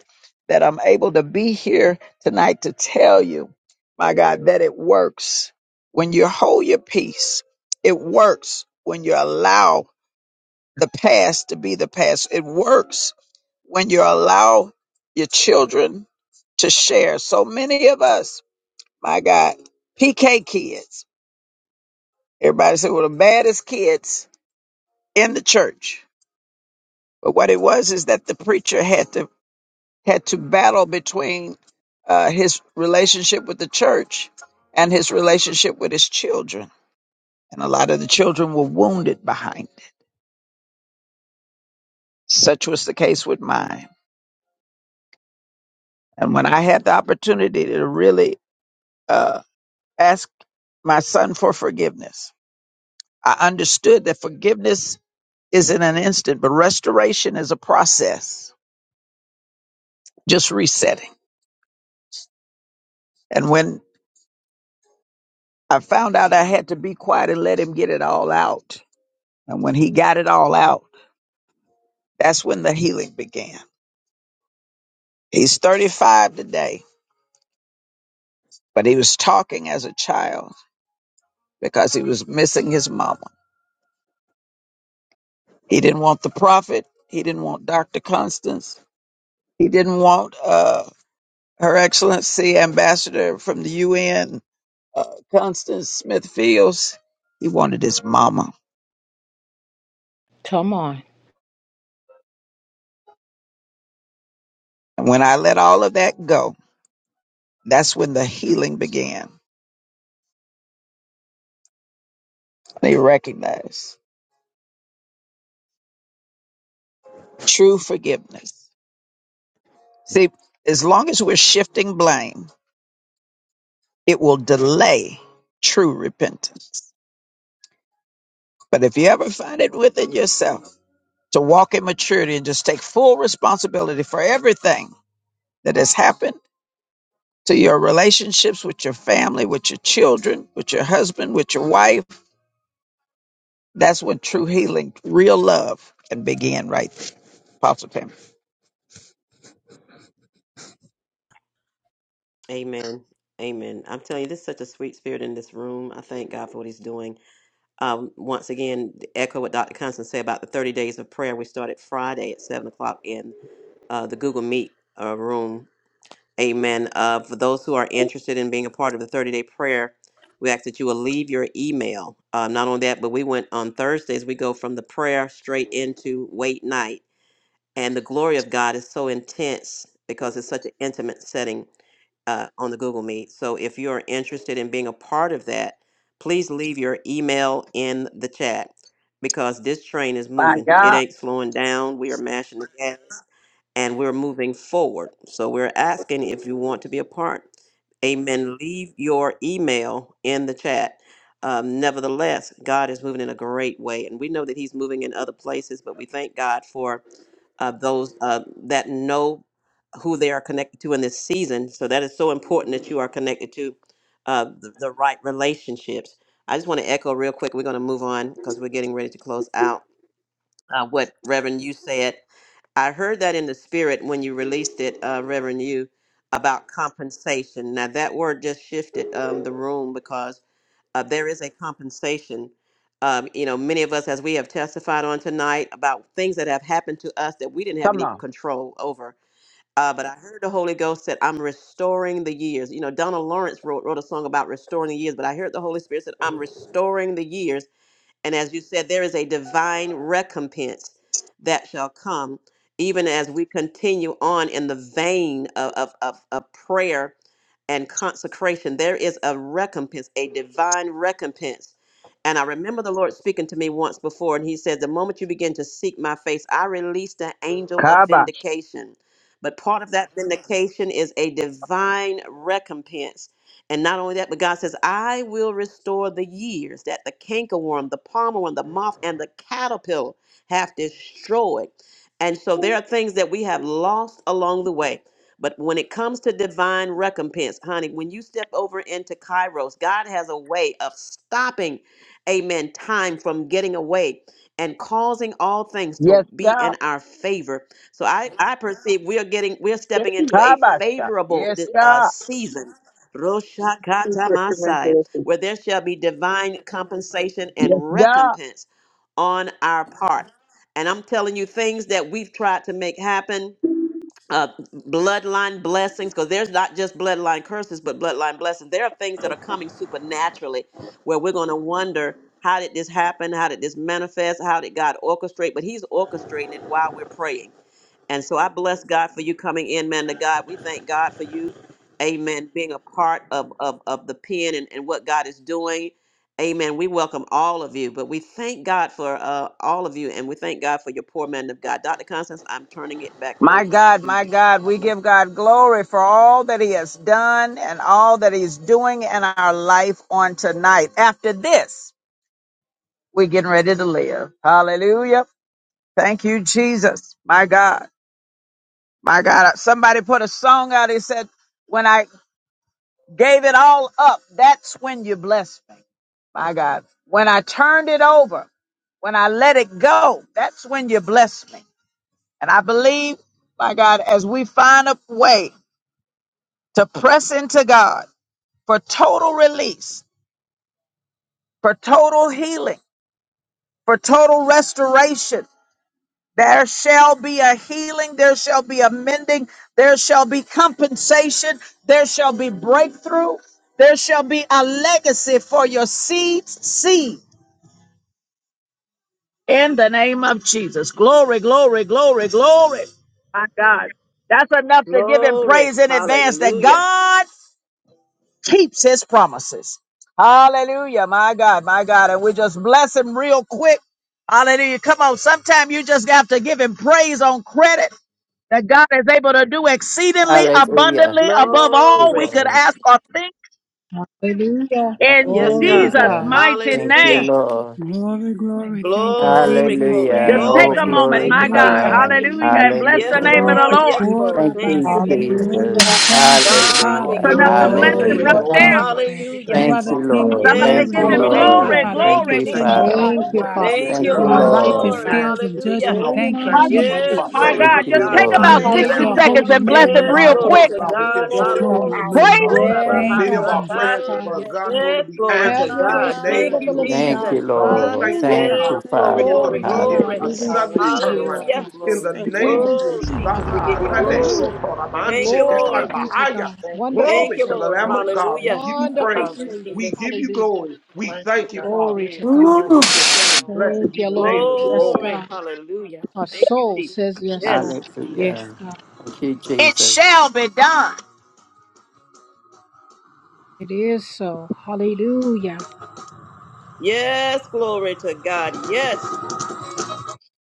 Speaker 1: that I'm able to be here tonight to tell you, my God, that it works when you hold your peace. It works when you allow the past to be the past. It works when you allow your children to share. So many of us, my God, PK kids, everybody said, well, the baddest kids in the church. But what it was is that the preacher had to had to battle between uh, his relationship with the church and his relationship with his children. And a lot of the children were wounded behind. it. Such was the case with mine. And when I had the opportunity to really uh, Asked my son for forgiveness. I understood that forgiveness isn't an instant, but restoration is a process, just resetting. And when I found out I had to be quiet and let him get it all out, and when he got it all out, that's when the healing began. He's 35 today, but he was talking as a child because he was missing his mama. He didn't want the prophet. He didn't want Dr. Constance. He didn't want uh, Her Excellency Ambassador from the UN, uh, Constance Smith Fields, he wanted his mama.
Speaker 17: Come on.
Speaker 1: And when I let all of that go, that's when the healing began. They recognize true forgiveness. See, as long as we're shifting blame, it will delay true repentance. But if you ever find it within yourself to walk in maturity and just take full responsibility for everything that has happened, to your relationships with your family, with your children, with your husband, with your wife. That's when true healing, real love can begin right there. Apostle Pam.
Speaker 2: Amen. Amen. I'm telling you, this is such a sweet spirit in this room. I thank God for what He's doing. Um, once again, echo what Dr. Constance said about the 30 days of prayer. We started Friday at 7 o'clock in uh, the Google Meet uh, room Amen. Uh, for those who are interested in being a part of the 30 day prayer, we ask that you will leave your email. Uh, not only that, but we went on Thursdays, we go from the prayer straight into wait night. And the glory of God is so intense because it's such an intimate setting uh, on the Google Meet. So if you are interested in being a part of that, please leave your email in the chat because this train is
Speaker 1: My
Speaker 2: moving. It
Speaker 1: God.
Speaker 2: ain't slowing down. We are mashing the gas and we're moving forward. So we're asking if you want to be a part. Amen. Leave your email in the chat. Um, nevertheless, God is moving in a great way, and we know that He's moving in other places. But we thank God for uh, those uh, that know who they are connected to in this season. So that is so important that you are connected to uh, the, the right relationships. I just want to echo real quick. We're going to move on because we're getting ready to close out uh, what Reverend you said. I heard that in the spirit when you released it, uh, Reverend you, about compensation. Now that word just shifted um, the room because uh, there is a compensation. Um, you know, many of us, as we have testified on tonight, about things that have happened to us that we didn't have
Speaker 1: Come
Speaker 2: any
Speaker 1: on.
Speaker 2: control over. Uh, but I heard the Holy Ghost said, "I'm restoring the years." You know, Donald Lawrence wrote wrote a song about restoring the years, but I heard the Holy Spirit said, "I'm restoring the years." And as you said, there is a divine recompense that shall come, even as we continue on in the vein of, of, of, of prayer and consecration. There is a recompense, a divine recompense. And I remember the Lord speaking to me once before, and He said, The moment you begin to seek my face, I released an angel of
Speaker 1: Kabash.
Speaker 2: vindication. But part of that vindication is a divine recompense. And not only that, but God says, I will restore the years that the cankerworm, the palmer worm, the moth, and the caterpillar have destroyed. And so there are things that we have lost along the way. But when it comes to divine recompense, honey, when you step over into Kairos, God has a way of stopping, amen, time from getting away and causing all things to
Speaker 1: Yes,
Speaker 2: be in
Speaker 1: God.
Speaker 2: our favor. So I, I perceive we are getting, we are
Speaker 1: Yes,
Speaker 2: stepping
Speaker 1: he
Speaker 2: into a
Speaker 1: Kabash.
Speaker 2: favorable
Speaker 1: Yes,
Speaker 2: uh,
Speaker 1: God.
Speaker 2: season.
Speaker 1: is
Speaker 2: Roshakata masai,
Speaker 1: represented.
Speaker 2: where there shall be divine compensation and
Speaker 1: Yes, God.
Speaker 2: recompense on our part. And I'm telling you, things that we've tried to make happen, uh, bloodline blessings because there's not just bloodline curses but bloodline blessings there are things that are coming supernaturally where we're going to wonder how did this happen how did this manifest how did god orchestrate but he's orchestrating it while we're praying and so I bless God for you coming in, man to God. We thank God for you. Amen. Being a part of, of, of the pen and, and what God is doing. Amen. We welcome all of you, but we thank God for uh, all of you and we thank God for your poor man of God. Dr. Constance, I'm turning it back
Speaker 1: My
Speaker 2: over
Speaker 1: God,
Speaker 2: to
Speaker 1: my
Speaker 2: you.
Speaker 1: God,
Speaker 2: God
Speaker 1: we
Speaker 2: bless
Speaker 1: give God glory for all that He has done and all that He's doing in our life on tonight. After this, we're getting ready to live. Hallelujah. Thank you, Jesus. My God. My God. Somebody put a song out. He said, When I gave it all up, that's when you blessed me. My God. When I turned it over, when I let it go, that's when you blessed me. And I believe, my God, as we find a way to press into God for total release, for total healing, for total restoration, There shall be a healing. There shall be a mending. There shall be compensation. There shall be breakthrough. There shall be a legacy for your seeds. seed in the name of Jesus. Glory, glory, glory, glory. My God. That's enough
Speaker 2: you.
Speaker 1: to give him
Speaker 2: Glory.
Speaker 1: praise in advance that
Speaker 2: Hallelujah.
Speaker 1: God keeps his promises. Hallelujah. My God, my God. And we just bless him real quick. Hallelujah. Come on. Sometime you just have to give him praise on credit. that God is able to do exceedingly
Speaker 16: Hallelujah.
Speaker 1: abundantly above all we
Speaker 2: Glory.
Speaker 1: could
Speaker 16: Lord.
Speaker 1: ask or think
Speaker 17: Hallelujah.
Speaker 1: in
Speaker 2: Yes,
Speaker 17: Glory to
Speaker 2: God.
Speaker 1: Jesus'
Speaker 17: God.
Speaker 16: Hallelujah.
Speaker 1: mighty
Speaker 16: Thank you,
Speaker 1: name.
Speaker 2: Hallelujah.
Speaker 16: Lord.
Speaker 10: Glory, glory. Thank you,
Speaker 2: Glory,
Speaker 10: Jesus.
Speaker 2: glory,
Speaker 1: Just
Speaker 16: Hallelujah.
Speaker 10: Thank
Speaker 1: take
Speaker 10: you,
Speaker 16: Oh,
Speaker 1: a
Speaker 2: glory.
Speaker 10: Jesus.
Speaker 1: moment,
Speaker 16: glory
Speaker 2: Thank
Speaker 16: to
Speaker 1: my
Speaker 2: you,
Speaker 1: God,
Speaker 10: Glory,
Speaker 2: Jesus.
Speaker 16: God.
Speaker 1: hallelujah, and
Speaker 10: hallelujah.
Speaker 1: bless
Speaker 2: Yes,
Speaker 1: the
Speaker 16: Hallelujah.
Speaker 1: name of
Speaker 17: Thank
Speaker 1: the
Speaker 2: Lord.
Speaker 17: you,
Speaker 1: Lord.
Speaker 2: Yes,
Speaker 17: Jesus.
Speaker 10: Oh,
Speaker 2: Lord.
Speaker 16: Thank
Speaker 2: Thank
Speaker 16: you,
Speaker 2: you,
Speaker 10: Rabasi.
Speaker 2: Jesus.
Speaker 10: Lord,
Speaker 16: Jesus.
Speaker 17: Hallelujah.
Speaker 10: we thank you,
Speaker 18: Thank you,
Speaker 2: God, we
Speaker 10: Father.
Speaker 18: Father.
Speaker 1: It's
Speaker 16: Hallelujah.
Speaker 2: give you
Speaker 1: enough
Speaker 10: You
Speaker 1: to
Speaker 10: are the
Speaker 1: bless
Speaker 18: Thank
Speaker 1: him
Speaker 17: Glory
Speaker 10: King
Speaker 2: glory.
Speaker 18: you,
Speaker 17: to
Speaker 1: right
Speaker 16: Hallelujah.
Speaker 10: of
Speaker 18: Lord.
Speaker 17: God.
Speaker 1: there.
Speaker 10: Kings.
Speaker 2: Hallelujah.
Speaker 18: Thank
Speaker 10: You
Speaker 18: you,
Speaker 10: are
Speaker 16: Thank you,
Speaker 10: the
Speaker 18: Father God,
Speaker 10: King
Speaker 9: Glory,
Speaker 18: for
Speaker 16: Lord.
Speaker 10: of
Speaker 18: what
Speaker 1: Somebody
Speaker 2: Yes,
Speaker 16: Thank
Speaker 18: is
Speaker 10: glory.
Speaker 16: you,
Speaker 1: give
Speaker 10: We
Speaker 1: him
Speaker 18: being
Speaker 2: glory to
Speaker 18: done.
Speaker 10: thank you,
Speaker 2: God.
Speaker 16: Lord.
Speaker 1: glory,
Speaker 17: Hallelujah.
Speaker 10: Father, for
Speaker 2: Thank
Speaker 16: Thank
Speaker 2: you,
Speaker 10: your
Speaker 1: glory,
Speaker 16: you,
Speaker 18: Thank
Speaker 2: Jesus.
Speaker 18: you,
Speaker 10: tender
Speaker 16: Father.
Speaker 18: God,
Speaker 1: glory,
Speaker 10: heart,
Speaker 18: for
Speaker 10: oh
Speaker 17: Thank you,
Speaker 18: what
Speaker 1: glory,
Speaker 10: God
Speaker 18: is
Speaker 17: Father.
Speaker 1: glory,
Speaker 2: Thank
Speaker 16: Thank
Speaker 2: you,
Speaker 10: for
Speaker 16: you,
Speaker 10: your
Speaker 1: glory.
Speaker 18: materializing
Speaker 17: Thank you, Lord
Speaker 10: righteous
Speaker 18: even
Speaker 16: Lord.
Speaker 2: Lord.
Speaker 18: now.
Speaker 17: God.
Speaker 10: scales of
Speaker 17: Give you
Speaker 2: Hallelujah.
Speaker 10: judgment.
Speaker 18: God,
Speaker 17: glory
Speaker 18: we
Speaker 17: and
Speaker 10: Thank you,
Speaker 17: honor
Speaker 18: thank
Speaker 17: in
Speaker 18: you
Speaker 17: this
Speaker 18: for the
Speaker 10: Jesus.
Speaker 2: Yes,
Speaker 1: Hallelujah,
Speaker 17: place,
Speaker 1: my
Speaker 18: prophetic
Speaker 2: glory
Speaker 17: God.
Speaker 1: God.
Speaker 16: Thank
Speaker 2: to
Speaker 1: Just
Speaker 16: you,
Speaker 13: Mm,
Speaker 2: God.
Speaker 18: fulfillment
Speaker 1: take
Speaker 16: Lord.
Speaker 10: We
Speaker 1: about
Speaker 18: even
Speaker 10: bless
Speaker 13: hallelujah,
Speaker 2: Hallelujah.
Speaker 1: 60
Speaker 18: now,
Speaker 10: your
Speaker 18: Father.
Speaker 17: Hallelujah,
Speaker 1: seconds
Speaker 10: holy
Speaker 1: and bless
Speaker 10: name,
Speaker 1: him
Speaker 10: O
Speaker 13: hallelujah.
Speaker 2: Yes,
Speaker 18: God,
Speaker 1: real
Speaker 10: God.
Speaker 18: oh
Speaker 2: glory
Speaker 17: Yes,
Speaker 1: quick.
Speaker 18: Father
Speaker 2: to
Speaker 17: God.
Speaker 18: God,
Speaker 2: God.
Speaker 18: within
Speaker 17: Yes,
Speaker 10: Oh,
Speaker 17: God.
Speaker 18: 24
Speaker 2: Hallelujah.
Speaker 13: Glory to
Speaker 18: hours,
Speaker 13: your
Speaker 18: God,
Speaker 10: Lamb,
Speaker 1: Praise
Speaker 10: we
Speaker 13: name,
Speaker 2: Ora
Speaker 13: oh
Speaker 17: Yes,
Speaker 16: Lord.
Speaker 10: thank
Speaker 13: God.
Speaker 18: many of
Speaker 10: you,
Speaker 13: You
Speaker 17: God.
Speaker 18: our
Speaker 13: are
Speaker 10: Jesus.
Speaker 17: Yes,
Speaker 2: bahasata.
Speaker 18: prayers, oh
Speaker 17: God. Yes,
Speaker 18: God,
Speaker 13: worthy.
Speaker 18: God,
Speaker 17: God.
Speaker 18: going to
Speaker 2: Yes,
Speaker 18: be
Speaker 2: glory to
Speaker 17: Have
Speaker 18: answered
Speaker 16: Mm.
Speaker 17: your
Speaker 18: in
Speaker 17: way,
Speaker 18: the
Speaker 2: God.
Speaker 18: name
Speaker 17: Spirit
Speaker 2: Thank
Speaker 18: of
Speaker 17: of the
Speaker 2: you,
Speaker 17: living
Speaker 18: Yahushua.
Speaker 13: Hallelujah,
Speaker 16: Thank
Speaker 2: Jesus.
Speaker 16: you,
Speaker 17: God.
Speaker 18: God, we
Speaker 16: Lord.
Speaker 18: thank you,
Speaker 17: Hallelujah.
Speaker 18: Lord
Speaker 16: Thank
Speaker 13: hallelujah,
Speaker 18: God,
Speaker 2: Yes,
Speaker 16: you,
Speaker 2: glory,
Speaker 16: Father.
Speaker 13: hallelujah.
Speaker 18: for
Speaker 2: glory,
Speaker 17: Glory to
Speaker 18: immediate,
Speaker 17: God.
Speaker 2: glory.
Speaker 18: a
Speaker 17: We
Speaker 16: Hallelujah.
Speaker 13: Mm,
Speaker 18: suddenly
Speaker 13: thank
Speaker 17: receive you,
Speaker 13: you,
Speaker 17: Lord
Speaker 18: turnaround.
Speaker 2: Hallelujah.
Speaker 17: God.
Speaker 18: In
Speaker 13: Jesus.
Speaker 18: the
Speaker 13: Thank you,
Speaker 17: We
Speaker 18: name
Speaker 13: Lord.
Speaker 18: of
Speaker 2: Oh,
Speaker 18: Yahushua,
Speaker 17: receive
Speaker 18: God,
Speaker 17: you,
Speaker 2: Jesus, we
Speaker 17: Lord.
Speaker 18: ah,
Speaker 2: give you
Speaker 18: Rabbe
Speaker 13: Mm,
Speaker 2: glory.
Speaker 18: Shoto
Speaker 17: Hallelujah.
Speaker 2: Thank
Speaker 18: Ramanche
Speaker 2: you,
Speaker 18: Ketai
Speaker 17: Glory
Speaker 2: Lord.
Speaker 17: be to
Speaker 18: Bahaya.
Speaker 17: God. Wonderful
Speaker 2: Thank
Speaker 18: glory
Speaker 2: you,
Speaker 18: to
Speaker 17: Savior.
Speaker 18: the
Speaker 2: Lord.
Speaker 18: Lamb of God. We
Speaker 2: Hallelujah.
Speaker 18: give you
Speaker 17: Wonderful
Speaker 2: Thank
Speaker 18: praise.
Speaker 2: you,
Speaker 17: Savior.
Speaker 18: We
Speaker 2: Jesus.
Speaker 18: give you
Speaker 17: Hallelujah.
Speaker 18: glory. We thank you, Father,
Speaker 17: Glory to
Speaker 18: in
Speaker 17: God.
Speaker 16: Woo.
Speaker 18: Yahushua's name. Blessed
Speaker 17: Thank
Speaker 18: be
Speaker 17: you,
Speaker 18: the
Speaker 17: Lord.
Speaker 18: name of the
Speaker 17: Yes,
Speaker 18: Lord.
Speaker 2: Glory.
Speaker 17: God.
Speaker 2: Hallelujah.
Speaker 17: Our
Speaker 2: Thank you,
Speaker 17: soul
Speaker 2: Jesus.
Speaker 17: says yes,
Speaker 2: Yes.
Speaker 17: Lord. Yes,
Speaker 16: Hallelujah.
Speaker 17: God.
Speaker 16: Thank you,
Speaker 1: it
Speaker 16: Jesus.
Speaker 1: shall be done.
Speaker 17: It is so. Hallelujah.
Speaker 2: Yes. Glory to God. Yes.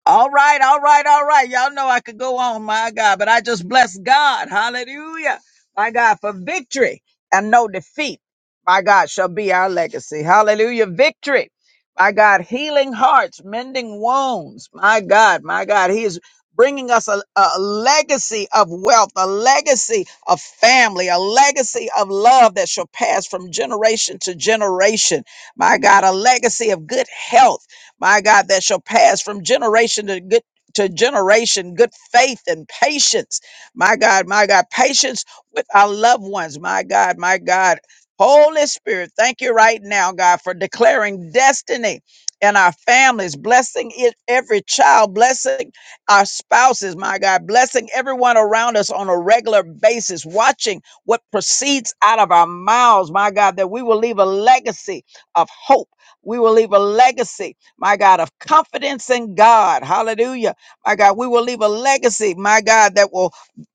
Speaker 1: All right, all right, all right. Y'all know I could go on, my God, but I just bless God. Hallelujah. My God, for victory and no defeat, my God, shall be our legacy. Hallelujah. Victory. My God, healing hearts, mending wounds. My God, my God, He is bringing us a, a legacy of wealth, a legacy of family, a legacy of love that shall pass from generation to generation. My God, a legacy of good health my God, that shall pass from generation to good to generation, good faith and patience. My God, my God, patience with our loved ones. My God, my God. Holy Spirit, thank you right now, God, for declaring destiny in our families, blessing it, every child, blessing our spouses, my God, blessing everyone around us on a regular basis, watching what proceeds out of our mouths, my God, that we will leave a legacy of hope. We will leave a legacy my God, of confidence in God. Hallelujah. My God, we will leave a legacy, my God, that will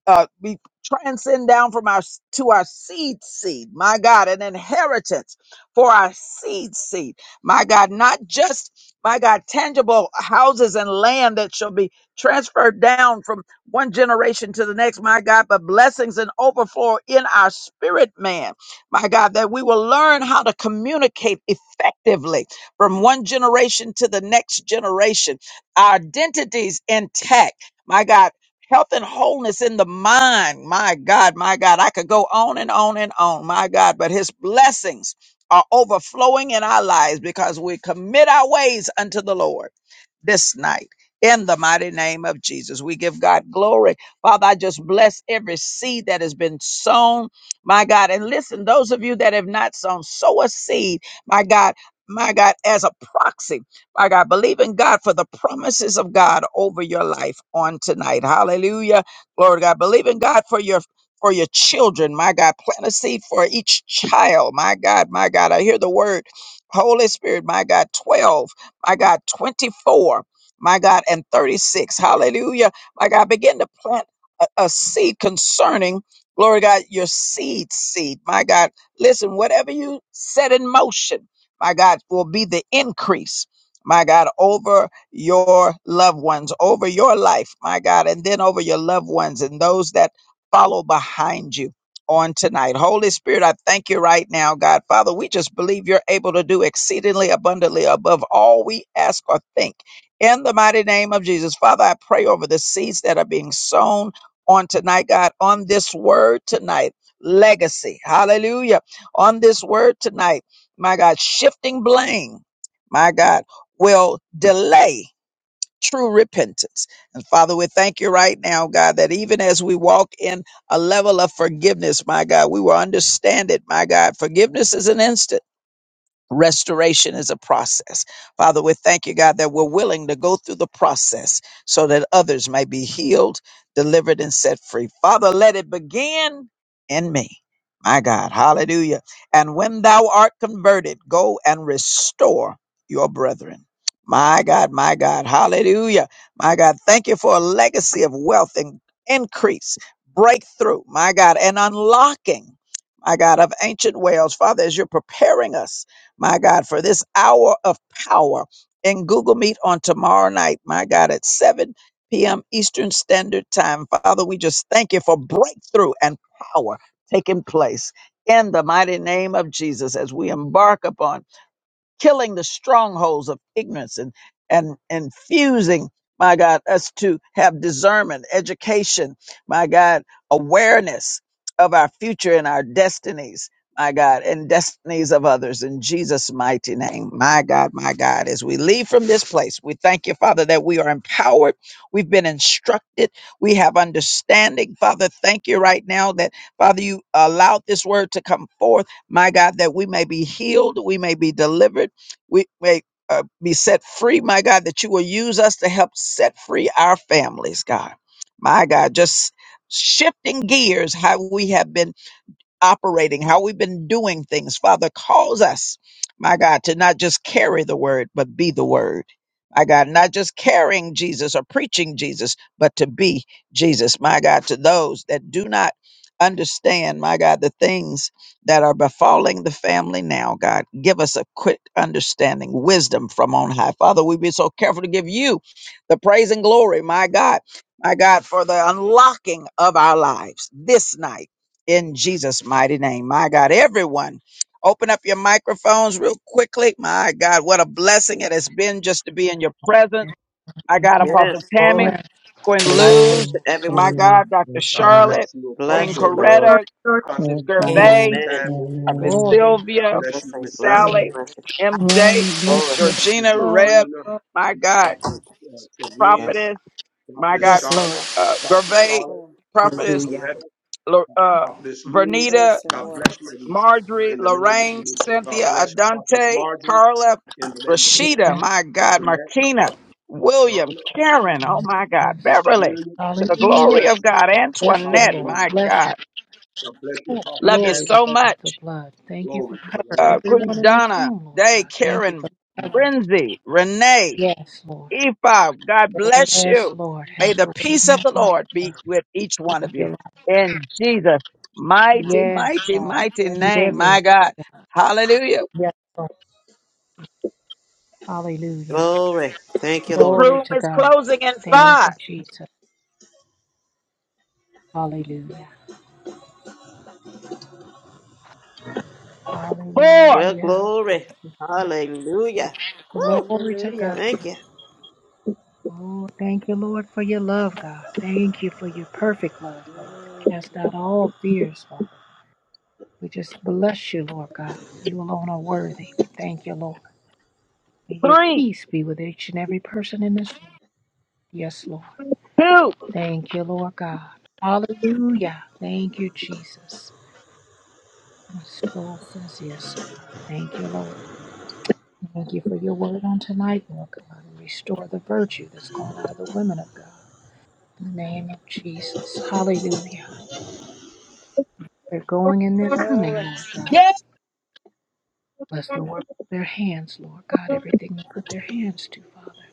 Speaker 1: uh, be transcend down from our to our seed seed, my God, an inheritance for our seed seed, my God, not just my God, tangible houses and land that shall be transferred down from one generation to the next, my God, but blessings and overflow in our spirit man, my God, that we will learn how to communicate effectively from one generation to the next generation. Our identities intact. My God, health and wholeness in the mind. My God, my God, I could go on and on and on. My God, but his blessings are overflowing in our lives because we commit our ways unto the Lord this night. In the mighty name of Jesus, we give God glory. Father, I just bless every seed that has been sown, my God. And listen, those of you that have not sown, sow a seed, my God my God, as a proxy. My God, believe in God for the promises of God over your life on tonight. Hallelujah. Glory to God. Believe in God for your for your children. My God, plant a seed for each child. My God, my God. I hear the word. Holy Spirit, my God, 12, my God, 24, my God, and 36. Hallelujah. My God, begin to plant a, a seed concerning, glory to God, your seed seed. My God, listen, whatever you set in motion my God, will be the increase, my God, over your loved ones, over your life, my God, and then over your loved ones and those that follow behind you on tonight. Holy Spirit, I thank you right now, God. Father, we just believe you're able to do exceedingly abundantly above all we ask or think. In the mighty name of Jesus, Father, I pray over the seeds that are being sown on tonight, God, on this word tonight. Legacy. Hallelujah. On this word tonight my God, shifting blame, my God, will delay true repentance. And Father, we thank you right now, God, that even as we walk in a level of forgiveness, my God, we will understand it, my God. Forgiveness is an instant. Restoration is a process. Father, we thank you, God, that we're willing to go through the process so that others may be healed, delivered, and set free. Father, let it begin in me. My God, hallelujah. And when thou art converted, go and restore your brethren. My God, my God, hallelujah. My God, thank you for a legacy of wealth and increase, breakthrough, my God, and unlocking, my God, of ancient wells. Father, as you're preparing us my God, for this hour of power in Google Meet on tomorrow night, my God, at 7 p.m. Eastern Standard Time. Father, we just thank you for breakthrough and power taking place in the mighty name of Jesus as we embark upon killing the strongholds of ignorance and and and fusing my god us to have discernment education my god awareness of our future and our destinies my god and destinies of others in jesus mighty name my god my god as we leave from this place we thank you father that we are empowered we've been instructed we have understanding father thank you right now that father you allowed this word to come forth my God, that we may be healed, we may be delivered, we may uh, be set free, my God, that you will use us to help set free our families, God. My God, just shifting gears, how we have been operating, how we've been doing things. Father, cause us, my God, to not just carry the word, but be the word. My God, not just carrying Jesus or preaching Jesus, but to be Jesus, my God, to those that do not understand, my God, the things that are befalling the family now, God. Give us a quick understanding, wisdom from on high. Father, we be so careful to give you the praise and glory, my God, my God, for the unlocking of our lives this night in Jesus' mighty name. My God, everyone, open up your microphones real quickly. My God, what a blessing it has been just to be in your presence. My God, Apostle
Speaker 2: Yes.
Speaker 1: Tammy,
Speaker 2: Glory.
Speaker 17: Amen.
Speaker 1: Quinn
Speaker 2: Blessings
Speaker 1: Luz,
Speaker 2: to
Speaker 1: my
Speaker 2: everyone.
Speaker 1: God, Dr.
Speaker 18: God
Speaker 1: Charlotte,
Speaker 18: bless you,
Speaker 1: Queen
Speaker 16: Thank
Speaker 2: Blessings.
Speaker 16: you,
Speaker 18: Apostle
Speaker 16: Lord.
Speaker 1: Coretta,
Speaker 9: glory,
Speaker 1: This
Speaker 18: Constant,
Speaker 9: God.
Speaker 18: Apostle
Speaker 1: Gervais,
Speaker 18: Tammy.
Speaker 2: Amen.
Speaker 1: This
Speaker 17: Glory.
Speaker 18: God
Speaker 1: Sylvia,
Speaker 18: bless you,
Speaker 2: Blessings.
Speaker 18: Miss
Speaker 9: Thank
Speaker 2: Blessings.
Speaker 18: Sally,
Speaker 1: Sally,
Speaker 2: Blessings.
Speaker 1: MJ,
Speaker 10: Glory,
Speaker 9: you,
Speaker 2: Glory.
Speaker 10: bless you.
Speaker 18: to
Speaker 1: Georgina, Reb,
Speaker 18: Georgina,
Speaker 9: all.
Speaker 1: my God,
Speaker 18: Prophet uh, Corinne,
Speaker 2: Blessings.
Speaker 1: Prophetess, my
Speaker 18: Prophetess
Speaker 1: God,
Speaker 7: Yes,
Speaker 18: Charlotte,
Speaker 7: Lord.
Speaker 1: uh,
Speaker 18: Prophet
Speaker 1: Gervais,
Speaker 18: Charlotte, Prophet
Speaker 1: Prophetess,
Speaker 7: Hallelujah.
Speaker 18: Coretta,
Speaker 1: Lo- uh,
Speaker 18: Prophetess Lou.
Speaker 1: Vernita,
Speaker 13: praise the
Speaker 18: God
Speaker 13: Lord.
Speaker 18: bless you, everyone.
Speaker 1: Marjorie,
Speaker 18: In the name of the
Speaker 1: Lorraine,
Speaker 18: Lord, so God
Speaker 1: Cynthia,
Speaker 18: bless Prophetess
Speaker 1: Adante,
Speaker 18: Marjorie.
Speaker 1: Carla,
Speaker 18: In the name of the Lord,
Speaker 1: Rashida,
Speaker 17: Yes.
Speaker 1: my God,
Speaker 18: Antoinette,
Speaker 1: Martina, William,
Speaker 18: Donna,
Speaker 1: Karen, oh my God,
Speaker 17: yes.
Speaker 18: Mr.
Speaker 1: Beverly,
Speaker 18: William.
Speaker 1: to the
Speaker 18: God
Speaker 17: Hallelujah.
Speaker 1: glory of
Speaker 18: bless
Speaker 1: God,
Speaker 18: you.
Speaker 17: Bless them,
Speaker 1: Antoinette,
Speaker 18: Hallelujah.
Speaker 17: Lord.
Speaker 1: my
Speaker 17: Bless them.
Speaker 1: God,
Speaker 18: God bless you.
Speaker 17: Oh,
Speaker 18: Prophet
Speaker 1: love you
Speaker 17: glory
Speaker 1: so
Speaker 17: to God, the
Speaker 1: much.
Speaker 17: blood. Thank you for
Speaker 18: Glory to the Lamb
Speaker 17: covering
Speaker 18: of
Speaker 1: Uh, Queen
Speaker 17: everyone in this
Speaker 1: Donna,
Speaker 17: room, Lord
Speaker 1: Day,
Speaker 17: God. Thank you
Speaker 1: Karen,
Speaker 17: for covering.
Speaker 1: Brinzy, Renee,
Speaker 17: Yes, Lord.
Speaker 1: Eva, God bless
Speaker 17: Yes,
Speaker 1: you.
Speaker 17: Lord.
Speaker 1: May
Speaker 17: Have
Speaker 1: the
Speaker 17: your way
Speaker 1: peace of the
Speaker 17: now.
Speaker 1: Lord be with each one of you.
Speaker 17: Hallelujah.
Speaker 1: In Jesus' mighty,
Speaker 17: Yes,
Speaker 1: mighty,
Speaker 17: Lord.
Speaker 1: mighty
Speaker 13: Yes,
Speaker 17: Meet
Speaker 1: name,
Speaker 13: yes.
Speaker 17: every.
Speaker 1: my God. Hallelujah.
Speaker 17: Yes, Lord. Hallelujah.
Speaker 2: Glory. Thank you, Lord.
Speaker 17: Glory
Speaker 1: Room
Speaker 17: to
Speaker 1: is
Speaker 17: God.
Speaker 1: closing in
Speaker 17: Thank
Speaker 1: five,
Speaker 17: you, Jesus. Hallelujah.
Speaker 2: Well,
Speaker 17: Hallelujah. Thank
Speaker 2: glory.
Speaker 17: you.
Speaker 2: Hallelujah. Woo.
Speaker 17: Glory to God.
Speaker 13: Hallelujah,
Speaker 2: Thank you.
Speaker 17: Oh, thank you, Lord, for your love, God. Thank you for your perfect love, Lord.
Speaker 13: Mm,
Speaker 17: Cast out all fears, Father. We just bless you, Lord God. You alone are worthy. We thank you, Lord. May your
Speaker 1: three,
Speaker 17: peace be with each and every person in this room. Yes, Lord.
Speaker 1: two,
Speaker 17: Thank you, Lord God. Hallelujah. Thank you, Jesus. My soul says yes, God. Thank you, Lord. Thank you for your word on tonight, Lord God. And restore the virtue that's gone out of the women of God. In the name of Jesus. Hallelujah. They're going and they're coming,
Speaker 13: glory.
Speaker 17: Lord God. Bless the work of their hands, Lord God, everything they put their hands to, Father.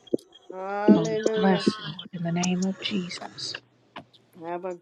Speaker 17: Oh,
Speaker 13: Hallelujah.
Speaker 17: bless, Lord, in the name of Jesus.
Speaker 13: Have a